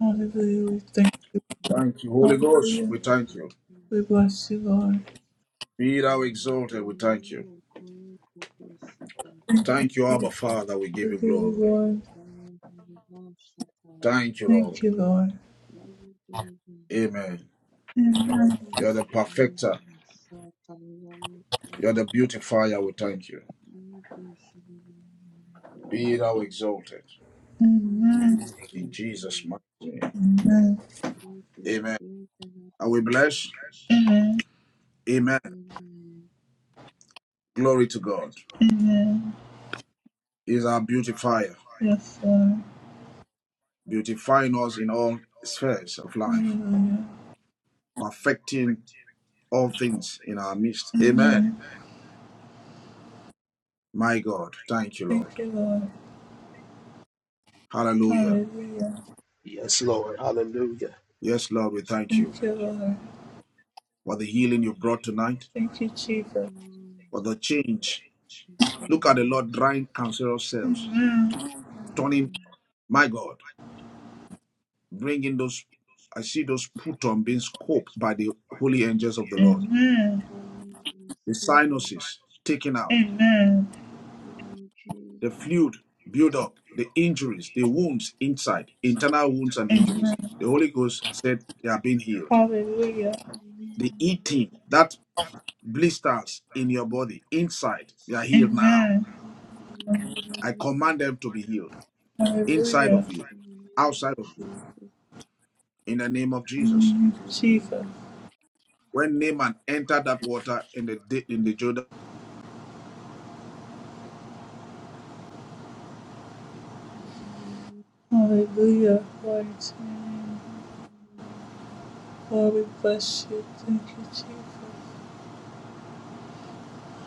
Speaker 1: Hallelujah, we thank you.
Speaker 2: Thank you, Holy Ghost,
Speaker 1: Hallelujah.
Speaker 2: we thank you.
Speaker 1: We bless you, Lord.
Speaker 2: Be thou exalted, we thank you. Thank you, Abba Father, we
Speaker 1: We
Speaker 2: give you
Speaker 1: give you
Speaker 2: glory.
Speaker 1: glory.
Speaker 2: Thank you, Lord.
Speaker 1: Thank you, Lord.
Speaker 2: Amen. You're the perfecter. You're the beautifier. We thank you. Be thou exalted
Speaker 1: Amen.
Speaker 2: in Jesus' mighty name.
Speaker 1: Amen.
Speaker 2: Amen. Are we blessed? Amen. Glory to God.
Speaker 1: Amen.
Speaker 2: He's our beautifier,
Speaker 1: Yes, Lord.
Speaker 2: beautifying us in all spheres of life,
Speaker 1: Hallelujah.
Speaker 2: perfecting all things in our midst. Amen.
Speaker 1: Amen.
Speaker 2: My God, thank you, Lord.
Speaker 1: Thank you, Lord.
Speaker 3: you.
Speaker 2: Hallelujah.
Speaker 1: Hallelujah.
Speaker 4: Yes, Lord. Hallelujah.
Speaker 2: Yes, Lord, we thank you
Speaker 1: Thank you, Lord.
Speaker 2: for the healing you brought tonight,
Speaker 1: Thank you,
Speaker 3: Yes,
Speaker 1: Jesus.
Speaker 3: Lord.
Speaker 2: for the change.
Speaker 3: Thank you,
Speaker 2: Look at the
Speaker 3: Lord.
Speaker 2: Lord drying cancerous cells.
Speaker 1: Amen.
Speaker 2: turning,
Speaker 3: Hallelujah.
Speaker 2: my God, bringing those, I see those put on being scoped by the holy angels of the Lord.
Speaker 1: Amen.
Speaker 3: Hallelujah.
Speaker 2: The sinuses taken out,
Speaker 1: Amen.
Speaker 2: the
Speaker 3: Jesus.
Speaker 2: fluid build up, the injuries, the wounds inside, internal wounds and injuries. The Holy Ghost said they are being healed.
Speaker 1: Hallelujah.
Speaker 2: The
Speaker 3: Amen.
Speaker 2: eating, that blisters in your body inside they are healed now
Speaker 1: Amen.
Speaker 3: Thank you, Lord.
Speaker 2: i command them to be healed
Speaker 3: I
Speaker 2: inside
Speaker 3: receive
Speaker 1: Hallelujah.
Speaker 2: of you
Speaker 3: in the name of
Speaker 2: outside of you
Speaker 3: Jesus.
Speaker 2: in the name of jesus
Speaker 1: Mm, Jesus.
Speaker 3: Hallelujah.
Speaker 2: When Naaman entered that water in the in the Jordan,
Speaker 3: Hallelujah.
Speaker 1: Hallelujah. Glory to your name. Lord, we bless you. Thank you, Jesus.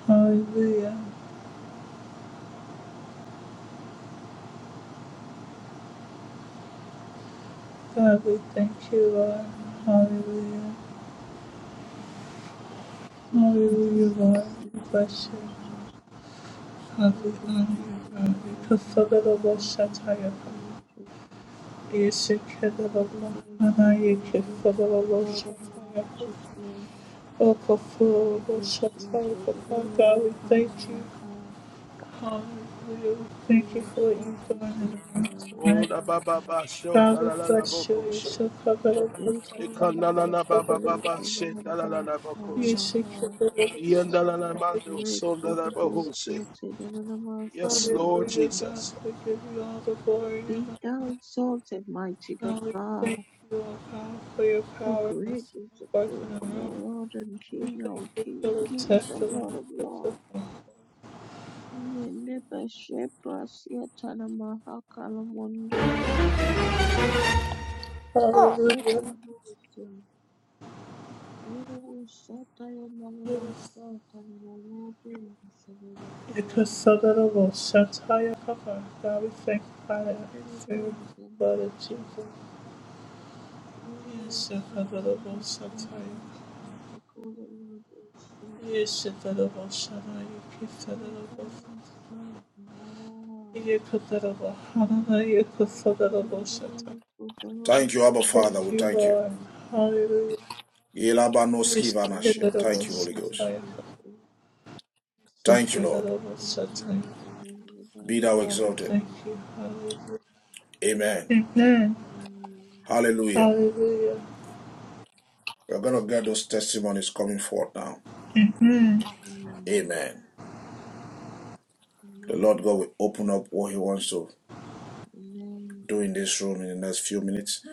Speaker 1: Hallelujah. God, we thank you, Lord.
Speaker 3: Hallelujah. Thank you,
Speaker 1: Hallelujah.
Speaker 3: Lord. Sipata
Speaker 1: Hallelujah, Lord. We
Speaker 3: sikusifu,
Speaker 1: bless you.
Speaker 3: Raja.
Speaker 1: God, we
Speaker 3: Wewe
Speaker 1: honor you,
Speaker 3: usitu,
Speaker 1: God. We
Speaker 3: wewe
Speaker 1: prefer the
Speaker 3: usione
Speaker 1: Lord
Speaker 3: kama
Speaker 1: Shataya, God.
Speaker 3: mwanadamu.
Speaker 1: Oh,
Speaker 3: the God of the God of righteousness.
Speaker 1: Kafur,
Speaker 3: Alebushin
Speaker 1: Shatai, Papa, God, we
Speaker 3: Terodoro Fire
Speaker 1: thank you.
Speaker 3: Maka
Speaker 1: Hallelujah. We thank you
Speaker 3: Tere
Speaker 1: for what you've
Speaker 3: Shato
Speaker 1: done in the room
Speaker 3: Sopanama
Speaker 4: Oh,
Speaker 1: tonight.
Speaker 4: na ba ba ba sho. Na
Speaker 1: God, we
Speaker 4: la la la
Speaker 1: bless you.
Speaker 4: boko
Speaker 1: You
Speaker 4: sho.
Speaker 1: shall cover the bush.
Speaker 4: Eka na na
Speaker 3: Dekorobus
Speaker 4: na ba ba
Speaker 1: Cover the
Speaker 4: ba
Speaker 3: De
Speaker 4: ba
Speaker 1: bush.
Speaker 4: she. Na la la
Speaker 3: Tadarabas
Speaker 4: la boko
Speaker 1: You
Speaker 4: sho.
Speaker 1: shall
Speaker 3: Yaramaha
Speaker 1: cover the
Speaker 4: Ian na la la mando.
Speaker 1: bush.
Speaker 4: So na la
Speaker 3: Rekobus
Speaker 4: boko she.
Speaker 3: Sote Dadaramas
Speaker 4: Yes, Lord
Speaker 1: Hallelujah,
Speaker 3: Yarakata.
Speaker 1: God,
Speaker 4: Jesus.
Speaker 1: we give you all the glory and
Speaker 3: Be
Speaker 1: the
Speaker 3: thou
Speaker 1: honor.
Speaker 3: exalted, mighty
Speaker 1: God, we
Speaker 3: God,
Speaker 1: thank you, O God, for your
Speaker 3: for
Speaker 1: power and
Speaker 3: great is the
Speaker 1: strength
Speaker 3: great
Speaker 1: in the
Speaker 3: of
Speaker 1: room.
Speaker 3: all Lord and
Speaker 1: We
Speaker 3: King, our
Speaker 1: thank you
Speaker 3: King
Speaker 1: for
Speaker 3: of
Speaker 1: the
Speaker 3: kings and
Speaker 1: testimony
Speaker 3: Lord of
Speaker 1: of the
Speaker 3: lords.
Speaker 1: faithful.
Speaker 3: Yellow
Speaker 5: Oh,
Speaker 1: Hallelujah. Yes. Because so that it will shut high up, our God, we thank you for the favor of the blood of Jesus. Yes, your cover the will shut high. Yes, your cover the will shut high. You keep the will. You could the will. Hallelujah. You could the will shut high.
Speaker 6: Thank you, Abba
Speaker 1: Thank
Speaker 6: Father. We
Speaker 1: you,
Speaker 6: thank you.
Speaker 1: Lord. Hallelujah.
Speaker 6: Ilabanoski
Speaker 3: Either the
Speaker 6: vanashia.
Speaker 1: Respectable
Speaker 6: Thank you, Holy
Speaker 3: Mohawk
Speaker 6: Ghost.
Speaker 1: Satire.
Speaker 3: district
Speaker 6: Thank you, Lord.
Speaker 1: Respectable
Speaker 3: and also
Speaker 1: Satire.
Speaker 3: the Buffalo
Speaker 6: Be thou
Speaker 1: Lord, we
Speaker 6: exalted.
Speaker 1: thank
Speaker 3: County
Speaker 1: you. Hallelujah.
Speaker 6: Amen.
Speaker 1: Amen.
Speaker 3: Avenue,
Speaker 6: Hallelujah.
Speaker 1: Hallelujah.
Speaker 6: We're going to get those testimonies coming forth now.
Speaker 3: North
Speaker 6: Amen. The Lord
Speaker 3: Avenue,
Speaker 6: God will open up what He wants to do in this room in the next few minutes.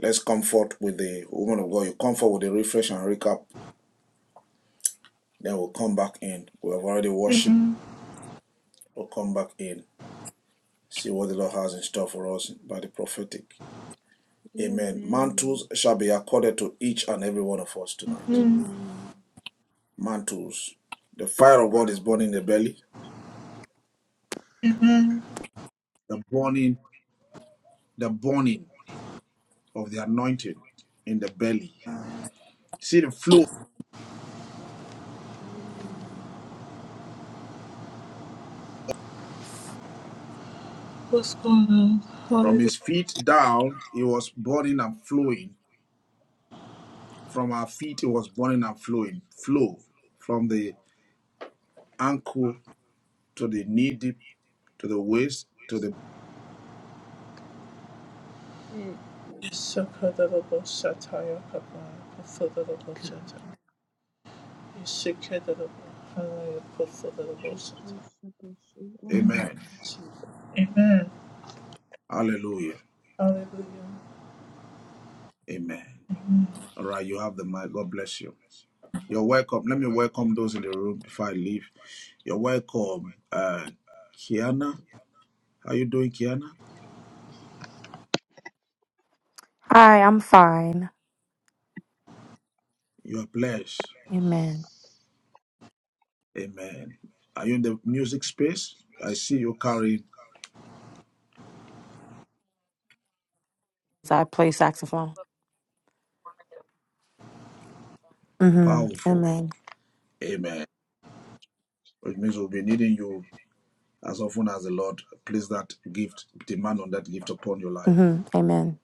Speaker 6: Let's come forth with the woman of God. You come forth with a refresh and recap. Then we'll come back in. We have already worshiped. We'll come back in. See what the Lord has in store for us by the prophetic.
Speaker 3: Avenue,
Speaker 6: Amen.
Speaker 3: Avenue,
Speaker 6: Mantles shall be accorded to each and every one of us tonight. Mantles. The
Speaker 2: the
Speaker 6: fire
Speaker 2: fire of
Speaker 6: of
Speaker 2: God
Speaker 6: God
Speaker 2: is
Speaker 6: is
Speaker 2: burning
Speaker 6: burning
Speaker 2: in
Speaker 6: in the
Speaker 2: the belly.
Speaker 6: belly.
Speaker 2: The burning, the burning of the anointing in the belly. See the flow
Speaker 3: Avenue,
Speaker 1: What's going on?
Speaker 2: from
Speaker 1: Hallelujah.
Speaker 2: his feet down. It was burning and flowing. From our feet, it was burning and flowing. Flow from the ankle to the knee deep to the waist to the
Speaker 3: Echo,
Speaker 1: Sakadadabo Sataya Kaba. Pafadadabo Sataya. Isikadadabo. Hallelujah. Pafadadabo
Speaker 3: the
Speaker 1: Sataya.
Speaker 3: first episode of
Speaker 2: amen.
Speaker 1: Amen.
Speaker 2: Hallelujah.
Speaker 1: Hallelujah.
Speaker 2: Amen. All right, you have the mic. God bless you. You're welcome. Let me welcome those in the room before I leave. You're welcome, uh, Kiana. How you doing, Kiana?
Speaker 7: Hi, I'm fine.
Speaker 2: You are blessed.
Speaker 7: Amen.
Speaker 2: Amen. Are you in the music space? I see you carrying
Speaker 7: I play saxophone. hmm
Speaker 2: powerful.
Speaker 7: Amen.
Speaker 2: Amen. Which means we'll be needing you as often as the Lord place that gift, demand on that gift upon your life.
Speaker 7: hmm Amen.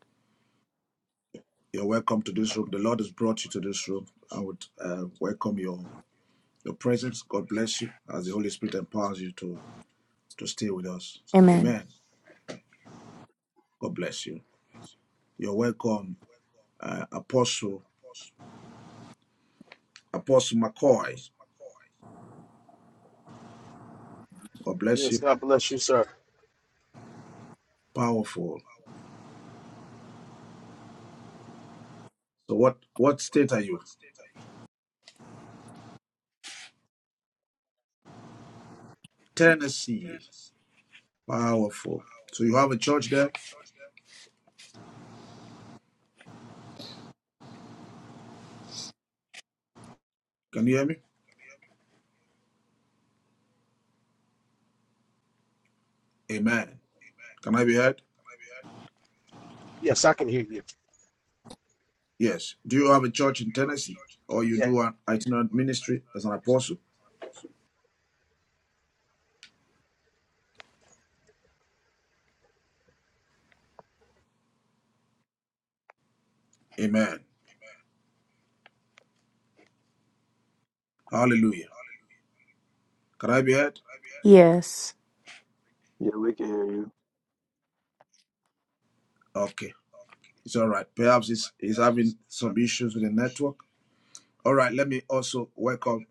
Speaker 2: You're welcome to this room. The Lord has brought you to this room. I would uh, welcome your your presence. God bless you as the Holy Spirit empowers you to to stay with us.
Speaker 7: Amen.
Speaker 2: Amen. God bless you. You're welcome, uh, Apostle Apostle McCoy. God bless
Speaker 4: Yes,
Speaker 2: you.
Speaker 4: God bless you, sir.
Speaker 2: Powerful. So what what state are you? Tennessee. Powerful. So you have a church there? Can you hear me? Amen. Can I be heard?
Speaker 4: Yes, I can hear you.
Speaker 2: Yes. Do you have a church in Tennessee? Or you
Speaker 4: Yeah.
Speaker 2: do an itinerant ministry as an apostle? Amen. Hallelujah. Can I be heard?
Speaker 7: Yes.
Speaker 5: Yeah, we can hear you.
Speaker 2: Okay. It's all right. Perhaps he's, he's having some issues with the network. All right, let me also welcome.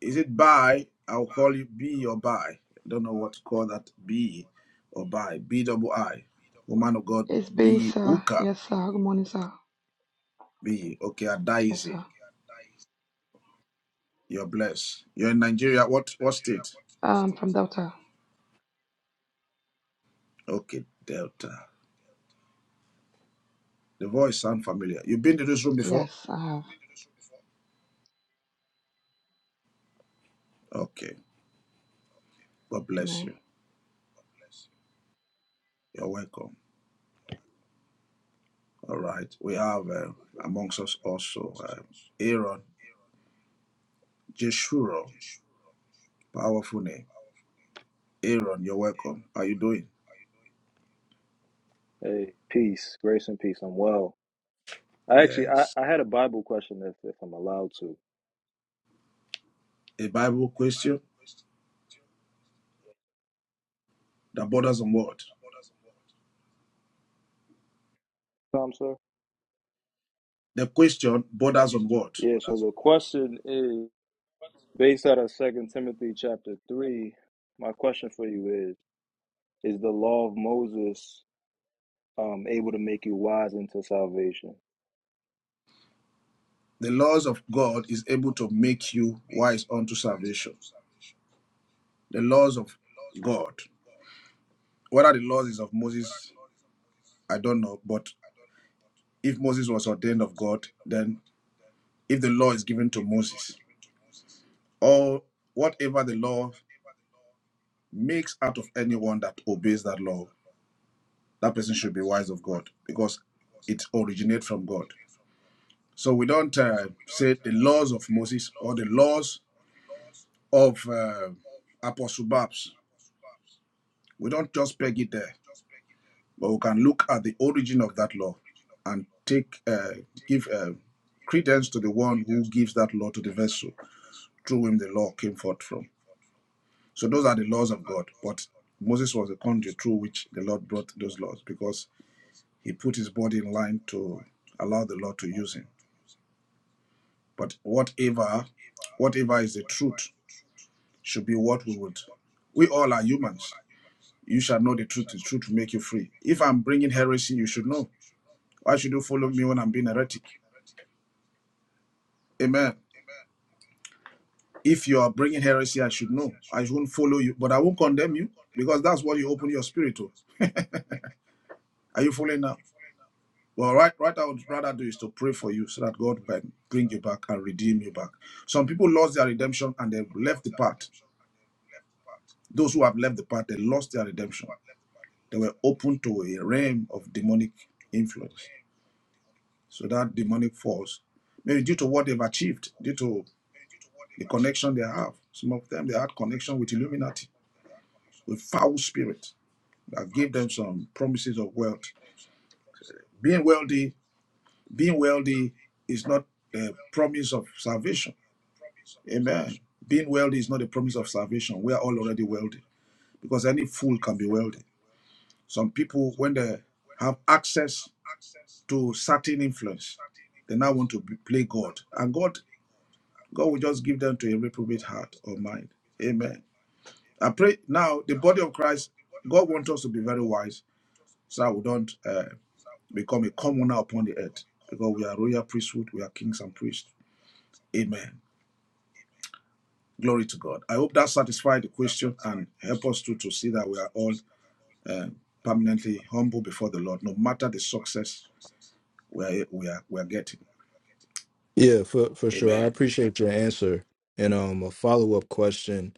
Speaker 2: Is it Bi? I'll call you B or Bi. I don't know what to call that. B or Bi. B double I. Woman of God,
Speaker 8: It's B,
Speaker 2: B
Speaker 8: sir.
Speaker 2: Uka.
Speaker 8: Yes, sir. Good morning, sir.
Speaker 2: B. Okay, Adaize.
Speaker 8: Yes, sir.
Speaker 2: You're blessed. You're in Nigeria. What what state?
Speaker 8: Um, from Delta.
Speaker 2: Okay, Delta. The voice sounds familiar. You've been to this room before?
Speaker 8: Yes, I have.
Speaker 2: Okay. God bless
Speaker 8: Amen.
Speaker 2: you. You're welcome. All right. We have uh, amongst us also uh, Aaron Jeshurun. Powerful name. Aaron, you're welcome. How are you doing?
Speaker 5: Hey, peace, grace, and peace. I'm well. I actually, I,
Speaker 2: Yes.
Speaker 5: I had a Bible question if, if I'm allowed to.
Speaker 2: A Bible question that borders on what?
Speaker 5: Tom, sir.
Speaker 2: The question borders on what?
Speaker 5: Yeah. So the question is based out of Second Timothy chapter three. My question for you is: Is the law of Moses um able to make you wise into salvation?
Speaker 2: The laws of God is able to make you wise unto salvation. The laws of God. Whether the laws is of Moses, I don't know. But if Moses was ordained of God, then if the law is given to Moses, or whatever the law makes out of anyone that obeys that law, that person should be wise of God because it originates from God. So we don't uh, say the laws of Moses or the laws of uh, Apostle Babs. We don't just peg it there, but we can look at the origin of that law and take uh, give uh, credence to the one who gives that law to the vessel through whom the law came forth from. So those are the laws of God. But Moses was the conduit through which the Lord brought those laws because he put his body in line to allow the Lord to use him. But whatever, whatever is the truth should be what we would. We all are humans. You shall know the truth. The truth will make you free. If I'm bringing heresy, you should know. Why should you follow me when I'm being heretic? Amen. If you are bringing heresy, I should know. I won't follow you, but I won't condemn you because that's what you open your spirit to. Are you following now? Well, right, right. I would rather do is to pray for you so that God can bring you back and redeem you back. Some people lost their redemption and they've left the path. Those who have left the path, they lost their redemption. They were open to a realm of demonic influence. So that demonic force, maybe due to what they've achieved, due to the connection they have. Some of them they had connection with Illuminati, with foul spirit that gave them some promises of wealth. Being wealthy, being wealthy is not a promise of salvation Amen. Being wealthy is not a promise of salvation. We are all already wealthy because any fool can be wealthy. Some people, when they have access to certain influence, they now want to be- play God. And God, God will just give them to a reprobate heart or mind. Amen. I pray now the body of Christ, God wants us to be very wise so that we don't uh, become a commoner upon the earth because we are royal priesthood, we are kings and priests. Amen. Glory to God. I hope that satisfied the question and help us to, to see that we are all uh, permanently humble before the Lord, no matter the success we are, we are, we are getting.
Speaker 5: Yeah, for for sure. I
Speaker 2: Amen.
Speaker 5: appreciate your answer. And um, a follow up question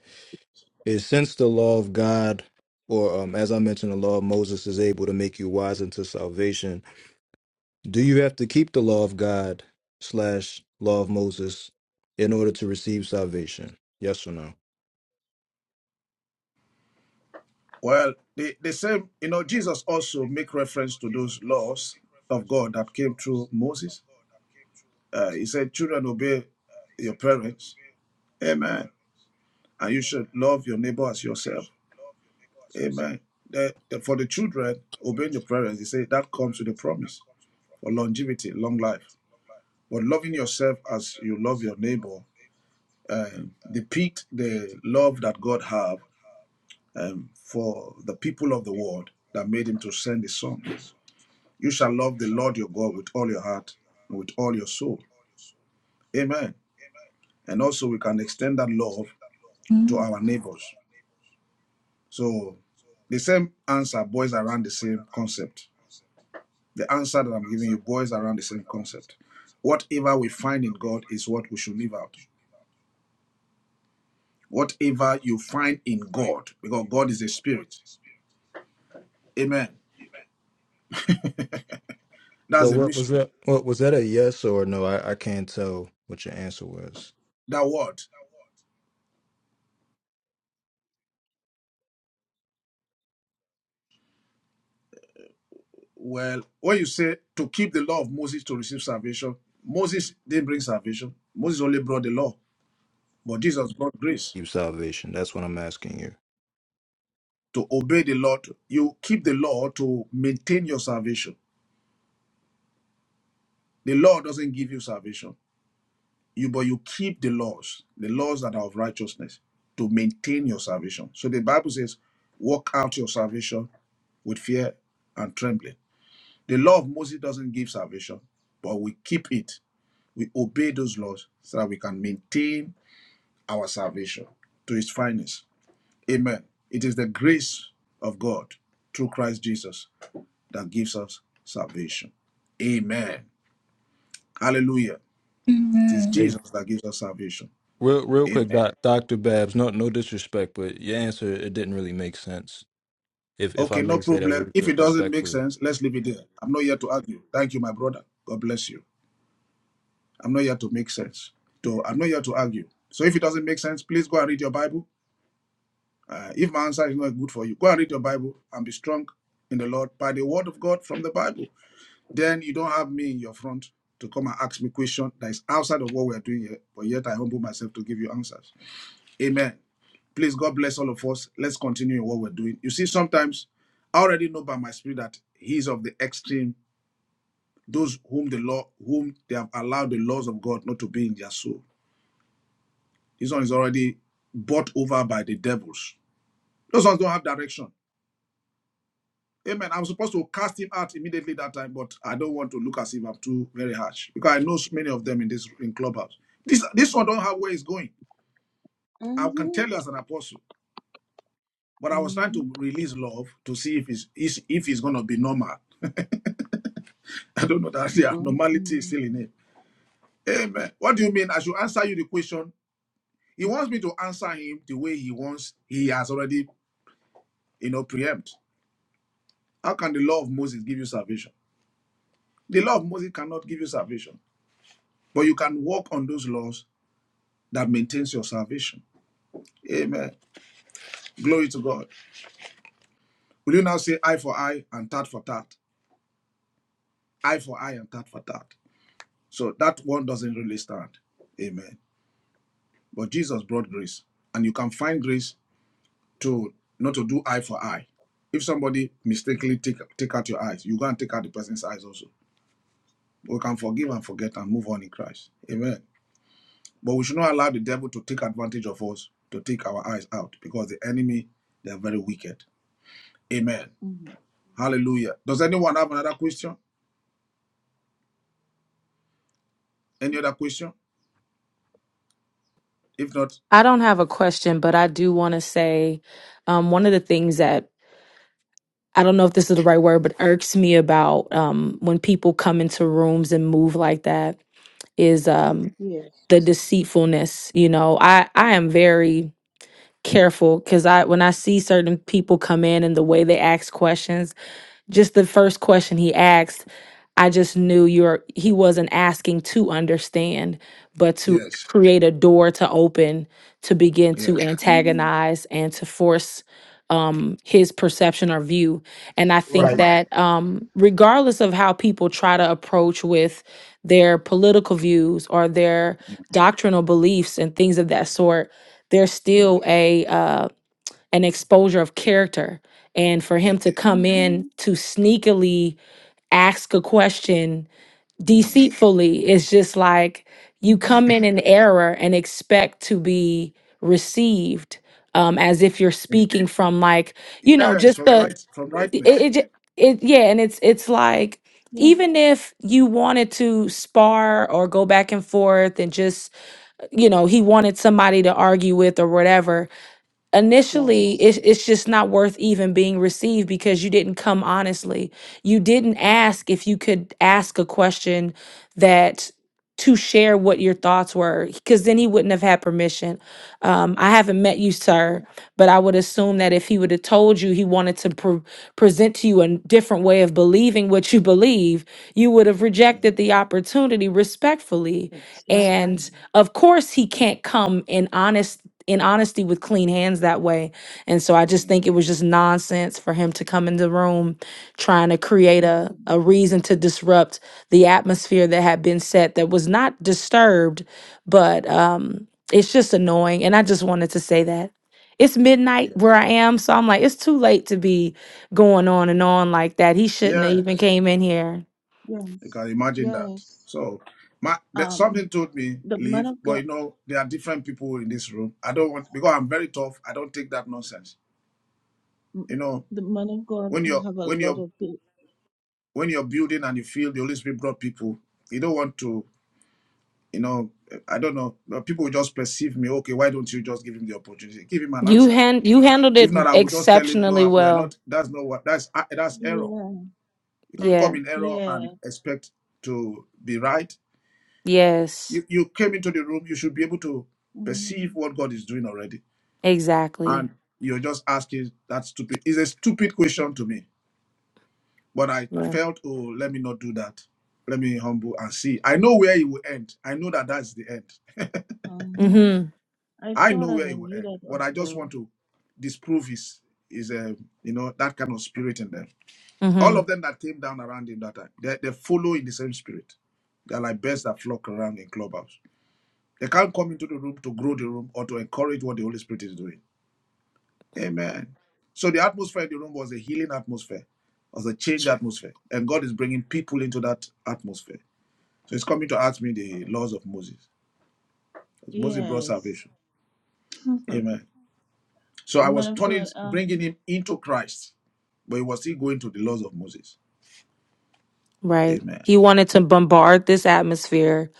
Speaker 5: is: since the law of God, or um, as I mentioned, the law of Moses is able to make you wise unto salvation, Do you have to keep the law of God slash law of Moses in order to receive salvation? Yes or no?
Speaker 2: Well, the, the same, you know, Jesus also make reference to those laws of God that came through Moses. Uh, he said, children, obey your parents. Amen. And you should love your neighbor as yourself. Amen. The, the- for the children, obeying your parents, he said, that comes with a promise for longevity, long life. But loving yourself as you love your neighbor um, depict the love that God have um, for the people of the world that made him to send his son. You shall love the Lord your God with all your heart, and with all your soul. Amen. And also we can extend that love to our neighbors. So the same answer boils around the same concept. The answer that I'm giving you boils around the same concept. Whatever we find in God is what we should live out. whatever you find in God, because God is a spirit. Amen.
Speaker 5: So
Speaker 2: That's a
Speaker 5: what was
Speaker 2: mystery.
Speaker 5: that? What was that a yes or no? I, I can't tell what your answer was.
Speaker 2: That word. Well, when you say to keep the law of Moses to receive salvation, Moses didn't bring salvation. Moses only brought the law, but Jesus brought grace
Speaker 5: Keep salvation. That's what I'm asking you.
Speaker 2: to obey the law. to- You keep the law to maintain your salvation. The law doesn't give you salvation. You but you keep the laws, the laws that are of righteousness, to maintain your salvation. So the Bible says, "Work out your salvation with fear and trembling." The law of Moses doesn't give salvation, but we keep it. We obey those laws so that we can maintain our salvation to its finest. Amen. It is the grace of God through Christ Jesus that gives us salvation. Amen. Hallelujah. It is
Speaker 1: Amen.
Speaker 5: Hey,
Speaker 2: Jesus that gives us salvation.
Speaker 5: real real quick,
Speaker 2: Amen.
Speaker 5: doc, Dr. Babs, no no disrespect, but your answer it didn't really make sense. If if I
Speaker 2: Okay, no
Speaker 5: may say that
Speaker 2: problem.
Speaker 5: re-
Speaker 2: If
Speaker 5: re-
Speaker 2: it doesn't make
Speaker 5: respectfully.
Speaker 2: sense, let's leave it there. I'm not here to argue. Thank you, my brother. God bless you. I'm not here to make sense. So I'm not here to argue. So if it doesn't make sense, please go and read your Bible Uh, if my answer is not good for you, go and read your Bible and be strong in the Lord by the word of God from the Bible. Then you don't have me in your front to come and ask me questions that is outside of what we are doing here, but yet I humble myself to give you answers. Amen. Please, God bless all of us. Let's continue in what we're doing. You see, sometimes I already know by my spirit that he is of the extreme, those whom the law, whom they have allowed the laws of God not to be in their soul. This one is already bought over by the devils. Those ones don't have direction. Amen. I'm supposed to cast him out immediately that time, but I don't want to look as if I'm too very harsh because I know so many of them in this in clubhouse. This this one don't have where it's going. I can
Speaker 3: Mm-hmm.
Speaker 2: tell you as an apostle, but I was trying to
Speaker 3: Mm-hmm.
Speaker 2: release love to see if it's is- if it's gonna be normal. <laughs> I don't know that yeah, normality is still
Speaker 3: Mm-hmm.
Speaker 2: in it. Amen. What do you mean? I should answer you the question. He wants me to answer him the way he wants. He has already you know preempt. How can the law of Moses give you salvation? The law of Moses cannot give you salvation, but you can walk on those laws that maintains your salvation. Amen. Glory to God. Will you now say eye for eye and tat for tat? Eye for eye and tat for tat. So that one doesn't really stand. Amen. But Jesus brought grace, and you can find grace to not to do eye for eye. If somebody mistakenly take, take out your eyes, you go and take out the person's eyes also. We can forgive and forget and move on in Christ. Amen. But we should not allow the devil to take advantage of us to take our eyes out because the enemy, they are very wicked. Amen.
Speaker 3: Mm-hmm.
Speaker 2: Hallelujah. Does anyone have another question? Any other question? If not,
Speaker 7: I don't have a question, but I do want to say um, one of the things that I don't know if this is the right word, but irks me about um, when people come into rooms and move like that is
Speaker 2: mm,
Speaker 7: um,
Speaker 3: Yes.
Speaker 7: the deceitfulness. You know, I I am very careful because I when I see certain people come in and the way they ask questions. just the first question he asked, I just knew you're he wasn't asking to understand, but to
Speaker 2: yes,
Speaker 7: create a door to open to begin
Speaker 2: yes,
Speaker 7: to
Speaker 3: Mm-hmm.
Speaker 7: antagonize and to force um his perception or view. And I think
Speaker 4: Right.
Speaker 2: mm,
Speaker 7: that um regardless of how people try to approach with their political views or their
Speaker 2: mm,
Speaker 7: doctrinal beliefs and things of that sort, there's
Speaker 2: mm,
Speaker 7: still a uh an exposure of character and for
Speaker 2: yeah,
Speaker 7: him to come
Speaker 3: Mm-hmm.
Speaker 7: in to sneakily ask a question
Speaker 2: mm,
Speaker 7: deceitfully is just like you
Speaker 3: Mm-hmm.
Speaker 7: come in in error and expect to be received um as if you're
Speaker 2: mm.
Speaker 7: speaking from like you know
Speaker 2: yes,
Speaker 7: just
Speaker 2: from
Speaker 7: the
Speaker 2: right, from
Speaker 7: it,
Speaker 2: rightness.
Speaker 7: it, ju- it yeah and it's it's like
Speaker 3: Yeah.
Speaker 7: even if you wanted to spar or go back and forth and just you know he wanted somebody to argue with or whatever initially
Speaker 3: Yes.
Speaker 7: it, it's just not worth even being received because you didn't come honestly you didn't
Speaker 2: Mm,
Speaker 7: ask if you could ask a question that to share what your thoughts were because then he wouldn't have had permission um, i haven't met you sir but i would assume that if he would have told you he wanted to pre- present to you a different way of believing what you believe you would have
Speaker 2: mm,
Speaker 7: rejected the opportunity respectfully
Speaker 3: Exactly.
Speaker 7: and of course he can't come in honest in honesty with clean hands that way and so i just
Speaker 2: mm.
Speaker 7: think it was just nonsense for him to come in the room trying to create a,
Speaker 3: Mm-hmm.
Speaker 7: a reason to disrupt the atmosphere that had been set that was not disturbed, but um, it's just annoying. And I just wanted to say that. It's midnight where
Speaker 2: Yes,
Speaker 7: I am, so I'm like, it's too late to be going on and on like that. He shouldn't have even
Speaker 2: yes,
Speaker 7: came in here.
Speaker 2: You can
Speaker 3: Yes,
Speaker 2: imagine that.
Speaker 3: yes.
Speaker 2: So, my that something
Speaker 3: Um,
Speaker 2: told me
Speaker 3: the man
Speaker 2: leave,
Speaker 3: of
Speaker 2: but
Speaker 3: God,
Speaker 2: you know there are different people in this room. I don't want because I'm very tough. I don't take that nonsense.
Speaker 3: m-
Speaker 2: You know
Speaker 3: the man of God
Speaker 2: when you're
Speaker 3: have a
Speaker 2: when
Speaker 3: lot
Speaker 2: you're
Speaker 3: of people.
Speaker 2: when you're building and you feel the Holy Spirit brought people, you don't want to. You know I don't know. but People will just perceive me. Okay, why don't you just give him the opportunity? Give him an
Speaker 7: You
Speaker 2: answer.
Speaker 7: hand you handled
Speaker 2: If
Speaker 7: it
Speaker 2: not, I will just tell him
Speaker 7: exceptionally
Speaker 2: no. We are
Speaker 7: well.
Speaker 2: not. That's not what. That's that's error.
Speaker 3: Yeah,
Speaker 2: You can't come
Speaker 7: Yeah.
Speaker 2: in error
Speaker 3: yeah.
Speaker 2: and expect to be right
Speaker 7: Yes.
Speaker 2: you, you came into the room, you should be able to perceive
Speaker 3: Mm,
Speaker 2: what God is doing already.
Speaker 7: Exactly.
Speaker 2: And you're just asking that stupid, it's a stupid question to me. But I
Speaker 7: Yeah.
Speaker 2: felt, oh, let me not do that. Let me humble and see. I know where it will end. I know that that's the end. <laughs>
Speaker 3: uh-huh.
Speaker 7: Mm-hmm.
Speaker 3: I
Speaker 2: I
Speaker 3: saw
Speaker 2: know
Speaker 3: that
Speaker 2: where
Speaker 3: I
Speaker 2: it will
Speaker 3: knew
Speaker 2: end.
Speaker 3: that
Speaker 2: But
Speaker 3: as
Speaker 2: I just
Speaker 3: well.
Speaker 2: want to disprove his, is a, you know, that kind of spirit in them. All of
Speaker 7: Mm-hmm.
Speaker 2: them that came down around him that time, they, they follow in the same spirit. They're like birds that flock around in clubhouse. They can't come into the room to grow the room or to encourage what the Holy Spirit is doing. Amen. So the atmosphere in the room was a healing atmosphere, was a changed atmosphere. And God is bringing people into that atmosphere. So he's coming to ask me the laws of Moses. Because Moses brought
Speaker 3: Yes.
Speaker 2: salvation.
Speaker 3: <laughs>
Speaker 2: Amen. So I
Speaker 3: Man
Speaker 2: was
Speaker 3: of
Speaker 2: turning,
Speaker 3: God,
Speaker 2: bringing
Speaker 3: um,
Speaker 2: him into Christ, but he was still going to the laws of Moses.
Speaker 7: Right.
Speaker 2: Amen.
Speaker 7: He wanted to bombard this atmosphere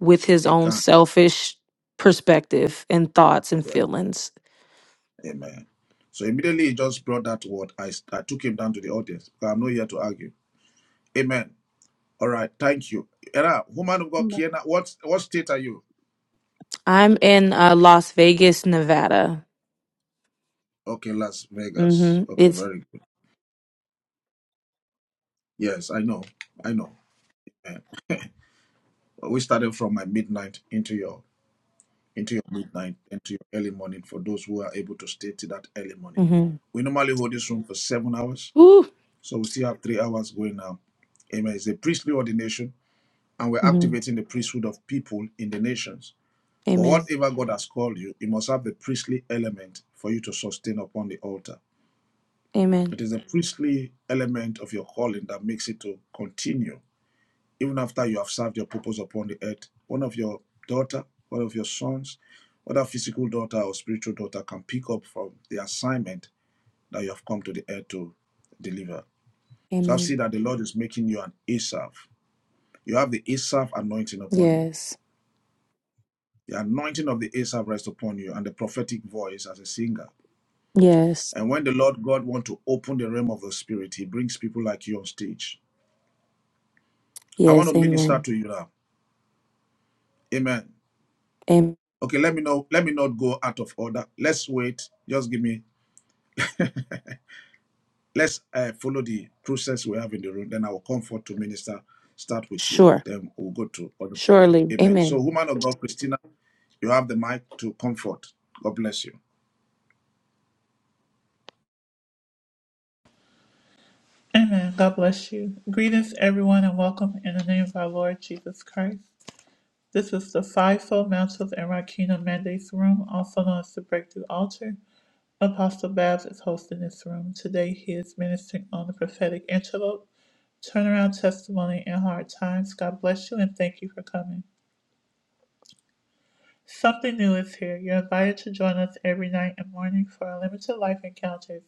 Speaker 7: with his
Speaker 2: He
Speaker 7: own
Speaker 2: can't.
Speaker 7: selfish perspective and thoughts and
Speaker 2: Yeah.
Speaker 7: feelings
Speaker 2: Amen. So immediately he just brought that word. I, I took him down to the audience. I'm not here to argue. Amen. All right, thank you. Era, woman of God,
Speaker 3: ma-
Speaker 2: Kiana, what what state are you?
Speaker 7: I'm in uh, Las Vegas, Nevada.
Speaker 2: Okay, Las Vegas.
Speaker 7: hmm
Speaker 2: Okay,
Speaker 7: It's
Speaker 2: very good. Yes, I know, I know. We started from my midnight into your into your midnight into your early morning. For those who are able to stay to that early morning,
Speaker 7: hmm
Speaker 2: we normally hold this room for seven hours,
Speaker 7: Woo.
Speaker 2: so we still have three hours going now. Amen. It's a priestly ordination, and we're
Speaker 7: hmm
Speaker 2: activating the priesthood of people in the nations. For
Speaker 7: Amen.
Speaker 2: whatever God has called you, it must have the priestly element for you to sustain upon the altar.
Speaker 7: Amen.
Speaker 2: It is the priestly element of your calling that makes it to continue. Even after you have served your purpose upon the earth, one of your daughter, one of your sons, whether physical daughter or spiritual daughter can pick up from the assignment that you have come to the earth to deliver. So I've seen
Speaker 7: Amen.
Speaker 2: that the Lord is making you an Asaph. You have the Asaph anointing upon you.
Speaker 7: Yes.
Speaker 2: The anointing of the Asaph rests upon you and the prophetic voice as a singer.
Speaker 7: Yes.
Speaker 2: And when the Lord God wants to open the realm of the spirit, he brings people like you on stage I want
Speaker 7: Yes.
Speaker 2: to minister
Speaker 7: Amen.
Speaker 2: to you now. Amen.
Speaker 7: Amen.
Speaker 2: Okay, let me know. Let me not go out of order. Let's wait. Just give me. Let's uh, follow the process we have in the room. Then I will come forth to minister. Start with you.
Speaker 7: Sure.
Speaker 2: Then we'll go to other people.
Speaker 7: Surely.
Speaker 2: Amen. So,
Speaker 7: Amen.
Speaker 2: woman of God, Christina, you have the mic to comfort. God bless you.
Speaker 1: Amen. God bless you. Greetings, everyone, and welcome in the name of our Lord Jesus Christ. This is the Fivefold Mantles and Rakina Mandates Room, also known as the Breakthrough Altar. Apostle Babs is hosting this room. Today he is ministering on the prophetic antelope, turnaround testimony, and hard times. God bless you and thank you for coming. Something new is here. You're invited to join us every night and morning for our limited life encounters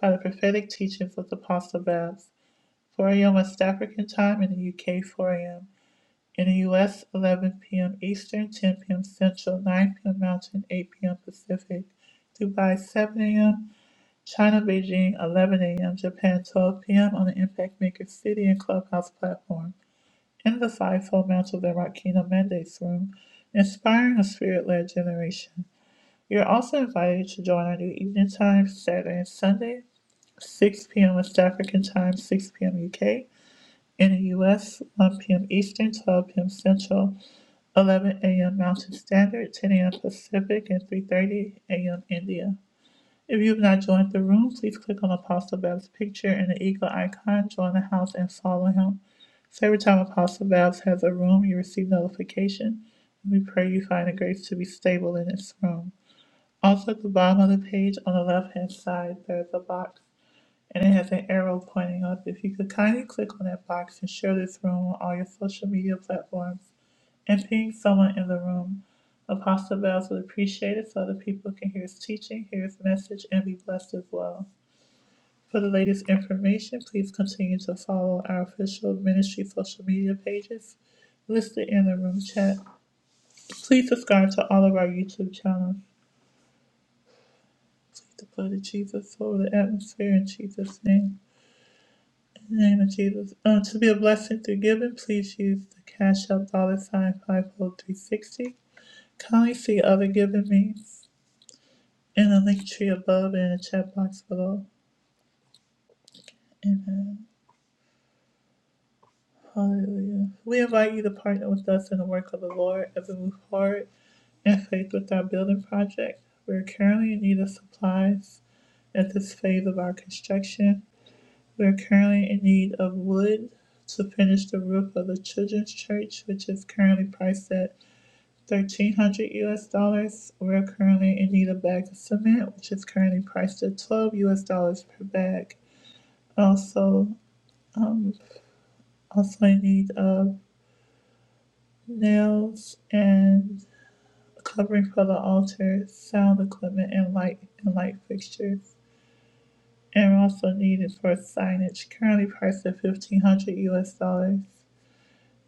Speaker 1: by the prophetic teachings of Apostle Babs, 4 a.m. West African time in the UK 4 a.m. in the U.S. 11 p.m. Eastern, 10 p.m. Central, 9 p.m. Mountain, 8 p.m. Pacific. Dubai 7 a.m. China Beijing 11 a.m. Japan 12 p.m. on the Impact Maker City and Clubhouse platform. In the fivefold mantle of the Rakina Mandates room, inspiring a spirit-led generation. You're also invited to join our new evening time Saturday and Sunday, 6 p.m. West African time, 6 p.m. UK. In the US, 1 p.m. Eastern, 12 p.m. Central. 11 a.m. Mountain Standard, 10 a.m. Pacific, and 3.30 a.m. India. If you have not joined the room, please click on Apostle Babs' picture and the eagle icon, join the house, and follow him. So every time Apostle Babs has a room, you receive notification. We pray you find the grace to be stable in this room. Also, at the bottom of the page on the left-hand side, there's a box, and it has an arrow pointing up. If you could kindly click on that box and share this room on all your social media platforms, and ping someone in the room. Apostle Bells would appreciate it so other people can hear his teaching, hear his message, and be blessed as well. For the latest information, please continue to follow our official ministry social media pages listed in the room chat. Please subscribe to all of our YouTube channels. The blood of Jesus over the atmosphere in Jesus' name. In the name of Jesus. Um, to be a blessing through giving, please use the Cash App dollar sign 50360. Kindly see other giving means. In the link tree above and in the chat box below. Amen. Hallelujah. We invite you to partner with us in the work of the Lord as we move forward in faith with our building project. We are currently in need of supplies at this phase of our construction. We are currently in need of wood to finish the roof of the children's church, which is currently priced at thirteen hundred US dollars. We are currently in need of bags of cement, which is currently priced at twelve US dollars per bag. Also, Um, also, I need uh, nails and covering for the altar, sound equipment, and light and light fixtures. And also needed for signage, currently priced at fifteen hundred U.S. dollars.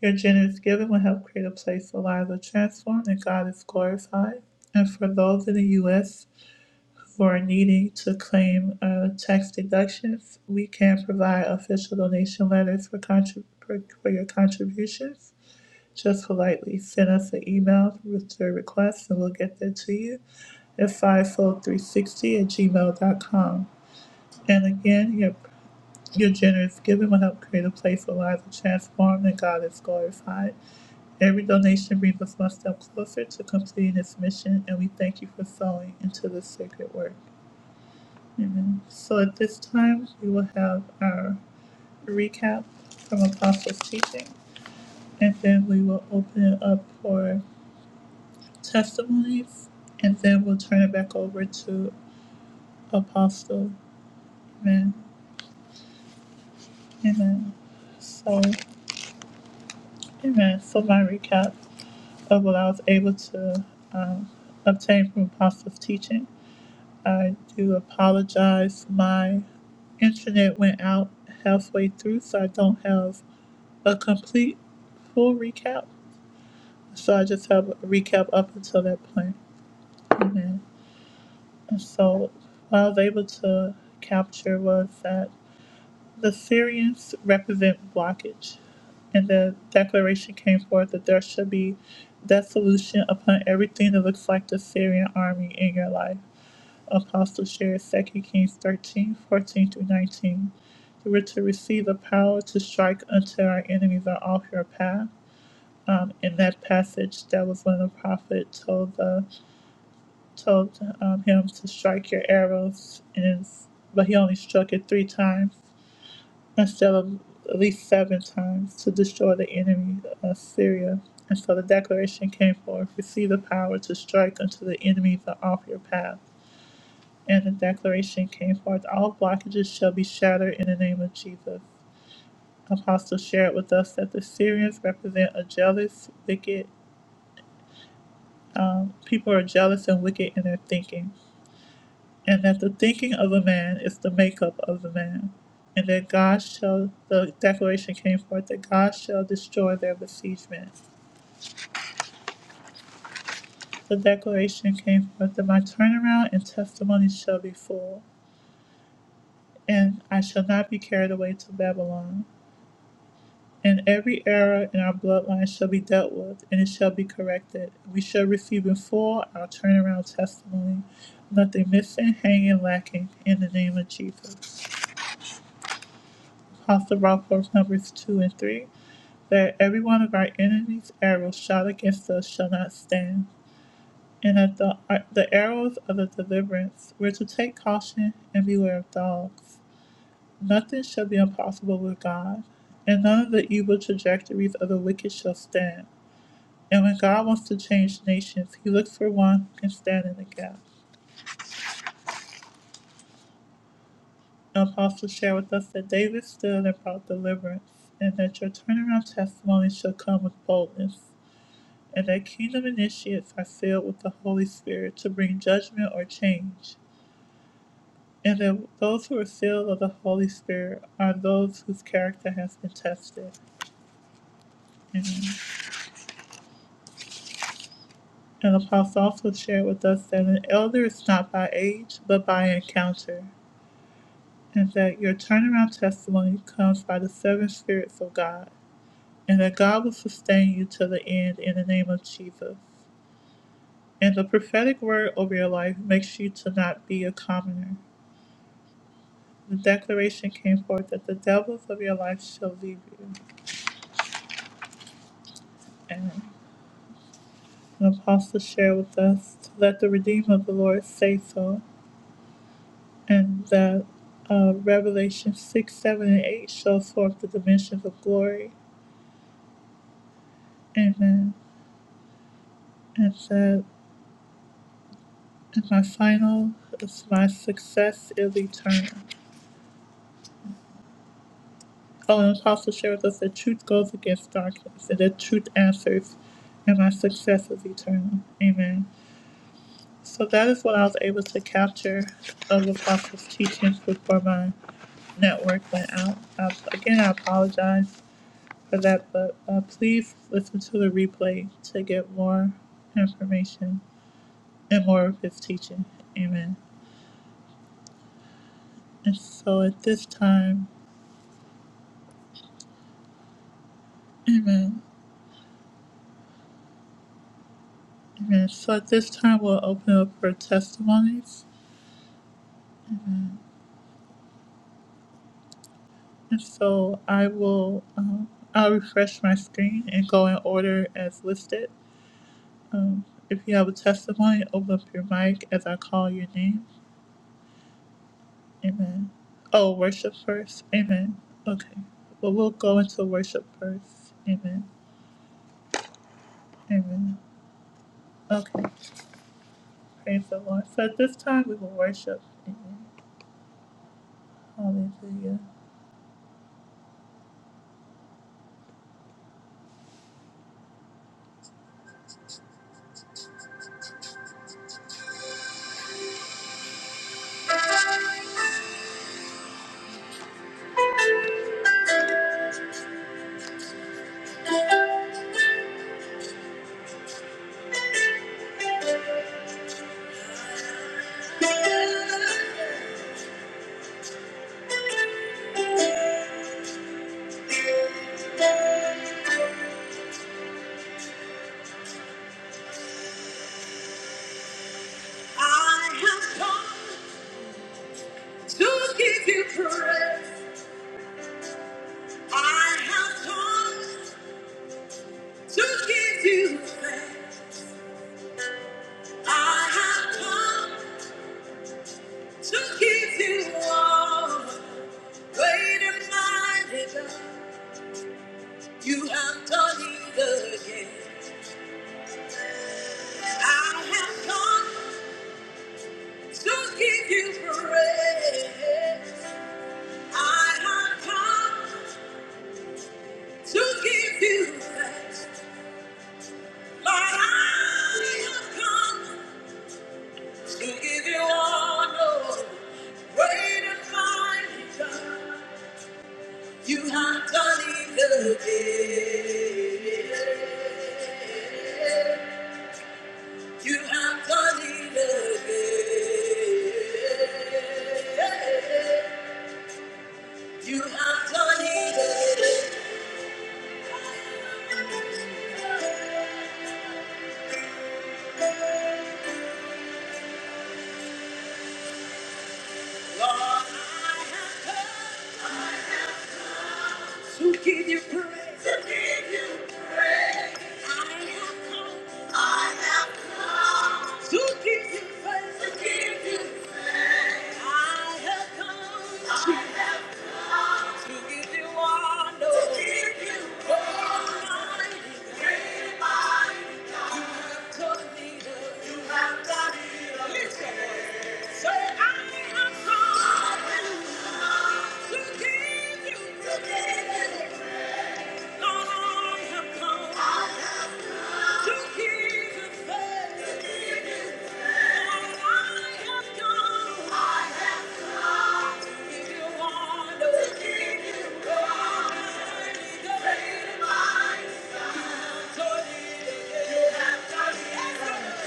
Speaker 1: Your generous giving will help create a place where lives are transformed and God is glorified. And for those in the U.S. who are needing to claim uh, tax deductions, we can provide official donation letters for, contrib- for, for your contributions. Just politely send us an email with your request and we'll get that to you at fivefold360 at gmail.com. And again, your, your generous giving will help create a place where lives are transformed and God is glorified. Every donation brings us one step closer to completing this mission, and we thank you for sowing into this sacred work. Amen. So at this time, we will have our recap from Apostles' teaching, and then we will open it up for testimonies, and then we'll turn it back over to Apostle. Amen. Amen. So, amen. So, my recap of what I was able to um, obtain from Apostle's teaching. I do apologize. My internet went out halfway through, so I don't have a complete full recap. So, I just have a recap up until that point. Amen. And so, what I was able to capture was that. The Syrians represent blockage. And the declaration came forth that there should be desolation upon everything that looks like the Syrian army in your life. Apostle shares Second Kings 13 14 through 19. You were to receive the power to strike until our enemies are off your path. Um, in that passage, that was when the prophet told the told um, him to strike your arrows, and but he only struck it three times instead of at least seven times to destroy the enemy of Syria. And so the declaration came forth, receive the power to strike unto the enemies are off your path. And the declaration came forth, all blockages shall be shattered in the name of Jesus. Apostle shared with us that the Syrians represent a jealous, wicked, um, people are jealous and wicked in their thinking and that the thinking of a man is the makeup of the man, and that God shall, the declaration came forth that God shall destroy their besiegement. The declaration came forth that my turnaround and testimony shall be full, and I shall not be carried away to Babylon. And every error in our bloodline shall be dealt with, and it shall be corrected. We shall receive in full our turnaround testimony, nothing missing, hanging, lacking, in the name of Jesus. Apostle Rockworth, Numbers 2 and 3. that every one of our enemies' arrows shot against us shall not stand, and that the, the arrows of the deliverance were to take caution and beware of dogs. Nothing shall be impossible with God, and none of the evil trajectories of the wicked shall stand. And when God wants to change nations, he looks for one who can stand in the gap. The apostle shared with us that David stood and brought deliverance, and that your turnaround testimony shall come with boldness. and that kingdom initiates are sealed with the Holy Spirit to bring judgment or change, and that those who are sealed of the Holy Spirit are those whose character has been tested. Amen. And the apostle also shared with us that an elder is not by age, but by encounter, and that your turnaround testimony comes by the seven spirits of God, and that God will sustain you to the end in the name of Jesus. And the prophetic word over your life makes you to not be a commoner The declaration came forth that the devils of your life shall leave you. And an apostle shared with us to let the Redeemer of the Lord say so, and that uh, Revelation 6, 7, and 8 shows forth the dimensions of glory. Amen. And said, and my final is my success is eternal. Oh, and apostle shared with us that truth goes against darkness, and that truth answers, and my success is eternal. Amen. So that is what I was able to capture of Apostle's teachings before my network went out. I, again, I apologize for that, but uh, please listen to the replay to get more information and more of his teaching. Amen. And so at this time, amen. Amen. So at this time, we'll open up for testimonies. And so I will, um, I'll refresh my screen and go in order as listed. Um, if you have a testimony, open up your mic as I call your name. Amen. Oh, worship first. Amen. Okay. Well, we'll go into worship first. Amen. Amen. Okay. Praise the Lord. So at this time, we will worship. Amen. Hallelujah. I have come to give you praise. I have come to give you. I have come to give you all. Great and mighty God, you have done it again. I have come to give you praise. I have come to give you thanks. Lord, I have come to give you honor. Great and mighty God, you have done it again. You have done it again. You have done it again. To give you honor. To give you glory. Great mighty God. You have done it again. You have done it again. Listen. Say, I have done it again. To give you glory. Thank you.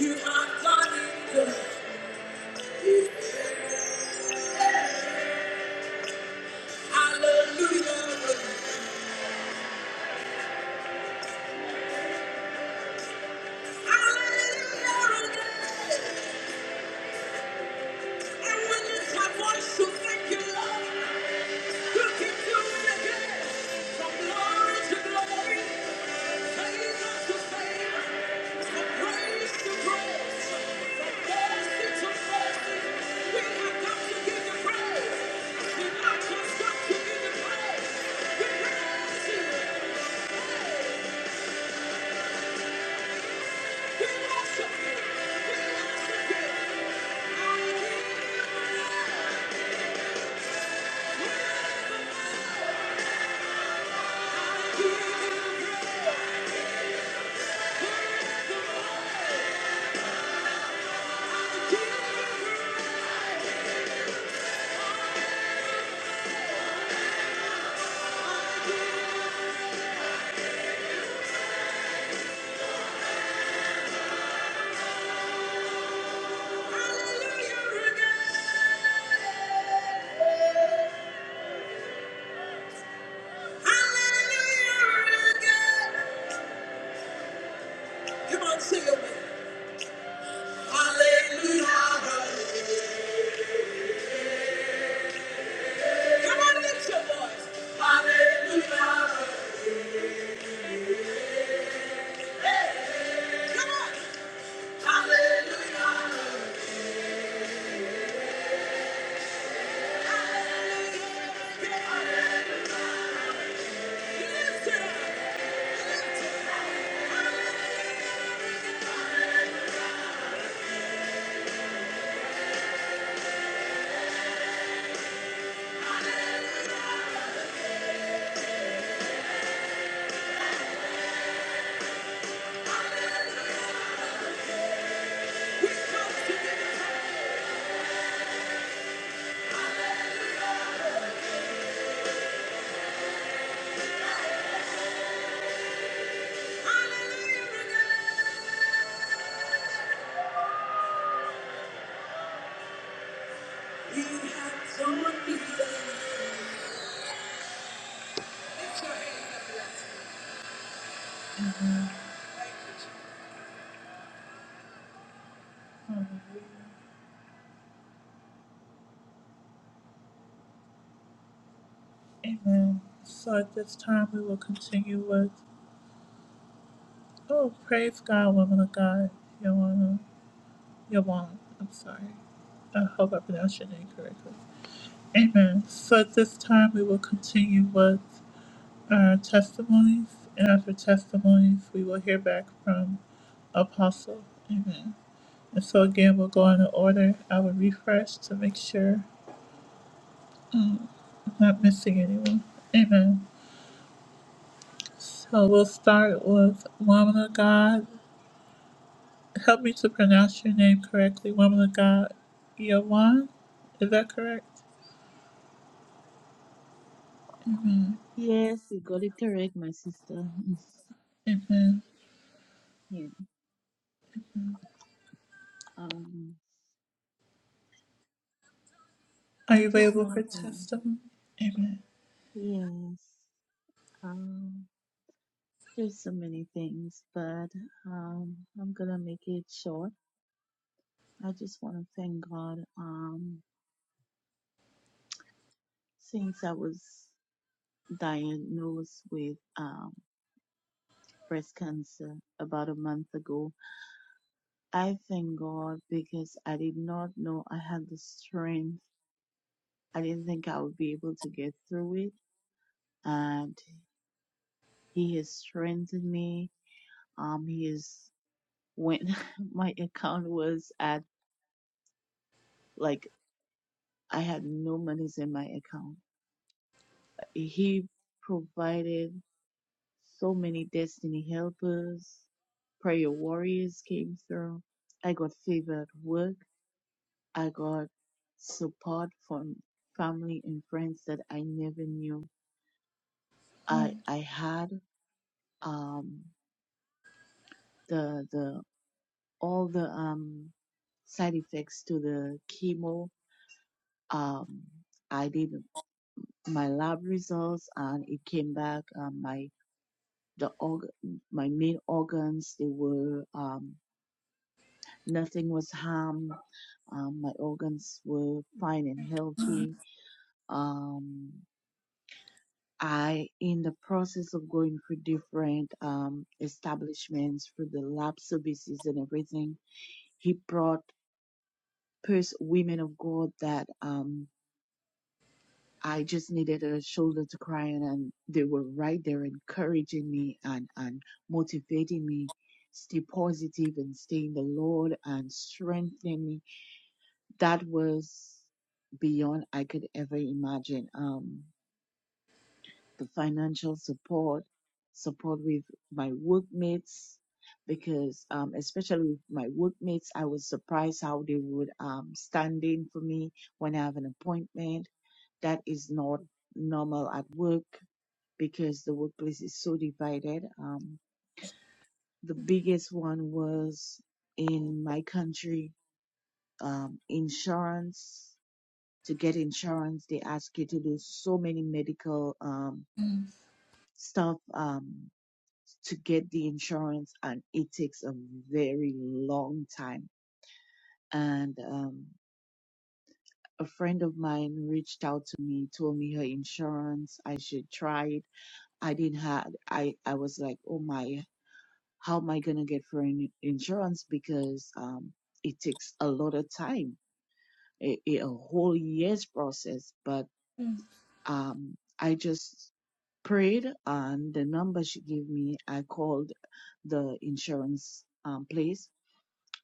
Speaker 1: You are God. Hallelujah. Hallelujah. And we lift our voice to thank you, Lord. You keep doing it again. From glory to glory, favor to favor, from praise to praise, from mercy to mercy. We have come to give you praise. We not just come to We praise We worship We worship Come on, sing it. Hallelujah. Come on, lift your voice. Hallelujah. Hey, come on. Hallelujah. Lift it up. Lift Hallelujah. Amen. So at this time, we will continue with, oh, praise God, woman of God, Yolanda, Yolanda, I'm sorry. I hope I pronounced your name correctly. Amen. So at this time, we will continue with our testimonies, and after testimonies, we will hear back from Apostle. Amen. And so again, we'll go in order. I will refresh to make sure. Mm. not missing anyone. Amen. So we'll start with Woman of God. Help me to pronounce your name correctly. Woman of God, Yawan. Is that correct?
Speaker 3: yes, you got it correct, my sister. <laughs>
Speaker 1: Amen.
Speaker 3: Yeah. Um,
Speaker 1: Are
Speaker 3: I
Speaker 1: you
Speaker 3: just
Speaker 1: available
Speaker 3: want to
Speaker 1: for
Speaker 3: think.
Speaker 1: testimony? Amen.
Speaker 3: Yes. Um, there's so many things, but um, I'm gonna make it short. I just want to thank God. Um, since I was diagnosed with um, breast cancer about a month ago, I thank God because I did not know I had the strength. I didn't think I would be able to get through it, and He has strengthened me. Um, He is when <laughs> my account was at like I had no monies in my account. He provided So many destiny helpers, prayer warriors came through. I got favor at work. I got support from family and friends that I never knew. I I had um the the all the um side effects to the chemo. Um, I did my lab results and it came back. Um, my the org- my main organs they were um nothing was harmed Um, my organs were fine and healthy. Um, I, in the process of going through different um, establishments through the lab services and everything, he brought pers- women of God that um, I just needed a shoulder to cry on, and they were right there encouraging me and, and motivating me. Stay positive and stay in the Lord and strengthening that was beyond I could ever imagine. Um, the financial support, support with my workmates, because um, especially with my workmates, I was surprised how they would um, stand in for me when I have an appointment. That is not normal at work because the workplace is so divided. Um, the biggest one was in my country, um, insurance. to get insurance, they ask you to do so many medical um, stuff um, to get the insurance, and it takes a very long time. And um, a friend of mine reached out to me, told me her insurance, I should try it. I didn't have, I, I was like, oh my, how am I gonna get for an insurance because um, it takes a lot of time, a, a whole year's process. But um, I just prayed and the number she gave me i called the insurance um, place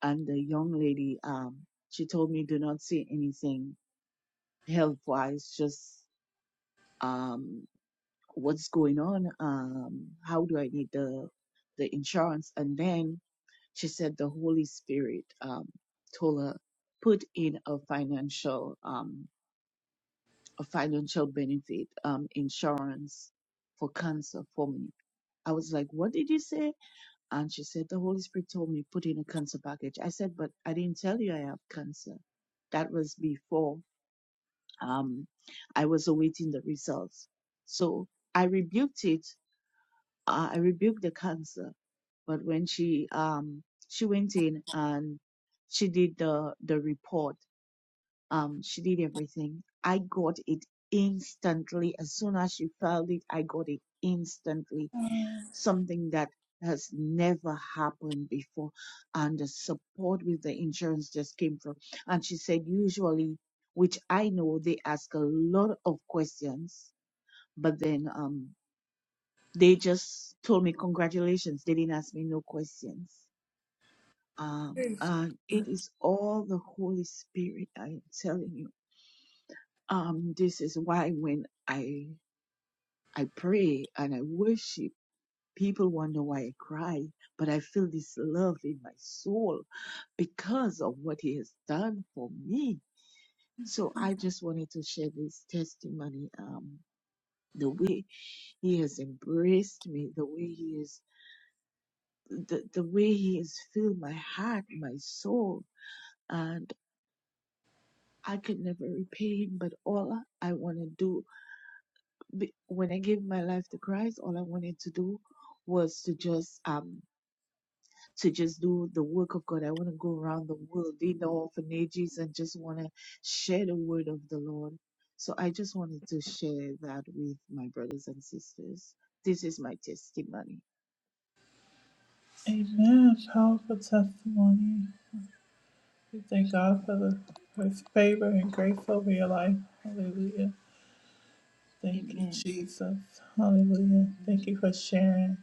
Speaker 3: and the young lady um, she told me do not say anything health wise just um, what's going on um, how do i need the the insurance and then she said the holy spirit um, told her put in a financial um, a financial benefit um, insurance for cancer for me i was like what did you say And she said, The Holy Spirit told me put in a cancer package. I said, But I didn't tell you I have cancer. That was before um, I was awaiting the results. So I rebuked it. Uh, I rebuked the cancer. But when she um, she went in and she did the the report, um, she did everything. I got it instantly. As soon as she filed it, I got it instantly something that has never happened before. And the support with the insurance just came from. And she said, usually, which I know they ask a lot of questions, but then um, they just told me congratulations. They didn't ask me no questions. Um,
Speaker 1: Praise-
Speaker 3: and it is all the Holy Spirit. I am telling you. Um, this is why when I I pray and I worship People wonder why I cry, but I feel this love in my soul because of what he has done for me. So I just wanted to share this testimony. Um, the way he has embraced me, the way he is, the, the way he has filled my heart, my soul, and I could never repay him. But all I want to do, be- when I gave my life to Christ, all I wanted to do was to just um to just do the work of God. I want to go around the world in the orphanages and just want to share the word of the Lord. So I just wanted to share that with my brothers and sisters. This is my testimony.
Speaker 1: Amen. Powerful testimony. We thank God for, the, for his favor and grace over your life. Hallelujah. Thank you,
Speaker 3: Amen.
Speaker 1: Jesus. Hallelujah. Thank you
Speaker 3: Amen.
Speaker 1: for sharing.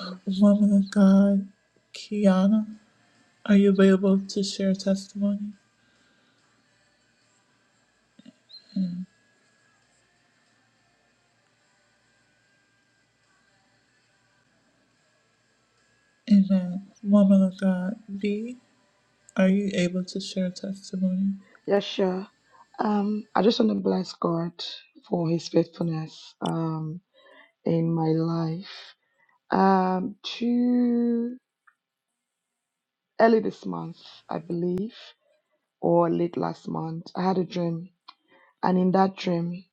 Speaker 3: Thank you.
Speaker 1: Woman of God, Kiana. Are you available to share testimony? Amen. Woman of God, B, are you able to share testimony?
Speaker 8: Yes, sure. Um, I just want to bless God for His faithfulness. Um, in my life. Um, too early this month, I believe, or late last month, I had a dream, and in that dream,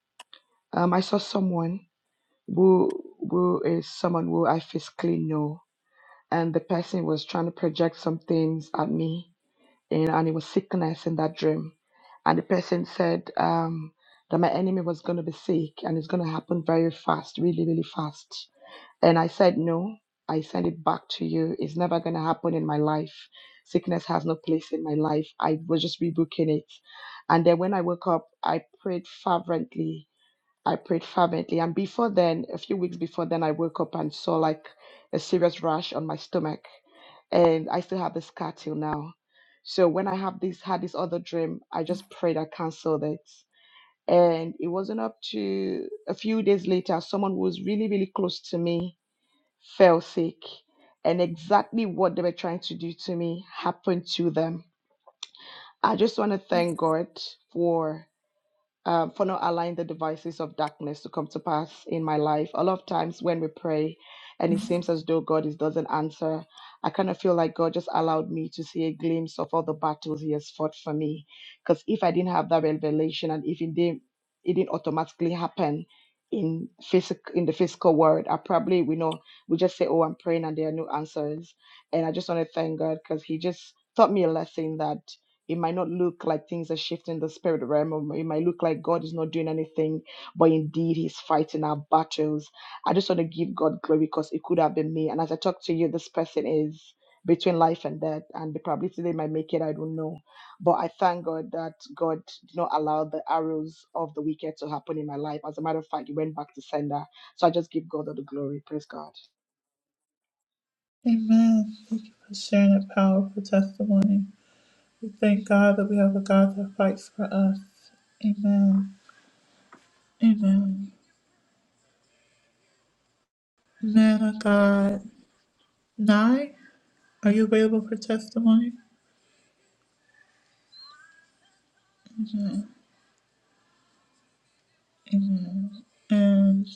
Speaker 8: um, I saw someone who who is someone who I physically know, and the person was trying to project some things at me and, and it was sickness in that dream. And the person said um, that my enemy was going to be sick and it's going to happen very fast, really, really fast. And I said, No, I send it back to you. It's never going to happen in my life. Sickness has no place in my life. I was just rebooking it. And then when I woke up, I prayed fervently I prayed fervently. And before then, a few weeks before then, I woke up and saw like a serious rash on my stomach. And I still have the scar till now. So when I have this had this other dream, I just prayed I canceled it. And it wasn't up to a few days later, someone who was really, really close to me fell sick. And exactly what they were trying to do to me happened to them. I just want to thank God for um, for not allowing the devices of darkness to come to pass in my life. A lot of times when we pray and it seems as though God is, doesn't answer, I kind of feel like God just allowed me to see a glimpse of all the battles He has fought for me. Because if I didn't have that revelation and if it didn't, it didn't automatically happen in physical in the physical world, I probably we know we just say, "Oh, I'm praying," and there are no answers. And I just want to thank God because He just taught me a lesson that. It might not look like things are shifting in the spirit realm. or It might look like God is not doing anything, but indeed He's fighting our battles. I just want to give God glory because it could have been me. And as I talk to you, this person is between life and death, and the probability they might make it, I don't know. But I thank God that God did not allow the arrows of the wicked to happen in my life. As a matter of fact, it went back to sender. So I just give God all the glory. Praise God.
Speaker 1: Amen. Thank you for sharing a powerful testimony. We thank God that we have a God that fights for us. Amen. Amen. Man of God, Nye, are you available for testimony? Amen. And,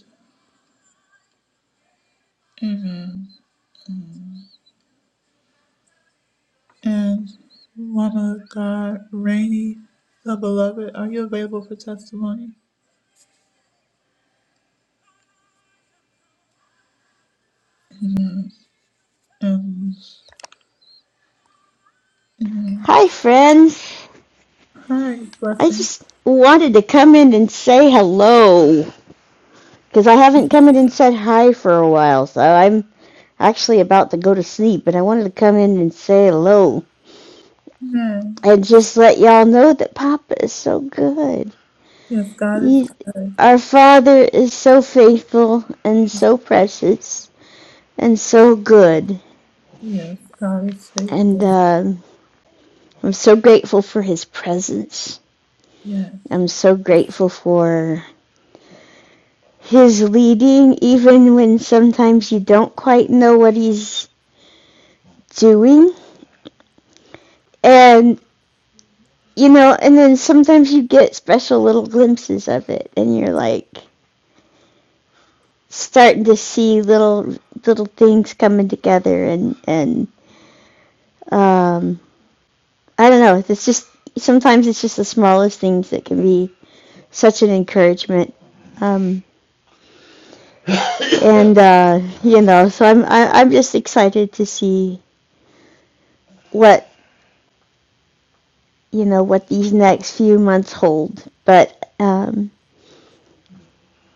Speaker 1: amen. And, woman of God, Rainy, the beloved, are you available for testimony? Um, amen.
Speaker 9: Hi, friends.
Speaker 1: Hi,
Speaker 9: I
Speaker 1: blessing.
Speaker 9: just wanted to come in and say hello because I haven't come in and said hi for a while. So I'm actually about to go to sleep, but I wanted to come in and say hello
Speaker 1: Amen.
Speaker 9: and just let y'all know that Papa is so good.
Speaker 1: Yes, God is
Speaker 9: He,
Speaker 1: good.
Speaker 9: our Father is so faithful and so precious and so good.
Speaker 1: Yes, God is
Speaker 9: And
Speaker 1: faithful.
Speaker 9: um I'm so grateful for his presence.
Speaker 1: Yes.
Speaker 9: I'm so grateful for his leading, even when sometimes you don't quite know what he's doing. And, you know, and then sometimes you get special little glimpses of it, and you're like starting to see little little things coming together and and um i don't know it's just sometimes it's just the smallest things that can be such an encouragement um and uh you know so i'm I, i'm just excited to see what you know what these next few months hold, but um,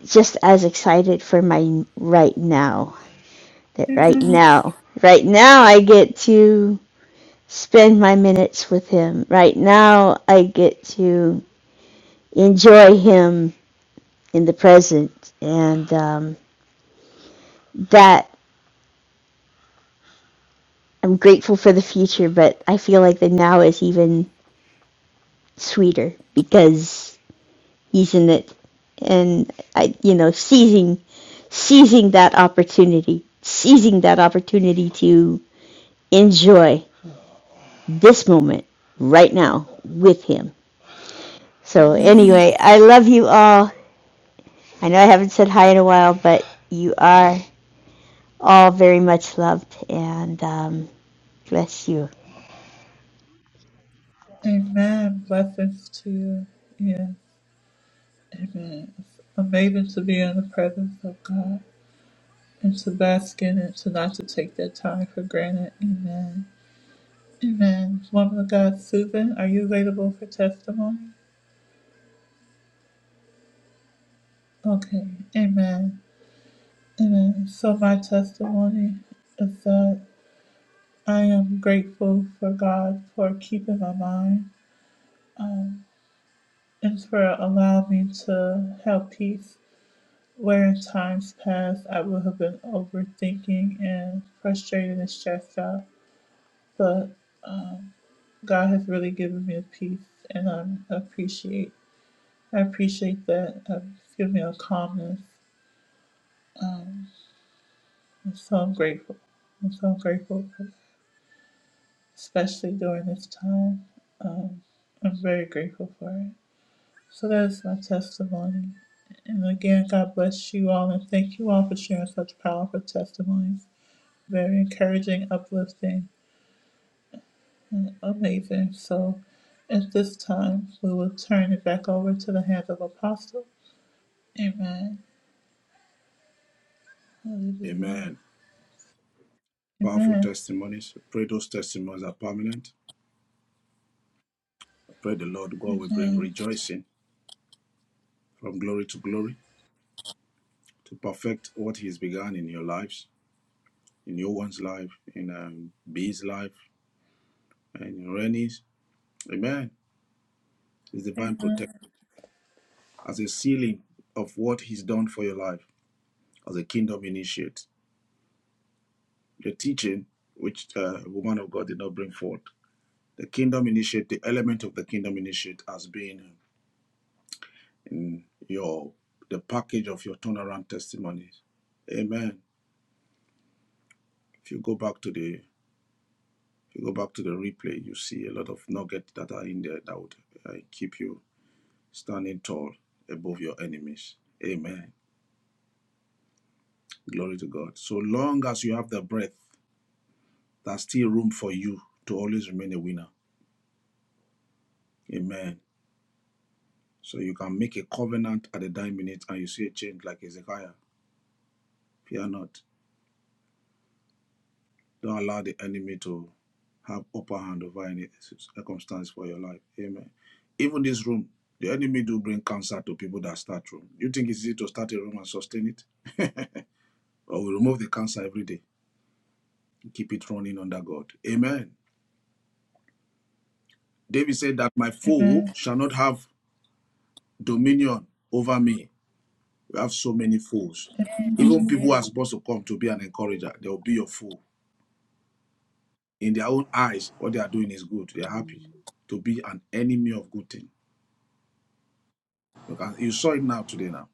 Speaker 9: just as excited for my right now. That right
Speaker 1: Amen.
Speaker 9: now, right now I get to spend my minutes with him. Right now I get to enjoy him in the present, and um, that I'm grateful for the future. But I feel like the now is even sweeter because he's in it, and I, you know, seizing seizing that opportunity, seizing that opportunity to enjoy this moment right now with him. So, anyway, I love you all. I know I haven't said hi in a while, but you are all very much loved, and um, bless you.
Speaker 1: Amen. Blessings to you. Yes. Amen. It's amazing to be in the presence of God and to bask in it, to not to take that time for granted. Amen. Amen. Woman of God, Susan, are you available for testimony? Okay. Amen. Amen. So my testimony is that I am grateful for God for keeping my mind um, and for allowing me to have peace where in times past I would have been overthinking and frustrated and stressed out. But um, God has really given me a peace and I'm- I appreciate I appreciate that. Uh, It's given me a calmness. Um, and so I'm grateful. I'm so grateful, for, especially during this time. Um, I'm very grateful for it. So that is my testimony. And again, God bless you all and thank you all for sharing such powerful testimonies. Very encouraging, uplifting, and amazing. So at this time, we will turn it back over to the hands of Apostle. Amen. Hallelujah.
Speaker 2: Amen. Powerful
Speaker 1: Amen.
Speaker 2: testimonies. I pray those testimonies are permanent. I pray the Lord God will bring
Speaker 1: Amen.
Speaker 2: rejoicing from glory to glory to perfect what He has begun in your lives, in your one's life, in um, B's life. and your enemies. Amen. It's divine protection as a sealing of what He's done for your life as a kingdom initiate. The teaching which uh, woman of God did not bring forth. The kingdom initiate, the element of the kingdom initiate has been in your the package of your turnaround testimonies. Amen. If you go back to the if you go back to the replay, you see a lot of nuggets that are in there that would uh, keep you standing tall above your enemies. Amen. Glory to God. So long as you have the breath, there's still room for you to always remain a winner. Amen. So you can make a covenant at the dying minute and you see a change like Ezekiah. Fear not. Don't allow the enemy to have upper hand over any circumstance for your life. Amen. Even this room, the enemy do bring cancer to people that start room. You think it's easy to start a room and sustain it? <laughs> or we remove the cancer every day. and Keep it running under God. Amen. David said that my foe shall not have dominion over me. We have so many fools. Even people who are
Speaker 3: Amen.
Speaker 2: supposed to come to be an encourager, they will be your fool. In their own eyes, what they are doing is good. They are happy to be an enemy of good thing. You, saw it now today. Now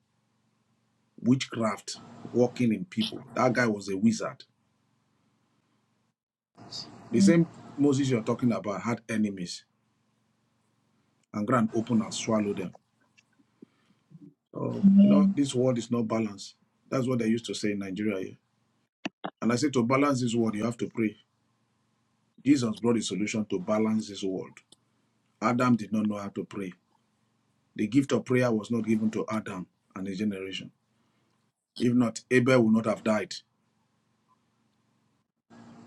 Speaker 2: witchcraft working in people. That guy was a wizard. The same Moses you're talking about had enemies and grand open and swallow them. So you know this world is not balanced. That's what they used to say in Nigeria here. And I say to balance this world, you have to pray. Jesus brought a solution to balance this world. Adam did not know how to pray. The gift of prayer was not given to Adam and his generation. If not, Abel would not have died.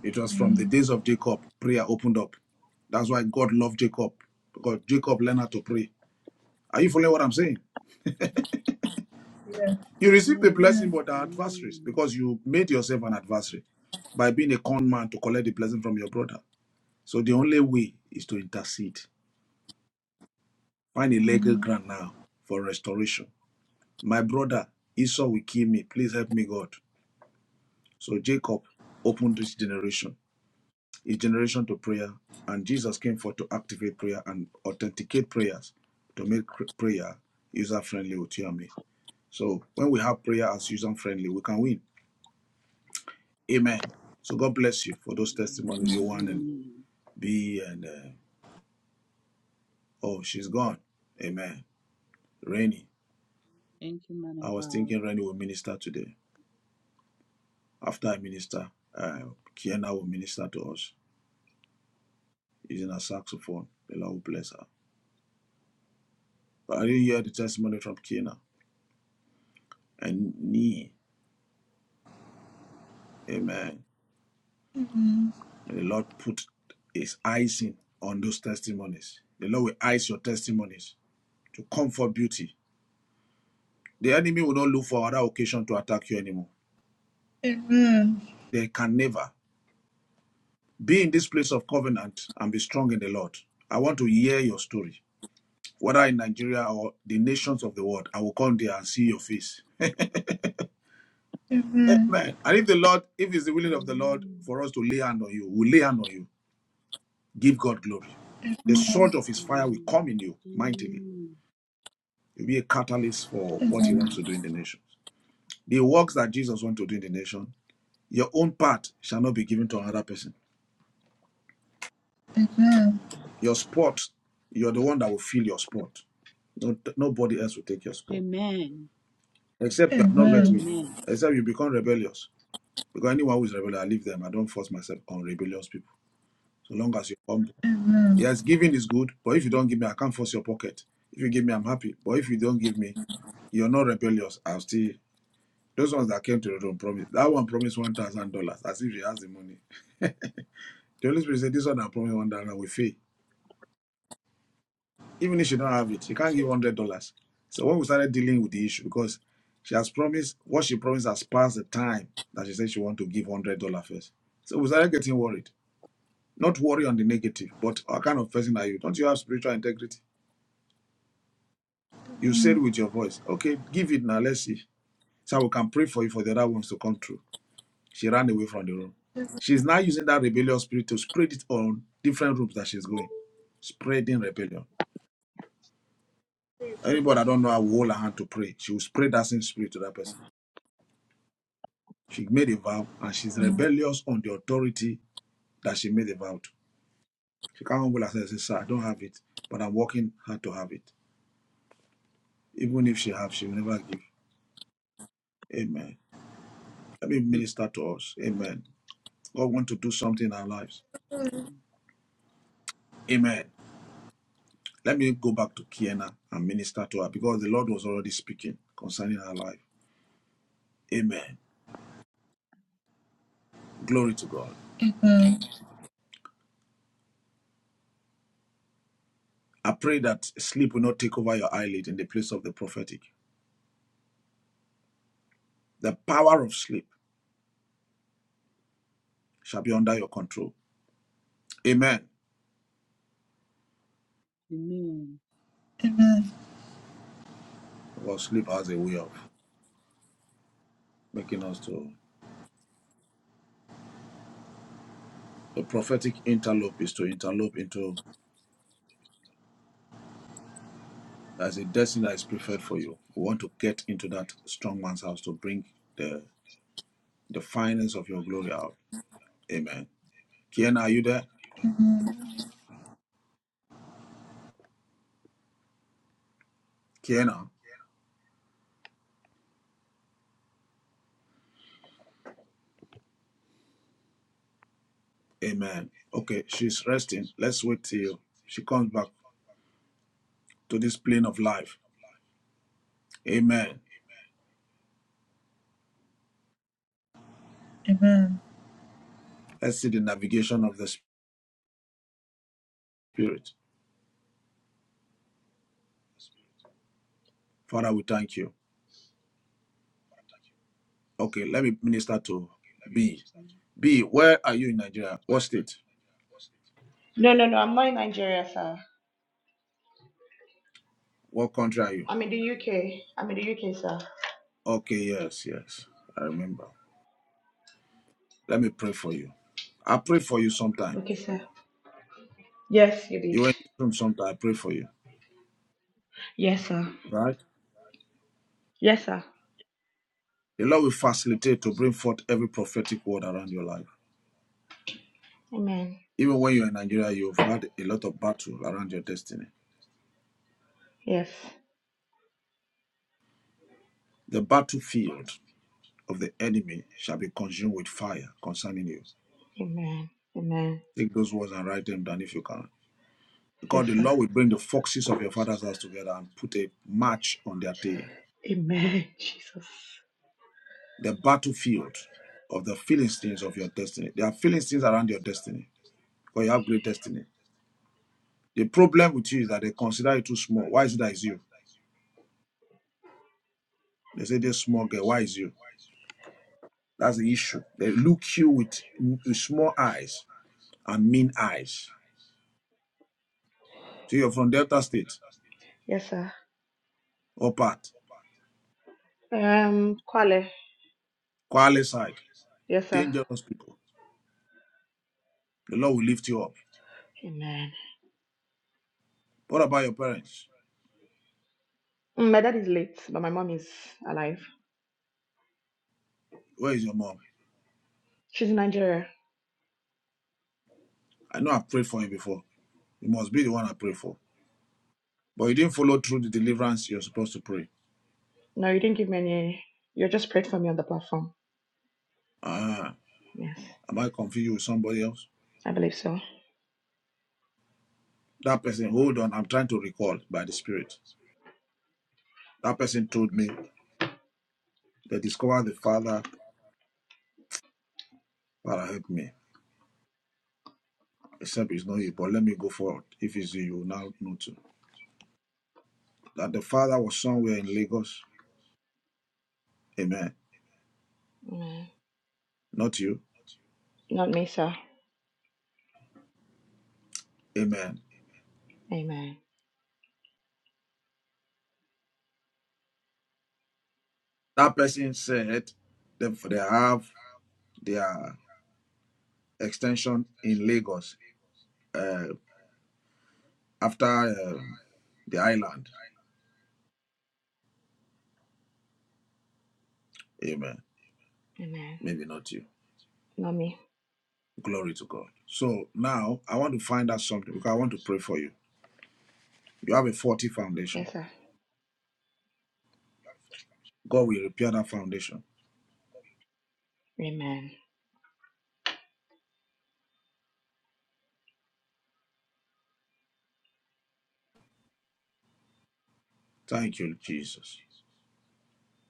Speaker 2: It was from the days of Jacob, prayer opened up. That's why God loved Jacob, because Jacob learned how to pray. Are you following what I'm saying? You received the
Speaker 3: Amen.
Speaker 2: blessing but the adversaries
Speaker 3: Amen.
Speaker 2: because you made yourself an adversary by being a con man to collect the blessing from your brother. So the only way is to intercede. Find a legal ground now for restoration. My brother, Esau will kill me. Please help me, God. So Jacob opened this generation, his generation to prayer, and Jesus came forth to activate prayer and authenticate prayers to make prayer user friendly with you and me. So when we have prayer as user friendly, we can win. Amen. So God bless you for those
Speaker 3: Amen.
Speaker 2: testimonies, Yohan and
Speaker 3: Amen.
Speaker 2: B and uh, oh she's gone. Amen. Rainy.
Speaker 3: Thank you, man of
Speaker 2: I was
Speaker 3: God.
Speaker 2: thinking Rainy will minister today. After I minister, uh, Kiana will minister to us using her saxophone. The Lord will bless her. But I didn't hear the testimony from Kiana. and knee. Amen. May the Lord put his eyes in on those testimonies. The Lord will eyes your testimonies to comfort beauty. The enemy will not look for other occasion to attack you anymore.
Speaker 1: Amen.
Speaker 2: They can never. Be in this place of covenant and be strong in the Lord. I want to hear your story. Whether in Nigeria or the nations of the world, I will come there and see your face. <laughs>
Speaker 1: Amen.
Speaker 2: Amen. And if the Lord, if it's the willing of the Lord
Speaker 3: Amen.
Speaker 2: for us to lay hand on you, we'll lay hand on you. Give God glory. The sword of his fire will
Speaker 3: Amen.
Speaker 2: come in you mightily
Speaker 3: Amen.
Speaker 2: be a catalyst for what he wants
Speaker 1: Amen.
Speaker 3: Amen.
Speaker 2: to do in the nations. The works that Jesus wants to do in the nation, your own part shall not be given to another person.
Speaker 1: Amen.
Speaker 2: Your spot, you're the one that will fill your spot. No, nobody else will take your spot.
Speaker 3: Amen.
Speaker 2: Except you have not met
Speaker 1: Amen.
Speaker 2: me.
Speaker 3: Amen.
Speaker 2: Except you become rebellious. Because anyone who is rebellious, I leave them. I don't force myself on rebellious people. So long as you're humble. Yes, giving is good, but if you don't give me, I can't force your pocket. If you give me, I'm happy. But if you don't give me, you're not rebellious. I'll still Those ones that came to the room promised that one promised one thousand dollars as if she has the money. <laughs> The Holy Spirit said, This one I promised one dollar with faith. Even if she don't have it, she can't give one hundred dollars. So when we started dealing with the issue, because she has promised what she promised has passed the time that she said she want to give one hundred dollars first. So we started getting worried. Not worry on the negative, but what kind of person are you? Don't you have spiritual integrity? You said with your voice, okay, give it now, let's see. So we can pray for you for the other ones to come true. She ran away from the room. She's now using that rebellious spirit to spread it on different rooms that she's going, spreading rebellion. Anybody that don't know how will hold her hand to pray. She will spread that same spirit to that person. She made a vow and she's rebellious on the authority that she made a vow to. She can't humble herself and say, Sir, I don't have it, but I'm working hard to have it. Even if she have, she will never give. Amen. Let me
Speaker 3: Hmm.
Speaker 2: minister to us. Amen. God want to do something in our lives.
Speaker 3: Amen.
Speaker 2: Amen. Let me go back to Kiana and minister to her because the Lord was already speaking concerning her life. Amen. Glory to God. I pray that sleep will not take over your eyelid in the place of the prophetic. The power of sleep shall be under your control. Amen. Because sleep has a way of making us to the prophetic interlope is to interlope into as a destiny that is preferred for you. We want to get into that strong man's house to bring the the finance of your glory out. Amen. Kiana, are you there? Kiana. Amen. Okay, she's resting. Let's wait till she comes back to this plane of life. Amen. Let's see the navigation of the Spirit. Father, we thank you. Okay, let me minister to B. B, where are you in Nigeria? What state?
Speaker 8: No, no, no. I'm not in Nigeria, sir.
Speaker 2: What country are you?
Speaker 8: I'm in the UK. I'm in the UK, sir.
Speaker 2: Okay, yes, yes. I remember. Let me pray for you. I pray for you sometime.
Speaker 8: Okay, sir. Yes, you did.
Speaker 2: You were in this room sometime. I pray for you.
Speaker 8: Yes, sir.
Speaker 2: Right?
Speaker 8: Yes, sir.
Speaker 2: The Lord will facilitate to bring forth every prophetic word around your life.
Speaker 8: Amen.
Speaker 2: Even when you're in Nigeria, you've had a lot of battle around your destiny.
Speaker 8: Yes.
Speaker 2: The battlefield of the enemy shall be consumed with fire concerning you.
Speaker 8: Amen. Amen.
Speaker 2: Take those words and write them down if you can.
Speaker 8: Yes,
Speaker 2: Because the
Speaker 8: sir.
Speaker 2: Lord will bring the foxes of your father's house together and put a match on their tail.
Speaker 8: Amen. <laughs> Jesus.
Speaker 2: The battlefield of the Philistines of your destiny. There are Philistines around your destiny because you have great destiny. The problem with you is that they consider you too small. Why is it that it's you? They say, this small girl, why is you? That's the issue. They look you with, with small eyes and mean eyes. So you're from Delta State,
Speaker 8: Yes, sir.
Speaker 2: or part,
Speaker 8: Um, Kwale.
Speaker 2: Kwale side,
Speaker 8: Yes, sir.
Speaker 2: dangerous people. The Lord will lift you up.
Speaker 8: Amen.
Speaker 2: What about your parents?
Speaker 8: Mm, My dad is late, but my mom is alive.
Speaker 2: Where is your mom?
Speaker 8: She's in Nigeria.
Speaker 2: I know I've prayed for you before. You must be the one I prayed for. But you didn't follow through the deliverance you're supposed to pray.
Speaker 8: No, you didn't give me any. You just prayed for me on the platform.
Speaker 2: Ah,
Speaker 8: Yes,
Speaker 2: am I confused with somebody else?
Speaker 8: I believe so.
Speaker 2: That person, hold on, I'm trying to recall by the Spirit. That person told me they discovered the Father, Father help me. except it's not here. But let me go forward. If it's you, you will now know too. That the father was somewhere in Lagos. Amen.
Speaker 8: Amen.
Speaker 2: Not you.
Speaker 8: Not me, sir.
Speaker 2: Amen.
Speaker 8: Amen.
Speaker 2: That person said they, they have their extension in Lagos uh, after um, the island. Amen.
Speaker 8: Amen.
Speaker 2: Maybe not you.
Speaker 8: Not me.
Speaker 2: Glory to God. So now I want to find out something because I want to pray for you. You have a faulty foundation.
Speaker 8: Yes, sir.
Speaker 2: God will repair that foundation.
Speaker 8: Amen.
Speaker 2: Thank you, Jesus.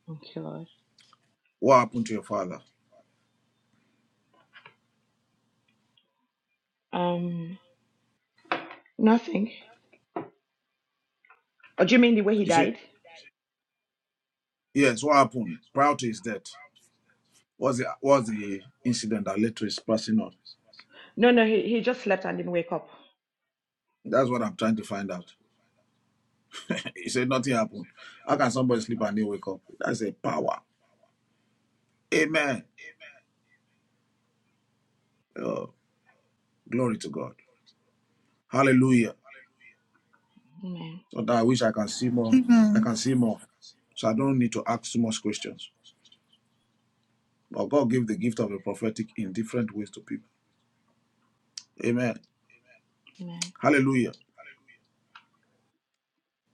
Speaker 8: Thank you, Lord.
Speaker 2: What happened to your father?
Speaker 8: Um, nothing. Oh, do you mean the way he
Speaker 2: You see.
Speaker 8: died?
Speaker 2: Yes, what happened prior to his death? What's the what's the incident that led to his passing on?
Speaker 8: No, no, he, he just slept and didn't wake up.
Speaker 2: That's what I'm trying to find out. <laughs> he said nothing happened. How can somebody sleep and they wake up? That's a power. Amen. Oh, glory to God. Hallelujah.
Speaker 8: Amen.
Speaker 2: So that I wish I can see more. I can see more. So I don't need to ask too much questions. But God gave the gift of the prophetic in different ways to people. Amen.
Speaker 8: Amen.
Speaker 2: Hallelujah.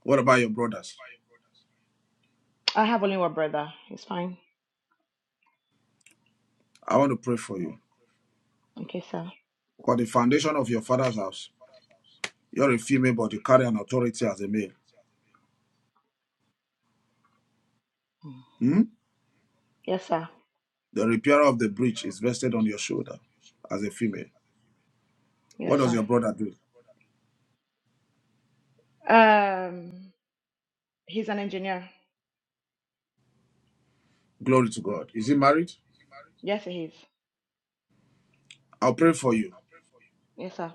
Speaker 2: What about your brothers?
Speaker 8: I have only one brother. He's fine.
Speaker 2: I want to pray for you.
Speaker 8: Okay, sir.
Speaker 2: For the foundation of your father's house You're a female, but you carry an authority as a male.
Speaker 8: Mm.
Speaker 2: Hmm?
Speaker 8: Yes, sir.
Speaker 2: The repairer of the breach is vested on your shoulder as a female. What
Speaker 8: Yes,
Speaker 2: does
Speaker 8: sir.
Speaker 2: your brother do?
Speaker 8: Um, he's an engineer.
Speaker 2: Glory to God. Is he married?
Speaker 8: Yes, he is.
Speaker 2: I'll pray for you.
Speaker 8: Yes, sir.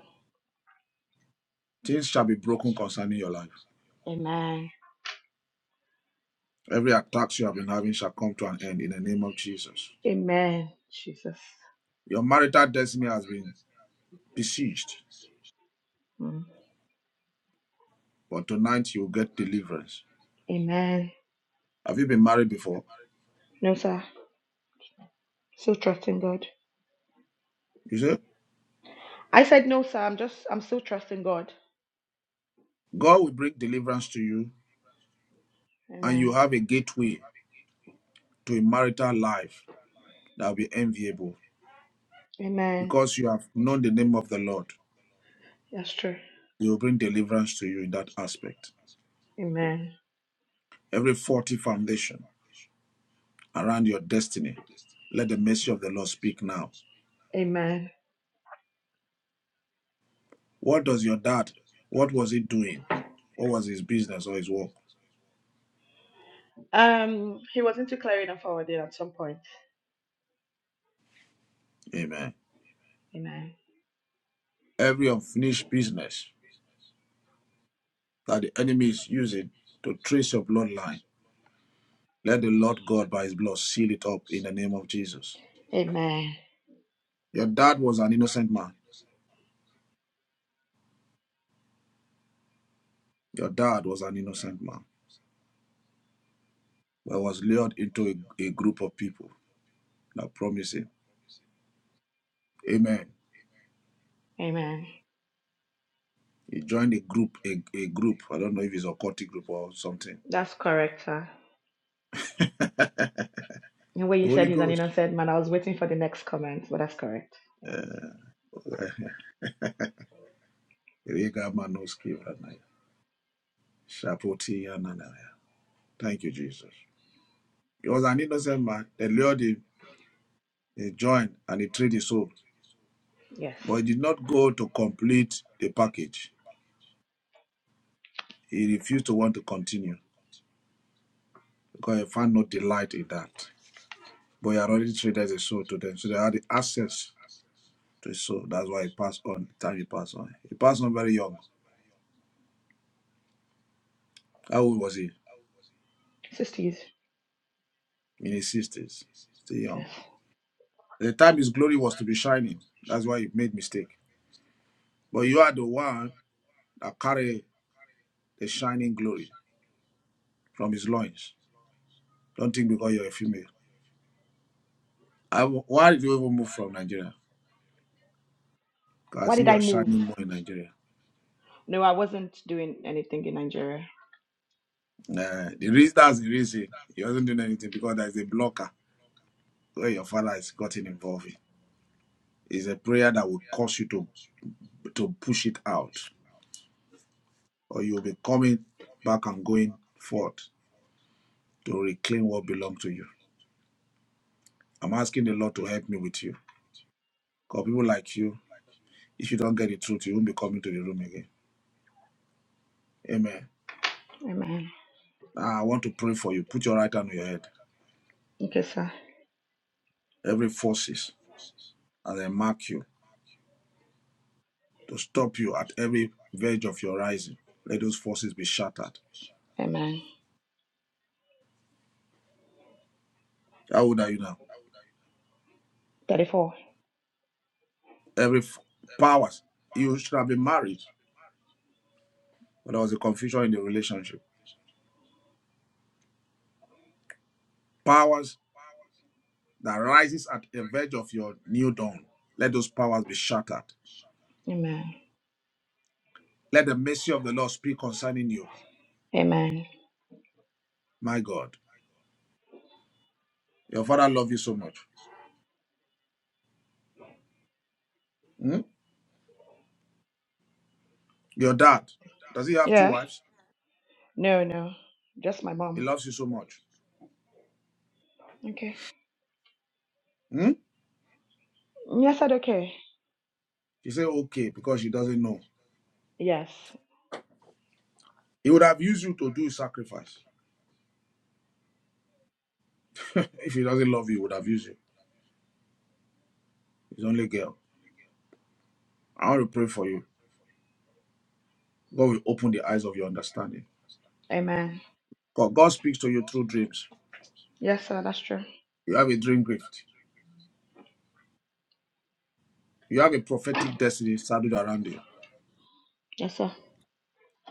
Speaker 2: Things shall be broken concerning your life.
Speaker 8: Amen.
Speaker 2: Every attack you have been having shall come to an end in the name of Jesus.
Speaker 8: Amen. Jesus.
Speaker 2: Your marital destiny has been besieged,
Speaker 8: Mm.
Speaker 2: but tonight you will get deliverance.
Speaker 8: Amen.
Speaker 2: Have you been married before?
Speaker 8: No, sir. Still trusting God.
Speaker 2: You see,
Speaker 8: I said no, sir. I'm just, I'm still trusting God.
Speaker 2: God will bring deliverance to you, and you
Speaker 8: Amen.
Speaker 2: have a gateway to a marital life that will be enviable
Speaker 8: Amen.
Speaker 2: Because you have known the name of the Lord,
Speaker 8: That's true.
Speaker 2: He will bring deliverance to you in that aspect.
Speaker 8: Amen.
Speaker 2: Every faulty foundation around your destiny, let the mercy of the Lord speak now.
Speaker 8: Amen.
Speaker 2: What does your dad, what was he doing? What was his business or his work?
Speaker 8: Um, he was into clearing and forwarding at some point.
Speaker 2: Amen.
Speaker 8: Amen.
Speaker 2: Every unfinished business that the enemy is using to trace your bloodline, let the Lord God by his blood seal it up in the name of Jesus.
Speaker 8: Amen.
Speaker 2: Your dad was an innocent man. Your dad was an innocent man, but was lured into a, a group of people I promise him, Amen.
Speaker 8: Amen.
Speaker 2: He joined a group, a, a group. I don't know if it's a cultic group or something.
Speaker 8: That's correct, sir. The way you said
Speaker 2: Holy
Speaker 8: he's an
Speaker 2: Ghost.
Speaker 8: innocent man, I was waiting for the next comment, but that's correct. Yeah.
Speaker 2: Uh, Rega Manoski Ranaya. Shapoti Yananaya. Thank you, Jesus. He was an innocent man. They lured him. He joined and he traded his soul.
Speaker 8: Yes.
Speaker 2: But he did not go to complete the package. He refused to want to continue because he found no delight in that. But he had already traded his soul to them. So they had the access to his soul. That's why he passed on. The time he passed on. He passed on very young. How old was he?
Speaker 8: Sisters.
Speaker 2: In his sixties, still young.
Speaker 8: Yes.
Speaker 2: At the time his glory was to be shining. That's why he made mistake. But you are the one that carry the shining glory from his loins. Don't think because you're a female. I, why did you even move from Nigeria?
Speaker 8: Why
Speaker 2: Because
Speaker 8: did
Speaker 2: he
Speaker 8: I
Speaker 2: was
Speaker 8: move?
Speaker 2: shining more in Nigeria.
Speaker 8: No, I wasn't doing anything in Nigeria.
Speaker 2: Nah, the reason that's the reason he wasn't doing anything because there's a blocker where your father has gotten involved in. It's a prayer that will cause you to to push it out, or you'll be coming back and going forth to reclaim what belongs to you. I'm asking the Lord to help me with you. Because people like you, if you don't get the truth, you won't be coming to the room again. Amen.
Speaker 8: Amen.
Speaker 2: Now, I want to pray for you. Put your right hand on your head.
Speaker 8: Okay, sir.
Speaker 2: Every forces, and they mark you to stop you at every verge of your rising. Let those forces be shattered.
Speaker 8: Amen.
Speaker 2: How old are you now?
Speaker 8: 34.
Speaker 2: Every f- powers you should have been married, but there was a confusion in the relationship. Powers that rises at the verge of your new dawn. Let those powers be shattered.
Speaker 8: Amen.
Speaker 2: Let the mercy of the Lord speak concerning you.
Speaker 8: Amen.
Speaker 2: My God. Your father loves you so much. Hmm? Your dad, does he have two
Speaker 8: Yeah.
Speaker 2: wives?
Speaker 8: No, no. Just my
Speaker 2: He
Speaker 8: mom.
Speaker 2: loves you so much.
Speaker 8: Okay.
Speaker 2: Hmm?
Speaker 8: Yes, I okay.
Speaker 2: She said, okay, because she doesn't know.
Speaker 8: Yes.
Speaker 2: He would have used you to do a sacrifice. If he doesn't love you, he would have used you. He's only girl. I want to pray for you. God will open the eyes of your understanding.
Speaker 8: Amen.
Speaker 2: God, God speaks to you through dreams.
Speaker 8: Yes, sir. That's true.
Speaker 2: You have a dream gift. You have a prophetic destiny saddled around you.
Speaker 8: Yes, sir.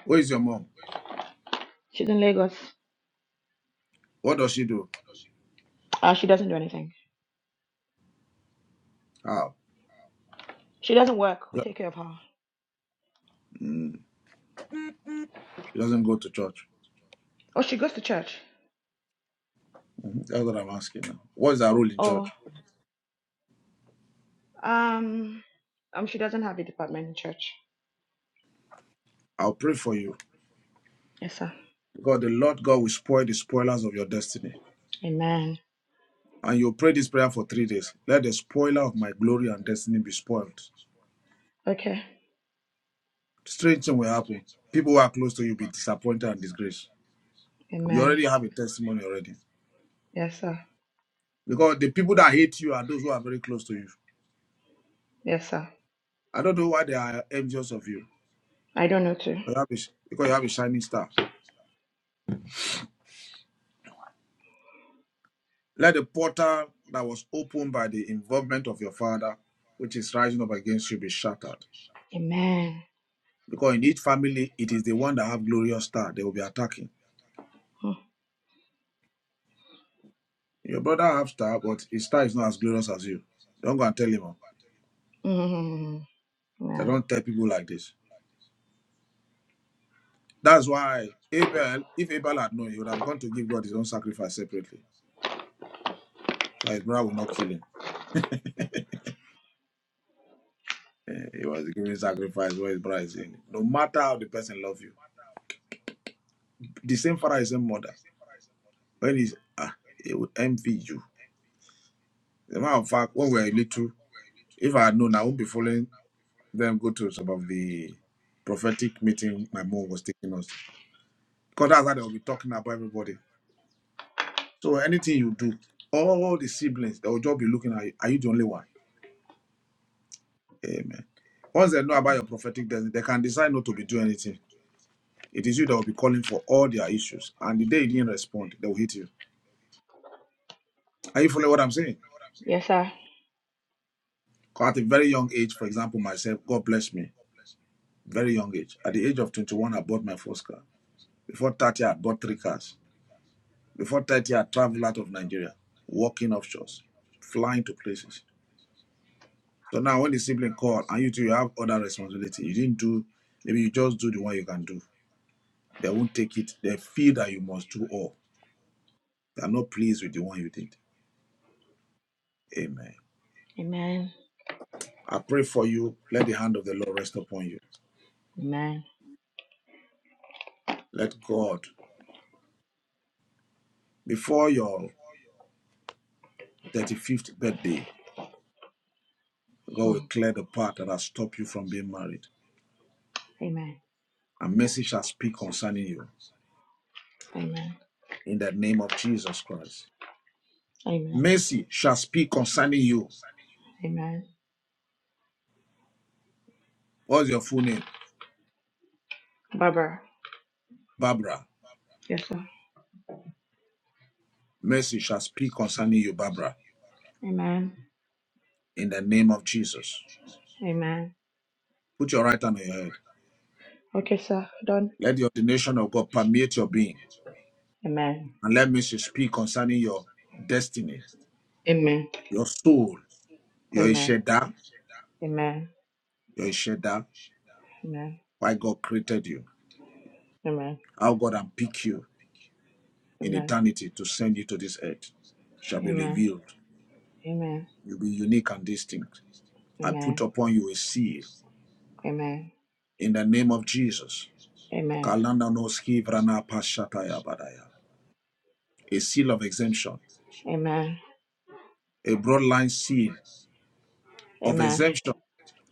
Speaker 2: Where is your mom?
Speaker 8: She's in Lagos.
Speaker 2: What does she do?
Speaker 8: Uh, she doesn't do anything.
Speaker 2: How?
Speaker 8: She doesn't work. We
Speaker 2: Yeah.
Speaker 8: take care of her.
Speaker 2: Mm, she doesn't go to church.
Speaker 8: Oh, she goes to church.
Speaker 2: That's what I'm asking now. What is her role in
Speaker 8: Oh.
Speaker 2: church?
Speaker 8: Um, um, she doesn't have a department in church.
Speaker 2: I'll pray for you.
Speaker 8: Yes, sir.
Speaker 2: God, the Lord God will spoil the spoilers of your destiny.
Speaker 8: Amen.
Speaker 2: And you pray this prayer for three days. Let the spoiler of my glory and destiny be spoiled.
Speaker 8: Okay.
Speaker 2: Strange thing will happen. People who are close to you will be disappointed and disgraced. You
Speaker 8: Amen.
Speaker 2: already have a testimony already.
Speaker 8: Yes, sir.
Speaker 2: Because the people that hate you are those who are very close to you.
Speaker 8: Yes, sir.
Speaker 2: I don't know why they are envious of you.
Speaker 8: I don't know too.
Speaker 2: You have a- Because you have a shining star. Let the portal that was opened by the involvement of your father, which is rising up against you, be shattered.
Speaker 8: Amen.
Speaker 2: Because in each family, it is the one that have glorious star they will be attacking. Your brother have star, but his star is not as glorious as you. Don't go and tell him. oh.
Speaker 8: Mm-hmm.
Speaker 2: They
Speaker 8: No. <laughs>
Speaker 2: don't tell people like this. That's why Abel, if Abel had known, he would have gone to give God his own sacrifice separately. So his brother would not kill him. Eh, He was giving sacrifice where his brother is in. No matter how the person love you, the same father, the same mother. When he's ah, he would envy you. As a matter of fact, when we were little, if I had known, I wouldn't be following them go to some of the prophetic meeting my mom was taking us. Because that's how they will be talking about everybody. So anything you do, all the siblings, they'll just be looking at you. Are you the only one? Amen. Once they know about your prophetic destiny, they can decide not to be doing anything. It is you that will be calling for all their issues. And the day you didn't respond, they will hit you. Are you following what I'm saying?
Speaker 8: Yes, sir.
Speaker 2: 'Cause At a very young age, for example, myself, God bless me. Very young age. At the age of 21, I bought my first car. Before 30, I bought three cars. Before 30, I traveled out of Nigeria, working offshores, flying to places. So now when the sibling call and you two you have other responsibility, you didn't do maybe you just do the one you can do. They won't take it. They feel that you must do all. They are not pleased with the one you did. Amen.
Speaker 8: Amen.
Speaker 2: I pray for you. Let the hand of the Lord rest upon you.
Speaker 8: Amen. <laughs>
Speaker 2: Let God, before your 35th birthday, God will
Speaker 8: Hmm.
Speaker 2: clear the path that has stopped you from being married.
Speaker 8: Amen.
Speaker 2: A mercy shall speak concerning you
Speaker 8: Amen.
Speaker 2: in the name of Jesus Christ.
Speaker 8: Amen.
Speaker 2: Mercy shall speak concerning you.
Speaker 8: Amen.
Speaker 2: What's your full name?
Speaker 8: Barbara.
Speaker 2: Barbara.
Speaker 8: Yes, sir.
Speaker 2: Mercy shall speak concerning you, Barbara,
Speaker 8: Amen.
Speaker 2: in the name of Jesus.
Speaker 8: Amen.
Speaker 2: Put your right hand on your head.
Speaker 8: Okay, sir. Done.
Speaker 2: Let the ordination of God permeate your being.
Speaker 8: Amen.
Speaker 2: And let mercy speak concerning your destiny,
Speaker 8: Amen.
Speaker 2: your soul, your
Speaker 8: Amen.
Speaker 2: Isheda,
Speaker 8: Amen.
Speaker 2: your Isheda,
Speaker 8: Amen.
Speaker 2: why God created you, how God unpicked you in
Speaker 8: Amen.
Speaker 2: eternity to send you to this earth shall be
Speaker 8: Amen. Amen.
Speaker 2: revealed.
Speaker 8: Amen.
Speaker 2: You'll be unique and distinct. I put
Speaker 8: Amen.
Speaker 2: upon you a seal
Speaker 8: Amen.
Speaker 2: in the name of Jesus.
Speaker 8: Amen.
Speaker 2: Kalanda no ski vrana pashataya badaya. a seal of exemption,
Speaker 8: Amen.
Speaker 2: a broad line seal of
Speaker 8: Amen.
Speaker 2: exemption,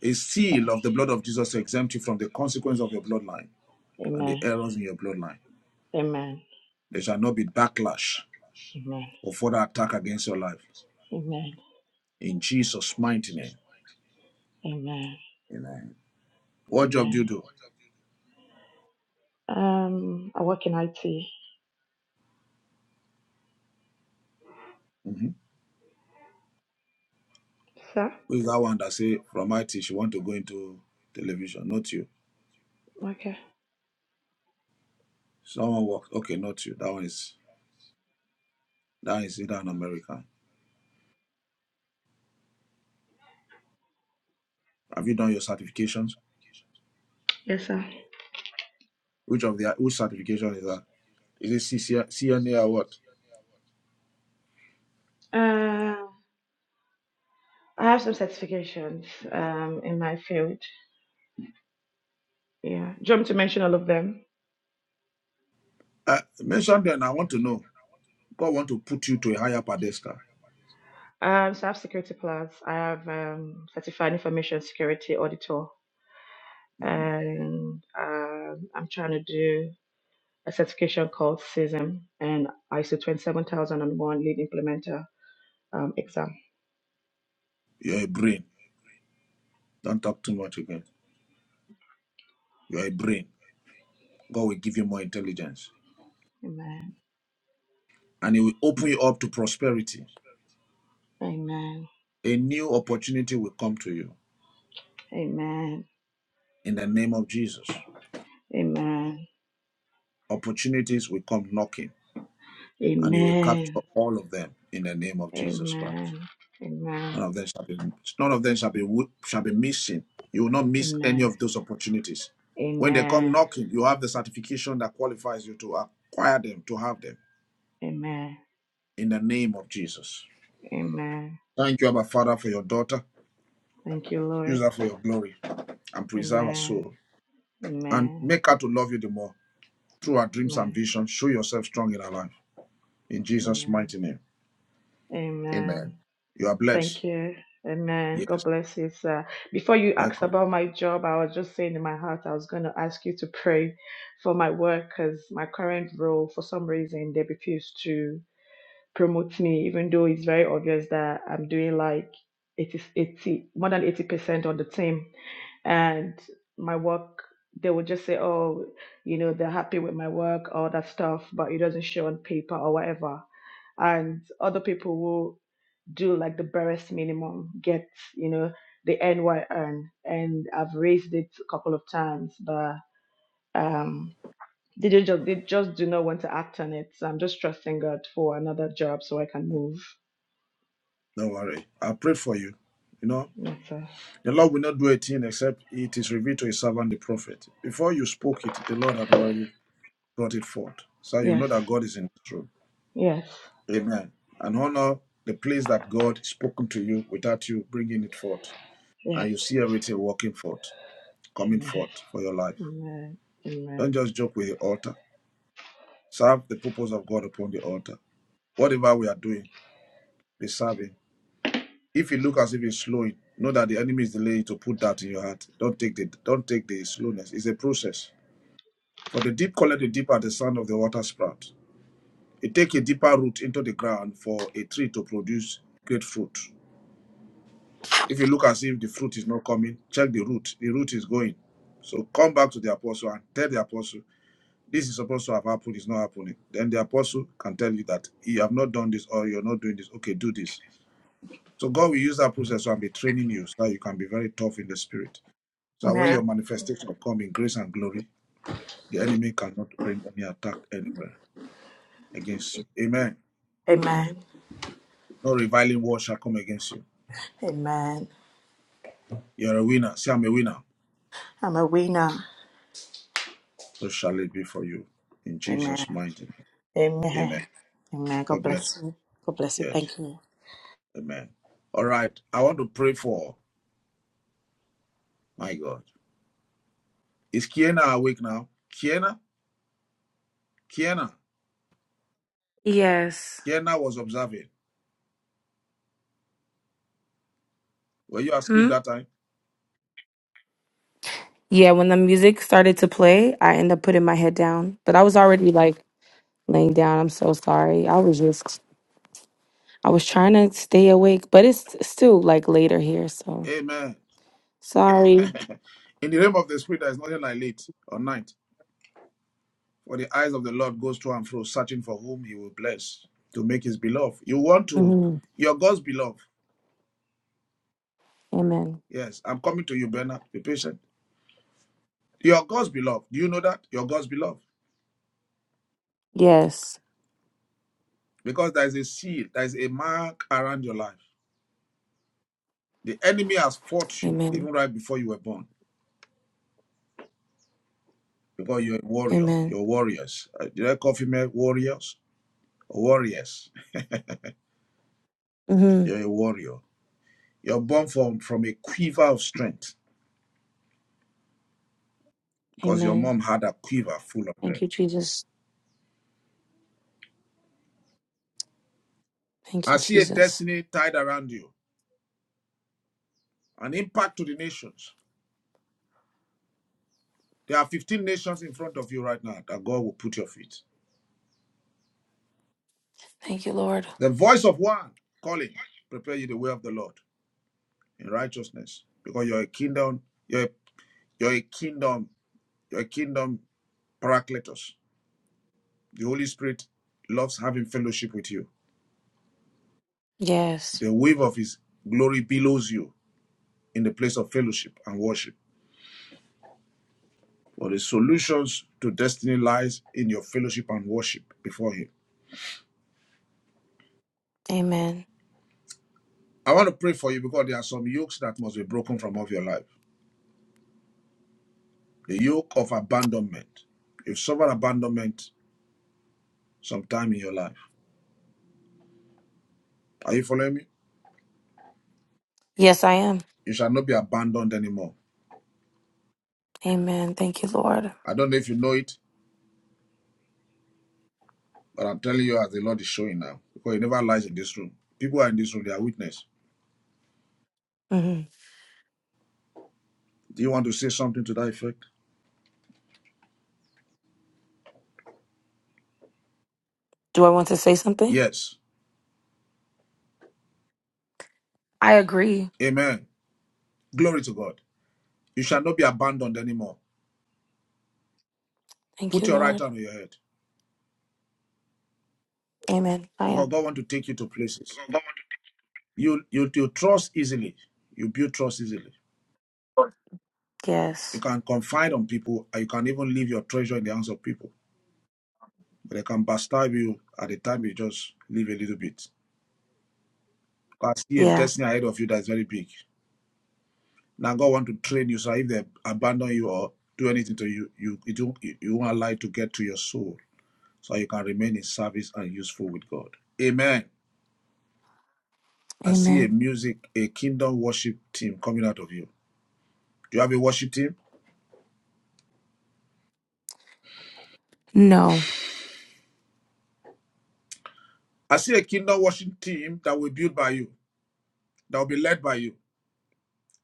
Speaker 2: a seal of the blood of Jesus to exempt you from the consequence of your bloodline and the
Speaker 8: Amen.
Speaker 2: errors in your bloodline.
Speaker 8: Amen.
Speaker 2: There shall not be backlash
Speaker 8: Amen.
Speaker 2: or further attack against your life.
Speaker 8: Amen.
Speaker 2: In Jesus' mighty name.
Speaker 8: Amen.
Speaker 2: Amen. What job do you
Speaker 8: Amen.
Speaker 2: do?
Speaker 8: Um, I work in IT.
Speaker 2: Mm-hmm.
Speaker 8: Sir?
Speaker 2: Who is that one that say from IT she want to go into television? Not you.
Speaker 8: Okay.
Speaker 2: Someone work. Okay, not you. That one is that is either an American. Have you done your certifications?
Speaker 8: Yes, sir.
Speaker 2: Which of the which certification is that? Is it C C N A or what?
Speaker 8: Uh, I have some certifications um, in my field. Yeah. Do you want me to mention all of them?
Speaker 2: Uh, mention then, I want to know. God want to put you to a higher pedestal.
Speaker 8: Um, so I have security plus. I have um, certified information security auditor, and um, I'm trying to do a certification called CISM and ISO 27001 lead implementer um, exam.
Speaker 2: You're a brain. Don't talk too much again. You're a brain. God will give you more intelligence.
Speaker 8: Amen.
Speaker 2: And He will open you up to prosperity.
Speaker 8: Amen.
Speaker 2: A new opportunity will come to you
Speaker 8: Amen.
Speaker 2: in the name of Jesus.
Speaker 8: Amen.
Speaker 2: Opportunities will come knocking, and you will capture
Speaker 8: Amen.
Speaker 2: all of them in the name of Jesus Christ.
Speaker 8: Amen. Amen.
Speaker 2: None of them shall be none of them shall be wo- shall be missing. You will not miss any
Speaker 8: Amen.
Speaker 2: of those opportunities. When they come
Speaker 8: Amen.
Speaker 2: knocking, you have the certification that qualifies you to acquire them, to have them.
Speaker 8: Amen.
Speaker 2: In the name of Jesus.
Speaker 8: Amen.
Speaker 2: Thank you, Abba Father, for your daughter.
Speaker 8: Thank you,
Speaker 2: Use
Speaker 8: Lord.
Speaker 2: her for your glory and preserve her
Speaker 8: Amen.
Speaker 2: soul. And
Speaker 8: Amen.
Speaker 2: make her to love you the more. Through her dreams and
Speaker 8: Amen.
Speaker 2: visions, show yourself strong in her life. In Jesus'
Speaker 8: Amen.
Speaker 2: mighty name.
Speaker 8: Amen.
Speaker 2: Amen. You are
Speaker 8: Thank
Speaker 2: blessed.
Speaker 8: you. Amen.
Speaker 2: Yes.
Speaker 8: God bless you, sir. Before you asked
Speaker 2: Welcome.
Speaker 8: about my job, I was just saying in my heart, I was going to ask you to pray for my work because my current role, for some reason, they refuse to. promote me, even though it's very obvious that I'm doing like 80, 80 more than 80% on the team. And my work, they would just say, oh, you know, they're happy with my work, all that stuff, but it doesn't show on paper or whatever. And other people will do like the barest minimum, get, you know, the NY earn. And I've raised it a couple of times, but um. They ju- just they just do not want to act on it. So I'm just trusting God for another job so I can move.
Speaker 2: Don't worry. I prayed for you. You know,
Speaker 8: Yeah, So
Speaker 2: The Lord will not do a thing except it is revealed to his servant the prophet. Before you spoke it, the Lord had already brought it forth. So you
Speaker 8: yes,
Speaker 2: know that God is in his room.
Speaker 8: yes,
Speaker 2: Amen. And honor the place that God spoken to you without you bringing it forth.
Speaker 8: yes.
Speaker 2: And you see everything working forth, coming
Speaker 8: Amen.
Speaker 2: forth for your life.
Speaker 8: Amen.
Speaker 2: Don't
Speaker 8: Amen.
Speaker 2: just joke with the altar. Serve the purpose of God upon the altar. Whatever we are doing, be serving. If you look as if it's slowing, know that the enemy is delaying to put that in your heart. Don't take the don't take the slowness. It's a process. For the deep calleth the deep at the sound of the water sprout. It takes a deeper root into the ground for a tree to produce great fruit. If you look as if the fruit is not coming, check the root. The root is going. So come back to the apostle and tell the apostle, this is supposed to have happened, it's not happening. Then the apostle can tell you that you have not done this or you're not doing this. Okay, do this. So God will use that process and be training you so that you can be very tough in the spirit. So that when
Speaker 8: Amen.
Speaker 2: your manifestation come in grace and glory, the enemy cannot bring any attack anywhere against you. Amen.
Speaker 8: Amen.
Speaker 2: No reviling word shall come against you.
Speaker 8: Amen.
Speaker 2: You're a winner. Say, I'm a winner.
Speaker 8: I'm a winner.
Speaker 2: So shall it be for you. In
Speaker 8: Amen.
Speaker 2: Jesus' mighty name. Amen.
Speaker 8: Amen. Amen. God
Speaker 2: God bless
Speaker 8: bless you. God bless you.
Speaker 2: you. Yes.
Speaker 8: Thank you.
Speaker 2: Amen. All right. I want to pray for my God. Is Kiana awake now? Kiana? Kiana?
Speaker 7: Yes.
Speaker 2: Kiana was observing. Were you asleep
Speaker 7: Hmm.
Speaker 2: that time?
Speaker 7: Yeah. When the music started to play, I ended up putting my head down, but I was already like laying down. I'm so sorry. I was just I was trying to stay awake, but it's still like later here, so
Speaker 2: Amen.
Speaker 7: sorry.
Speaker 2: In the realm of the spirit, there is nothing like late or night. For the eyes of the Lord goes to and fro, searching for whom he will bless to make his beloved. You want to,
Speaker 7: hmm
Speaker 2: You're God's beloved.
Speaker 7: Amen.
Speaker 2: Yes, I'm coming to you, Bernard. Be patient. You're God's beloved. Do you know that? You're God's beloved.
Speaker 7: Yes.
Speaker 2: Because there is a seal, there is a mark around your life. The enemy has fought you
Speaker 7: Amen.
Speaker 2: even right before you were born. Because you're a warrior.
Speaker 7: Amen.
Speaker 2: You're warriors. Uh, Did I call female warriors? Warriors.
Speaker 7: hmm
Speaker 2: You're a warrior. You're born from, from a quiver of strength. Because your
Speaker 7: Amen.
Speaker 2: mom had a quiver full of
Speaker 7: Thank
Speaker 2: strength.
Speaker 7: you, Jesus. Thank
Speaker 2: I
Speaker 7: you,
Speaker 2: see a
Speaker 7: Jesus.
Speaker 2: destiny tied around you. An impact to the nations. There are 15 nations in front of you right now that God will put your feet.
Speaker 7: Thank you, Lord.
Speaker 2: The voice of one calling, prepare you the way of the Lord. in righteousness because you're a kingdom you're a, you're a kingdom you're a kingdom paracletos the holy spirit loves having fellowship with you
Speaker 7: Yes.
Speaker 2: the wave of his glory billows you in the place of fellowship and worship for the solutions to destiny lies in your fellowship and worship before him
Speaker 7: Amen.
Speaker 2: i want to pray for you because there are some yokes that must be broken from off your life the yoke of abandonment you've suffered abandonment sometime in your life are you following me
Speaker 7: Yes, I am.
Speaker 2: you shall not be abandoned anymore
Speaker 7: Amen. Thank you, Lord.
Speaker 2: I don't know if you know it, But I'm telling you, as the Lord is showing now, because he never lies in this room. People are in this room, they are witness.
Speaker 7: hmm
Speaker 2: Do you want to say something to that effect?
Speaker 7: Do I want to say something?
Speaker 2: Yes.
Speaker 7: I agree.
Speaker 2: Amen. Glory to God. You shall not be abandoned anymore.
Speaker 7: Thank
Speaker 2: Put
Speaker 7: you,
Speaker 2: your right
Speaker 7: Lord.
Speaker 2: hand on your head.
Speaker 7: Amen. I
Speaker 2: Because
Speaker 7: am.
Speaker 2: God wants to take you to places. You, you you trust easily. You build trust easily. You
Speaker 7: Yes.
Speaker 2: can confide on people and you can even leave your treasure in the hands of people. But they can backstab you at the time you just leave a little bit. I see a
Speaker 7: Yeah.
Speaker 2: destiny ahead of you that's very big. Now God want to train you so if they abandon you or do anything to you, you it won't, you don't you won't allow it to get to your soul so you can remain in service and useful with God. Amen. I see a
Speaker 7: Amen.
Speaker 2: music, a kingdom worship team coming out of you. Do you have a worship team?
Speaker 7: No.
Speaker 2: I see a kingdom worship team that will be built by you, that will be led by you,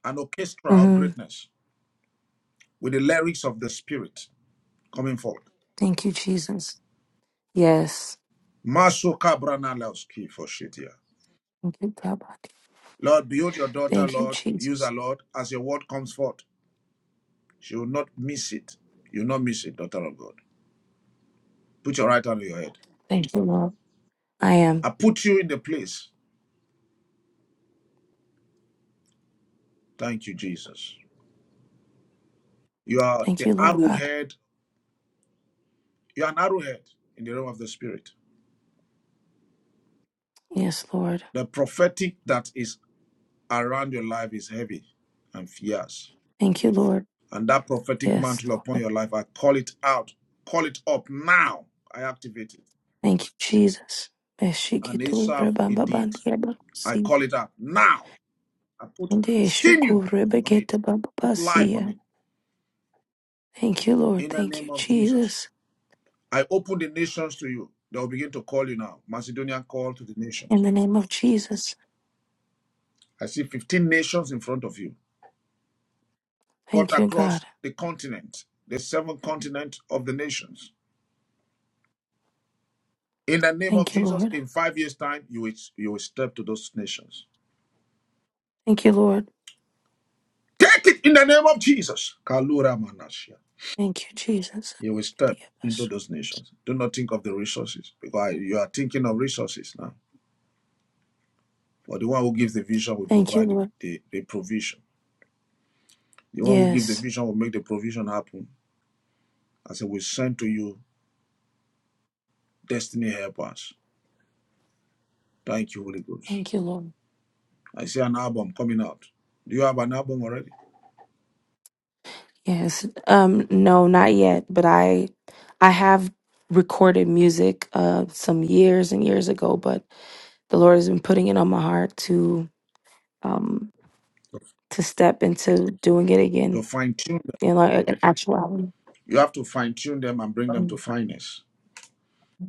Speaker 2: an orchestra of
Speaker 7: hmm
Speaker 2: greatness with the lyrics of the Spirit coming forward.
Speaker 7: Thank you, Jesus. Yes.
Speaker 2: Maso kabrana laoski for Shetia.
Speaker 7: Thank you, God.
Speaker 2: Lord, build your daughter,
Speaker 7: Thank you,
Speaker 2: Lord, use her,
Speaker 7: Jesus.
Speaker 2: Lord, as your word comes forth. She will not miss it. You'll not miss it, daughter of God. Put your right hand on your head.
Speaker 7: Thank you, Lord. I am.
Speaker 2: I put you in the place. Thank you, Jesus. You are
Speaker 7: Thank
Speaker 2: the
Speaker 7: you, Lord God.
Speaker 2: arrowhead. You are an arrowhead in the realm of the spirit.
Speaker 7: Yes, Lord.
Speaker 2: The prophetic that is around your life is heavy and fierce.
Speaker 7: Thank you, Lord.
Speaker 2: And that prophetic
Speaker 7: Yes,
Speaker 2: mantle
Speaker 7: Lord.
Speaker 2: upon your life, I call it out. Call it up now. I activate it.
Speaker 7: Thank you, Jesus.
Speaker 2: And
Speaker 7: Eshikitu
Speaker 2: Asaph,
Speaker 7: rebamba
Speaker 2: indeed,
Speaker 7: bandia
Speaker 2: I
Speaker 7: bakusi.
Speaker 2: call it out now. I put
Speaker 7: Nde eshuku
Speaker 2: sinew on it,
Speaker 7: rebekete
Speaker 2: put life on
Speaker 7: bababasia.
Speaker 2: it
Speaker 7: Thank you, Lord.
Speaker 2: in the
Speaker 7: Thank
Speaker 2: name
Speaker 7: you,
Speaker 2: of Jesus.
Speaker 7: Jesus.
Speaker 2: I open the nations to you. They will begin to call you now. Macedonian call to the
Speaker 7: In
Speaker 2: nations.
Speaker 7: the name of Jesus.
Speaker 2: I see 15 nations in front of you, cut
Speaker 7: Thank you,
Speaker 2: across
Speaker 7: God.
Speaker 2: the continent, the seven continents of the nations. In the name of
Speaker 7: Thank you,
Speaker 2: Jesus,
Speaker 7: Lord.
Speaker 2: in five years' time, you will, you will step to those nations.
Speaker 7: Thank you, Lord.
Speaker 2: Take it in the name of Jesus. Kalura Manashia.
Speaker 7: Thank you, Jesus.
Speaker 2: You will step into those nations. Do not think of the resources because you are thinking of resources now. But the one who gives the vision will
Speaker 7: Thank you,
Speaker 2: provide the,
Speaker 7: Lord.
Speaker 2: the, the provision. The one who gives the
Speaker 7: Yes.
Speaker 2: vision will make the provision happen I said, We sent to you destiny helpers. Thank you, Holy Ghost.
Speaker 7: Thank you, Lord.
Speaker 2: I see an album coming out. Do you have an album already?
Speaker 7: Yes. Um, no, not yet, but I I have recorded music uh some years and years ago, but the Lord has been putting it on my heart to um to step into doing it
Speaker 2: To
Speaker 7: again
Speaker 2: fine tune them,
Speaker 7: in like an actuality.
Speaker 2: you have to fine tune them and bring them to
Speaker 7: Mm.
Speaker 2: fineness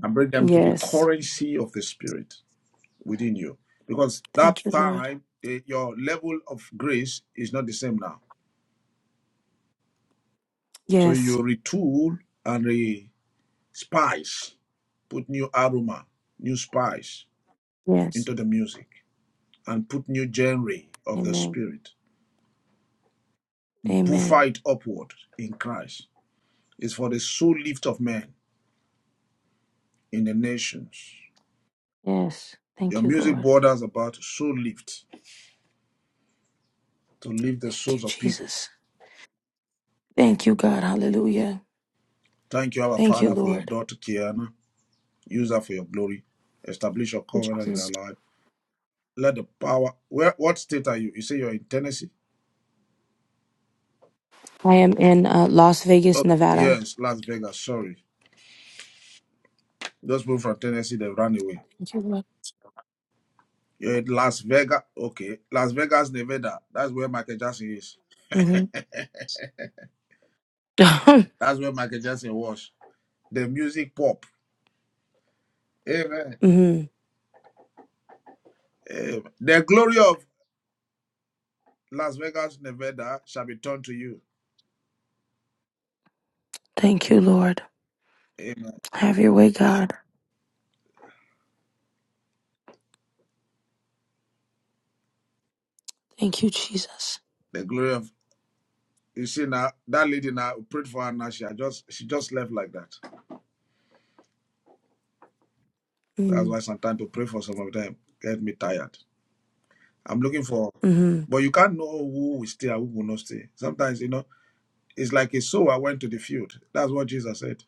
Speaker 2: and bring them to the
Speaker 7: Yes.
Speaker 2: currency of the Spirit within you. Because that
Speaker 7: Thank you, Lord.
Speaker 2: time, eh, your level of grace is not the same now. So
Speaker 7: Yes.
Speaker 2: you retool and re spice, put new aroma, new spice
Speaker 7: Yes.
Speaker 2: into the music, and put new genre of the
Speaker 7: Amen.
Speaker 2: Spirit buffer
Speaker 7: Amen.
Speaker 2: it upward in Christ. It's for the soul lift of men in the nations.
Speaker 7: Yes.
Speaker 2: Your
Speaker 7: Thank you,
Speaker 2: music
Speaker 7: Lord.
Speaker 2: borders about soul lift, to lift the
Speaker 7: Thank
Speaker 2: souls
Speaker 7: you,
Speaker 2: of people.
Speaker 7: Jesus. Thank you, God. Hallelujah.
Speaker 2: Thank you, our
Speaker 7: Thank you,
Speaker 2: Father, for your
Speaker 7: Lord.
Speaker 2: daughter Kiana. Use her for your glory. Establish your
Speaker 7: Thank you,
Speaker 2: covenant in her
Speaker 7: Jesus.
Speaker 2: life. Let the power. Where? What state are you? You say you're in Tennessee.
Speaker 7: I am in uh, Las Vegas,
Speaker 2: Okay.
Speaker 7: Nevada.
Speaker 2: Yes, Las Vegas. Sorry, those people from Tennessee they ran away.
Speaker 7: Thank you, Lord.
Speaker 2: You're in Las Vegas. Okay, Las Vegas, Nevada. That's where Michael Jackson is. <laughs>
Speaker 7: Mm-hmm.
Speaker 2: That's where Michael Jackson was. the music pop. Amen.
Speaker 7: <laughs> hmm
Speaker 2: Amen. The glory of Las Vegas, Nevada shall be turned to you.
Speaker 7: Thank you, Lord.
Speaker 2: Amen.
Speaker 7: Have your way, God. Thank you, Jesus.
Speaker 2: The glory of you see now that lady now we prayed for her now. She had just she just left like that. That's
Speaker 7: Mm-hmm.
Speaker 2: why sometimes to pray for some of them get me tired. I'm looking for
Speaker 7: Mm-hmm.
Speaker 2: but you can't know who will stay and who will not stay. Sometimes you know it's like a sower went to the field. That's what Jesus said.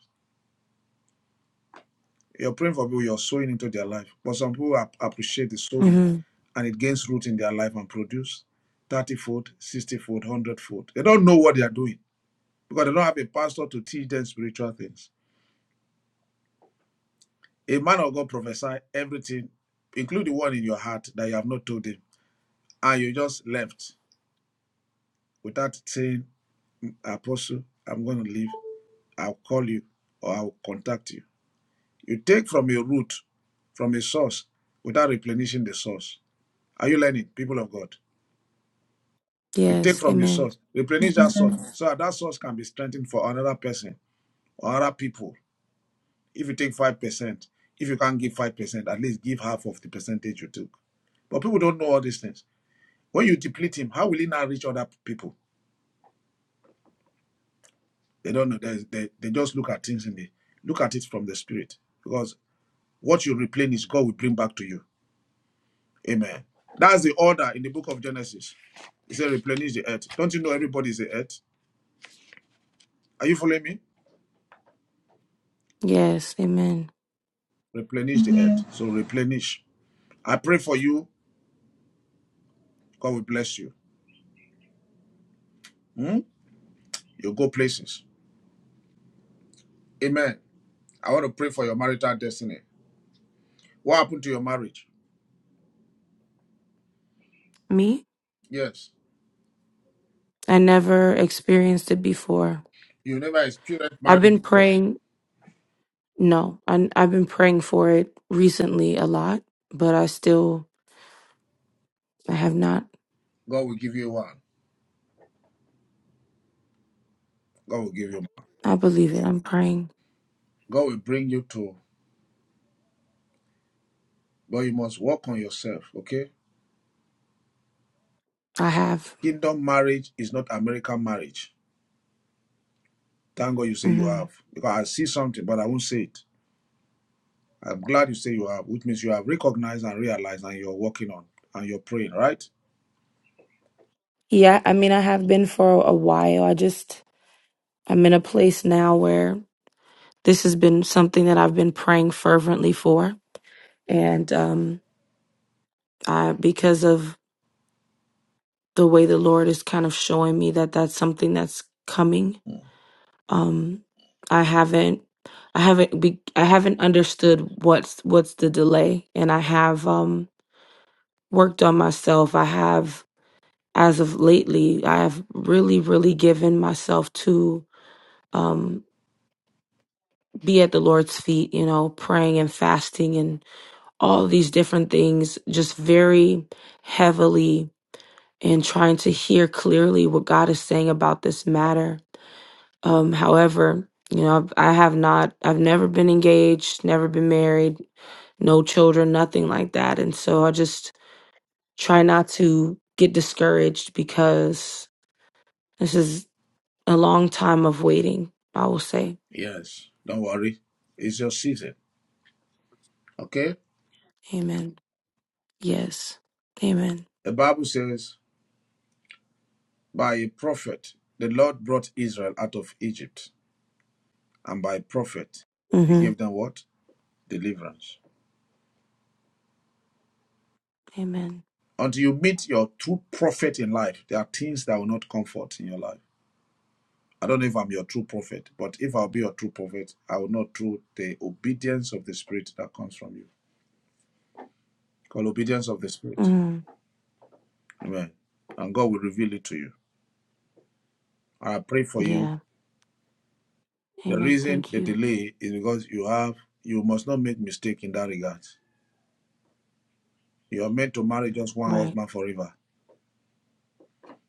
Speaker 2: You're praying for people, you're sowing into their life. But some people ap- appreciate the sowing
Speaker 7: Mm-hmm.
Speaker 2: and it gains root in their life and produce 30 fold, 60 fold, 100 fold. They don't know what they are doing because they don't have a pastor to teach them spiritual things. A man of God prophesy everything, including the one in your heart that you have not told him. And you just left without saying, Apostle, I'm going to leave. I'll call you or I'll contact you. You take from a root, from a source, without replenishing the source. Are you learning, people of God? You take
Speaker 7: Yes.
Speaker 2: from your
Speaker 7: Amen.
Speaker 2: source, replenish that source, so that, that source can be strengthened for another person or other people. If you take five percent, if you can't give five percent, at least give half of the percentage you took. But people don't know all these things. When you deplete him, how will he now reach other people? They don't know. They, they, they just look at things in the look at it from the spirit. Because what you replenish, God will bring back to you. Amen. That's the order in the book of Genesis. It says replenish the earth. Don't you know everybody is the earth? Are you following me?
Speaker 7: Yes. Amen.
Speaker 2: Replenish the earth. So replenish. I pray for you. God will bless you. Hmm? You go places. Amen. I want to pray for your marital destiny. What happened to your marriage?
Speaker 7: Me?
Speaker 2: Yes.
Speaker 7: I never experienced it before.
Speaker 2: You never experienced
Speaker 7: I've
Speaker 2: marriage
Speaker 7: been
Speaker 2: before.
Speaker 7: praying. No, I, I've been praying for it recently a lot, but I still, I have not.
Speaker 2: God will give you one. God will give you one.
Speaker 7: I believe it. I'm praying.
Speaker 2: God will bring you to. But you must work on yourself, okay?
Speaker 7: I have.
Speaker 2: Kingdom marriage is not American marriage. Thank God you say you
Speaker 7: hmm
Speaker 2: have. Because I see something, but I won't say it. I'm glad you say you have, which means you have recognized and realized and you're working on and you're praying, right?
Speaker 7: Yeah, I mean, I have been for a while. I just, I'm in a place now where this has been something that I've been praying fervently for. And um, I, because of the way the Lord is kind of showing me that that's something that's coming
Speaker 2: Hmm.
Speaker 7: Um, I haven't, I haven't, be, I haven't understood what's what's the delay, and I have um worked on myself. I have, as of lately, I have really, really given myself to um be at the Lord's feet. You know, praying and fasting and all these different things, just very heavily and trying to hear clearly what God is saying about this matter Um, however, you know, I've, I have not, I've never been engaged, never been married, no children, nothing like that. And so I just try not to get discouraged because this is a long time of waiting, I will say.
Speaker 2: Yes. Don't worry. It's your season. Okay?
Speaker 7: Amen. Yes. Amen.
Speaker 2: The Bible says, by a prophet, the Lord brought Israel out of Egypt. And by a prophet, he
Speaker 7: hmm
Speaker 2: gave them what? Deliverance.
Speaker 7: Amen.
Speaker 2: Until you meet your true prophet in life, there are things that will not comfort in your life. I don't know if I'm your true prophet, but if I'll be your true prophet, I will not through the obedience of the Spirit that comes from you. Call obedience of the Spirit.
Speaker 7: hmm
Speaker 2: Amen. And God will reveal it to you. I pray for you.
Speaker 7: Yeah.
Speaker 2: The
Speaker 7: Amen.
Speaker 2: reason
Speaker 7: Thank
Speaker 2: the
Speaker 7: you.
Speaker 2: delay is because you have you must not make mistake in that regard. You're meant to marry just one
Speaker 7: Right.
Speaker 2: husband forever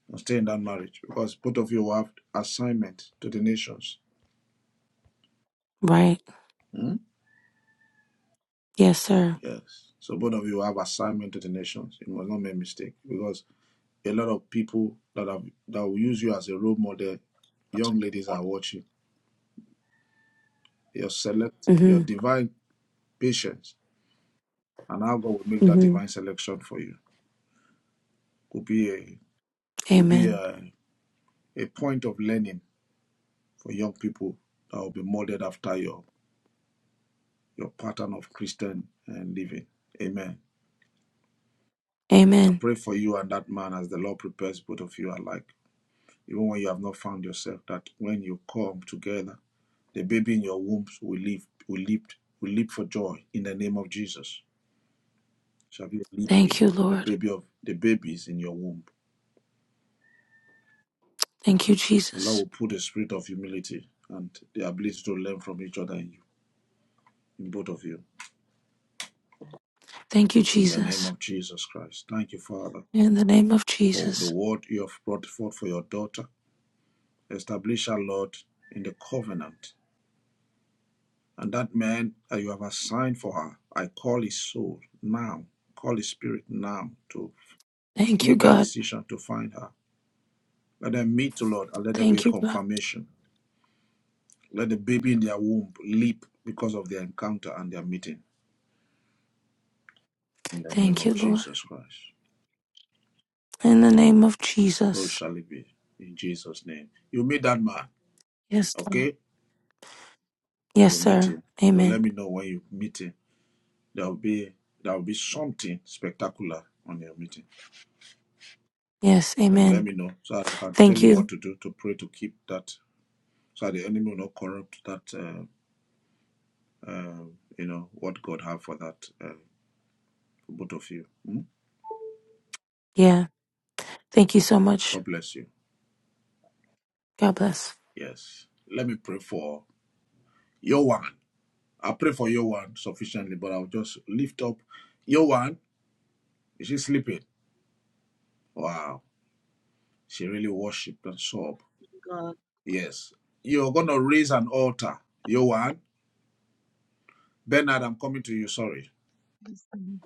Speaker 2: and stay in that marriage because both of you have assignment to the nations.
Speaker 7: Right.
Speaker 2: Hmm?
Speaker 7: Yes, sir.
Speaker 2: Yes. So both of you have assignment to the nations. You must not make a mistake because a lot of people that have that will use you as a role model, young ladies are watching. Your select your
Speaker 7: hmm
Speaker 2: divine patience and how God will make that
Speaker 7: hmm
Speaker 2: divine selection for you will be a will be
Speaker 7: Amen.
Speaker 2: a, a point of learning for young people that will be molded after your your pattern of Christian and living. Amen. I
Speaker 7: Amen.
Speaker 2: pray for you and that man as the Lord prepares both of you alike. Even when you have not found yourself, that when you come together, the baby in your wombs will leap, will leap, will leap for joy in the name of Jesus. Shall be
Speaker 7: Thank
Speaker 2: leaping
Speaker 7: you,
Speaker 2: the
Speaker 7: Lord.
Speaker 2: baby of the babies in your womb.
Speaker 7: Thank you,
Speaker 2: The Lord
Speaker 7: Jesus.
Speaker 2: will put a spirit of humility and the ability to learn from each other in you, in both of you.
Speaker 7: Thank you,
Speaker 2: In the name
Speaker 7: Jesus.
Speaker 2: of Jesus Christ. Thank you, Father,
Speaker 7: In the name of
Speaker 2: for the
Speaker 7: Jesus.
Speaker 2: word you have brought forth for your daughter. Establish her, Lord, in the covenant. And that man that you have assigned for her, I call his soul now, call his spirit now to
Speaker 7: Thank you,
Speaker 2: make that
Speaker 7: God.
Speaker 2: decision to find her. Let them meet, O Lord, and let there be a
Speaker 7: Thank you, God.
Speaker 2: confirmation. Let the baby in their womb leap because of their encounter and their meeting. In the name
Speaker 7: Thank you,
Speaker 2: of
Speaker 7: Lord.
Speaker 2: Jesus Christ.
Speaker 7: In the name of
Speaker 2: So
Speaker 7: Jesus.
Speaker 2: shall it be. In Jesus' name. You meet that man,
Speaker 7: Yes, God.
Speaker 2: okay?
Speaker 7: Yes,
Speaker 2: You meet
Speaker 7: sir.
Speaker 2: him. So let
Speaker 7: Amen.
Speaker 2: me know when you meet him. There will be there will be something spectacular on your meeting.
Speaker 7: Yes,
Speaker 2: Uh, let
Speaker 7: amen.
Speaker 2: me know so that I can tell
Speaker 7: Thank
Speaker 2: you
Speaker 7: you.
Speaker 2: what to do to pray to keep that so that the enemy will not corrupt that uh, uh, you know what God have for that uh, for both of you. Hmm?
Speaker 7: Yeah. Thank you so much.
Speaker 2: God bless you.
Speaker 7: God bless.
Speaker 2: Yes. Let me pray for your one. I pray for your one sufficiently, but I'll just lift up your one. Is she sleeping? Wow. She really worshipped and sobbed.
Speaker 3: Praise God. God.
Speaker 2: Yes. You're gonna raise an altar, your one. Bernard, I'm coming to you, sorry.
Speaker 3: Praise God.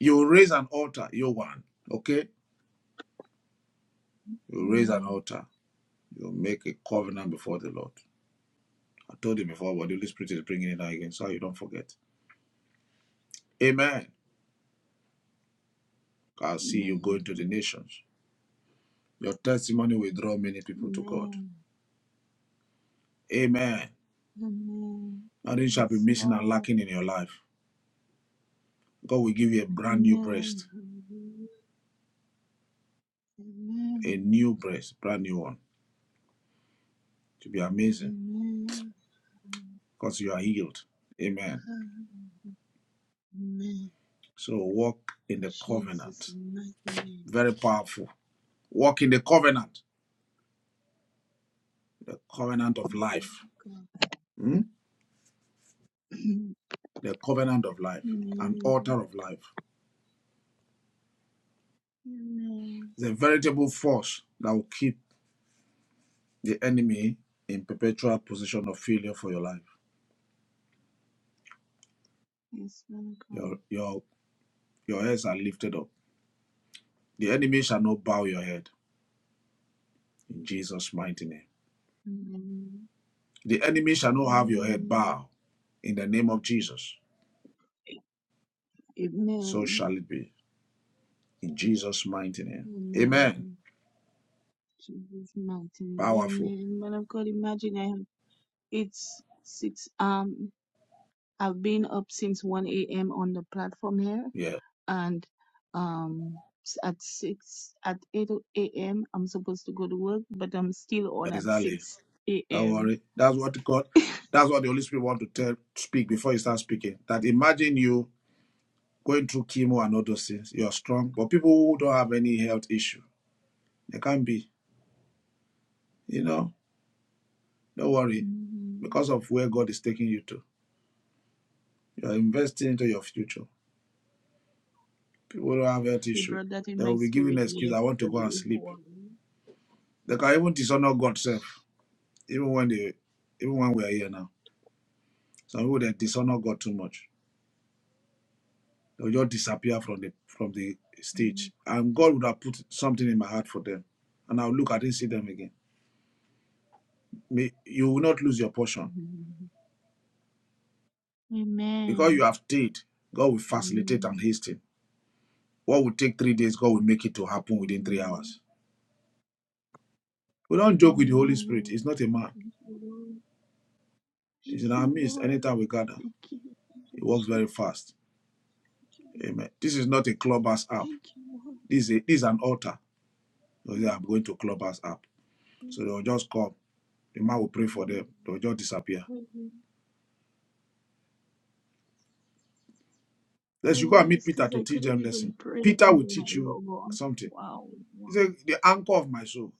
Speaker 2: You raise an altar, your one. Okay? You raise an
Speaker 3: Amen.
Speaker 2: altar You make a covenant before the Lord. I told you before, but the Holy Spirit is bringing it out again, so you don't forget. Amen. I'll see you going
Speaker 3: Amen.
Speaker 2: to the nations. Your testimony will draw many people to God.
Speaker 3: Amen.
Speaker 2: Amen.
Speaker 3: Amen.
Speaker 2: Nothing shall be
Speaker 3: Yes,
Speaker 2: missing and
Speaker 3: Lord.
Speaker 2: lacking in your life. God will give you a brand new
Speaker 3: Amen.
Speaker 2: breast,
Speaker 3: Hallelujah.
Speaker 2: a
Speaker 3: Amen.
Speaker 2: new breast, brand new one. To be amazing
Speaker 3: Amen.
Speaker 2: because you are healed. Amen.
Speaker 3: Hallelujah. Amen.
Speaker 2: So walk in the
Speaker 3: Jesus'
Speaker 2: covenant.
Speaker 3: mighty name.
Speaker 2: Very powerful. Walk in the covenant, the covenant of
Speaker 3: Yes, man
Speaker 2: life.
Speaker 3: of God.
Speaker 2: Hmm?
Speaker 3: <clears throat>
Speaker 2: The covenant of life, an
Speaker 3: Amen.
Speaker 2: altar of life.
Speaker 3: Amen.
Speaker 2: It's a veritable force that will keep the enemy in perpetual position of failure for your life.
Speaker 3: Yes, man of
Speaker 2: Your
Speaker 3: God.
Speaker 2: your your heads are lifted up. The enemy shall not bow your head in Jesus' mighty name.
Speaker 3: Amen.
Speaker 2: The enemy shall not have your head
Speaker 3: Amen.
Speaker 2: bow in the name of Jesus. So
Speaker 3: Amen.
Speaker 2: shall it be in Jesus' mighty name. Amen.
Speaker 3: Amen. Jesus' mighty name.
Speaker 2: Powerful.
Speaker 3: Amen. Man of God, imagine I have, it's six. Um, I've been up since 1 a.m. on the platform here,
Speaker 2: Yeah,
Speaker 3: and um, s- at six at 8 a.m. I'm supposed to go to work, but I'm still on at
Speaker 2: exactly.
Speaker 3: 6
Speaker 2: Don't
Speaker 3: a.m.
Speaker 2: worry. That's what God. That's what the Holy Spirit want to tell, speak before you start speaking. That imagine you going through chemo and all those things, you're strong. But people who don't have any health issue, they can't be, you know, don't worry
Speaker 3: hmm
Speaker 2: because of where God is taking you to. You're investing into your future. People who don't have health
Speaker 3: He
Speaker 2: issue,
Speaker 3: brought that in
Speaker 2: they
Speaker 3: my
Speaker 2: will be giving
Speaker 3: spirit
Speaker 2: an excuse, I want to go and
Speaker 3: yesterday.
Speaker 2: sleep.
Speaker 3: Wow.
Speaker 2: They can even dishonor God self, even when they even when we are here now. Some people they dishonor God too much. They'll just disappear from the from the stage.
Speaker 3: Mhm.
Speaker 2: And God would have put something in my heart for them. And I'll look at it and see them again. May, you will not lose your portion Because you
Speaker 3: Amen.
Speaker 2: have stayed, God will facilitate and
Speaker 3: Amen.
Speaker 2: hasten. What would take three days, God will make it to happen within three
Speaker 3: Amen.
Speaker 2: hours. We don't joke with the Holy Spirit.
Speaker 3: Amen.
Speaker 2: He's not a man.
Speaker 3: Thank you, Lord. Thank
Speaker 2: He's in our
Speaker 3: you,
Speaker 2: midst.
Speaker 3: Lord.
Speaker 2: Anytime we gather,
Speaker 3: Thank you, Thank
Speaker 2: he
Speaker 3: you,
Speaker 2: works very
Speaker 3: Jesus.
Speaker 2: fast.
Speaker 3: Thank you, Lord.
Speaker 2: Amen. This is not a clubhouse app.
Speaker 3: Thank you,
Speaker 2: This is, a, this is an altar. So they say, I'm going to clubhouse app.
Speaker 3: Lord.
Speaker 2: So they'll just come. The man will pray for
Speaker 3: Thank you.
Speaker 2: them. They'll just disappear.
Speaker 3: Lord. Oh
Speaker 2: Let's you go and meet
Speaker 3: yes,
Speaker 2: Peter
Speaker 3: because
Speaker 2: to
Speaker 3: I
Speaker 2: teach
Speaker 3: couldn't
Speaker 2: them
Speaker 3: even
Speaker 2: lesson.
Speaker 3: pray
Speaker 2: Peter
Speaker 3: and
Speaker 2: will
Speaker 3: then I
Speaker 2: teach you
Speaker 3: log on.
Speaker 2: something.
Speaker 3: Wow,
Speaker 2: He
Speaker 3: wow.
Speaker 2: said, the anchor of my soul.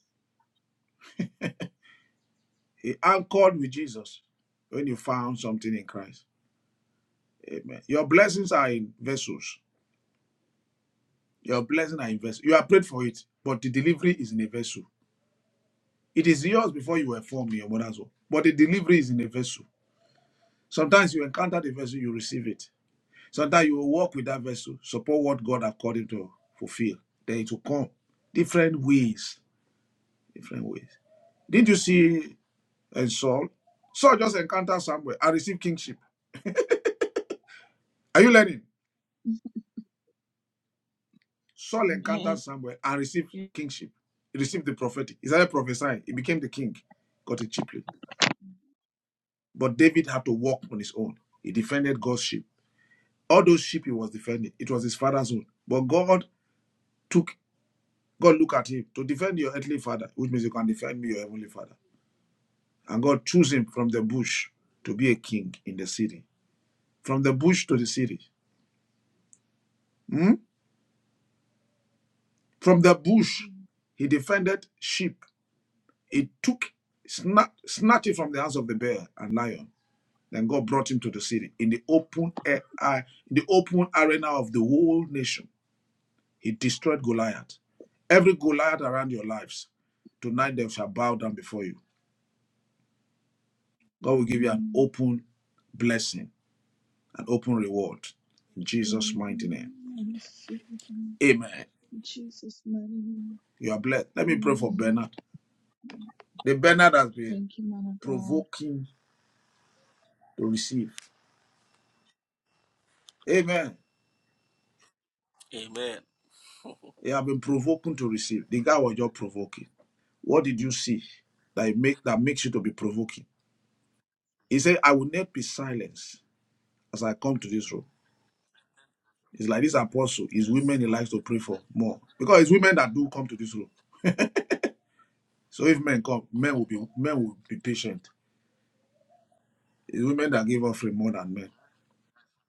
Speaker 2: He anchored with Jesus when he found something in Christ. Amen. Your blessings are in vessels. Your blessings are in vessels. You are prayed for it, but the delivery is in a vessel. It is yours before you were formed in your mother's womb, but the delivery is in a vessel. Sometimes you encounter the vessel, you receive it. Sometimes you will walk with that vessel, support what God has called you to fulfill. Then it will come different ways, different ways. Did you see uh, Saul? Saul just encountered somewhere and received kingship. Are you learning? Saul encountered
Speaker 3: Amen.
Speaker 2: Samuel and received kingship. He received the prophetic. He started prophesying. He became the king. Got it cheaply. But David had to walk on his own. He defended God's sheep. All those sheep he was defending, it was his father's own. But God took, God looked at him to defend your earthly father, which means you can defend me, your heavenly father. And God chose him from the bush to be a king in the city. From the bush to the city. Hmm? From the bush,
Speaker 3: Amen.
Speaker 2: he defended sheep. He took, snatched, snatched it from the hands of the bear and lion Then God brought him to the city in the open air, uh, in the open arena of the whole nation. He destroyed Goliath. Every Goliath around your lives, tonight they shall bow down before you. God will give you an
Speaker 3: Amen.
Speaker 2: open blessing, an open reward. In Jesus' mighty name.
Speaker 3: Amen. I receive it in
Speaker 2: Amen.
Speaker 3: Jesus' mighty name.
Speaker 2: You are blessed. Let me pray for
Speaker 3: Amen.
Speaker 2: Bernard. The Bernard has been
Speaker 3: Thank you, man of God.
Speaker 2: provoking to receive. Amen.
Speaker 10: Amen. <laughs>
Speaker 2: He have been provoking to receive. The guy was just provoking. What did you see that it make that makes you to be provoking? He said, I will not be silenced as I come to this room. It's like this apostle, it's
Speaker 10: yes.
Speaker 2: women he
Speaker 10: Lord.
Speaker 2: likes to pray for more. Because it's women that do come to this room. So if men come, men will be
Speaker 10: Mhm.
Speaker 2: men will be patient. It's women that give offering more than men.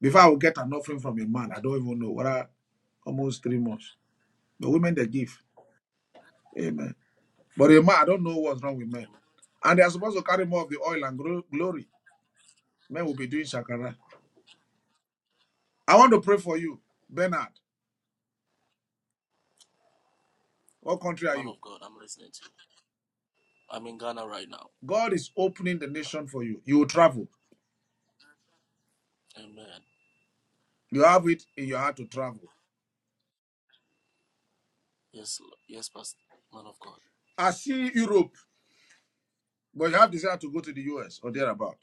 Speaker 2: Before I will get an offering from a man, I don't even know. What are almost three months. The women they give. Amen. But a man, I don't know what's wrong with men.
Speaker 10: Amen.
Speaker 2: And they are supposed to carry more of the oil and glory. Men will be doing shakara. I want to pray for you, Bernard. What country are
Speaker 10: Man
Speaker 2: you?
Speaker 10: of God, I'm listening to you. I'm in Ghana right now.
Speaker 2: God is opening the nation for you. You will travel.
Speaker 10: Amen.
Speaker 2: You have it in your heart to travel.
Speaker 10: Yes, Lord. yes, Pastor. Man of God.
Speaker 2: I see Europe, but you have desire to go to the US or thereabout.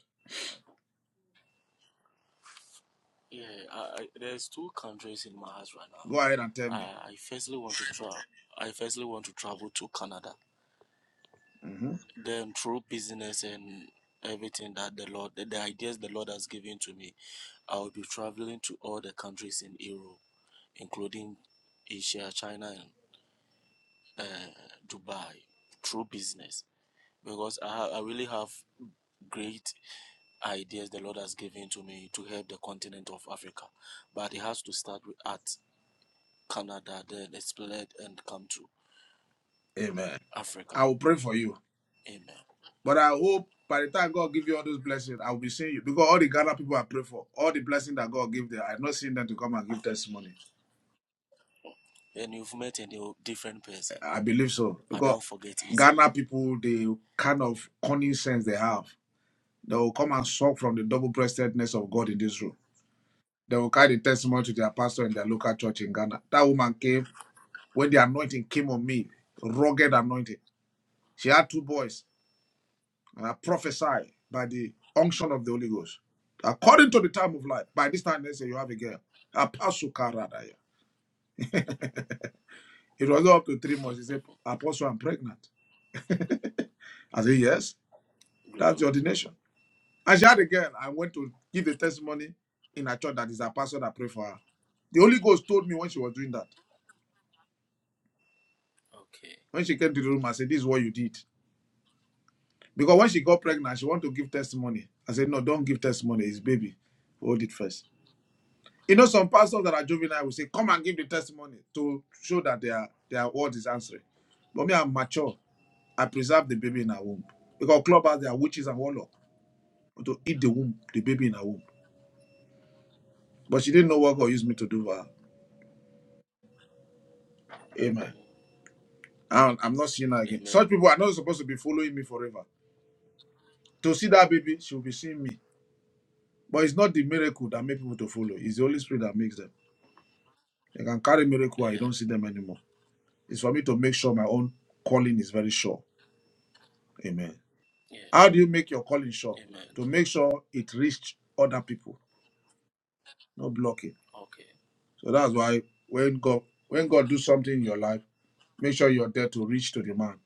Speaker 10: Yeah, I, I, there's two countries in my heart right
Speaker 2: Go
Speaker 10: now.
Speaker 2: ahead and tell me.
Speaker 10: I, I firstly want to travel. I firstly want to travel to Canada.
Speaker 2: Mhm.
Speaker 10: Then through business and everything that the Lord, the, the ideas the Lord has given to me, I will be traveling to all the countries in Europe, including Asia, China, and uh, Dubai, through business. because I, ha- I really have great ideas the Lord has given to me to help the continent of Africa. But it has to start with at Canada, then it's spread and come to
Speaker 2: Amen.
Speaker 10: Africa.
Speaker 2: I will pray for you.
Speaker 10: Amen.
Speaker 2: But I hope by the time God gives you all those blessings, I will be seeing you. Because all the Ghana people I pray for, all the blessings that God give them, I've not seen them to come and give testimony.
Speaker 10: And you've met a different person.
Speaker 2: I I believe so.
Speaker 10: I
Speaker 2: Because
Speaker 10: don't forget easily.
Speaker 2: Ghana people, the kind of cunning sense they have, they will come and suck from the double-breastedness of God in this room. They will carry the testimony to their pastor in their local church in Ghana. That woman came when the anointing came on me, rugged anointing. She had two boys, and I prophesied by the unction of the Holy Ghost. According to the time of life, by this time they say you have a girl. Apostle Karadaya. It was up to three months. He said, Apostle, I'm pregnant. <laughs> I said, Yes, that's the
Speaker 10: Glory.
Speaker 2: ordination. And she had a girl. I went to give the testimony in a church that is a pastor that prayed for her. The Holy Ghost told me when she was doing that.
Speaker 10: Okay.
Speaker 2: When she came to the room, I said, This is what you did. Because when she got pregnant, she wanted to give testimony. I said, no, don't give testimony. It's baby. Hold it first. You know, some pastors that are juvenile will say, come and give the testimony to show that their, their word is answering. But me, I'm mature. I preserve the baby in her womb. Because clubbers, they are witches and warlocks. To eat the womb, the baby in her womb. But she didn't know what God used me to do for her. Amen. And I'm not seeing her again.
Speaker 10: Amen.
Speaker 2: Such people are not supposed to be following me forever. To see that baby, she will be seeing me. But it's not the miracle that makes people to follow. It's the Holy Spirit that makes them. You can carry miracle and you
Speaker 10: Yeah.
Speaker 2: don't see them anymore. It's for me to make sure my own calling is very sure. Amen. How
Speaker 10: Yeah.
Speaker 2: do you make your calling sure?
Speaker 10: Amen.
Speaker 2: To make sure it reached other people, not blocking.
Speaker 10: Okay.
Speaker 2: So that's why when God when God do something in your life, make sure you're there to reach to the man.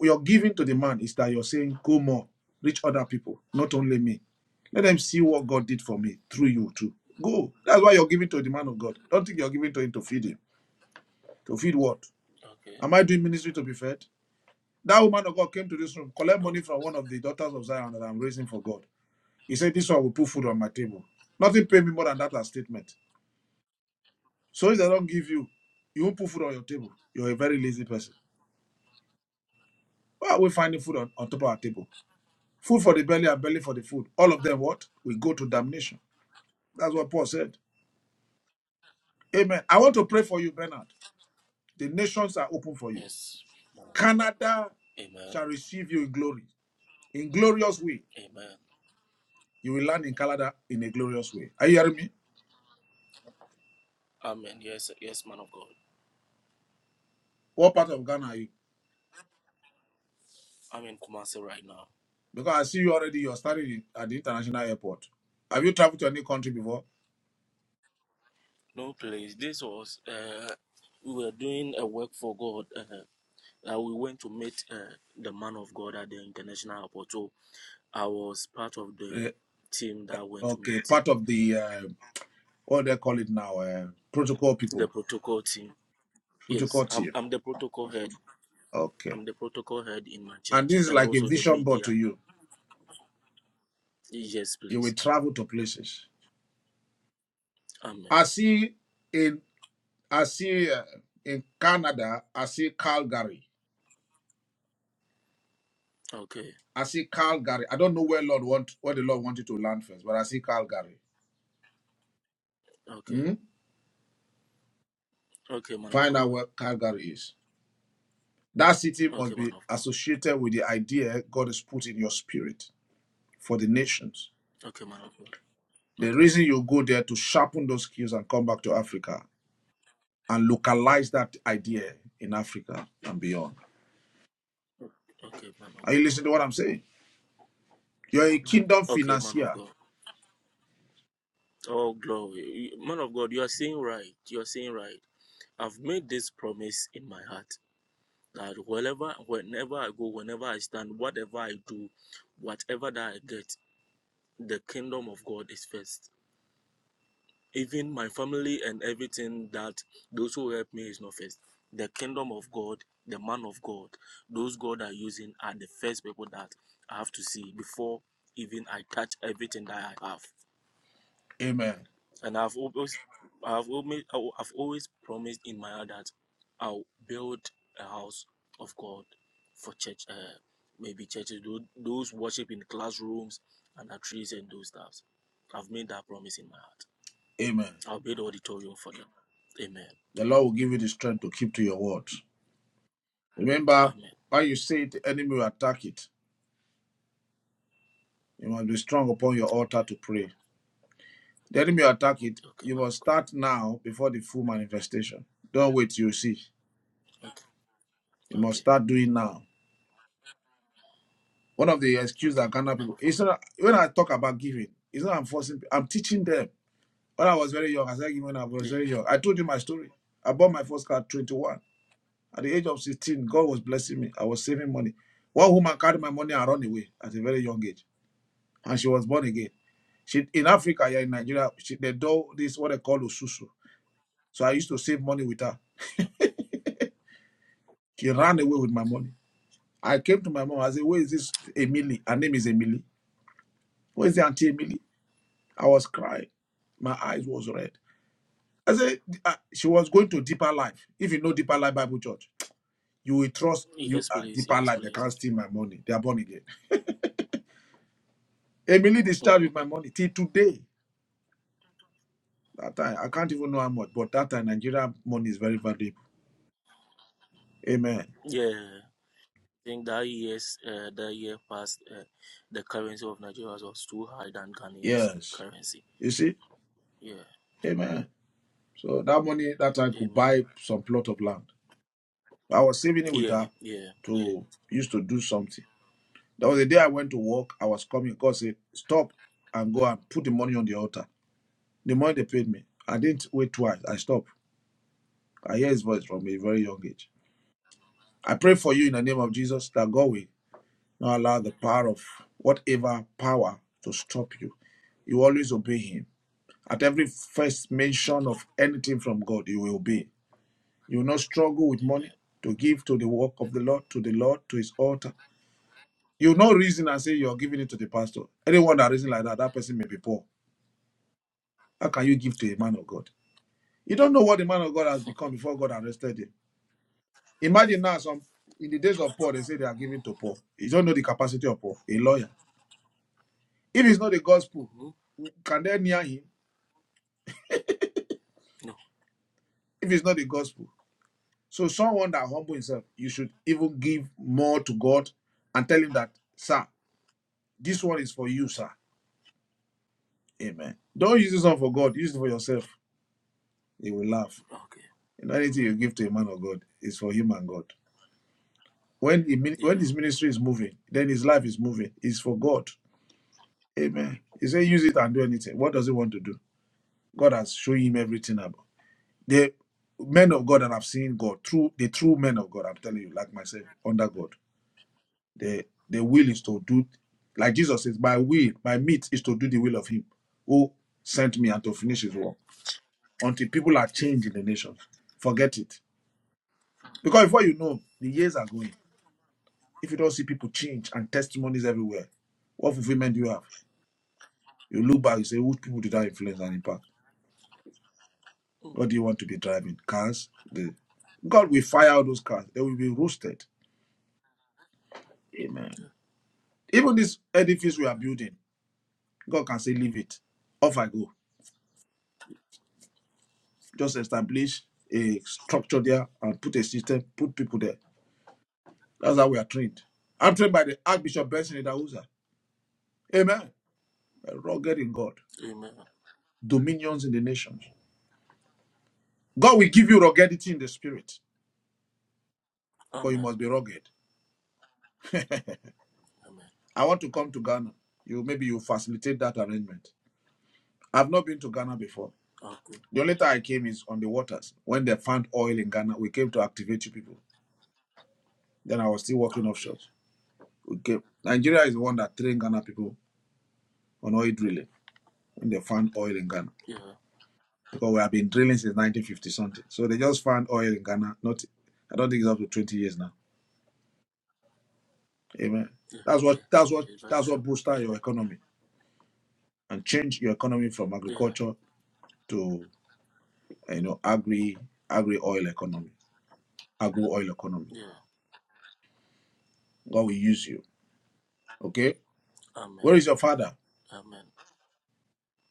Speaker 2: Your giving to the man is that you're saying, go more, reach other people, not only me. Let them see what God did for me through you too. Go. That's why you're giving to the man of God. Don't think you're giving to him to feed him. To feed what?
Speaker 10: Okay.
Speaker 2: Am I doing ministry to be fed? That woman of God came to this room, collect
Speaker 10: No.
Speaker 2: money from one of the daughters of Zion that I'm raising for God. He said, This one will put food on my table. Nothing pay me more than that as statement. So if they don't give you, you won't put food on your table. You're a very lazy person. Why are we finding food on, on top of our table? Food for the belly and belly for the food. All of them what? We go to damnation. That's what Paul said. Amen. I want to pray for you, Bernard. The nations are open for you.
Speaker 10: Yes.
Speaker 2: Canada
Speaker 10: Amen.
Speaker 2: shall receive you in glory. In glorious way.
Speaker 10: Amen.
Speaker 2: You will land in
Speaker 10: Amen.
Speaker 2: Canada in a glorious way. Are you hearing me?
Speaker 10: Amen. Yes. Yes, man of God.
Speaker 2: What part of Ghana are you?
Speaker 10: I'm in Kumasi right now.
Speaker 2: Because I see you already. You're studying at the international airport. Have you traveled to any country before?
Speaker 10: No place. This was uh, we were doing a work for God. Uh, uh, we went to meet uh, the man of God at the international airport. So I was part of the
Speaker 2: Eh,
Speaker 10: team that went to
Speaker 2: okay,
Speaker 10: meet him,
Speaker 2: part of the uh, what they call it now, uh, protocol people,
Speaker 10: the protocol team. Yes,
Speaker 2: protocol
Speaker 10: I'm,
Speaker 2: team.
Speaker 10: I'm the protocol head.
Speaker 2: Okay,
Speaker 10: I'm the protocol head in my
Speaker 2: and
Speaker 10: church
Speaker 2: this is
Speaker 10: and
Speaker 2: like a
Speaker 10: also the
Speaker 2: vision board
Speaker 10: media.
Speaker 2: to you.
Speaker 10: Yes,
Speaker 2: You will
Speaker 10: please.
Speaker 2: travel to places.
Speaker 10: Amen.
Speaker 2: I see in I see uh, in Canada. I see Calgary.
Speaker 10: Okay,
Speaker 2: I see Calgary. I don't know where Lord want where the Lord wanted to land first, but I see Calgary.
Speaker 10: okay,
Speaker 2: Hmm?
Speaker 10: okay, man of
Speaker 2: Find
Speaker 10: God.
Speaker 2: out where Calgary is. That city must
Speaker 10: Okay,
Speaker 2: be
Speaker 10: man of God.
Speaker 2: associated with the idea God has put in your spirit for the nations.
Speaker 10: Okay, man of God.
Speaker 2: The
Speaker 10: Okay, man
Speaker 2: reason
Speaker 10: of
Speaker 2: you go there to sharpen those skills and come back to Africa and localize that idea in Africa and beyond.
Speaker 10: God. Okay, man of
Speaker 2: Are you
Speaker 10: God.
Speaker 2: listening to what I'm saying? You're a kingdom
Speaker 10: Okay, man of
Speaker 2: financier.
Speaker 10: God. Oh, glory. Man of God, you are saying right. You are saying right. I've made this promise in my heart that wherever, whenever I go, whenever I stand, whatever I do, whatever that I get, the kingdom of God is first. Even my family and everything that those who help me is not first. The kingdom of God, the man of God, those God are using are the first people that I have to see before even I touch everything that I have.
Speaker 2: Amen.
Speaker 10: and I've always, I've always, I've always promised in my heart that I'll build a house of God for church, uh, maybe churches, those worship in classrooms and at trees and those stuffs. I've made that promise in my heart.
Speaker 2: Amen.
Speaker 10: I'll build an auditorium for them. Amen.
Speaker 2: The Lord will give you the strength to keep to your word. Remember,
Speaker 10: Amen.
Speaker 2: when you say it, the enemy will attack it. You must be strong upon your altar to
Speaker 10: Okay.
Speaker 2: pray. The enemy will attack it.
Speaker 10: Okay,
Speaker 2: You
Speaker 10: man of
Speaker 2: must
Speaker 10: God.
Speaker 2: start now before the full manifestation. Don't wait, till you see.
Speaker 10: Okay.
Speaker 2: You must
Speaker 10: Okay.
Speaker 2: start doing now. One of the excuses that
Speaker 10: Okay.
Speaker 2: Ghana
Speaker 10: Man
Speaker 2: people,
Speaker 10: of God.
Speaker 2: it's not, when I talk about giving, it's not I'm forcing, pe- I'm teaching them. When I was very young, I said, when I was very young,
Speaker 10: Yeah.
Speaker 2: I told you my story. I bought my first car at 21. At the age of 16, God was blessing me. I was saving money. One woman carried my money and ran away at a very young age, and she was born again. She in Africa, yeah, in Nigeria, she, they do this what they call osusu. So I used to save money with her. She
Speaker 10: Mm.
Speaker 2: ran away with my money. I came to my mom. I said, "Where is this Emily? Her name is Emily. Where is the auntie Emily?" I was crying. My eyes was red. I said uh, she was going to deeper life. If you know deeper life Bible Church, you will trust you
Speaker 10: Yes,
Speaker 2: uh,
Speaker 10: please.
Speaker 2: deeper
Speaker 10: Yes,
Speaker 2: life. They
Speaker 10: please.
Speaker 2: can't steal my money. They are born again. Emily discharged with my money till today. That time I can't even know how much, but that time Nigeria money is very valuable. Amen.
Speaker 10: <laughs> yeah. think that years, uh, that year past, uh, the currency of Nigeria was too high than Ghanaian's
Speaker 2: Yes.
Speaker 10: currency.
Speaker 2: You see.
Speaker 10: Yeah.
Speaker 2: Amen. So that money that time could
Speaker 10: Amen.
Speaker 2: buy some plot of land. I was saving it with
Speaker 10: Yeah.
Speaker 2: her
Speaker 10: Yeah. Yeah.
Speaker 2: to used to do something. There was a day I went to work. I was coming. God said, stop and go and put the money on the altar. The money they paid me. I didn't wait twice. I stopped. I hear his voice from a very young age. I pray for you in the name of Jesus that God will not allow the power of whatever power to stop you. You always obey him. At every first mention of anything from God, you will obey. You will not struggle with money
Speaker 10: Amen.
Speaker 2: to give to the work of the Lord, to the Lord, to his altar. You will not reason and say you're giving it to the pastor. Anyone that reason like that, that person may be poor. How can you give to a man of God? You don't know what the man of God has become before God arrested him. Imagine now some in the days of Paul, they say they are giving to Paul. You don't know the capacity of Paul, a lawyer. If it's not the gospel,
Speaker 10: hmm
Speaker 2: can they near him?
Speaker 10: No.
Speaker 2: If it's not the gospel. So someone that humble himself, you should even give more to God and tell him that, sir, this one is for you, sir. Amen. Don't use this one for God, use it for yourself. He will laugh.
Speaker 10: Okay.
Speaker 2: You know, anything you give to a man of God is for him and God. When he, min- when
Speaker 10: Yeah.
Speaker 2: his ministry is moving, then his life is moving. It's for God. Amen. He said, use it and do anything. What does he want to do? God has shown him everything about. The men of God that have seen God, true the true men of God, I'm telling you, like myself, under God, the the will is to do, like Jesus says, my will, my meat is to do the will of Him who sent me and to finish His work. Until people are changed in the nations, forget it. Because before you know, the years are going. If you don't see people change and testimonies everywhere, what fulfillment do you have? You look back, you say, which people did that influence and impact?
Speaker 10: Mm.
Speaker 2: What do you want to be driving? Cars? The God will fire all those cars. They will be roasted. Amen. Even this edifice we are
Speaker 10: Amen.
Speaker 2: building, God can say, leave it. Off I go. Just establish a structure there and put a system, put people there. That's how we are trained. I'm trained by the Archbishop Benson Idahuza. Amen. A Rugged in God.
Speaker 10: Amen.
Speaker 2: Dominions in the nations. God will give you ruggedity in the spirit because you
Speaker 10: Amen.
Speaker 2: must be rugged.
Speaker 10: Amen.
Speaker 2: I want to come to Ghana. You maybe you facilitate that arrangement I've not been to Ghana before.
Speaker 10: Okay.
Speaker 2: The only time I came is on the waters when they found oil in Ghana. We came to activate you people. Then I was still working
Speaker 10: Okay.
Speaker 2: offshore. We came. Nigeria is the one that trained Ghana people on oil drilling when they found oil in Ghana
Speaker 10: Yeah.
Speaker 2: because we have been drilling since 1950 something. So they just found oil in Ghana. Not, I don't think it's up to 20 years now. Amen.
Speaker 10: Yeah.
Speaker 2: That's
Speaker 10: Yeah.
Speaker 2: what that's
Speaker 10: Yeah.
Speaker 2: what that's
Speaker 10: That's
Speaker 2: what
Speaker 10: true.
Speaker 2: booster your
Speaker 10: Amen.
Speaker 2: economy and change your economy from
Speaker 10: Yeah.
Speaker 2: agriculture to you know agri agri oil economy, agro oil economy.
Speaker 10: Yeah.
Speaker 2: God will use you. Okay
Speaker 10: Amen.
Speaker 2: Where is your father?
Speaker 10: Amen.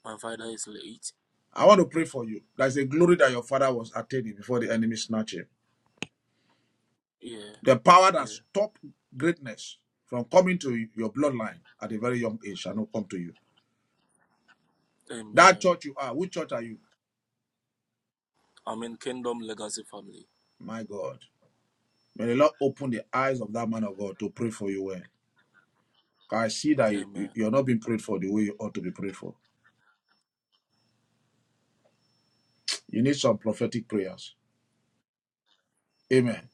Speaker 10: My father is late.
Speaker 2: I want to pray for you. There's a glory that your father was attaining before the enemy snatched him.
Speaker 10: Yeah.
Speaker 2: The power that
Speaker 10: Yeah.
Speaker 2: stopped greatness from coming to your bloodline at a very young age shall not come to you. That
Speaker 10: Amen.
Speaker 2: church you are, which church are you?
Speaker 10: I'm in Kingdom Legacy Family.
Speaker 2: My God. May the Lord open the eyes of that man of God to pray for you well. I see that you, you-
Speaker 10: Amen.
Speaker 2: you're not being prayed for the way you ought to be prayed for. You need some prophetic prayers. Amen.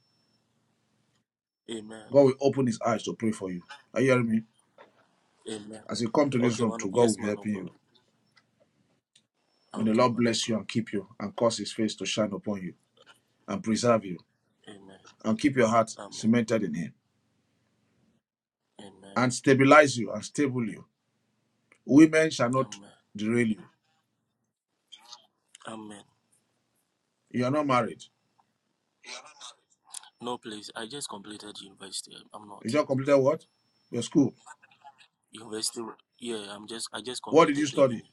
Speaker 10: Amen.
Speaker 2: God will open his eyes to pray for you. Are you hearing me?
Speaker 10: Amen.
Speaker 2: As you come to this
Speaker 10: Okay,
Speaker 2: room,
Speaker 10: man
Speaker 2: to
Speaker 10: of
Speaker 2: God will
Speaker 10: yes,
Speaker 2: be
Speaker 10: man of
Speaker 2: helping
Speaker 10: God.
Speaker 2: you. May the
Speaker 10: Okay,
Speaker 2: Lord
Speaker 10: man of
Speaker 2: bless
Speaker 10: God.
Speaker 2: you and keep you and cause his face to shine upon you and preserve you
Speaker 10: Amen.
Speaker 2: and keep your heart
Speaker 10: Amen.
Speaker 2: cemented in him
Speaker 10: Amen.
Speaker 2: and stabilize you and stable you. Women shall not
Speaker 10: Amen.
Speaker 2: derail you.
Speaker 10: Amen.
Speaker 2: You are not married.
Speaker 10: No, please. I just completed university. I'm
Speaker 2: You
Speaker 10: not
Speaker 2: just completed what? Your school.
Speaker 10: university. Yeah, I'm just. I just
Speaker 2: What did you
Speaker 10: completed the
Speaker 2: study?
Speaker 10: uni.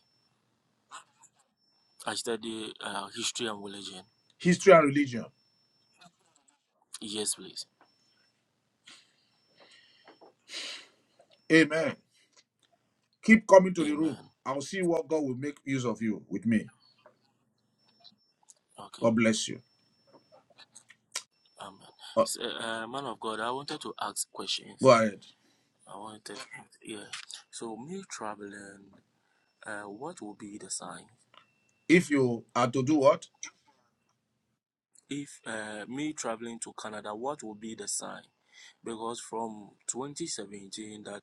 Speaker 10: I study uh, history and religion.
Speaker 2: History and religion.
Speaker 10: Yes, please.
Speaker 2: Amen. Keep coming to the room.
Speaker 10: Amen.
Speaker 2: I'll see what God will make use of you with me.
Speaker 10: Okay.
Speaker 2: God bless you.
Speaker 10: Amen.
Speaker 2: Uh,
Speaker 10: So, uh, man of God, I wanted to ask
Speaker 2: go
Speaker 10: questions.
Speaker 2: ahead.
Speaker 10: I wanted. Yeah. So me traveling. Uh, what will be the sign?
Speaker 2: If you are to do what?
Speaker 10: If uh, me traveling to Canada, what will be the sign? because from 2017 that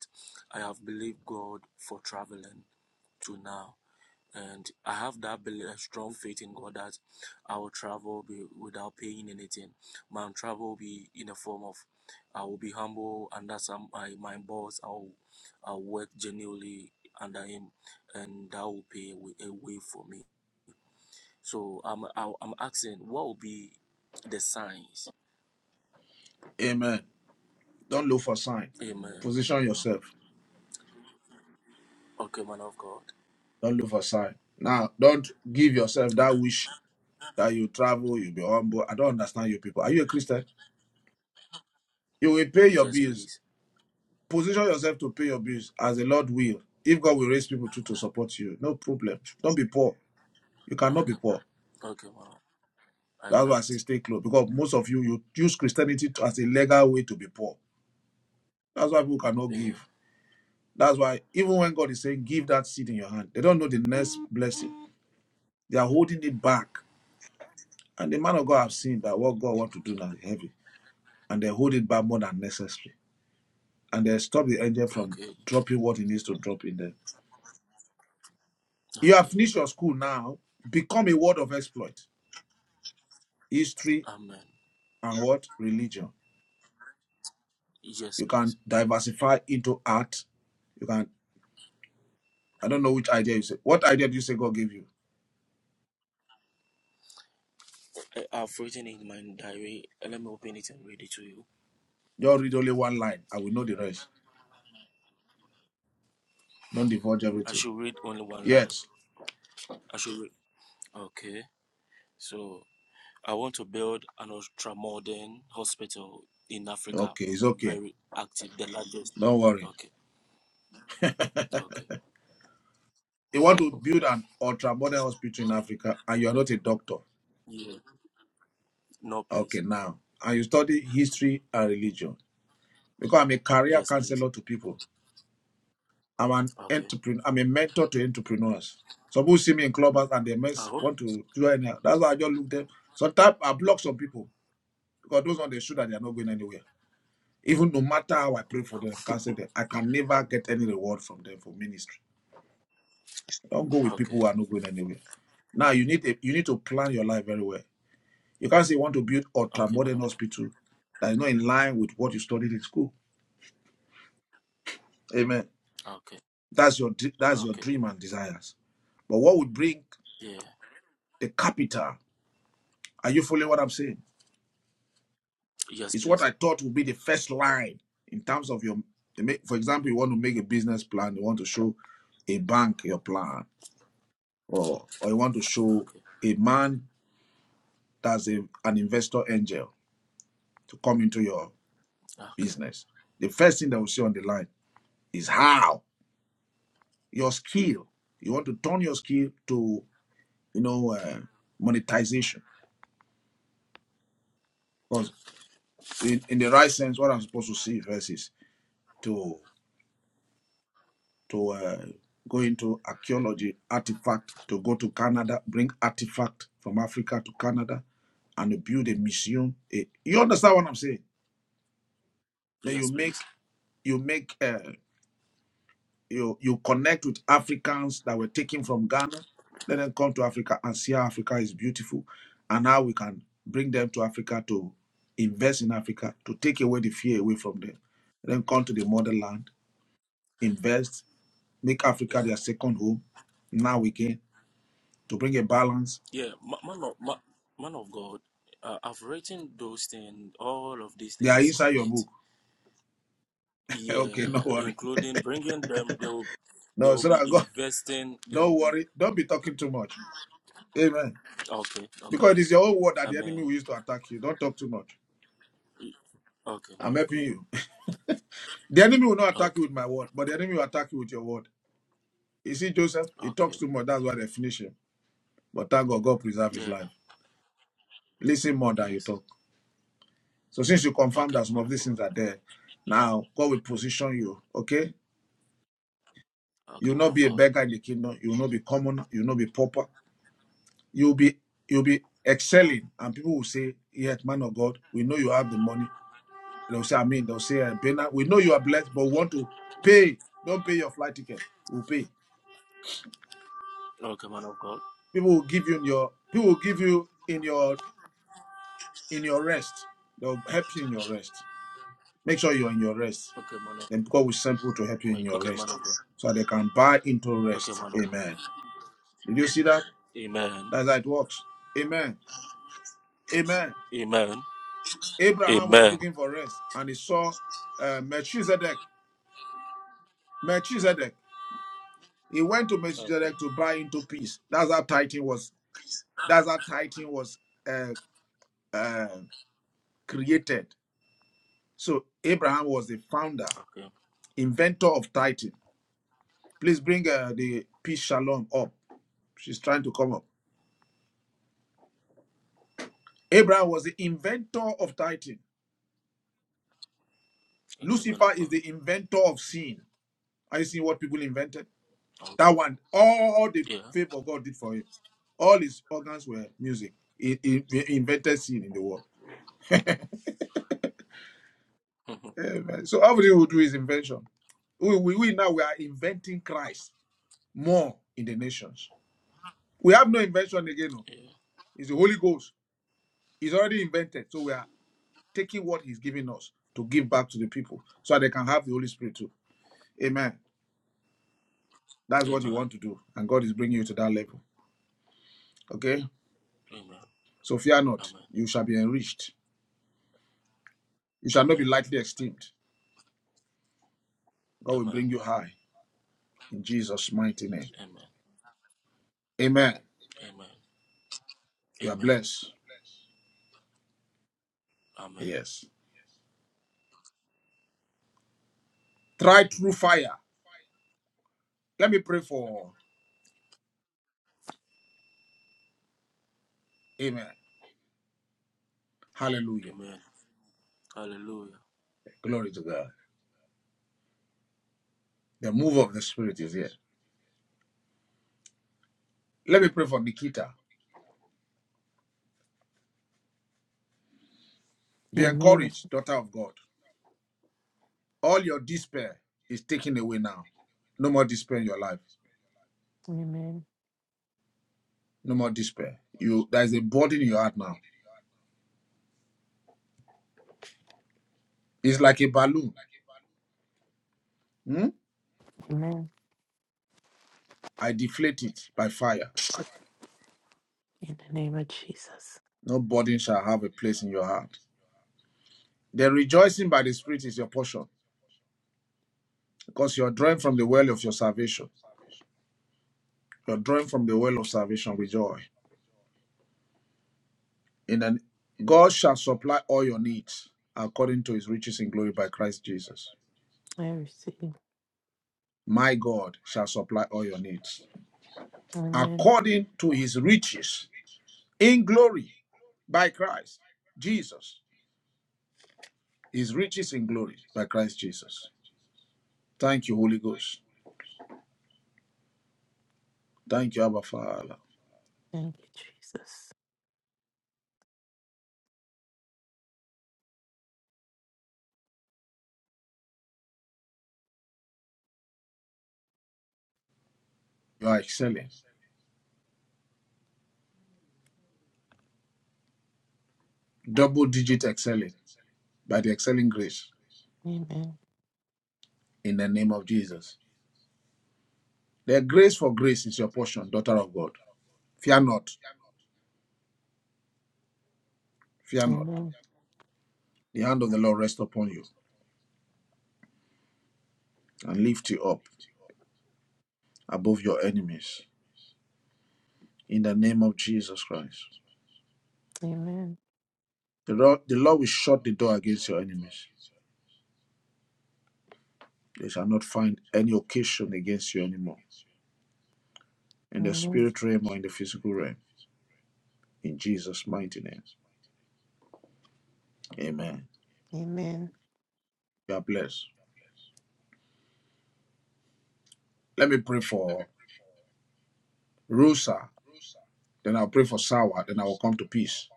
Speaker 10: I have believed God for traveling to now. And I have that belief, a strong faith in God that I will travel be, without paying anything. My travel will be in the form of I will be humble under some my, my boss. I'll I'll work genuinely under him, and that will pay a way, a way for me. So I'm I- I'm asking, what will be the signs?
Speaker 2: Amen. Don't look for sign.
Speaker 10: Amen.
Speaker 2: Position yourself.
Speaker 10: Okay, man of God.
Speaker 2: Don't look for sign. Now, don't give yourself that
Speaker 10: Okay.
Speaker 2: wish that you travel, you be humble. I don't understand you people. Are you a Christian? You will pay your
Speaker 10: Yes,
Speaker 2: bills.
Speaker 10: please.
Speaker 2: Position yourself to pay your bills as the Lord will. If God will raise people too to support you, no problem. Don't be poor. You cannot be
Speaker 10: Okay,
Speaker 2: poor.
Speaker 10: okay, mom. I
Speaker 2: That's why I
Speaker 10: can't.
Speaker 2: say stay close because most of you you use Christianity as a legal way to be poor. That's why people cannot give.
Speaker 10: Yeah.
Speaker 2: That's why even when God is saying give that seed in your hand, they don't know the next blessing. They are holding it back, and the man of God have seen that what God want to do now is heavy, and they hold it back more than necessary, and they stop the angel from
Speaker 10: Okay,
Speaker 2: dropping what he needs to drop in there. You have
Speaker 10: okay.
Speaker 2: finished your school now. Become a word of exploit, history
Speaker 10: Amen.
Speaker 2: and what religion.
Speaker 10: Yes,
Speaker 2: You can
Speaker 10: please.
Speaker 2: diversify into art You can. I don't know which idea you say. What idea do you say God gave you?
Speaker 10: I, I've written in my diary. eh, Let me open it and read it to you.
Speaker 2: Just read only one line. I will know the rest. Don't divulge
Speaker 10: I
Speaker 2: everything.
Speaker 10: should read only one line.
Speaker 2: Yes.
Speaker 10: I should read. Okay. So I want to build an ultramodern hospital in Africa.
Speaker 2: Okay, it's okay.
Speaker 10: Very active, the largest.
Speaker 2: Don't worry.
Speaker 10: Okay. Okay.
Speaker 2: You want to build an ultra modern hospital in Africa and you are not a doctor.
Speaker 10: Yeah. No,
Speaker 2: Okay,
Speaker 10: please.
Speaker 2: now. And you study history and religion. Because I'm a career
Speaker 10: Yes, please.
Speaker 2: counselor to people. I'm an
Speaker 10: Okay.
Speaker 2: entrepreneur. I'm a mentor to entrepreneurs. Some people see me in clubhouse and they
Speaker 10: I
Speaker 2: mess
Speaker 10: hope.
Speaker 2: want to join. That's why I just look them. Sometimes I block some people because those ones they show that they are not going anywhere. Even no matter how I pray for them, cancel
Speaker 10: <laughs>
Speaker 2: them, I can never get any reward from them for ministry. Don't go with people
Speaker 10: okay.
Speaker 2: who are not going anywhere. Now you need a, you need to plan your life very well. You can't say you want to build ultra
Speaker 10: Okay,
Speaker 2: modern
Speaker 10: madam.
Speaker 2: hospital that is not in line with what you studied in school. Amen.
Speaker 10: Okay.
Speaker 2: That's your that's your
Speaker 10: Okay.
Speaker 2: dream and desires. But what would bring
Speaker 10: Yeah.
Speaker 2: the capital? Are you following what I'm saying?
Speaker 10: Yes,
Speaker 2: It's what
Speaker 10: please.
Speaker 2: I thought would be the first line in terms of your. For example, you want to make a business plan. You want to show a bank your plan. or or you want to show
Speaker 10: Okay.
Speaker 2: a man that's a, an investor angel to come into your
Speaker 10: Okay.
Speaker 2: business, the first thing they will see on the line is how your skill. You want to turn your skill to you know uh, monetization
Speaker 10: Yeah.
Speaker 2: because in, in the right sense, what I'm supposed to see first is to to uh, go into archaeology artifact, to go to Canada, bring artifact from Africa to Canada, and you build a museum. A, you understand what I'm saying? Then you
Speaker 10: Yes, please.
Speaker 2: make you make uh, you you connect with Africans that were taken from Ghana, let them come to Africa and see how Africa is beautiful, and how we can bring them to Africa to invest in Africa to take away the fear away from them, then come to the motherland, invest, make Africa
Speaker 10: Yeah.
Speaker 2: their second home. Now again to bring a balance.
Speaker 10: Yeah. ma- Man of, ma- man of God, uh, I've written those things, all of these
Speaker 2: They are
Speaker 10: things
Speaker 2: inside
Speaker 10: in
Speaker 2: your
Speaker 10: it.
Speaker 2: book. <laughs> okay, no
Speaker 10: Yeah,
Speaker 2: worry.
Speaker 10: including bringing them. They will, they
Speaker 2: No,
Speaker 10: will
Speaker 2: so
Speaker 10: be
Speaker 2: that God,
Speaker 10: investing.
Speaker 2: <laughs>
Speaker 10: They
Speaker 2: don't
Speaker 10: will be
Speaker 2: worry. Don't be talking too much. Amen.
Speaker 10: okay. Okay.
Speaker 2: Because it is your own word that the enemy
Speaker 10: Amen.
Speaker 2: will use to attack you. Don't talk too much.
Speaker 10: Okay, man
Speaker 2: I'm
Speaker 10: of
Speaker 2: helping
Speaker 10: God.
Speaker 2: you. The enemy will not attack you
Speaker 10: Okay.
Speaker 2: with my word, but the enemy will attack you with your word. You see, Joseph, he talks
Speaker 10: Okay.
Speaker 2: too much. That's why they finish him. But thank God, God preserve his
Speaker 10: Yeah.
Speaker 2: life. Listen more than you
Speaker 10: Yes.
Speaker 2: talk. So since you confirm
Speaker 10: Okay,
Speaker 2: that some
Speaker 10: man
Speaker 2: of
Speaker 10: of
Speaker 2: these
Speaker 10: God.
Speaker 2: things are there, now God will position you. Okay,
Speaker 10: Okay,
Speaker 2: you'll
Speaker 10: man
Speaker 2: not
Speaker 10: of
Speaker 2: be a
Speaker 10: God.
Speaker 2: beggar in the kingdom. You'll not be common. You'll not be pauper. You'll be you'll be excelling, and people will say, "Yet, man of God, we know you have the money." They'll say, "I mean," they'll say, "Bena, we know you are blessed, but we want to pay. Don't pay your flight ticket. We'll pay."
Speaker 10: Okay, man of God.
Speaker 2: People will give you in your people will give you in your in your rest. They'll help you in your rest. Make sure you're in your rest.
Speaker 10: Okay, man of.
Speaker 2: Then God will send people to help you
Speaker 10: my-
Speaker 2: in your
Speaker 10: Okay, man
Speaker 2: rest.
Speaker 10: of God.
Speaker 2: So they can buy into
Speaker 10: Okay,
Speaker 2: rest.
Speaker 10: man of God.
Speaker 2: Amen. Did you see that?
Speaker 10: Amen.
Speaker 2: That's how it works. Amen. Amen.
Speaker 10: Amen.
Speaker 2: Abraham was
Speaker 10: Amen.
Speaker 2: looking for rest and he saw uh, Melchizedek. Melchizedek. He went to
Speaker 10: Okay.
Speaker 2: Melchizedek to buy into peace. That's how Titan was. That's how Titan was uh, uh, created. So Abraham was the founder
Speaker 10: Okay.
Speaker 2: inventor of Titan. Please bring uh, the peace shalom up. She's trying to come up. Abraham was the inventor of Titan.
Speaker 10: Okay, man
Speaker 2: Lucifer
Speaker 10: of
Speaker 2: is
Speaker 10: God.
Speaker 2: the inventor of sin. Are you seeing what people invented? That
Speaker 10: Okay.
Speaker 2: one, all the
Speaker 10: Yeah.
Speaker 2: favor God did for him. All his organs were music. He, he- he invented sin in the world.
Speaker 10: Mhm.
Speaker 2: Amen. So everything will do is invention. We, we, we now we are inventing Christ more in the nations. We have no invention again. No.
Speaker 10: yeah.
Speaker 2: It's the Holy Ghost. It's already invented. So we are taking what he's giving us to give back to the people so they can have the Holy Spirit too. Amen. That's what you
Speaker 10: Amen.
Speaker 2: want to do. And God is bringing you to that level. Okay?
Speaker 10: Amen.
Speaker 2: So fear not.
Speaker 10: Amen.
Speaker 2: You shall be enriched. You shall not be
Speaker 10: Amen.
Speaker 2: lightly esteemed. God will
Speaker 10: Amen.
Speaker 2: bring you high in Jesus' mighty name.
Speaker 10: Amen.
Speaker 2: Amen.
Speaker 10: Amen.
Speaker 2: You are
Speaker 10: Amen.
Speaker 2: blessed.
Speaker 10: Amen.
Speaker 2: Yes. Try through fire. Let me pray for. Amen. Hallelujah.
Speaker 10: Amen. Hallelujah.
Speaker 2: Glory to God. The move of the Spirit is here. Let me pray for Nikita. Be
Speaker 11: Amen.
Speaker 2: encouraged, daughter of God. All your despair is taken away now. No more despair in your life.
Speaker 11: Amen.
Speaker 2: No more despair. You there is a burden in your heart now. It's like a balloon. Hmm?
Speaker 11: Amen.
Speaker 2: I deflate it by fire.
Speaker 11: In the name of Jesus.
Speaker 2: No burden shall have a place in your heart. The rejoicing by the Spirit is your portion because you are drawing from the well of your salvation. You are drawing from the well of salvation with joy. In an God shall supply all your needs according to his riches in glory by Christ Jesus.
Speaker 11: I receive.
Speaker 2: My God shall supply all your needs
Speaker 11: Amen.
Speaker 2: according to his riches in glory by Christ Jesus. His riches in glory by Christ Jesus. Thank you, Holy Ghost. Thank you, Abba Father.
Speaker 11: Thank you, Jesus.
Speaker 2: You are excelling, double digit excelling by the excelling grace
Speaker 11: Amen.
Speaker 2: in the name of Jesus. The grace for grace is your portion, daughter of God. Fear not, fear not.
Speaker 11: Amen.
Speaker 2: The hand of the Lord rest upon you and lift you up above your enemies in the name of Jesus Christ.
Speaker 11: Amen.
Speaker 2: The Lord, the Lord will shut the door against your enemies. They shall not find any occasion against you anymore in the
Speaker 11: Amen.
Speaker 2: spirit realm or in the physical realm. In Jesus' mighty name. Amen.
Speaker 11: Amen.
Speaker 2: God bless. Let me pray for Rusa, then I'll pray for Sawa, then I will come to peace.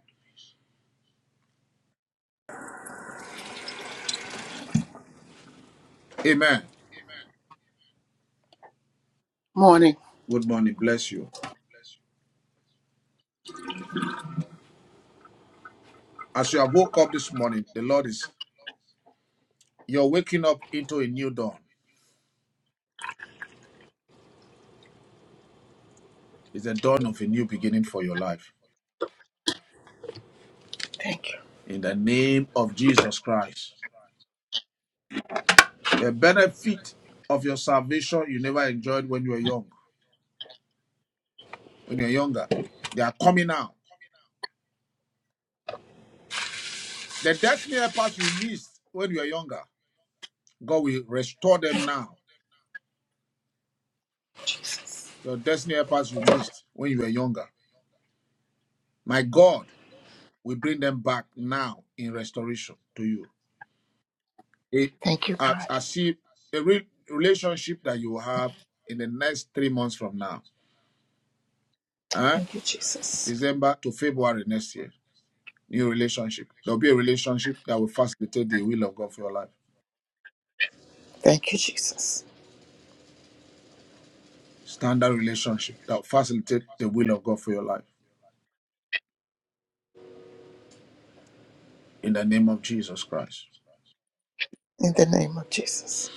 Speaker 2: Amen.
Speaker 12: Morning.
Speaker 2: Good morning. Bless you. As you have woke up this morning, the Lord is, you're waking up into a new dawn. It's the dawn of a new beginning for your life. In the name of Jesus Christ. The benefit of your salvation you never enjoyed when you were young when you're younger. They are coming now. The destiny helpers you missed when you were younger, God will restore them now. Your destiny helpers you missed when you were younger. My God will bring them back now in restoration to you. It,
Speaker 12: Thank you,
Speaker 2: as,
Speaker 12: God.
Speaker 2: as if a re- relationship that you have in the next three months from now, eh?
Speaker 12: Thank you, Jesus.
Speaker 2: December to February next year, new relationship. There'll be a relationship that will facilitate the will of God for your life.
Speaker 12: Thank you, Jesus.
Speaker 2: Standard relationship that will facilitate the will of God for your life in the name of Jesus Christ.
Speaker 12: In the name of Jesus.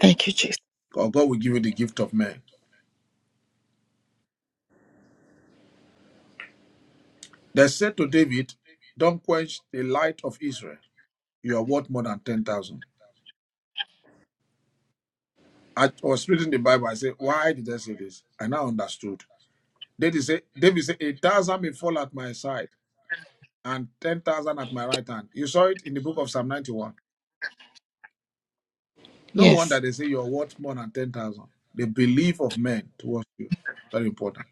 Speaker 12: Thank you, Jesus.
Speaker 2: Or God will give you the gift of men. They said to David, Don't quench the light of Israel. You are worth more than 10,000. I was reading the Bible. I said, Why did I say this? And I understood. David said, David said, A thousand may fall at my side and 10,000 at my right hand. You saw it in the book of Psalm 91. No wonder
Speaker 12: Yes.
Speaker 2: they say you are worth more than 10,000. The belief of men towards you. Very important.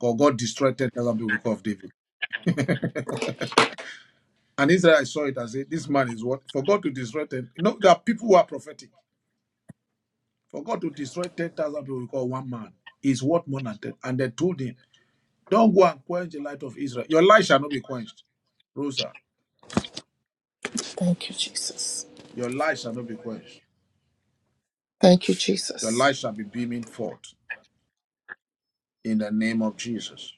Speaker 2: God, God destroyed 10,000 people because of David. And Israel saw it and said, This man is what? For God to destroy 10. You know, there are people who are prophetic. For God to destroy 10,000 people, we call one man, is worth more than 10. And they told him, Don't go and quench the light of Israel. Your light shall not be quenched. Rosa,
Speaker 12: Thank you, Jesus.
Speaker 2: your light shall not be quenched.
Speaker 12: Thank you,
Speaker 2: Your
Speaker 12: Jesus.
Speaker 2: light shall be beaming forth in the name of Jesus.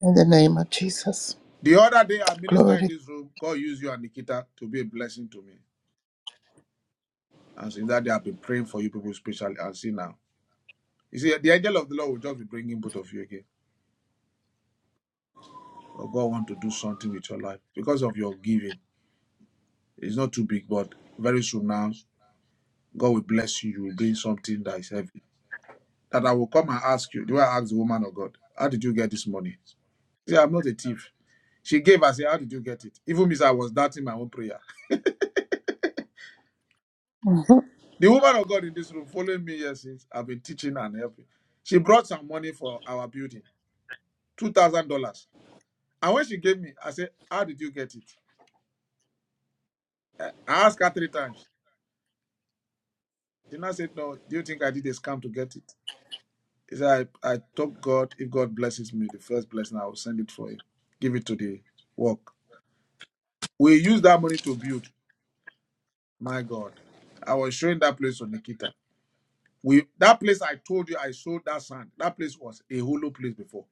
Speaker 12: In the name of Jesus.
Speaker 2: The other day, I
Speaker 12: Glory to
Speaker 2: ministered in this room. God used you and Nikita to be a blessing to me. And since that day, I've been praying for you people, especially. And see now. You see, the angel of the Lord will just be bringing both of you again. But God want to do something with your life because of your giving. It's not too big, but very soon now, God will bless you. You will bring something that is heavy. That I will come and ask you. Do I ask the woman of God, how did you get this money? She said, I'm not a thief. She gave I said, How did you get it? Even means I was doubting my own prayer.
Speaker 12: God. Mhm.
Speaker 2: The woman of God in this room following me here since I've been teaching and helping. She brought some money for our building, two thousand dollars. And when she gave me, I said, How did you get it? I I asked her three times. She now said, No, do you think I did a scam to get it? He said, I, I told God, if God blesses me, the first blessing, I will send it for you. Give it to the work. We use that money to build. My God. I was showing that place to Nikita. We that place I told you I sold that sand. That place was a hollow place before.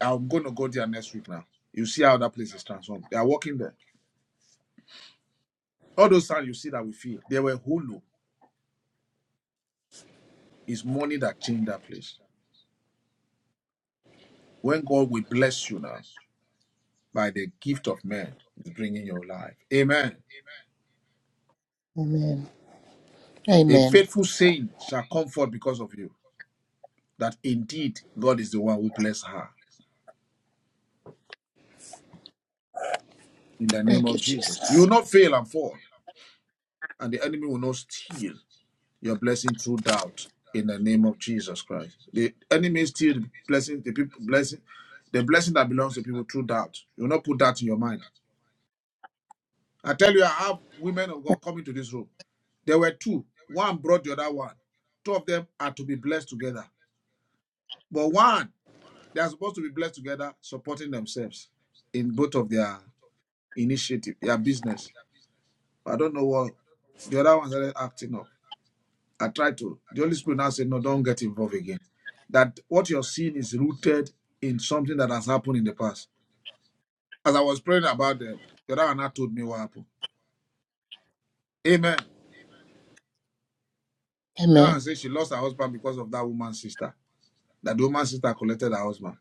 Speaker 2: I'm gonna go there next week now. You see how that place is transformed. They are working there. All those sand you see that we feel, they were hollow. It's money that changed that place. When God will bless you now by the gift of men, is bringing your life. Amen.
Speaker 12: Amen.
Speaker 2: A
Speaker 12: Amen.
Speaker 2: faithful saying shall come forth because of you, that indeed God is the one who bless her. In the name
Speaker 12: Thank you,
Speaker 2: of Jesus. You
Speaker 12: Jesus.
Speaker 2: will not fail and fall, and the enemy will not steal your blessing through doubt. In the name of Jesus Christ. The enemy steals the blessing, the people blessing, the blessing that belongs to people through doubt. You will not put that in your mind. I tell you, I have women of God coming to this room. There were two. One brought the other one. Two of them are to be blessed together. But one They are supposed to be blessed together, supporting themselves in both of their initiative, their business. I don't know what the other ones are acting up. I tried to. The Holy Spirit now said, No, don't get involved again. That what you're seeing is rooted in something that has happened in the past. As I was praying about them, the other one now told me what happened. Amen. Then I
Speaker 12: Amen.
Speaker 2: said she lost her husband because of that woman's sister. That the woman's sister collected her husband.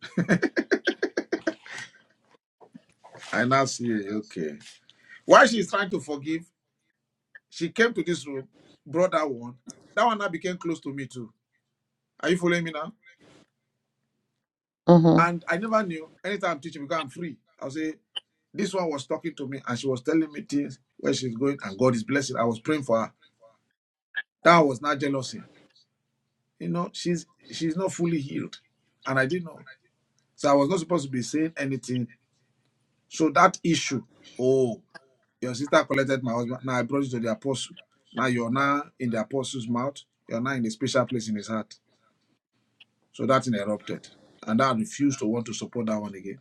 Speaker 2: I now see, okay. Why she's trying to forgive? She came to this room, brought that one. That one now became close to me too. Are you following me now?
Speaker 12: hmm
Speaker 2: And I never knew anytime I'm teaching because I'm free. I'll say, this one was talking to me and she was telling me things where she's going and God is blessing. I was praying for her. That was not jealousy. You know, she's she's not fully healed. And I didn't know. So I was not supposed to be saying anything. So that issue, oh, your sister collected my husband. Now I brought it to the apostle. Now you're now in the apostle's mouth. You're now in a special place in his heart. So that thing erupted. And I refused to want to support that one again.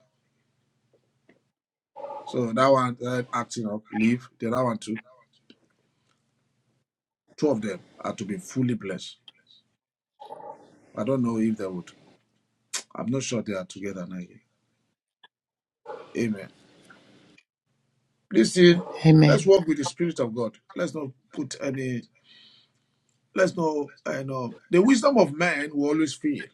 Speaker 2: So that one started acting up, leave. The other one too. Two of them are to be fully blessed. I don't know if they would. I'm not sure they are together now. again. Amen. Listen, let's
Speaker 12: Amen.
Speaker 2: walk with the Spirit of God. Let's not put any, let's not, I know. The wisdom of man will always fail.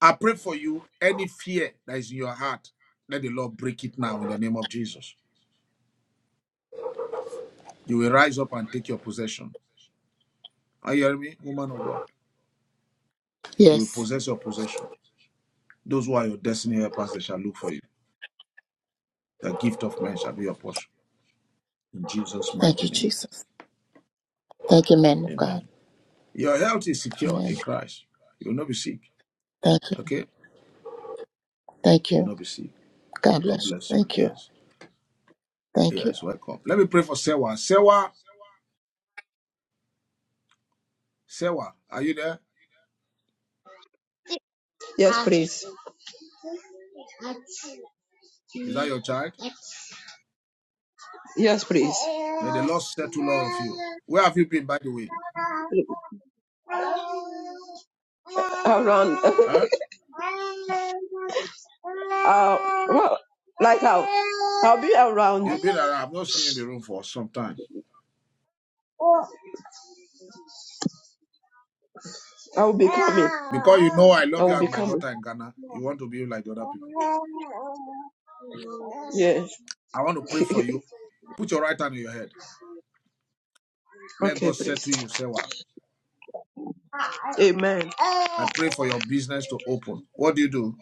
Speaker 2: I pray for you, any fear that is in your heart, let the Lord break it now in the name of Jesus. You will rise up and take your possession. Are you hearing me, woman of God? You will
Speaker 12: Yes.
Speaker 2: possess your possession. Those who are your destiny helpers, they shall look for you. The gift of men shall be your portion. In Jesus'
Speaker 12: Thank
Speaker 2: mighty
Speaker 12: you,
Speaker 2: name.
Speaker 12: Jesus. Thank you, man of God.
Speaker 2: Amen. Your health is secured
Speaker 12: Amen.
Speaker 2: in Christ. You will not be sick.
Speaker 12: Thank you.
Speaker 2: Okay?
Speaker 12: Thank
Speaker 2: You will
Speaker 12: you.
Speaker 2: not be sick.
Speaker 12: God
Speaker 2: God
Speaker 12: bless
Speaker 2: bless
Speaker 12: you.
Speaker 2: you.
Speaker 12: Thank you.
Speaker 2: Yes.
Speaker 12: Thank you.
Speaker 2: Yes. Welcome. Let me pray for Sewa. Sewa, Sewa, are you there?
Speaker 13: Yes, please.
Speaker 2: Is that your child?
Speaker 13: Yes, please.
Speaker 2: May the Lord settle all of you. Where have you been, by the way?
Speaker 13: Around. <laughs> uh,
Speaker 2: Huh?
Speaker 13: well, like how? I'll be around.
Speaker 2: You've been around. I've not seen you in the room for some time.
Speaker 13: I will be coming.
Speaker 2: Because you know I
Speaker 13: I
Speaker 2: love you
Speaker 13: will
Speaker 2: as
Speaker 13: be
Speaker 2: my
Speaker 13: coming.
Speaker 2: daughter in Ghana. You want to be like the other people.
Speaker 13: Yes.
Speaker 2: I want to pray
Speaker 13: <laughs>
Speaker 2: for you Put your right hand on your head. Let
Speaker 13: okay,
Speaker 2: God
Speaker 13: please.
Speaker 2: settle you. Say what?
Speaker 13: Amen.
Speaker 2: I pray for your business to open. What do you do?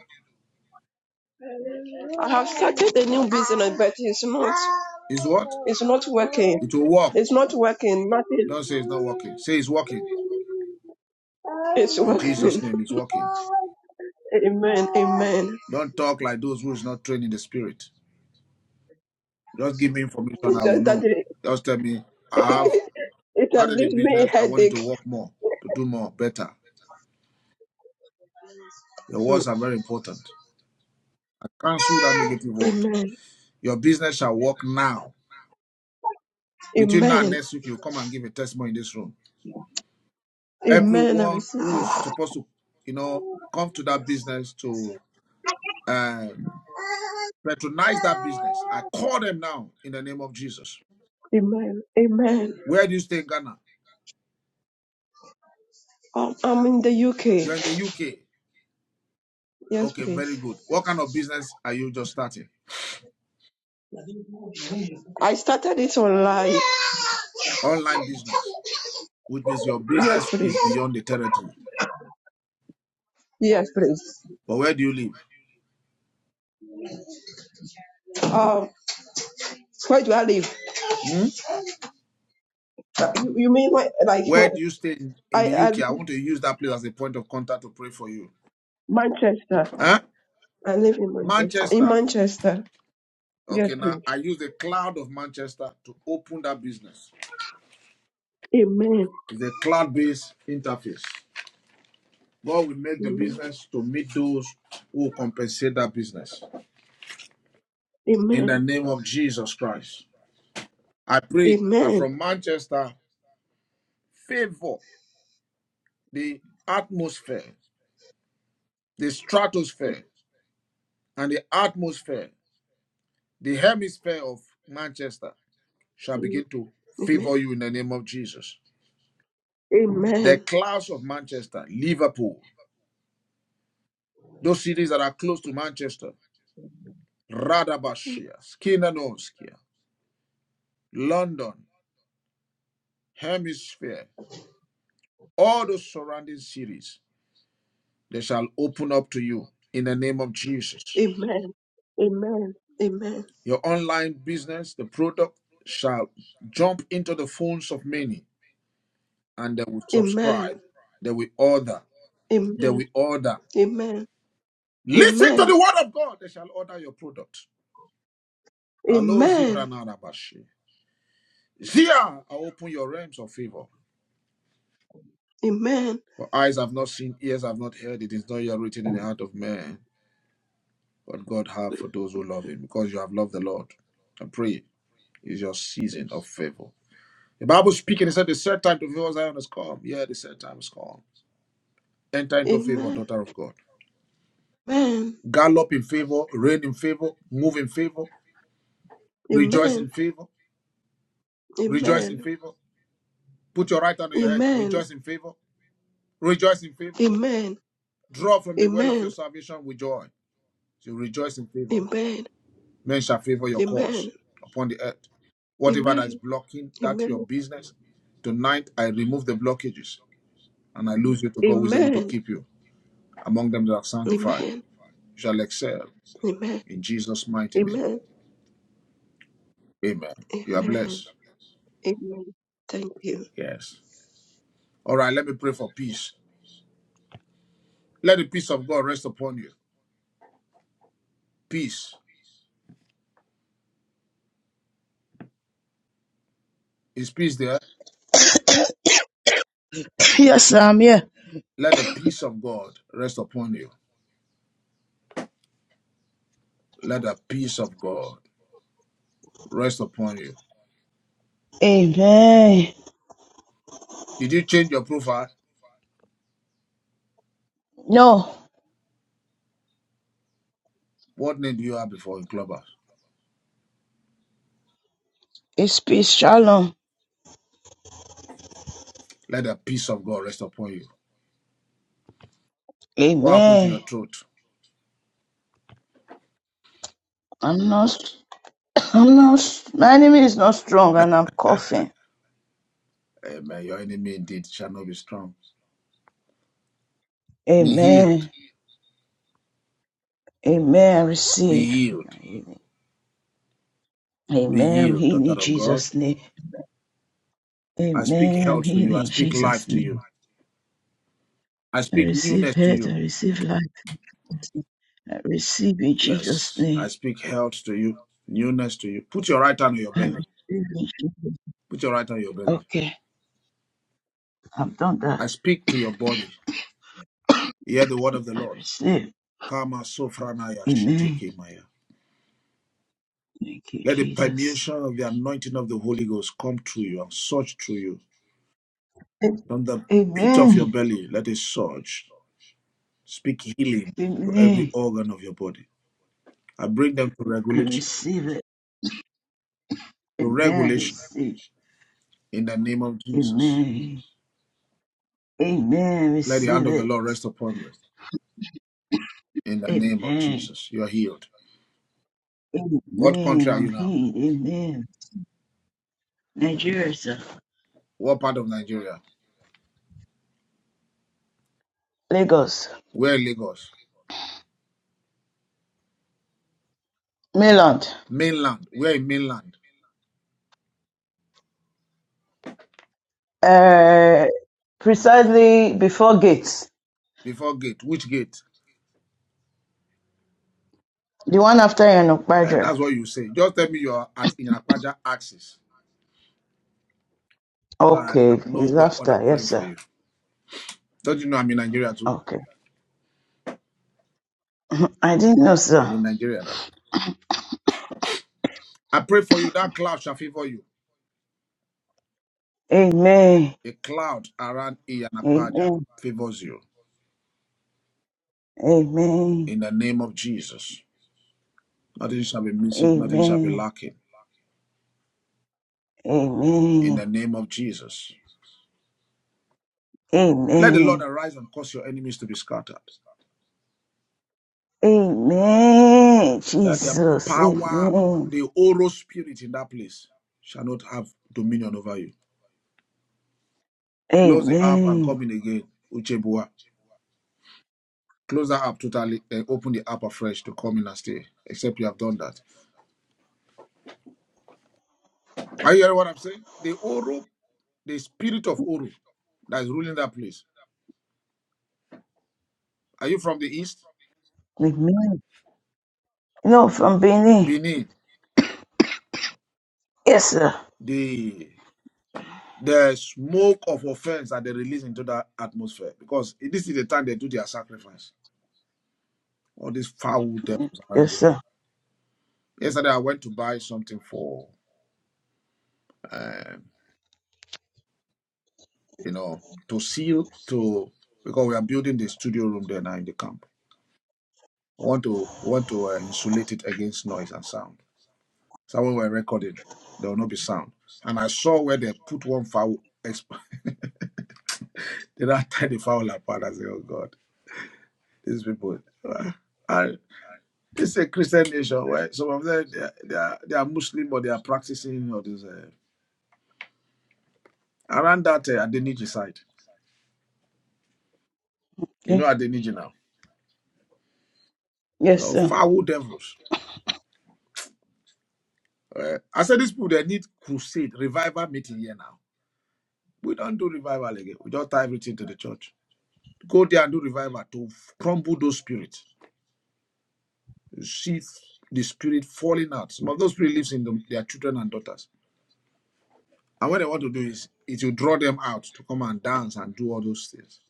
Speaker 13: I have started a new business, but it's not.
Speaker 2: Is what?
Speaker 13: It's not working.
Speaker 2: It will work.
Speaker 13: It's not working. Nothing.
Speaker 2: Don't say it's not working. Say it's working.
Speaker 13: It's
Speaker 2: In Jesus'
Speaker 13: working.
Speaker 2: name, it's working.
Speaker 13: <laughs> Amen. Amen.
Speaker 2: Don't talk like those who is not trained in the spirit. Just give me information.
Speaker 13: It's
Speaker 2: I will
Speaker 13: just
Speaker 2: know.
Speaker 13: that
Speaker 2: Just tell me,
Speaker 13: <laughs>
Speaker 2: I have
Speaker 13: it has
Speaker 2: started a
Speaker 13: given me a
Speaker 2: business. I want it
Speaker 13: headache.
Speaker 2: to work more, to do more, better. Your
Speaker 13: Mm,
Speaker 2: words are very important. I cancel that negative word.
Speaker 13: Amen.
Speaker 2: Your business shall work now. Between now and
Speaker 13: Amen.
Speaker 2: next week, you come and give a testimony in this room.
Speaker 13: Amen. I
Speaker 2: everyone
Speaker 13: receive
Speaker 2: who's
Speaker 13: it.
Speaker 2: supposed to, you know, come to that business to uh, patronize that business. I call them now in the name of Jesus.
Speaker 13: Amen. Amen.
Speaker 2: Where do you stay in Ghana?
Speaker 13: Um, I'm in the UK.
Speaker 2: You're in the UK.
Speaker 13: Yes,
Speaker 2: Okay,
Speaker 13: please.
Speaker 2: very good. What kind of business are you just starting?
Speaker 13: I started it online.
Speaker 2: Online business, which means your
Speaker 13: Yes,
Speaker 2: business
Speaker 13: please.
Speaker 2: is beyond the territory.
Speaker 13: Yes, please.
Speaker 2: But where do you live?
Speaker 13: Um, where do I live?
Speaker 2: Hmm?
Speaker 13: Uh, You, you mean where, like
Speaker 2: Where
Speaker 13: where?
Speaker 2: do you stay in, in
Speaker 13: I,
Speaker 2: the
Speaker 13: I
Speaker 2: UK? I want to use that place as a point of contact to pray for you.
Speaker 13: Manchester.
Speaker 2: Huh?
Speaker 13: I live in Manchester. In
Speaker 2: Manchester.
Speaker 13: Manchester. Yes,
Speaker 2: Okay, now
Speaker 13: please.
Speaker 2: I use the cloud of Manchester to open that business
Speaker 13: Amen.
Speaker 2: It's a cloud-based interface. God will make the
Speaker 13: Amen.
Speaker 2: business to meet those who compensate that business. In the
Speaker 13: Amen.
Speaker 2: name of Jesus Christ. I pray that
Speaker 13: Amen.
Speaker 2: from Manchester, favor the atmosphere, the stratosphere, and the atmosphere, the hemisphere of Manchester shall begin to
Speaker 13: Amen.
Speaker 2: favor you in the name of Jesus. The
Speaker 13: Amen.
Speaker 2: clouds of Manchester, Liverpool, those cities that are close to Manchester, Radabashia, Skinnanoskia, London, hemisphere, all those surrounding cities, they shall open up to you in the name of Jesus.
Speaker 13: Amen. Amen. Amen.
Speaker 2: Your online business, the product shall jump into the phones of many, and they will
Speaker 13: Amen.
Speaker 2: subscribe, they will order, they
Speaker 13: Amen.
Speaker 2: will order.
Speaker 13: Amen.
Speaker 2: Listen to the
Speaker 13: Amen.
Speaker 2: word of God, they shall order your product. Hello,
Speaker 13: Amen.
Speaker 2: Zivranarabashi. Zia, I open your realms of favor.
Speaker 13: Amen.
Speaker 2: For eyes have not seen, ears have not heard, it is not yet written in the heart of man what God have for those who love him, because you have loved the Lord. I pray. It's your season of favor. The Bible speaking, it said the third time to favor Zion has come. Yeah, the third time has come. Enter into
Speaker 13: Amen.
Speaker 2: favor,
Speaker 13: Amen.
Speaker 2: daughter of God. Gallop in favor, reign in favor, move in favor, rejoice
Speaker 13: Amen.
Speaker 2: in favor, rejoice in
Speaker 13: Amen. Amen.
Speaker 2: favor. Put your right hand on your head,
Speaker 13: Amen.
Speaker 2: rejoice in favor, rejoice in
Speaker 13: Amen.
Speaker 2: favor.
Speaker 13: Amen.
Speaker 2: Draw
Speaker 13: Amen.
Speaker 2: from the well of your
Speaker 13: Amen. Amen.
Speaker 2: salvation with joy. So rejoice in favor.
Speaker 13: Amen.
Speaker 2: Men shall favor your cause
Speaker 13: Amen. Amen.
Speaker 2: upon the earth. Whatever that is blocking that your business, tonight I remove the blockages and I lose you to God who is able to keep you. among them that are sanctified shall excel in Jesus' mighty name.
Speaker 13: Amen.
Speaker 2: Amen. You are
Speaker 13: Amen.
Speaker 2: blessed.
Speaker 13: Amen. Thank you.
Speaker 2: Yes. All right, let me pray for peace. Let the peace of God rest upon you. Peace. Is peace there?
Speaker 14: Yes, I'm here.
Speaker 2: Let the peace of God rest upon you. Let the peace of God rest upon you.
Speaker 14: Amen.
Speaker 2: Did you change your profile?
Speaker 14: No,
Speaker 2: What name do you have before in Clubhouse?
Speaker 14: it's peace, shalom.
Speaker 2: Let the peace of God rest upon you. What happened to
Speaker 14: Amen.
Speaker 2: your throat?
Speaker 14: I'm not, I'm not, my enemy is not strong and I'm coughing.
Speaker 2: Amen. Your enemy indeed shall not be strong. Be healed.
Speaker 14: Amen. Amen. I
Speaker 2: Be
Speaker 14: receive
Speaker 2: healed.
Speaker 14: my healing.
Speaker 2: Be
Speaker 14: Amen. I'm
Speaker 2: healed,
Speaker 14: healed
Speaker 2: daughter
Speaker 14: in
Speaker 2: of God.
Speaker 14: Jesus' name.
Speaker 2: I speak
Speaker 14: Amen. I'm
Speaker 2: health to
Speaker 14: healed
Speaker 2: you. I
Speaker 14: in
Speaker 2: speak life
Speaker 14: Jesus'
Speaker 2: to you.
Speaker 14: name.
Speaker 2: I
Speaker 14: I
Speaker 2: speak
Speaker 14: receive
Speaker 2: newness to
Speaker 14: health. I
Speaker 2: you.
Speaker 14: receive life. I receive in Jesus'
Speaker 2: Yes, I
Speaker 14: name.
Speaker 2: speak health to you, newness to you. Put your right hand on your
Speaker 14: I
Speaker 2: belly.
Speaker 14: receive in Jesus'
Speaker 2: Put your right hand on your belly.
Speaker 14: Okay. I've done that.
Speaker 2: I speak to your body. Hear the word of the
Speaker 14: I
Speaker 2: Lord.
Speaker 14: receive.
Speaker 2: Kama sofranaya
Speaker 14: Amen.
Speaker 2: sheteke maya.
Speaker 14: Thank you,
Speaker 2: Let the
Speaker 14: Jesus.
Speaker 2: permeation of the anointing of the Holy Ghost come through you and surge through you.
Speaker 14: A-
Speaker 2: From the pit of your
Speaker 14: Amen.
Speaker 2: belly, let it surge. Speak healing to every
Speaker 14: Amen.
Speaker 2: organ of your body. I bring them to
Speaker 14: I
Speaker 2: regulation.
Speaker 14: receive it.
Speaker 2: To
Speaker 14: Amen. I
Speaker 2: regulation
Speaker 14: receive.
Speaker 2: in the name of Jesus.
Speaker 14: Amen. Amen. I
Speaker 2: Let the hand
Speaker 14: Receive
Speaker 2: of the
Speaker 14: it.
Speaker 2: Lord rest upon you in the name of
Speaker 14: Amen.
Speaker 2: Jesus. You are healed. What
Speaker 14: Amen.
Speaker 2: country are
Speaker 14: I'm
Speaker 2: you now?
Speaker 14: here. Amen. Nigeria, sir.
Speaker 2: What part of Nigeria?
Speaker 14: Lagos.
Speaker 2: Where in Lagos?
Speaker 14: Maryland.
Speaker 2: Mainland. Where in mainland?
Speaker 14: Uh, precisely before gates.
Speaker 2: Before gate. Which gate?
Speaker 14: The one after
Speaker 2: Uh,
Speaker 14: Yanokbaja.
Speaker 2: that's what you say. Just tell me you are at in Akpaja axis. So I, I
Speaker 14: Okay.
Speaker 2: know
Speaker 14: It's
Speaker 2: where all I'm
Speaker 14: after. Yes,
Speaker 2: praying for
Speaker 14: sir.
Speaker 2: you. Don't you know I'm in Nigeria too?
Speaker 14: Okay. I didn't know,
Speaker 2: I'm
Speaker 14: sir.
Speaker 2: in Nigeria now. I pray for you. That cloud shall favor you.
Speaker 14: Amen.
Speaker 2: A cloud around Iyanakpaja
Speaker 14: Amen.
Speaker 2: favors you
Speaker 14: Amen.
Speaker 2: in the name of Jesus. Nothing shall be missing. Nothing shall be
Speaker 14: Amen.
Speaker 2: lacking in the
Speaker 14: Amen.
Speaker 2: name of Jesus. Let the Lord
Speaker 14: Amen.
Speaker 2: arise and cause your enemies to be scattered.
Speaker 14: Amen.
Speaker 2: That the
Speaker 14: Jesus.
Speaker 2: power,
Speaker 14: Amen.
Speaker 2: the oral spirit in that place shall not have dominion over you. Close the app and
Speaker 14: Amen.
Speaker 2: come in again, Uchebua. Close that app totally and open the app afresh to come in and stay, except you have done that. Are you hearing what I'm saying? The Oro, the spirit of Oro that is ruling that place. Are you from the east?
Speaker 14: Amen. You No, from Benin.
Speaker 2: Benin,
Speaker 14: Yes, sir.
Speaker 2: the the smoke of offense that they release into that atmosphere because this is the time they do their sacrifice. All these foul devils around
Speaker 14: Yes,
Speaker 2: there.
Speaker 14: sir.
Speaker 2: Yesterday, I went to buy something for, you know, to seal, to, because we are building the studio room there now in the camp. We want to, we want to uh, insulate it against noise and sound. So when we're recording, there will not be sound. And I saw where they put one foul, exp- <laughs> they don't tie <laughs> the foul apart. I said, oh God, these people. And this is a Christian nation where some of them, they are, they are, they are Muslim, but they are practicing Or this. Uh, around that uh, Adeniji side. You know
Speaker 14: Yes.
Speaker 2: Adeniji now.
Speaker 14: Yes,
Speaker 2: Oh,
Speaker 14: sir.
Speaker 2: foul devils. Eh, I said these people they need crusade, revival meeting here now. We don't do revival again. We just tie everything to the church. Go there and do revival to crumble those spirits. You see the spirit falling out. Some of those spirits lives in them, their children and daughters. And what they want to do is it will draw them out to come and dance and do all those things.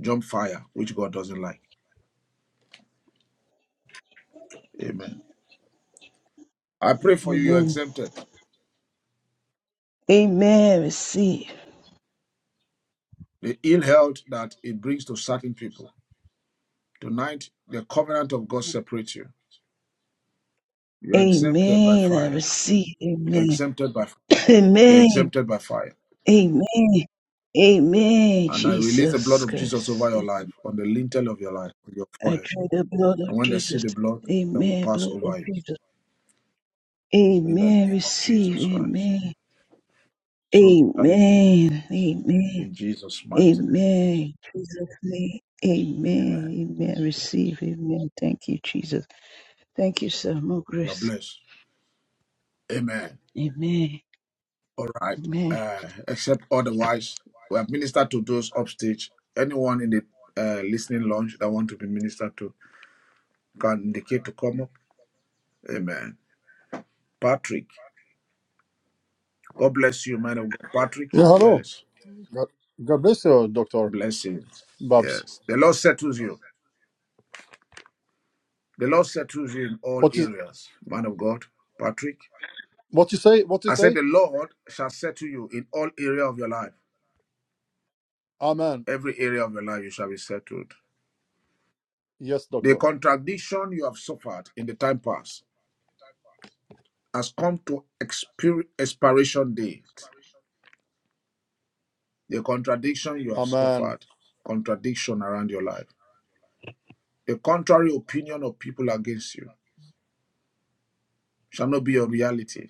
Speaker 2: Jump fire, which God doesn't like. Amen. I pray for you, you're
Speaker 14: Amen.
Speaker 2: exempted.
Speaker 14: Amen. Receive.
Speaker 2: The ill health that it brings to certain people. Tonight, the covenant of God separates you You're exempted by
Speaker 14: Amen. I
Speaker 2: fire.
Speaker 14: receive.
Speaker 2: You're
Speaker 14: Amen.
Speaker 2: exempted by fire. You're
Speaker 14: Amen.
Speaker 2: exempted by fire.
Speaker 14: Amen. Amen.
Speaker 2: And I release the blood
Speaker 14: Jesus
Speaker 2: of Jesus over
Speaker 14: Christ.
Speaker 2: your life, on the lintel of your life, on your
Speaker 14: I
Speaker 2: forehead.
Speaker 14: dread the blood of
Speaker 2: And when they see
Speaker 14: Jesus.
Speaker 2: the blood, they will
Speaker 14: Amen.
Speaker 2: pass
Speaker 14: Blood of
Speaker 2: over you.
Speaker 14: Jesus.
Speaker 2: In the
Speaker 14: Amen.
Speaker 2: name of
Speaker 14: Receive.
Speaker 2: Jesus Christ.
Speaker 14: Amen.
Speaker 2: So shall it be.
Speaker 14: Amen. Amen.
Speaker 2: In Jesus' mighty name.
Speaker 14: Amen. Jesus' name.
Speaker 2: Amen.
Speaker 14: Amen. Amen. Receive. Amen. Thank you, Jesus. Thank you, sir. More
Speaker 2: You're
Speaker 14: grace.
Speaker 2: blessed. Amen.
Speaker 14: Amen.
Speaker 2: All right.
Speaker 14: Amen.
Speaker 2: Uh, except otherwise, we have ministered to those upstage. Anyone in the uh, listening lounge that want to be ministered to can indicate to come up. Amen. Patrick. God bless you, man of God. Patrick,
Speaker 15: Yeah, hello.
Speaker 2: yes.
Speaker 15: God, God bless you, Doctor
Speaker 2: Blessings.
Speaker 15: Babs.
Speaker 2: Yes. The Lord settles you. The Lord settles you in all
Speaker 15: What is
Speaker 2: areas, man of God. Patrick,
Speaker 15: what you say? What you
Speaker 2: I said,
Speaker 15: say?
Speaker 2: The Lord shall settle you in all area of your life.
Speaker 15: Amen.
Speaker 2: Every area of your life, you shall be settled.
Speaker 15: Yes,
Speaker 2: The
Speaker 15: Doctor.
Speaker 2: contradiction you have suffered in the time past has come to expir- expiration date. The contradiction you have
Speaker 15: Amen.
Speaker 2: suffered, contradiction around your life, the contrary opinion of people against you shall not be your reality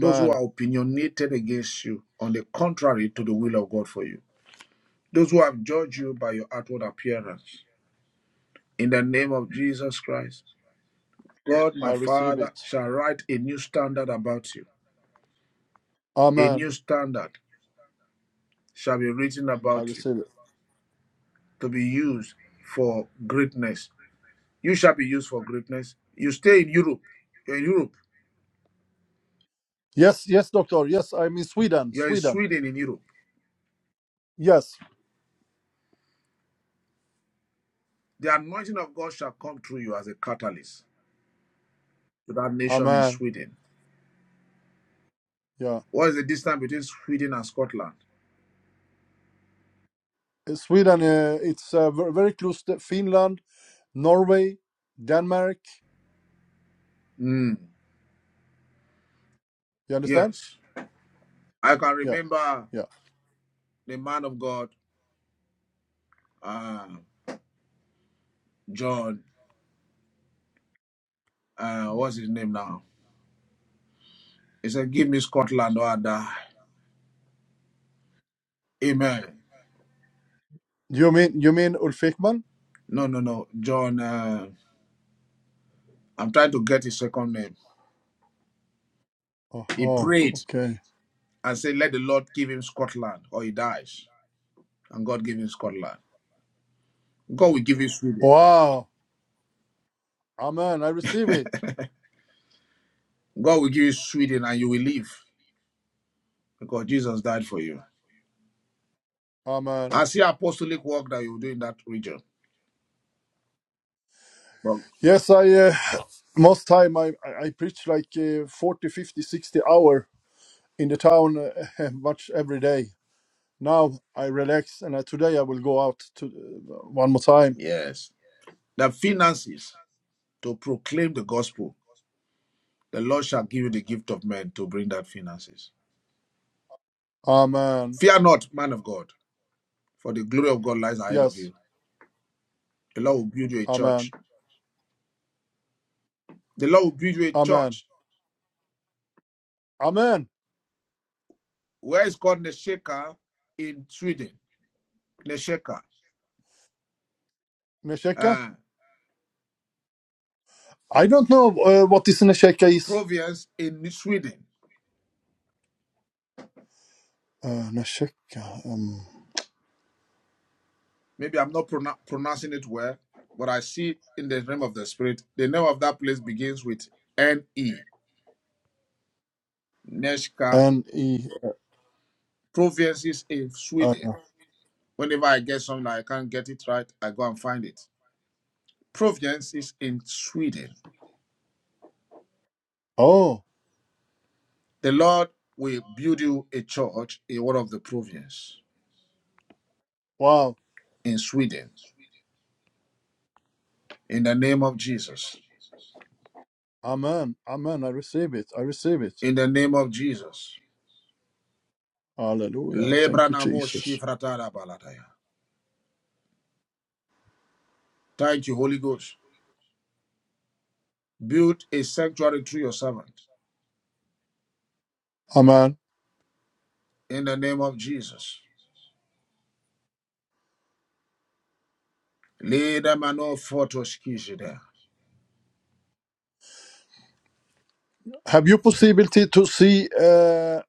Speaker 2: those who are opinionated against you on the contrary to the will of God for you, those who have judged you by your outward appearance. In the name of Jesus Christ, God
Speaker 15: I
Speaker 2: my
Speaker 15: receive
Speaker 2: Father
Speaker 15: it.
Speaker 2: shall write a new standard about you. A
Speaker 15: Amen.
Speaker 2: new standard shall be written
Speaker 15: I
Speaker 2: about you
Speaker 15: receive it.
Speaker 2: to be used for greatness. You shall be used for greatness. You stay in Europe. You're in Europe.
Speaker 15: Yes, yes, Doctor. Yes, I'm in Sweden.
Speaker 2: You're in
Speaker 15: Sweden.
Speaker 2: Sweden, in Europe.
Speaker 15: Yes.
Speaker 2: The anointing of God shall come through you as a catalyst to that nation in
Speaker 15: Amen.
Speaker 2: Sweden.
Speaker 15: Yeah.
Speaker 2: What is the distance between Sweden and Scotland?
Speaker 15: Uh, Sweden. Uh, it's uh, ver- very close to Finland, Norway, Denmark.
Speaker 2: Mm,
Speaker 15: You understand?
Speaker 2: yes. I can
Speaker 15: Yeah.
Speaker 2: remember
Speaker 15: Yeah.
Speaker 2: the man of God, uh, John, uh, what's his name now? He said, Give me Scotland or I die. Amen.
Speaker 15: You mean you mean Ulf Ekman?
Speaker 2: No, no, no. John, uh, I'm trying to get his second name. He
Speaker 15: Oh,
Speaker 2: prayed
Speaker 15: okay.
Speaker 2: and said, Let the Lord give him Scotland or he dies. And God gave him Scotland. God will give you Sweden.
Speaker 15: Wow. Amen. I receive it.
Speaker 2: God will give you Sweden and you will live because Jesus died for you.
Speaker 15: Amen.
Speaker 2: I see apostolic work that you will do in that region. But
Speaker 15: Yes, I uh, most time I I I preach like uh, 40, fifty, sixty hour in the town uh, <laughs> much every day. Now I relax and uh, today I will go out to uh, one more time.
Speaker 2: yes, the finances. to proclaim the gospel. The Lord shall give you the gift of men to bring that finances.
Speaker 15: Amen.
Speaker 2: Fear not, man of God, for the glory of God lies ahead of
Speaker 15: Yes.
Speaker 2: you. The Lord will build you a church.
Speaker 15: Amen.
Speaker 2: The Lord will build you a
Speaker 15: Amen.
Speaker 2: church.
Speaker 15: Amen.
Speaker 2: Where is called Nesheka in Sweden? Nesheka.
Speaker 15: Nesheka.
Speaker 2: Uh,
Speaker 15: I don't know uh, what this Nesheka is.
Speaker 2: Province in Sweden.
Speaker 15: Uh, Nesheka. Um,
Speaker 2: Maybe I'm not pronou- pronouncing it well, but I see in the realm of the spirit. The name of that place begins with N E. Nesheka.
Speaker 15: N E.
Speaker 2: Provinces in
Speaker 15: uh,
Speaker 2: Sweden. Whenever I get something I can't get it right, I go and find it. Providence is in Sweden.
Speaker 15: Oh
Speaker 2: The Lord will build you a church in one of the provinces
Speaker 15: wow.
Speaker 2: in Sweden. In the name of Jesus.
Speaker 15: Amen. Amen. I receive it. I receive it.
Speaker 2: In the name of Jesus.
Speaker 15: Hallelujah. Thank you, Jesus.
Speaker 2: Thank you, Holy Ghost. Build a sanctuary through your servant.
Speaker 15: Amen.
Speaker 2: In the name of Jesus.
Speaker 15: Have you possibility to see uh,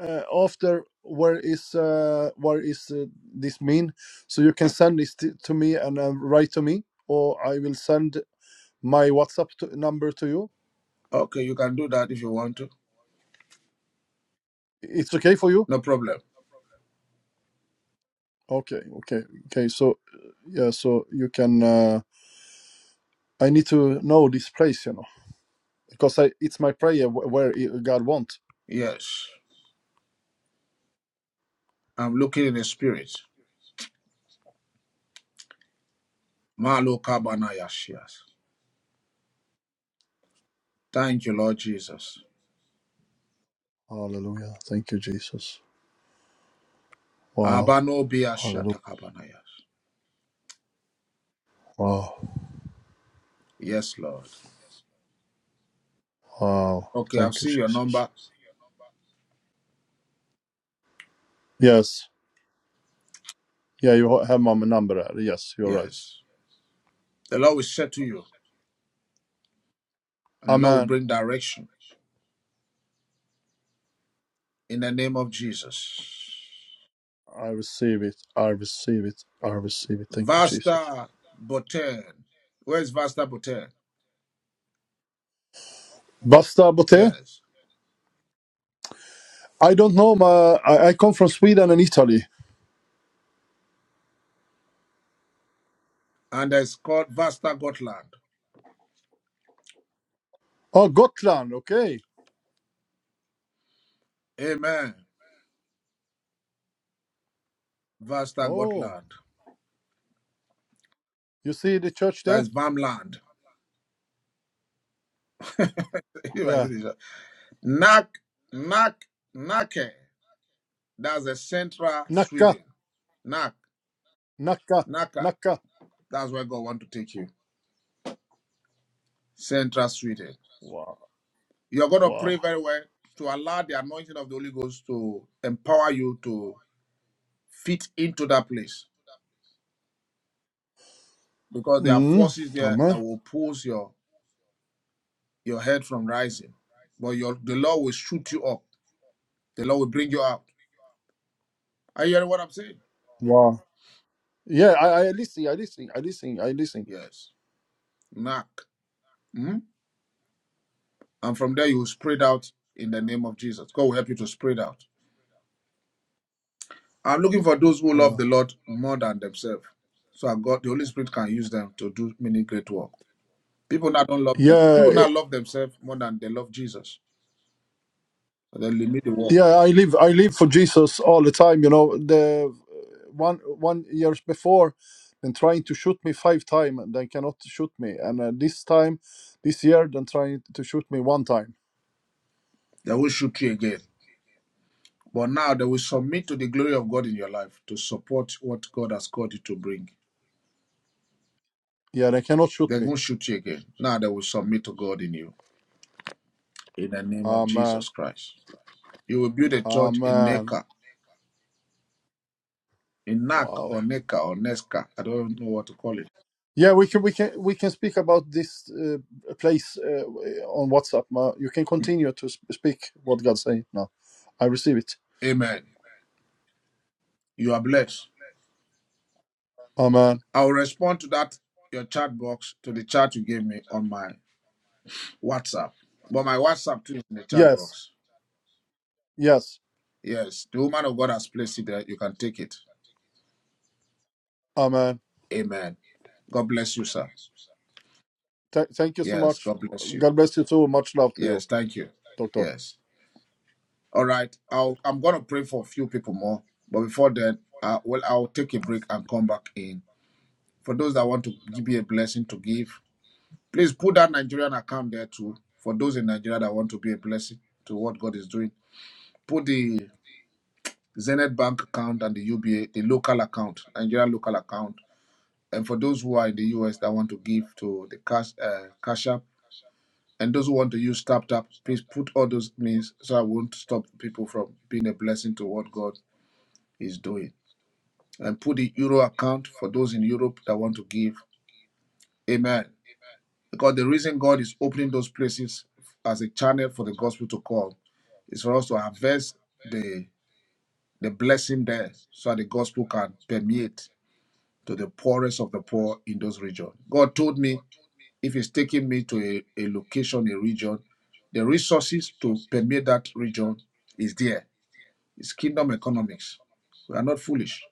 Speaker 15: uh, after where is uh, where is uh, this mean? So you can send this t- to me and uh, write to me, or I will send my WhatsApp to- number to you.
Speaker 2: Okay, you can do that if you want to.
Speaker 15: It's okay for you?
Speaker 2: No problem.
Speaker 15: Okay, okay, okay. So yeah, so you can. Uh, I need to know this place, you know, because I, it's my prayer wh- where it- God wants.
Speaker 2: Yes. I'm looking in the spirit. Malo kabanayashias. Thank you, Lord Jesus.
Speaker 15: Hallelujah! Thank you, Jesus. Wow!
Speaker 2: Abano
Speaker 15: Hallelujah!
Speaker 2: biashata kabanayas.
Speaker 15: Wow!
Speaker 2: Yes, Lord.
Speaker 15: Wow!
Speaker 2: Okay, I've
Speaker 15: Thank you,
Speaker 2: seen your
Speaker 15: Jesus.
Speaker 2: number.
Speaker 15: Yes. Yeah, you have my number there. Yes, you're right.
Speaker 2: Yes. The Lord will settle you and the Lord will
Speaker 15: Amen.
Speaker 2: bring direction in the name of Jesus.
Speaker 15: I receive it. I receive it. I receive it. Thank you, Jesus.
Speaker 2: Vasta Boten. Where's Vasta Boten?
Speaker 15: Basta Bote.
Speaker 2: Yes.
Speaker 15: I don't know. My, I, I come from Sweden and Italy.
Speaker 2: And it's called Vasta Gotland.
Speaker 15: Oh, Gotland. Okay.
Speaker 2: Amen. Vasta
Speaker 15: Oh,
Speaker 2: Gotland.
Speaker 15: you see the church
Speaker 2: That
Speaker 15: there?
Speaker 2: is Vamland. <laughs> You know, I see
Speaker 15: Yeah.
Speaker 2: this. Nak, Nak, Nake. That's the central
Speaker 15: Nacka.
Speaker 2: Sweden. Nak,
Speaker 15: Nacka.
Speaker 2: Naka.
Speaker 15: Nacka.
Speaker 2: That's where God want to take you. Central Sweden.
Speaker 15: Wow.
Speaker 2: You're going to
Speaker 15: Wow.
Speaker 2: pray very well to allow the anointing of the Holy Ghost to empower you to fit into that place because there are
Speaker 15: Mm.
Speaker 2: forces there that
Speaker 15: Amen.
Speaker 2: will oppose your, your head from rising. But your, the Lord will shoot you up. The Lord will bring you out. Are you hearing what I'm saying?
Speaker 15: Wow. Yeah, I, I listen. I listen. I listen. I listen.
Speaker 2: Yes. Nak. Mhm. And from there you will spread out in the name of Jesus. God will help you to spread out. I'm looking for those who love
Speaker 15: Uh,
Speaker 2: the Lord more than themselves. So I God, the Holy Spirit can use them to do many great work. People now don't love them. People
Speaker 15: yeah,
Speaker 2: now love themselves more than they love Jesus. So they limit the work.
Speaker 15: Yeah, I live I live for Jesus all the time. You know, the one one years before, then trying to shoot me five time and they cannot shoot me. And uh, this time, this year, then trying to shoot me one time.
Speaker 2: They will shoot you again. But now they will submit to the glory of God in your life to support what God has called you to bring.
Speaker 15: Yeah, they cannot shoot
Speaker 2: They
Speaker 15: me.
Speaker 2: won't shoot you again. Now they will submit to God in you. In the name of
Speaker 15: Oh man,
Speaker 2: Jesus Christ. You will build a
Speaker 15: oh
Speaker 2: church in
Speaker 15: man,
Speaker 2: Neka, in Nak
Speaker 15: wow.
Speaker 2: or Neka or Neska. I don't know what to call it.
Speaker 15: Yeah, we can we can we can speak about this uh, place uh, on WhatsApp. Ma. You can continue to sp- speak what God saying now. I receive it.
Speaker 2: Amen. You are blessed.
Speaker 15: Amen.
Speaker 2: I will respond to that your chat box to the chat you gave me on my WhatsApp. But my WhatsApp too is in the chat
Speaker 15: Yes,
Speaker 2: box.
Speaker 15: yes.
Speaker 2: Yes, the woman of God has placed it there. You can take it.
Speaker 15: Amen.
Speaker 2: Amen. God bless you, sir.
Speaker 15: Th- thank you so
Speaker 2: Yes,
Speaker 15: much.
Speaker 2: God bless you.
Speaker 15: God bless you too. Much love to you,
Speaker 2: Yes, thank you.
Speaker 15: Doctor.
Speaker 2: Yes. All right. I'll, I'm going to pray for a few people more. But before then, uh, well, I'll take a break and come back in. For those that want to give me a blessing to give, please put that Nigerian account there too. For those in Nigeria that want to be a blessing to what God is doing, put the Zenith Bank account and the UBA, the local account, Nigeria local account. And for those who are in the US that want to give to the cash uh, cash app, and those who want to use tap tap, please put all those means so I won't stop people from being a blessing to what God is doing. And put the euro account for those in Europe that want to give. Amen. Because the reason God is opening those places as a channel for the gospel to come is for us to harvest the the blessing there so that the gospel can permeate to the poorest of the poor in those regions. God told me if He's taking me to a, a location, a region, the resources to permeate that region is there. It's kingdom economics. We are not foolish.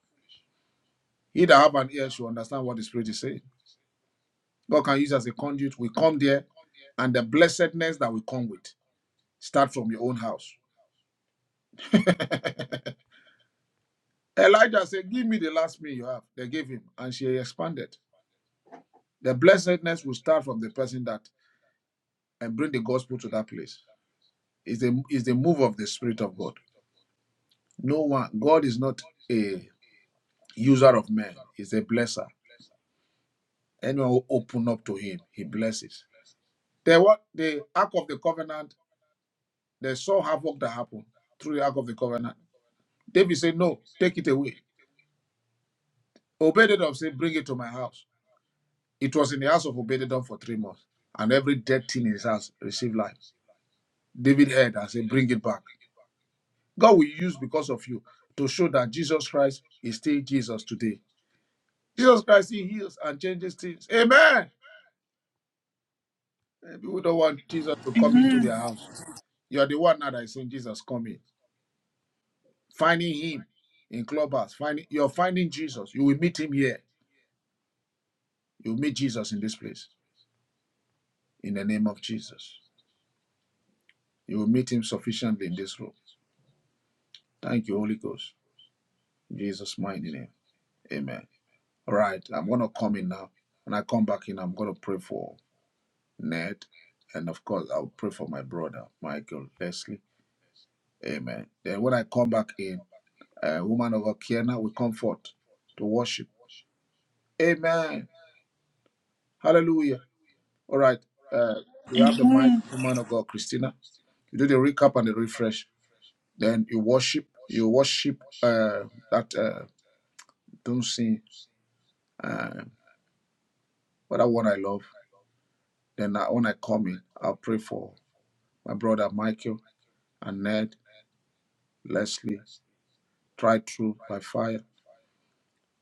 Speaker 2: He that have an ear should understand what the Spirit is saying. God can use us as a conduit. We come there, and the blessedness that we come with start from your own house. <laughs> Elijah said, Give me the last meal you have. They gave him, and she expanded. The blessedness will start from the person that and bring the gospel to that place. It's a it's the move of the Spirit of God. No one God is not a user of men, he's a blesser. Anyone who open up to him, he blesses. The what the Ark of the Covenant, they saw havoc that happened through the Ark of the Covenant. David said, No, take it away. Obededom said, Bring it to my house. It was in the house of Obededom for three months, and every dead thing in his house received life. David heard and said, Bring it back. God will use because of you to show that Jesus Christ is still Jesus today. Jesus Christ, He heals and changes things. Amen. And People don't want Jesus to come into their house. You are the one now that is saying Jesus coming. Finding Him in clubhouse. Finding you're finding Jesus. You will meet Him here. You will meet Jesus in this place. In the name of Jesus, you will meet Him sufficiently in this room. Thank you, Holy Ghost. In Jesus' mighty name. Amen. All right, I'm gonna come in now. When I come back in, I'm gonna pray for Ned, and of course, I'll pray for my brother Michael Leslie. Amen. Then when I come back in. uh, woman of Akiana with comfort to worship. Amen. Hallelujah. All right. Uh, we have the mic, woman of God, Christina. You do the recap and the refresh. Then you worship. You worship uh, that uh, don't sing. Uh, but that one I love. Then I, when I come in, I'll pray for my brother Michael and Ned, Leslie, try through by fire.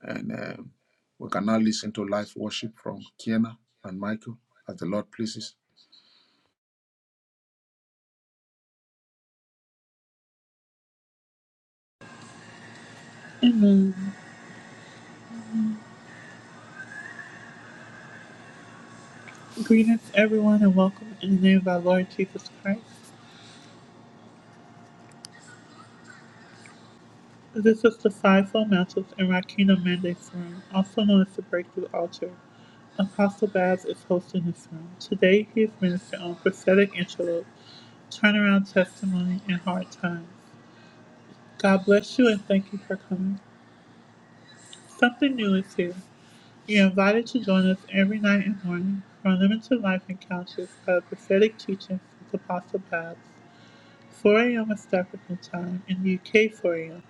Speaker 2: And um, we can now listen to live worship from Kiana and Michael as the Lord pleases.
Speaker 1: Amen. Greetings, everyone, and welcome in the name of our Lord Jesus Christ. This is the fivefold Mountains and Rakina Mandate's Room, also known as the Breakthrough Altar. Apostle Babs is hosting this room. Today he is ministering on prophetic interlude, turnaround testimony, and hard times. God bless you and thank you for coming. Something new is here. You're invited to join us every night and morning for unlimited life encounters by the prophetic teachings with Apostle Babs. 4 a.m. is African time in the UK 4 a.m.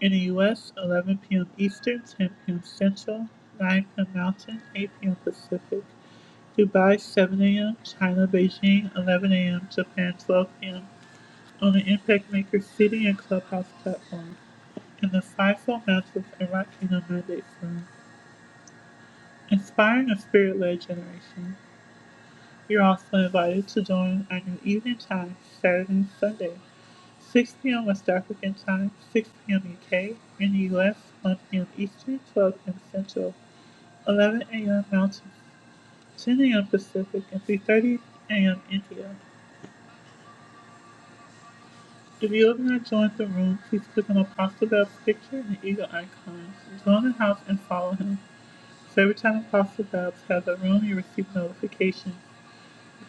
Speaker 1: In the U.S., 11 p.m. Eastern, 10 p.m. Central, 9 p.m. Mountain, 8 p.m. Pacific. Dubai, 7 a.m. China, Beijing, 11 a.m. Japan, 12 p.m. On the Impact Maker City and Clubhouse platform. In the Fivefold Mantles and Rock Kingdom Mandate Firm. Inspiring a spirit-led generation. You're also invited to join on an evening time, Saturday and Sunday, 6 p.m. West African time, 6 p.m. UK, in the US, 1 p.m. Eastern, 12 p.m. Central, 11 a.m. Mountain, 10 a.m. Pacific, and 3.30 a.m. India. If you have not joined the room, please click on Apostle Babs' picture and the eagle icon. Join the house and follow him. So every time Apostle Babs has a room, you receive notification.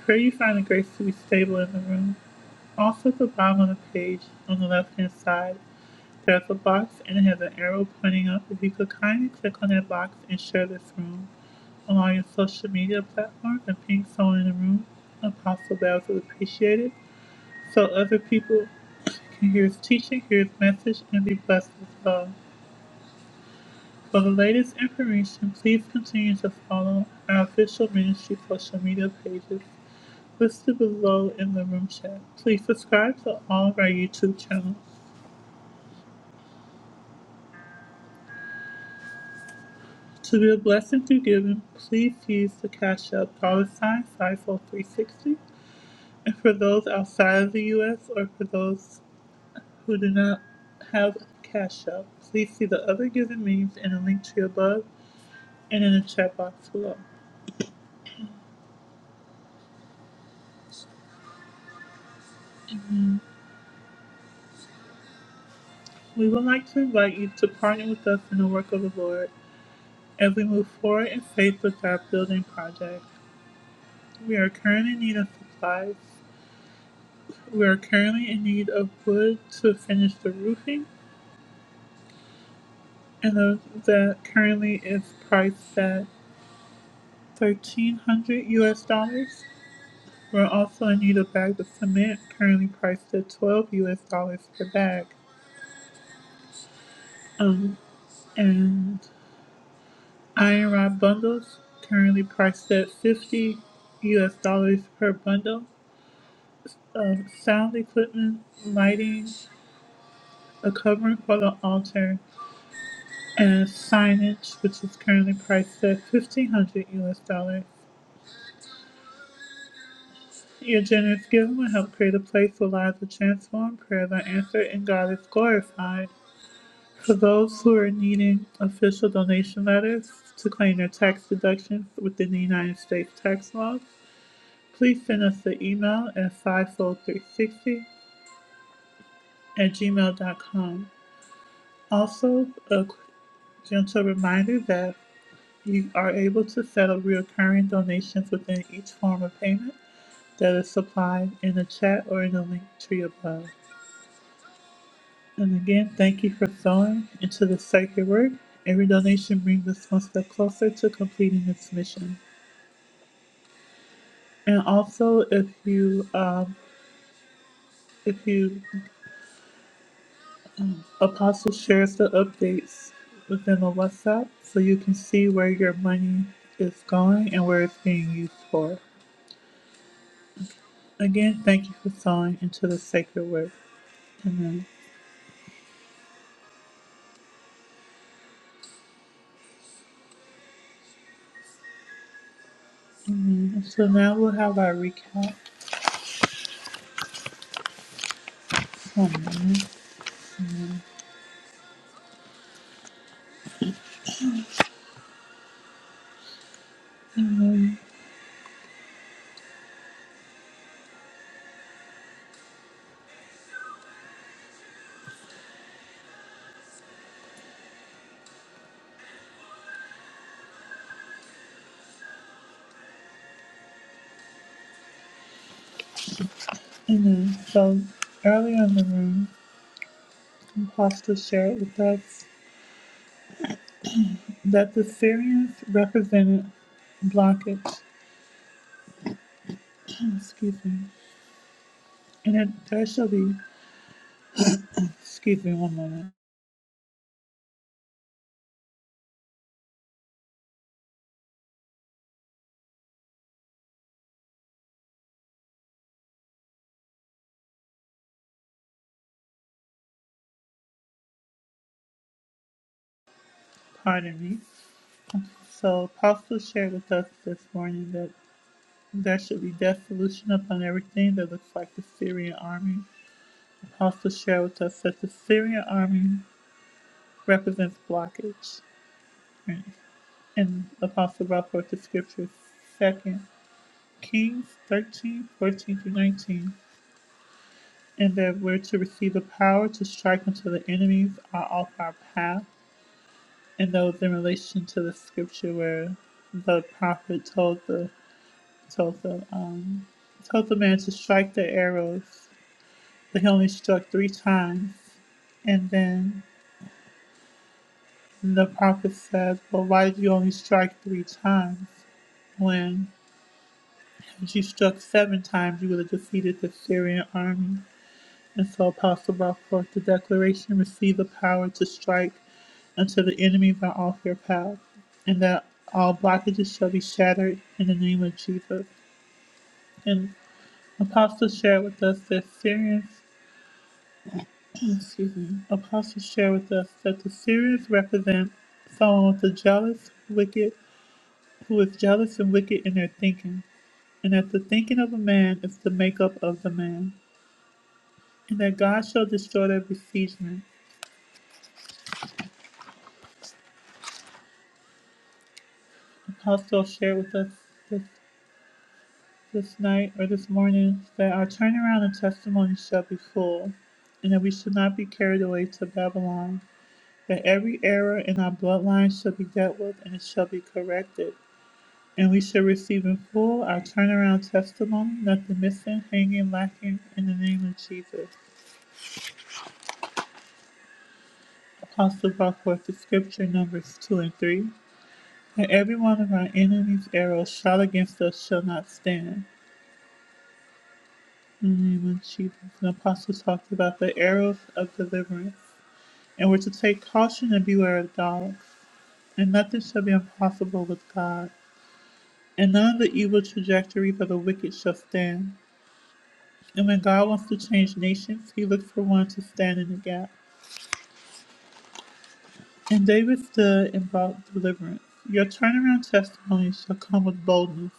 Speaker 1: Pray you find the grace to be stable in the room. Also, at the bottom of the page, on the left hand side, there's a box and it has an arrow pointing up. If you could kindly click on that box and share this room on all your social media platforms and ping someone in the room, Apostle Babs would appreciate it. So other people can hear his teaching, hear his message, and be blessed as well. For the latest information, please continue to follow our official ministry social media pages listed below in the room chat. Please subscribe to all of our YouTube channels. To be a blessing through giving, please use the Cash App dollar sign SIFO 360. And for those outside of the U.S. or for those who do not have Cash App, please see the other giving means in the link tree above and in the chat box below. We would like to invite you to partner with us in the work of the Lord as we move forward in faith with our building project. We are currently in need of supplies We are currently in need of wood to finish the roofing, and of that currently is priced at thirteen hundred US dollars. We're also in need of bags of cement, currently priced at twelve US dollars per bag. Um, and iron rod bundles, currently priced at fifty US dollars per bundle. Um, sound equipment, lighting, a covering for the altar, and signage, which is currently priced at fifteen hundred US dollars. Your generous giving will help create a place where lives are transformed, prayers are answered, and God is glorified. For those who are needing official donation letters to claim their tax deductions within the United States tax laws, please send us an email at fivefold360 at gmail.com. Also, a gentle reminder that You are able to settle recurring donations within each form of payment that is supplied in the chat or in the link tree above. And again, thank you for sewing into the sacred work. Every donation brings us one step closer to completing this mission. And also, if you, um, if you, Apostle shares the updates within the WhatsApp, so you can see where your money is going and where it's being used for. Again, thank you for sewing into the sacred work. Amen. So now we'll have our recap. And then, so earlier in the room, Imposter shared with us that the Syrians represented blockage. <clears throat> excuse me. And it, there shall be, excuse me one moment, pardon me. So Apostle shared with us this morning that there should be death-solution upon everything that looks like the Syrian army. Apostle shared with us that the Syrian army represents blockage. And and Apostle Bob wrote the scriptures, Second Kings thirteen, fourteen, 14 through 19, and that we're to receive the power to strike until the enemies are off our path. And those in relation to the scripture where the prophet told the told the um told the man to strike the arrows, but he only struck three times. And then the prophet says, "Well, why did you only strike three times?" when When She struck seven times, you would have defeated the Syrian army. And so Apostle brought forth the declaration, receive the power to strike until the enemies are off your path, and that all blockages shall be shattered in the name of Jesus. And Apostle shared with us that Syrians, <clears throat> excuse me, Apostle shared with us that the Syrians represent someone with a jealous, wicked, who is jealous and wicked in their thinking, and that the thinking of a man is the makeup of the man. and that God shall destroy every season. Apostle shared with us this, this night or this morning that our turnaround and testimony shall be full, and that we should not be carried away to Babylon, that every error in our bloodline shall be dealt with and it shall be corrected. And we shall receive in full our turnaround testimony, nothing missing, hanging, lacking, in the name of Jesus. Apostle brought forth the scripture, Numbers 2 and 3. And every one of our enemies' arrows shot against us shall not stand. In the name of Jesus. The apostle talked about the arrows of deliverance. And we're to take caution and beware of dogs. And nothing shall be impossible with God. And none of the evil trajectories of the wicked shall stand. And when God wants to change nations, he looks for one to stand in the gap. And David stood and brought deliverance. Your turnaround testimony shall come with boldness.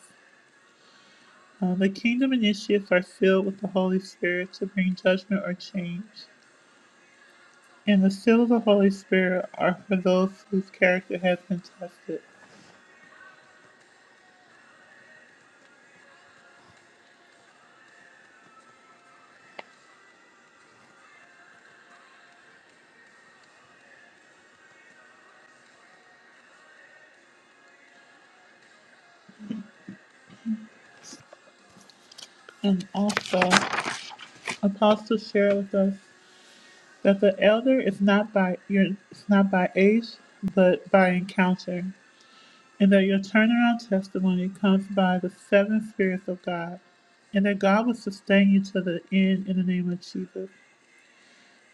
Speaker 1: Uh, the kingdom initiates are filled with the Holy Spirit to bring judgment or change, and the seal of the Holy Spirit are for those whose character has been tested. And also, apostles share with us that the elder is not by your is not by age, but by encounter, and that your turnaround testimony comes by the seven spirits of God, and that God will sustain you to the end in the name of Jesus,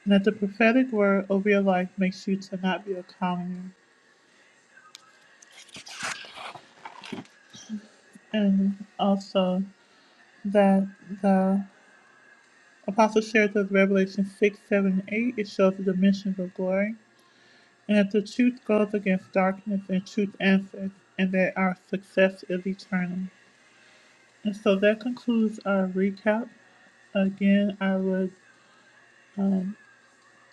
Speaker 1: and that the prophetic word over your life makes you to not be a commoner and also that the apostle shares with Revelation 6, 7, and 8, it shows the dimensions of glory, and that the truth goes against darkness and truth answers, and that our success is eternal. And so that concludes our recap. Again, I would um,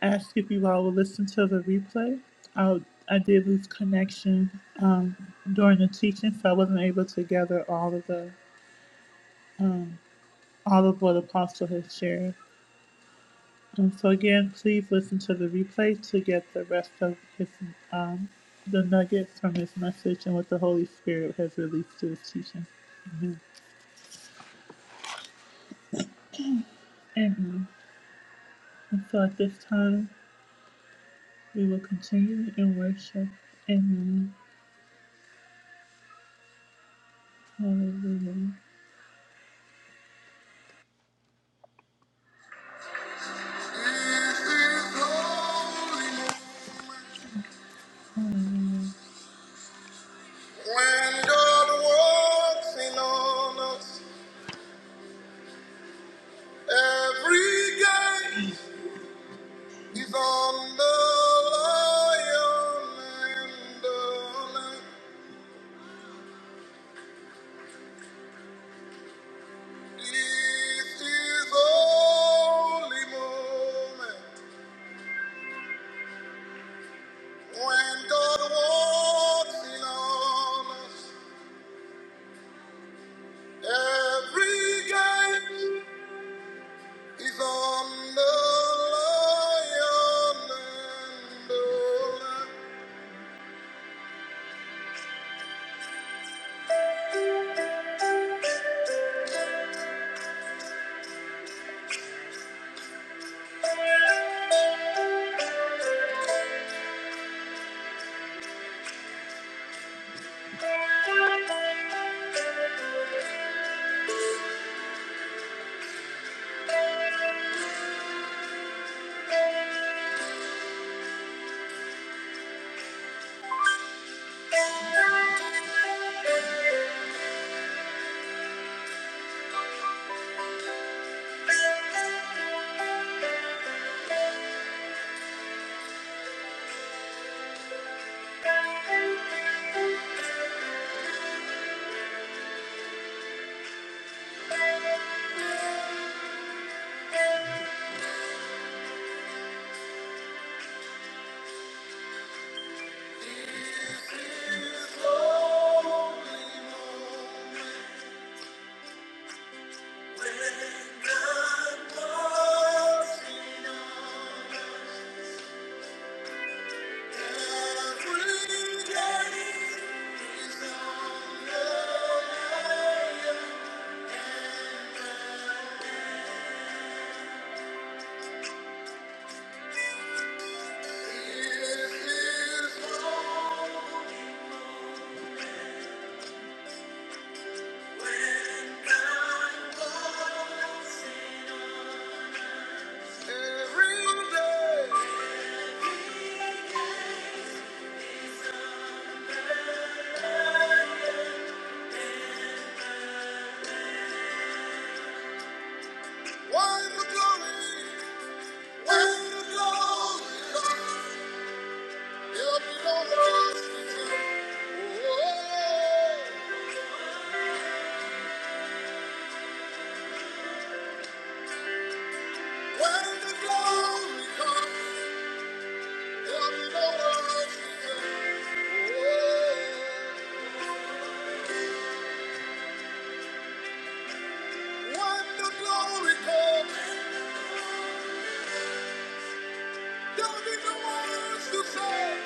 Speaker 1: ask if you all would listen to the replay. I, I did lose connection um, during the teaching, so I wasn't able to gather all of the um, all of what Apostle has shared. And so again, please listen to the replay to get the rest of his um, the nugget from his message and what the Holy Spirit has released through his teaching. Amen. Amen. And so at this time, we will continue in worship. Amen. Hallelujah. When God walks in on us every day. He's on the lion and the lamb. This is holy moment when God walks in on us. Every gate is on the lion and the lamb. God walks in on us. Don't be the ones to say,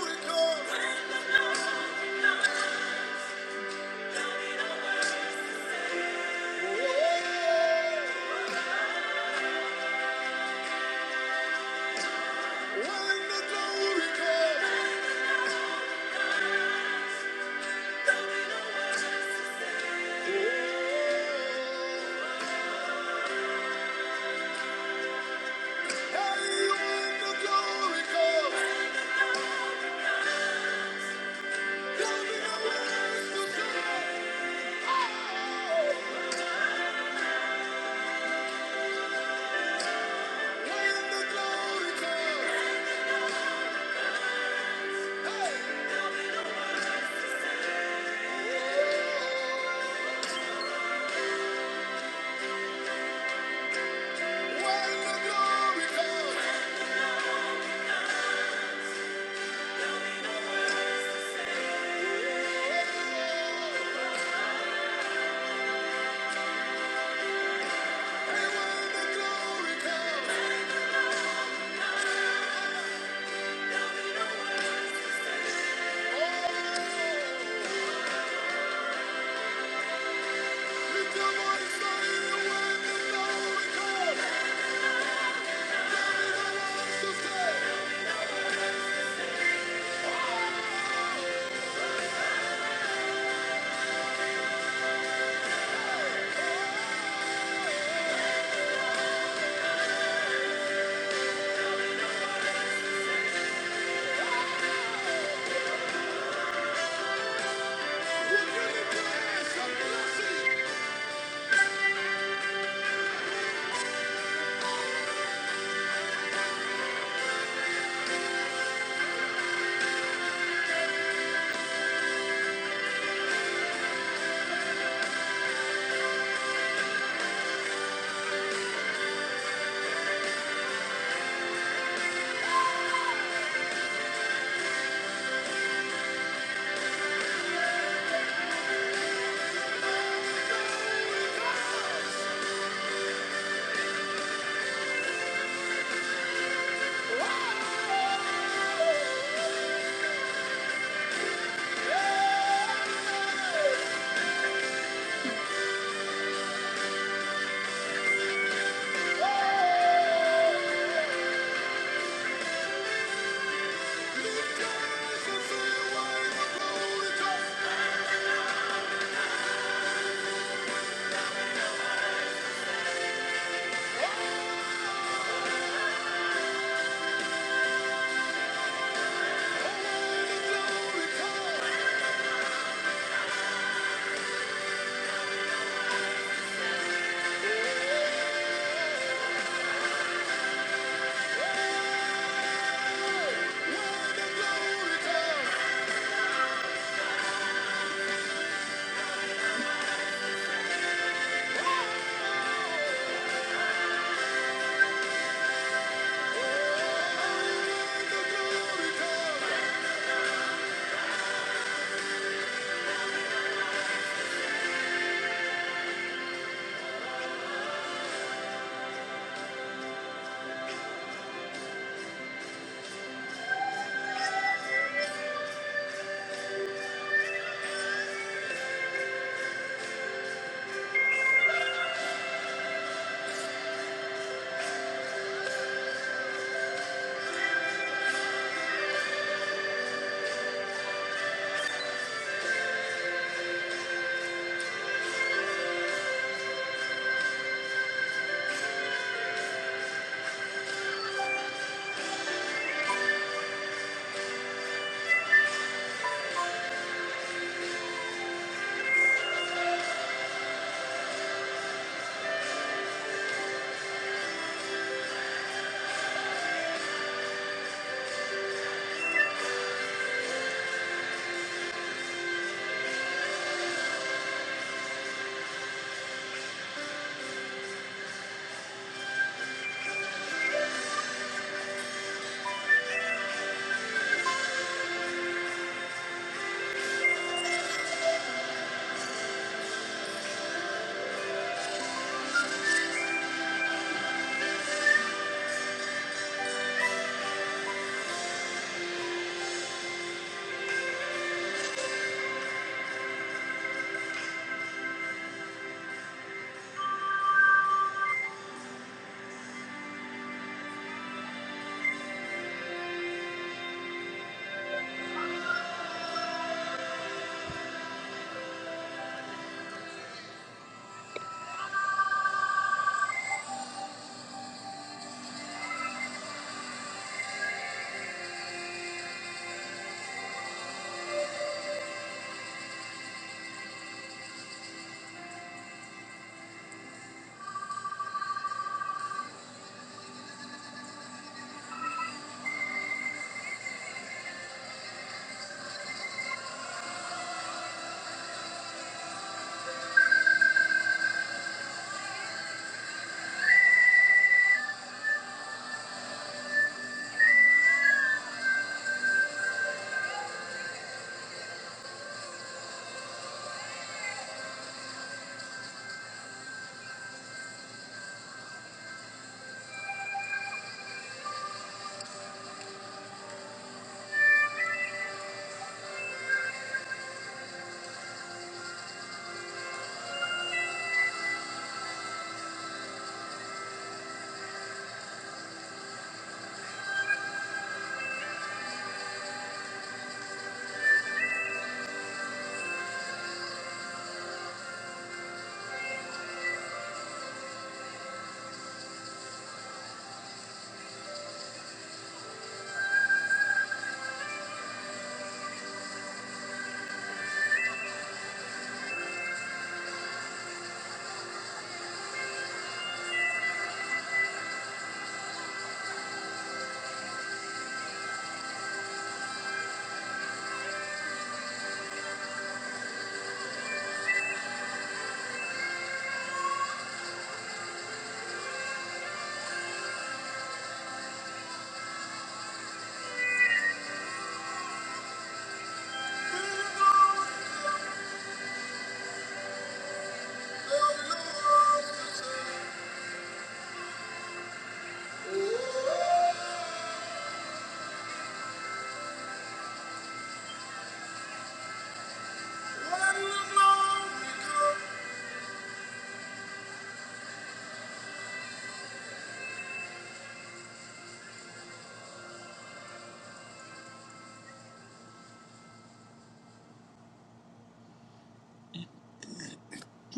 Speaker 1: we come.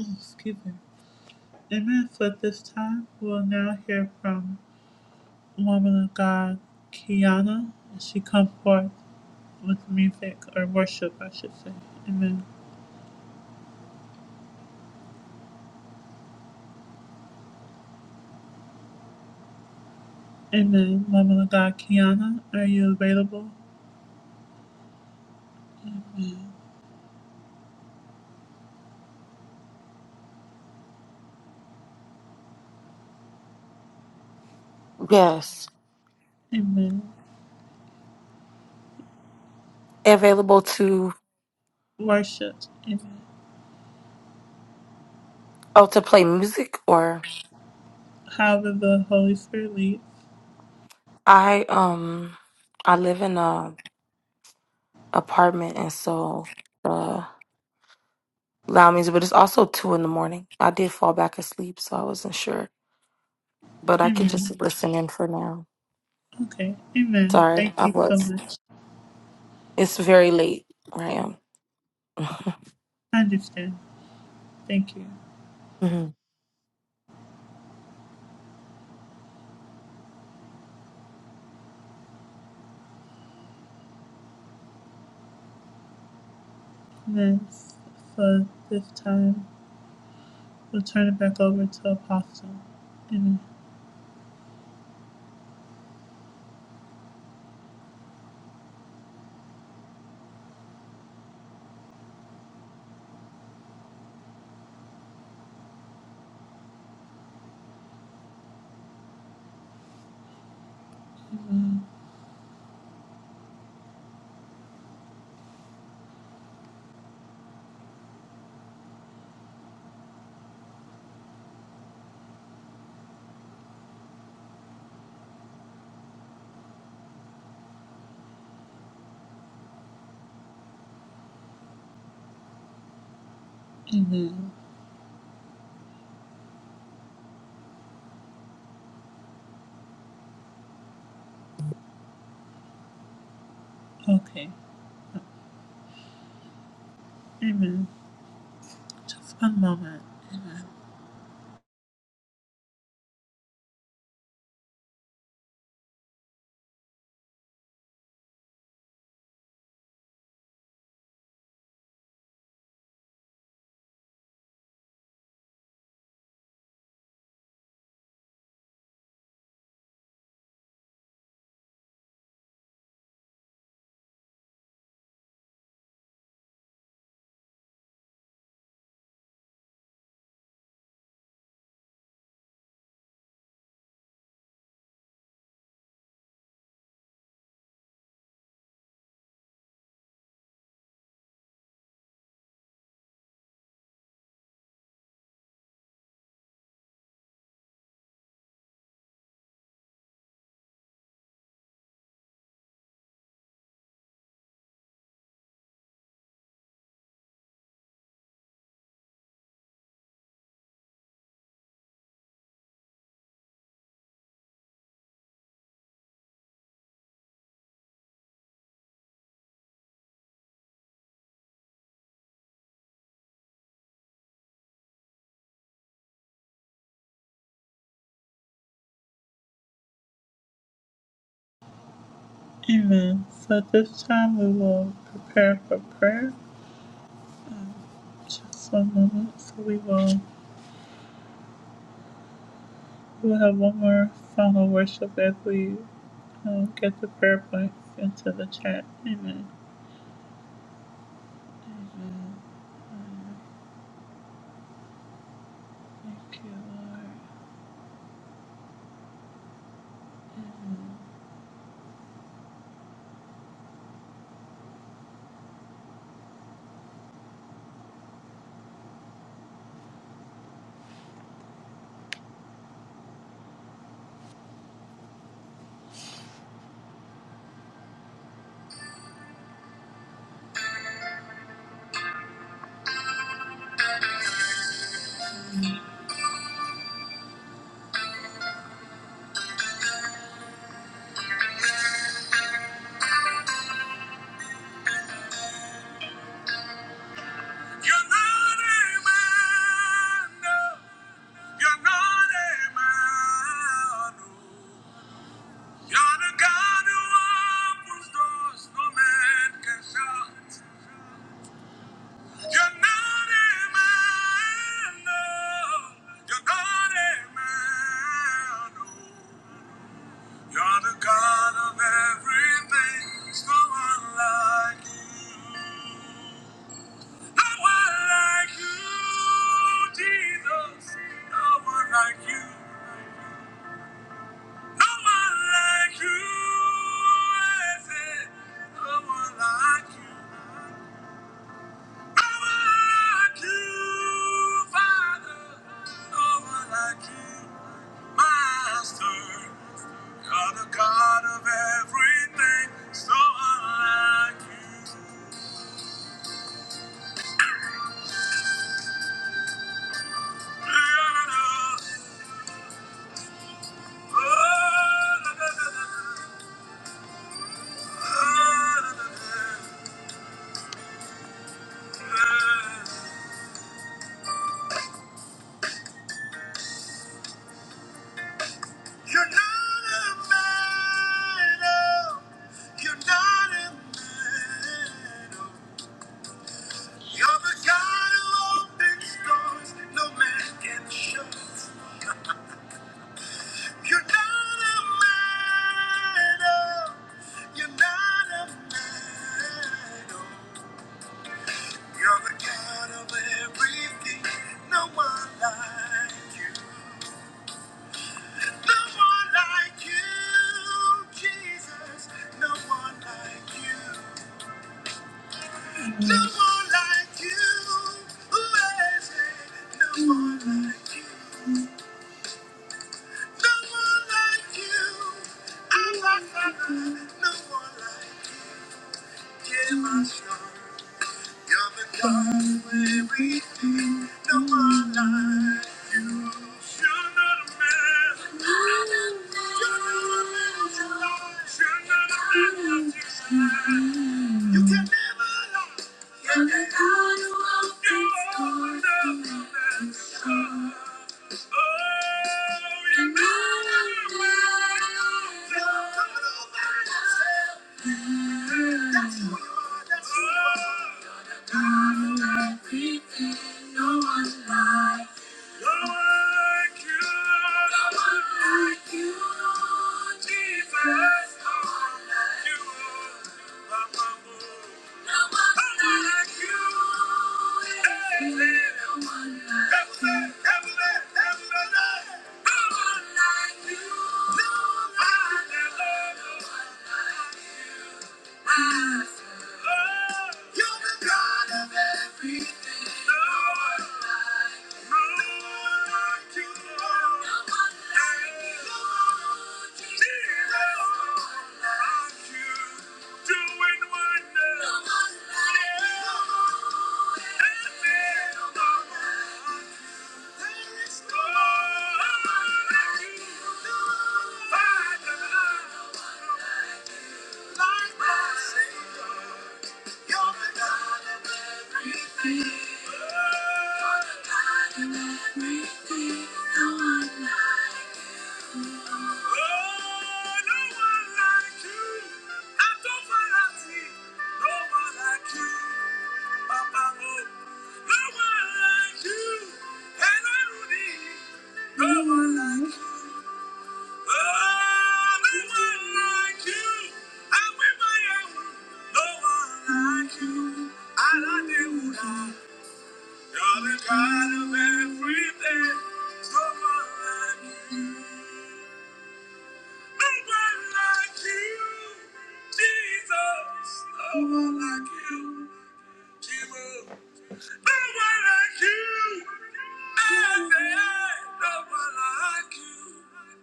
Speaker 1: Excuse me. Amen. For this time, we'll now hear from woman of God, Kiana, as she comes forth with music or worship, I should say. Amen. Amen. Woman of God, Kiana, are you available?
Speaker 7: Yes.
Speaker 1: Amen.
Speaker 7: Available to
Speaker 1: Worship. Amen.
Speaker 7: oh to play music or
Speaker 1: However the Holy Spirit leads.
Speaker 7: I um I live in a apartment and so uh loud music, but it's also two in the morning. I did fall back asleep, so I wasn't sure. but I could
Speaker 1: Amen.
Speaker 7: just listen in for now.
Speaker 1: Okay. Amen.
Speaker 7: Sorry,
Speaker 1: Thank
Speaker 7: I
Speaker 1: you so
Speaker 7: was.
Speaker 1: much.
Speaker 7: It's very late where I am.
Speaker 1: I understand. Thank you.
Speaker 7: <laughs>
Speaker 1: Amen. For this time, we'll turn it back over to Apostle. Amen. Amen. Okay. Amen. Just one moment. Amen. So this time we will prepare for prayer. Just one moment. So we will. We'll have one more final worship as we um, get the prayer points into the chat. Amen. Thank you, Lord. You're not a man, no. You're not a man, no. You're the God who opens doors no man can shut. You're not a man, no. You're not a man, no. You're the God of everything. There's no one like you. No one like you, Jesus. No one like you. No one like you. is it? No one like you. You're not a man. oh. You're not a man. oh. You're the God who opens doors no man can shut. You're not a man, oh. You're not a man, oh. You're the God of everything. No one like you. No one like you, Jesus. No like No one like you. Who is it? No one like you. No one like you. Thank you. No one like you. Oh, No one like you, Jesus. No one like you. I say, no one like you.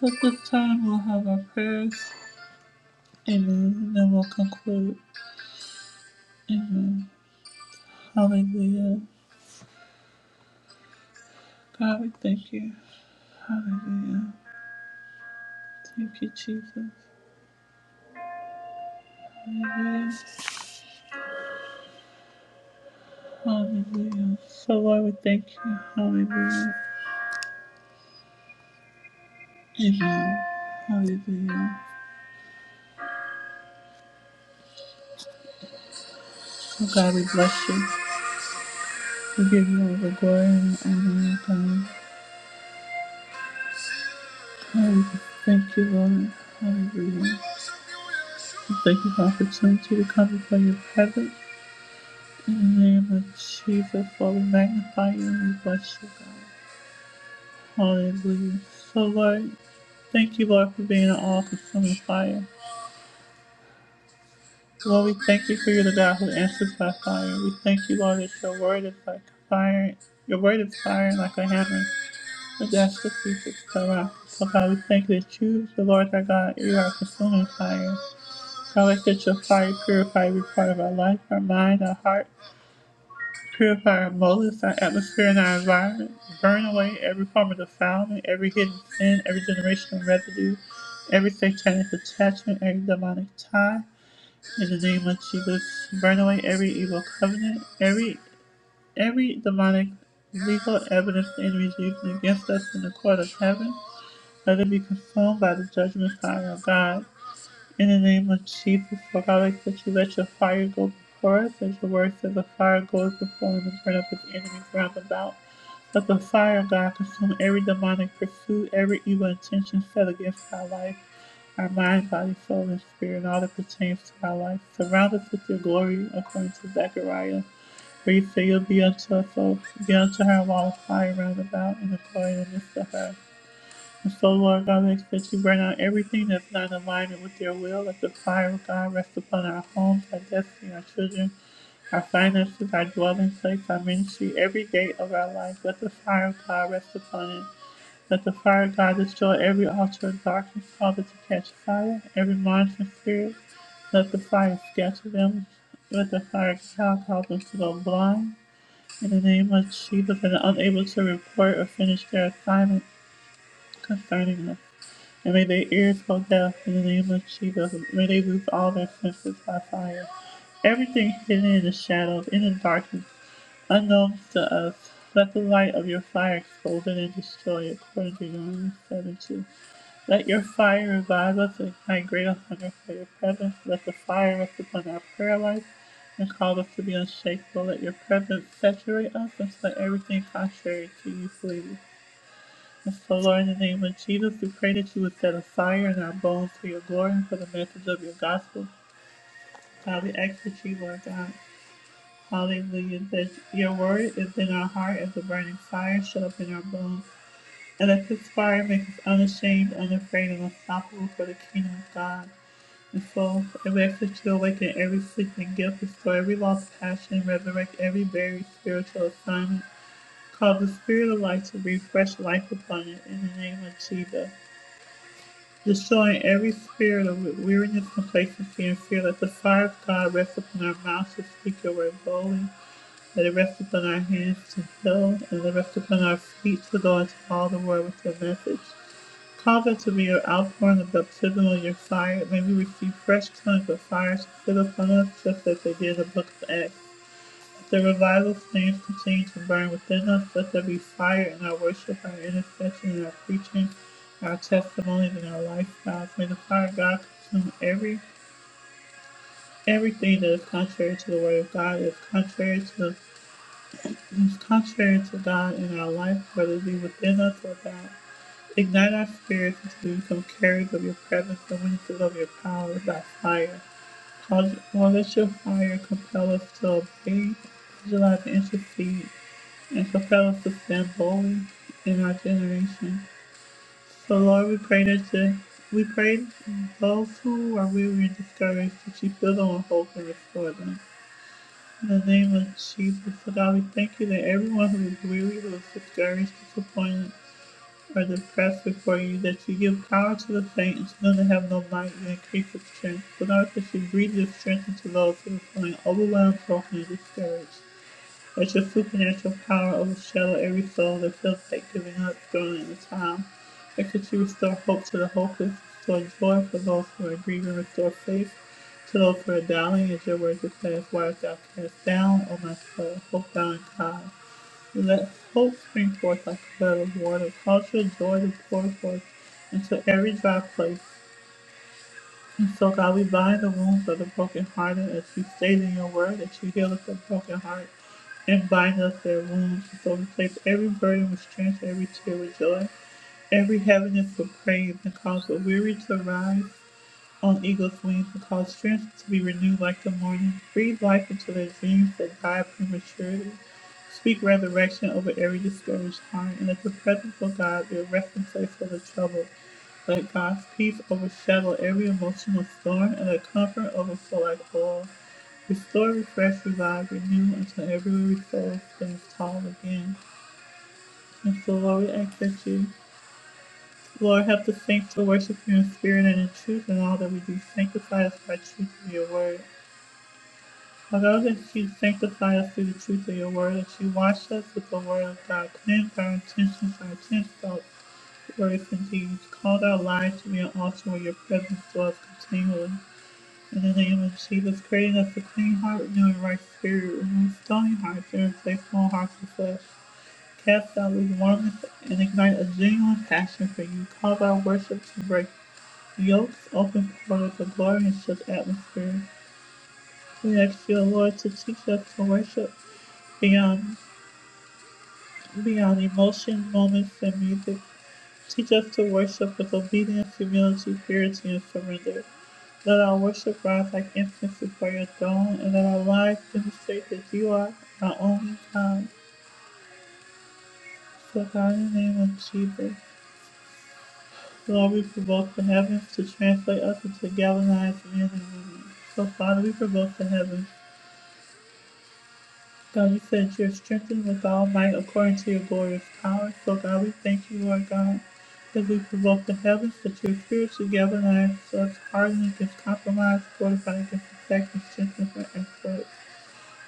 Speaker 1: At this time, we'll have our prayers. Amen. Then we'll conclude. Amen. Hallelujah. God, we thank you. Hallelujah. Thank you, Jesus. Hallelujah. Hallelujah. So, Lord, we thank you. Hallelujah. Amen. Hallelujah. Oh, God, we bless you. Forgive give you all the glory and the honor and the Thank you, Lord. Hallelujah. We Thank you for the opportunity to come before your presence. In the name of Jesus, Lord, we magnify you and we bless you, God. Hallelujah. So, Lord, thank you, Lord, for being an all consuming fire. Lord, we thank you for you're the God who answers by fire. We thank you, Lord, that your word is like fire. Your word is fire like a hammer. The justice seekers come out. So God, we thank you that you, the Lord our God, you are consuming fire. God, let that your fire purify every part of our life, our mind, our heart, purify our motives, our atmosphere, and our environment. Burn away every form of defilement, every hidden sin, every generational residue, every satanic attachment, every demonic tie. In the name of Jesus, burn away every evil covenant, every every demonic legal evidence the enemy is using against us in the court of heaven. Let it be consumed by the judgment fire of God. In the name of Jesus, Lord God, I ask that you let your fire go before us, as your word says, the fire goes before him and burn up his enemies round about. Let the fire of God consume every demonic pursuit, every evil intention set against our life, our mind, body, soul, and spirit, and all that pertains to our life. Surround us with your glory, according to Zechariah, where you say you'll be unto us, O- be unto her a wall of fire round about, and a glory in the midst of her. And So, Lord God, we ask that you burn out everything that's not in alignment with your will. Let the fire of God rest upon our homes, our destiny, our children, our finances, our dwelling place, our ministry, every gate of our life. Let the fire of God rest upon it. Let the fire of God destroy every altar of darkness, cause it to catch fire, every monitoring spirit. Let the fire scatter them. Let the fire of God cause them to go blind. In the name of Jesus, and unable to report or finish their assignment concerning us and may their ears go deaf in the name of Jesus. May they lose all their senses by fire. Everything hidden in the shadows, in the darkness, unknown to us, let the light of your fire expose it and destroy it, according to Deuteronomy 7 2. Let your fire revive us and ignite greater hunger for your presence. Let the fire rest upon our prayer life and cause us to be unshakable. Let your presence saturate us and let everything contrary to you flee. And so, Lord, in the name of Jesus, we pray that you would set a fire in our bones for your glory and for the message of your gospel. God, we ask that you, Lord God, hallelujah, that your word is in our heart as a burning fire shut up in our bones. And let this fire make us unashamed, unafraid, and unstoppable for the kingdom of God. And so, and we ask that you awaken every sleeping gift, restore every lost passion, resurrect every buried spiritual assignment. Cause the spirit of life to breathe fresh life upon it in the name of Jesus. destroying every spirit of weariness, complacency, and fear. Let the fire of God rest upon our mouths to speak your word boldly. Let it rest upon our hands to heal, and let it rest upon our feet to go into all the world with your message. Cause us to be your outpouring of baptism of your fire. May we receive fresh tongues of fire to sit upon us, just as they did in the book of Acts. The revival flames continue to burn within us. Let there be fire in our worship, our intercession, and our preaching, our testimonies, and our lifestyles. May the fire of God consume every everything that is contrary to the word of God, that is contrary to the is contrary to God in our life, whether it be within us or without. Ignite our spirits until we become carriers of your presence and witnesses of your power by fire. Cause, well, let your fire compel us to obey, visualize, and intercede. and compel us to stand boldly in our generation. So Lord, we pray that you, we pray those who are weary and discouraged that you fill them with hope and restore them. In the name of Jesus, so God, we thank you that everyone who is weary, who is discouraged, disappointed, or depressed before you, that you give power to the faint and to them that have no might, you increase the strength. So God, that you breathe your strength into those who are feeling overwhelmed, broken, and discouraged. Let your supernatural power overshadow every soul that feels like giving up, throwing in the towel. Let could you restore hope to the hopeless, restore joy for those who are grieving, restore faith to those who are doubting, as your word declares, why art thou cast down, O my soul, hope thou in God. Let hope spring forth like a flood of water, cause your joy to pour forth into every dry place. And so, God, we bind the wounds of the brokenhearted as you stated in your word that you heal us the broken heart and bind us their wounds. And so we place every burden with strength, every tear with joy, every heaviness with praise, and cause the weary to rise on eagle's wings who cause strength to be renewed like the morning. Breathe life into their dreams that die prematurely. Speak resurrection over every discouraged heart, and let the presence of God be a resting place for the troubled. Let God's peace overshadow every emotional storm, and let comfort overflow like oil. Restore, refresh, revive, renew until every soul stands tall again. And so, Lord, we ask that you Lord, help the saints to worship you in spirit and in truth in all that we do. Sanctify us by truth of your word. Although that you sanctify us through the truth of your word, that you wash us with the word of God, cleanse our intentions, our intense thoughts, words, and deeds. Cause our lives to be an altar where your presence dwells continually. In the name of Jesus, creating us a clean heart, renewing a right spirit, remove stony hearts and replace small hearts of flesh. Cast out lukewarmness and ignite a genuine passion for you. Cause our worship to break Yokes open portal to glory in such atmosphere. We ask you, Lord to teach us to worship beyond beyond emotion, moments, and music. Teach us to worship with obedience, humility, purity, and surrender. Let our worship rise like incense before your throne, and let our lives demonstrate that you are our only God. So God, in the name of Jesus, Lord, we provoke the heavens to translate us into galvanized men and women. So Father, we provoke the heavens God, you said you're strengthened with all might according to your glorious power. So, God, we thank you, Lord God, that we provoke the heavens, that your spirit together and our us hardened against compromise, fortified against attack, and strengthened for exploits.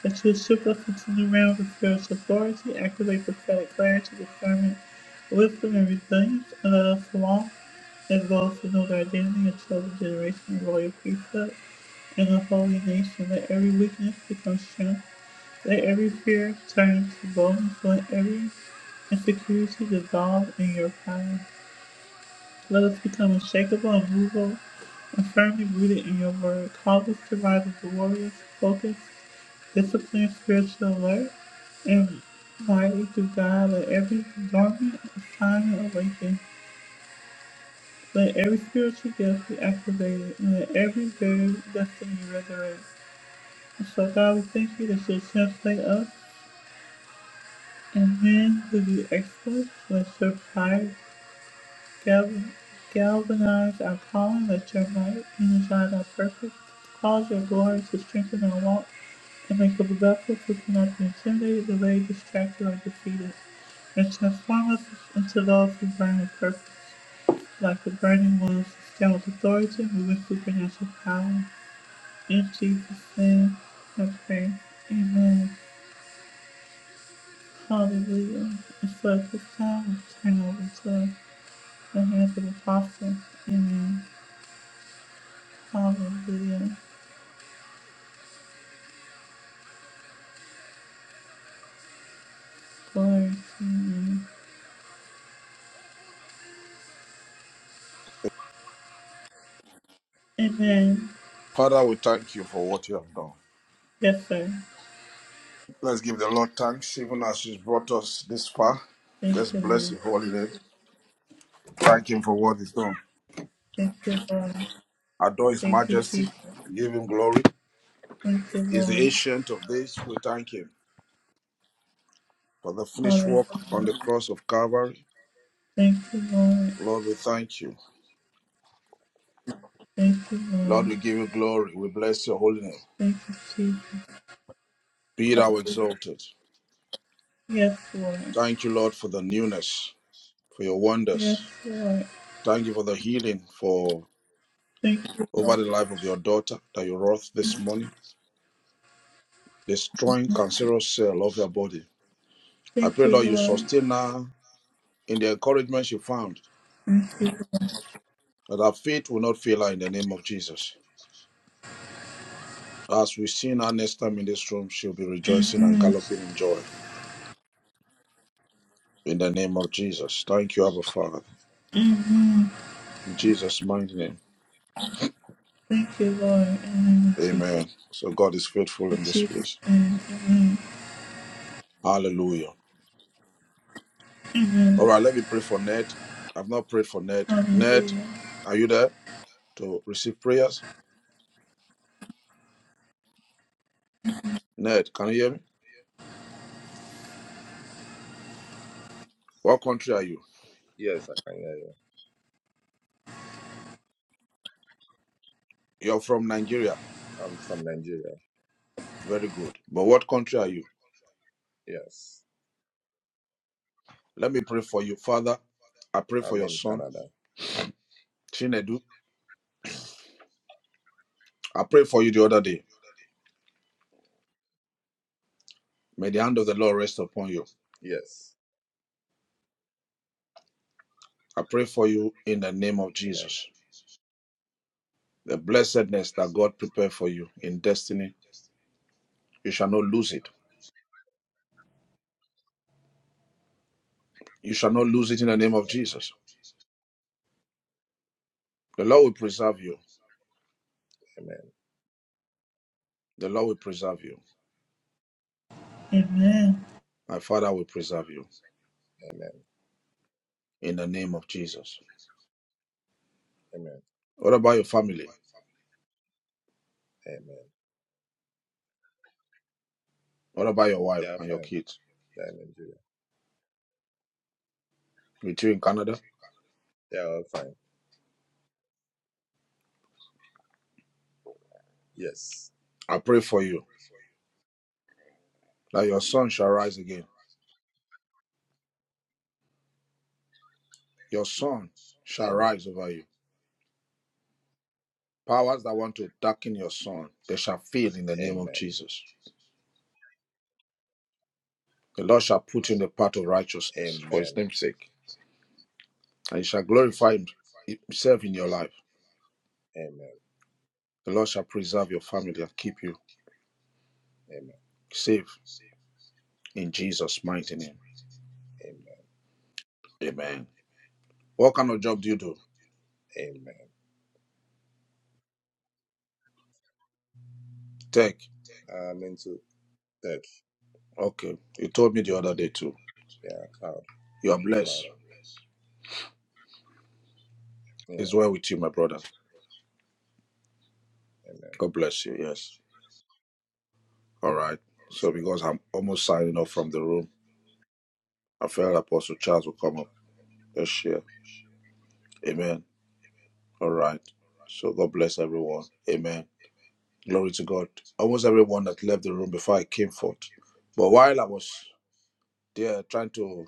Speaker 1: That you shift us into new realms of spiritual authority, activate prophetic clarity, discernment, wisdom, and resilience, and let us walk as those who know their identity and chosen generation and royal priesthood and the holy nation. Let every weakness become strength let every fear turn to boldness. Let every insecurity dissolve in your power. Let us become unshakable, immovable, and firmly rooted in your word. Call us to rise as warriors, focused, disciplined, spiritual alert, and mighty through God. Let every dormant assignment awaken. Let every spiritual gift be activated, and let every buried destiny resurrect. And so, God, we thank you that you translate us and then through the exploits with surprise, gal- galvanized our calling, let your might energize our purpose, cause your glory to strengthen our walk, and make up a vessel who cannot be intimidated, delayed, distracted, or defeated, and transform us into those who burn with purpose. Like the burning ones that with authority, and move with supernatural power. In Jesus' name, I pray. Amen. Hallelujah. And so at this time, we turn over to The hands of the apostles. Amen. Hallelujah. Glory to your name. Amen.
Speaker 2: Father, we thank you for what you have done.
Speaker 1: Yes, sir.
Speaker 2: Let's give the Lord thanks, even as He's brought us this far. Let's
Speaker 1: Thank you,
Speaker 2: bless
Speaker 1: Lord.
Speaker 2: His holy name. Thank Him for what He's done.
Speaker 1: Thank you, Lord.
Speaker 2: Adore His
Speaker 1: Thank you,
Speaker 2: majesty.
Speaker 1: Jesus.
Speaker 2: Give Him glory.
Speaker 1: Thank you,
Speaker 2: He's the
Speaker 1: Lord.
Speaker 2: ancient of days. We thank Him for the finished
Speaker 1: Hallelujah.
Speaker 2: work on the cross of Calvary.
Speaker 1: Thank you, Lord.
Speaker 2: Lord, we thank you.
Speaker 1: Thank you,
Speaker 2: Lord,
Speaker 1: Lord.
Speaker 2: we give you glory. We bless your holy name.
Speaker 1: Thank you, Jesus.
Speaker 2: Be thou exalted.
Speaker 1: Yes, Lord.
Speaker 2: Thank you, Lord, for the newness, for your
Speaker 1: Yes,
Speaker 2: wonders.
Speaker 1: Lord.
Speaker 2: Thank you for the healing, for
Speaker 1: Thank you,
Speaker 2: over
Speaker 1: Lord.
Speaker 2: the life of your daughter that you wrought this morning. destroying cancerous cell of her body. I
Speaker 1: Thank
Speaker 2: pray,
Speaker 1: you,
Speaker 2: Lord, you
Speaker 1: Lord.
Speaker 2: sustain her in the encouragement she found
Speaker 1: Thank you, Lord.
Speaker 2: that her faith will not fail Jesus. Next time in this room, she'll be rejoicing and galloping in joy. In the name of Jesus, Father, in the name.
Speaker 1: Thank you, Lord. In the name of Jesus. In Jesus' name. Amen. Hallelujah.
Speaker 16: Yes, I can hear you. I'm from Nigeria.
Speaker 2: Where are you?
Speaker 16: Yes.
Speaker 2: Let me pray for you, Father. I pray for
Speaker 16: I'm
Speaker 2: your
Speaker 16: in
Speaker 2: son,
Speaker 16: Canada.
Speaker 2: Chinedu. I pray for you the other day. May they upon you.
Speaker 16: Yes.
Speaker 2: I pray for you in the name of
Speaker 16: Amen.
Speaker 2: Jesus. The blessedness that God prepared for you in destiny, you shall not lose it. You shall not lose it in the name of
Speaker 16: Amen.
Speaker 2: Jesus. The Lord will preserve you.
Speaker 16: Amen.
Speaker 2: The Lord will preserve you.
Speaker 1: Amen.
Speaker 2: My Father will preserve you
Speaker 16: Amen.
Speaker 2: in the name of Jesus.
Speaker 16: Amen.
Speaker 2: What about your family?
Speaker 16: Amen.
Speaker 2: What about your
Speaker 16: They
Speaker 2: wife
Speaker 16: are
Speaker 2: and your
Speaker 16: fine.
Speaker 2: kids?
Speaker 16: They are in Nigeria.
Speaker 2: With you in Canada,
Speaker 16: They are all fine. Yes.
Speaker 2: I pray for you that your son shall rise again. Your son shall
Speaker 16: Amen.
Speaker 2: you. I want to work in on this in the name of
Speaker 16: Amen.
Speaker 2: the Lord for his
Speaker 16: Amen.
Speaker 2: name's sake. And he shall glorify himself in your life.
Speaker 16: Amen.
Speaker 2: The Lord shall preserve your family and keep you
Speaker 16: Amen.
Speaker 2: safe in Jesus' mighty name.
Speaker 16: Amen.
Speaker 2: Amen. What kind of job do you do?
Speaker 16: Amen.
Speaker 2: Tech.
Speaker 16: I'm into tech.
Speaker 2: Okay. You told me the other day too.
Speaker 16: Yeah, cloud.
Speaker 2: You are
Speaker 16: Cloud.
Speaker 2: blessed.
Speaker 16: engineering.
Speaker 2: It's
Speaker 16: Yeah.
Speaker 2: well with you, my brother.
Speaker 16: Amen.
Speaker 2: God bless you. Yes. All right.
Speaker 16: It's
Speaker 2: So
Speaker 16: well.
Speaker 2: because I'm almost signing off from the room, I felt Apostle Charles will come up. Let's share. Amen. All right. So God bless everyone. Amen. Glory to God. Almost everyone that left the room before I came forth. But while I was there trying to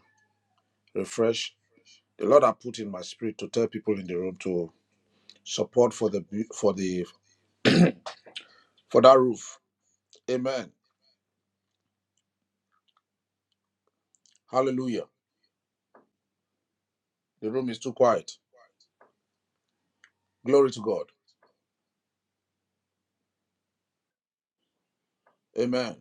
Speaker 2: refresh, the Lord I put in my spirit to tell people in the room to support for the for the for that roof. Amen. Hallelujah. The room is too quiet. Glory to God. Amen.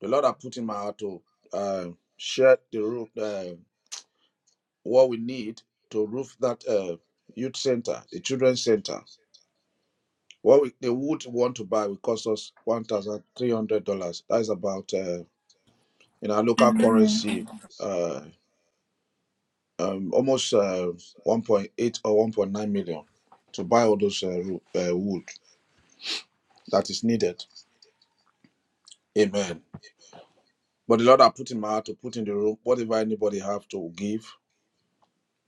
Speaker 2: The Lord have put in my heart to uh, share the roof, uh, what we need to roof that uh, youth center, the children's center. What we, they would want to buy will cost us one thousand three hundred dollars. That is about uh, in our local currency, uh, um, almost uh, one point eight or one point nine million to buy all those uh, roo- uh, wood that is needed. Amen. But the Lord have put in my heart to put in the roof. whatever anybody have to give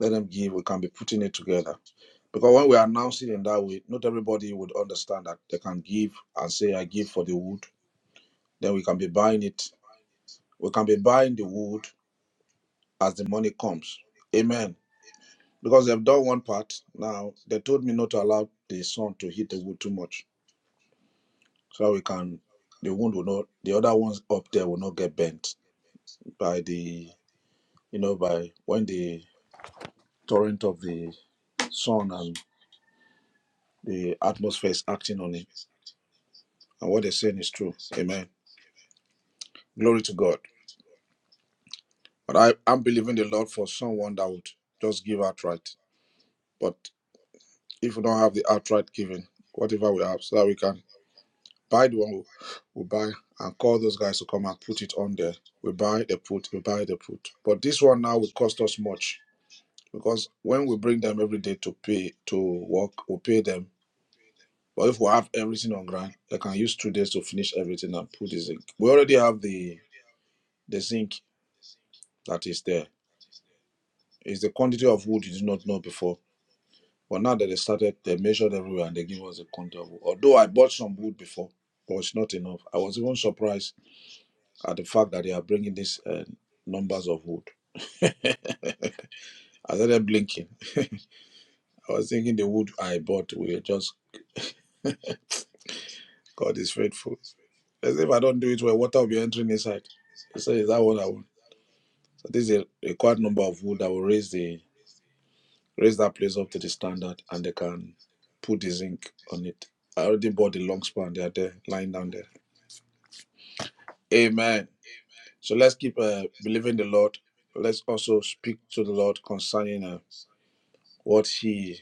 Speaker 2: let them give we can be putting it together because when we announce it in that way not everybody would understand that they can give and say i give for the wood then we can be buying it we can be buying the wood as the money comes amen because they've done one part now they told me not to allow the sun to hit the wood too much so that we can the wood will not the other ones up there will not get bent by the you know by when the torrent of the sun and the atmosphere is acting on it And what they're saying is true. Amen. Glory to God. But I, I'm believing the Lord for someone that would just give outright. But if we don't have the outright giving, whatever we have, so that we can buy the one we we buy and call those guys to come and put it on there. We buy, they put, we buy, they put. But this one now will cost us much because when we bring them every day to pay, to work, we pay them. But if we have everything on ground, they can use two days to finish everything and put the zinc. We already have the the zinc that is there It's the quantity of wood you did not know before. But now that they started, they measured everywhere and they give us the quantity of wood. Although I bought some wood before, but it's not enough. I was even surprised these uh, numbers of wood. I started blinking. I was thinking, but we just God is faithful. As if I don't do it well, water will be entering inside. So is that what I want? So this is a required number of wood that will raise the raise that place up to the standard and they can put the zinc on it. I already bought the long span, they are there lying down there. Amen. So let's keep uh, believing the Lord. Let's also speak to the Lord concerning uh, what He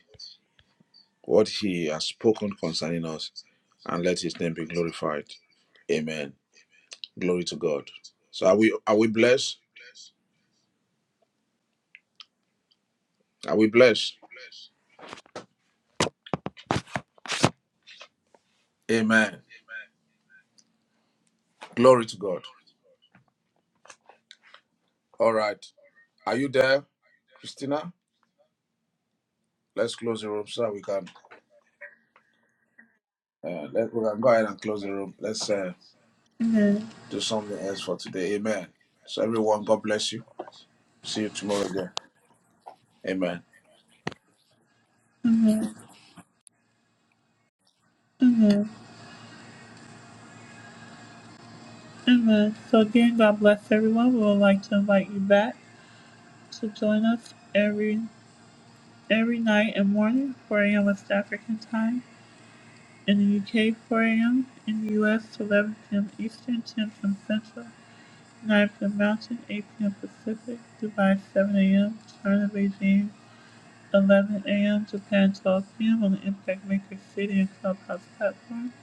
Speaker 2: what He has spoken concerning us, and let His name be glorified. Amen. Glory to God. So are we are we blessed? Are we blessed? Amen. Glory to God. All right. Are you there, Christina? Let's close the room so that we can uh, let we can go ahead and close the room. Let's uh, do something else for today. Amen. So everyone, God bless you. See you tomorrow again. Amen.
Speaker 1: Amen. Amen. Amen. So again, God bless everyone. We would like to invite you back to join us every every night and morning, 4 a.m. West African time. In the UK, 4 a.m. In the US, 11 p.m. Eastern, 10 p.m. Central, 9 p.m. Mountain, 8 p.m. Pacific. Dubai, 7 a.m. China, Beijing, 11 a.m. Japan, 12 p.m. on the Impact Maker City and Clubhouse platform.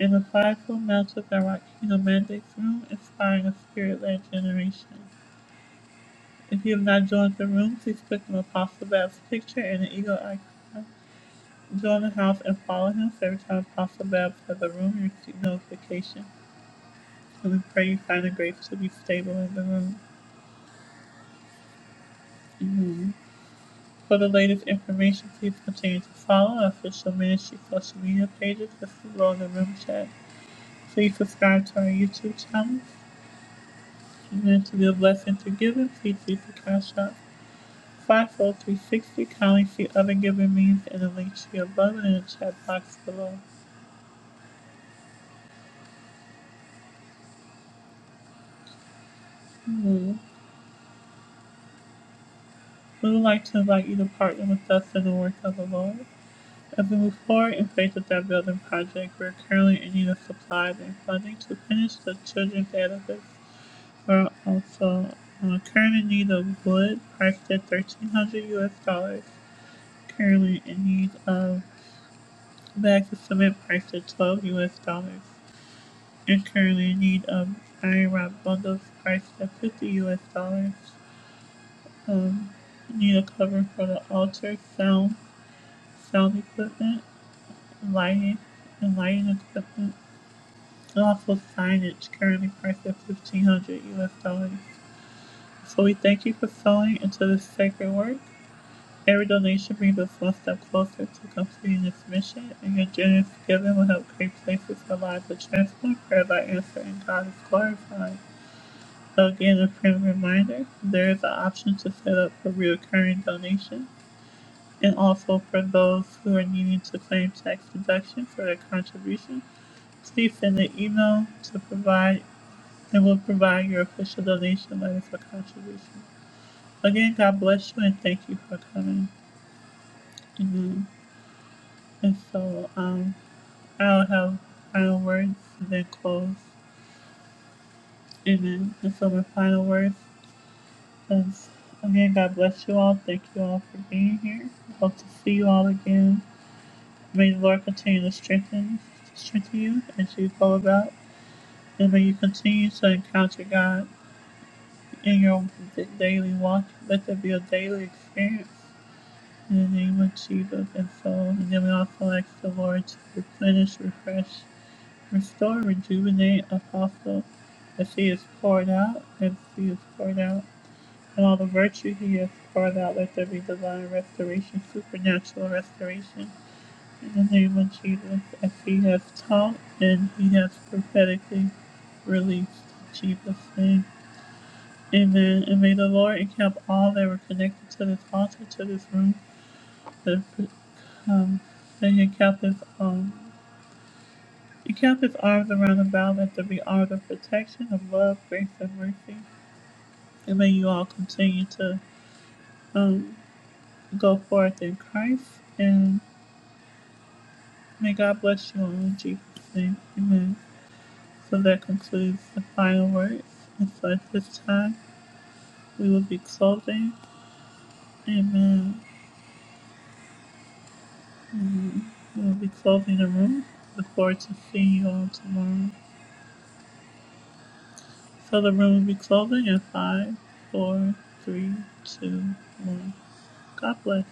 Speaker 1: In the fivefold Mountain and Rock Kingdom Mandates Room, inspiring a spirit-led generation. If you have not joined the room, please click on Apostle Babs' picture and the eagle icon. Join the house and follow him so every time Apostle Babs has a room, you receive notification. And we pray you find the grace to be stable in the room. Amen. For the latest information, please continue to follow our official ministry social media pages listed below in the room chat. Please subscribe to our YouTube channel. Amen. To be a blessing to give and please use the cash app. 50360. Kindly see other given means in the link tree above and in the chat box below. Hmm. We would like to invite you to partner with us in the work of the Lord. As we move forward in faith with that building project, we're currently in need of supplies and funding to finish the children's edifice. We're also uh, currently in need of wood priced at 1300 US dollars. Currently in need of bags of cement priced at 12 US dollars. and currently in need of IROC bundles priced at 50 US dollars. Um, need a cover for the altar, sound, sound equipment, lighting, and lighting equipment, and also signage currently priced at 1500 US dollars. So we thank you for sowing into this sacred work. Every donation brings us one step closer to completing this mission, and your generous giving will help create places where lives are transformed, prayers are answered, and God is glorified. Again, a friend reminder, there is an option to set up a recurring donation and also for those who are needing to claim tax deduction for their contribution, please send an email to provide and we'll provide your official donation letter for contribution. Again, God bless you and thank you for coming. Amen. And so um I'll have final words and then close. Amen. And so my final words Yes. Again, God bless you all. Thank you all for being here. Hope to see you all again. May the Lord continue to strengthen, strengthen you as you go about, and may you continue to encounter God in your daily walk. Let there be a daily experience in the name of Jesus. And so, and then we also ask the Lord to replenish, refresh, restore, rejuvenate, apostle as He is poured out, as He is poured out. and all the virtue he has poured out. Let there be divine restoration, supernatural restoration. In the name of Jesus, as he has taught and he has prophetically released. In Jesus' name. Amen. And may the Lord encamp all that were connected to this altar, to this room, that um, may he encamp his um encamp his arms around about let there be arms of protection, of love, grace and mercy. And may you all continue to um Go forth in Christ, and may God bless you all in Jesus' name. Amen. So that concludes the final words. And so at this time, we will be closing. Amen. Amen. We will be closing the room. Look forward to seeing you all tomorrow. So the room will be closing in five, four, three, two, one. God bless.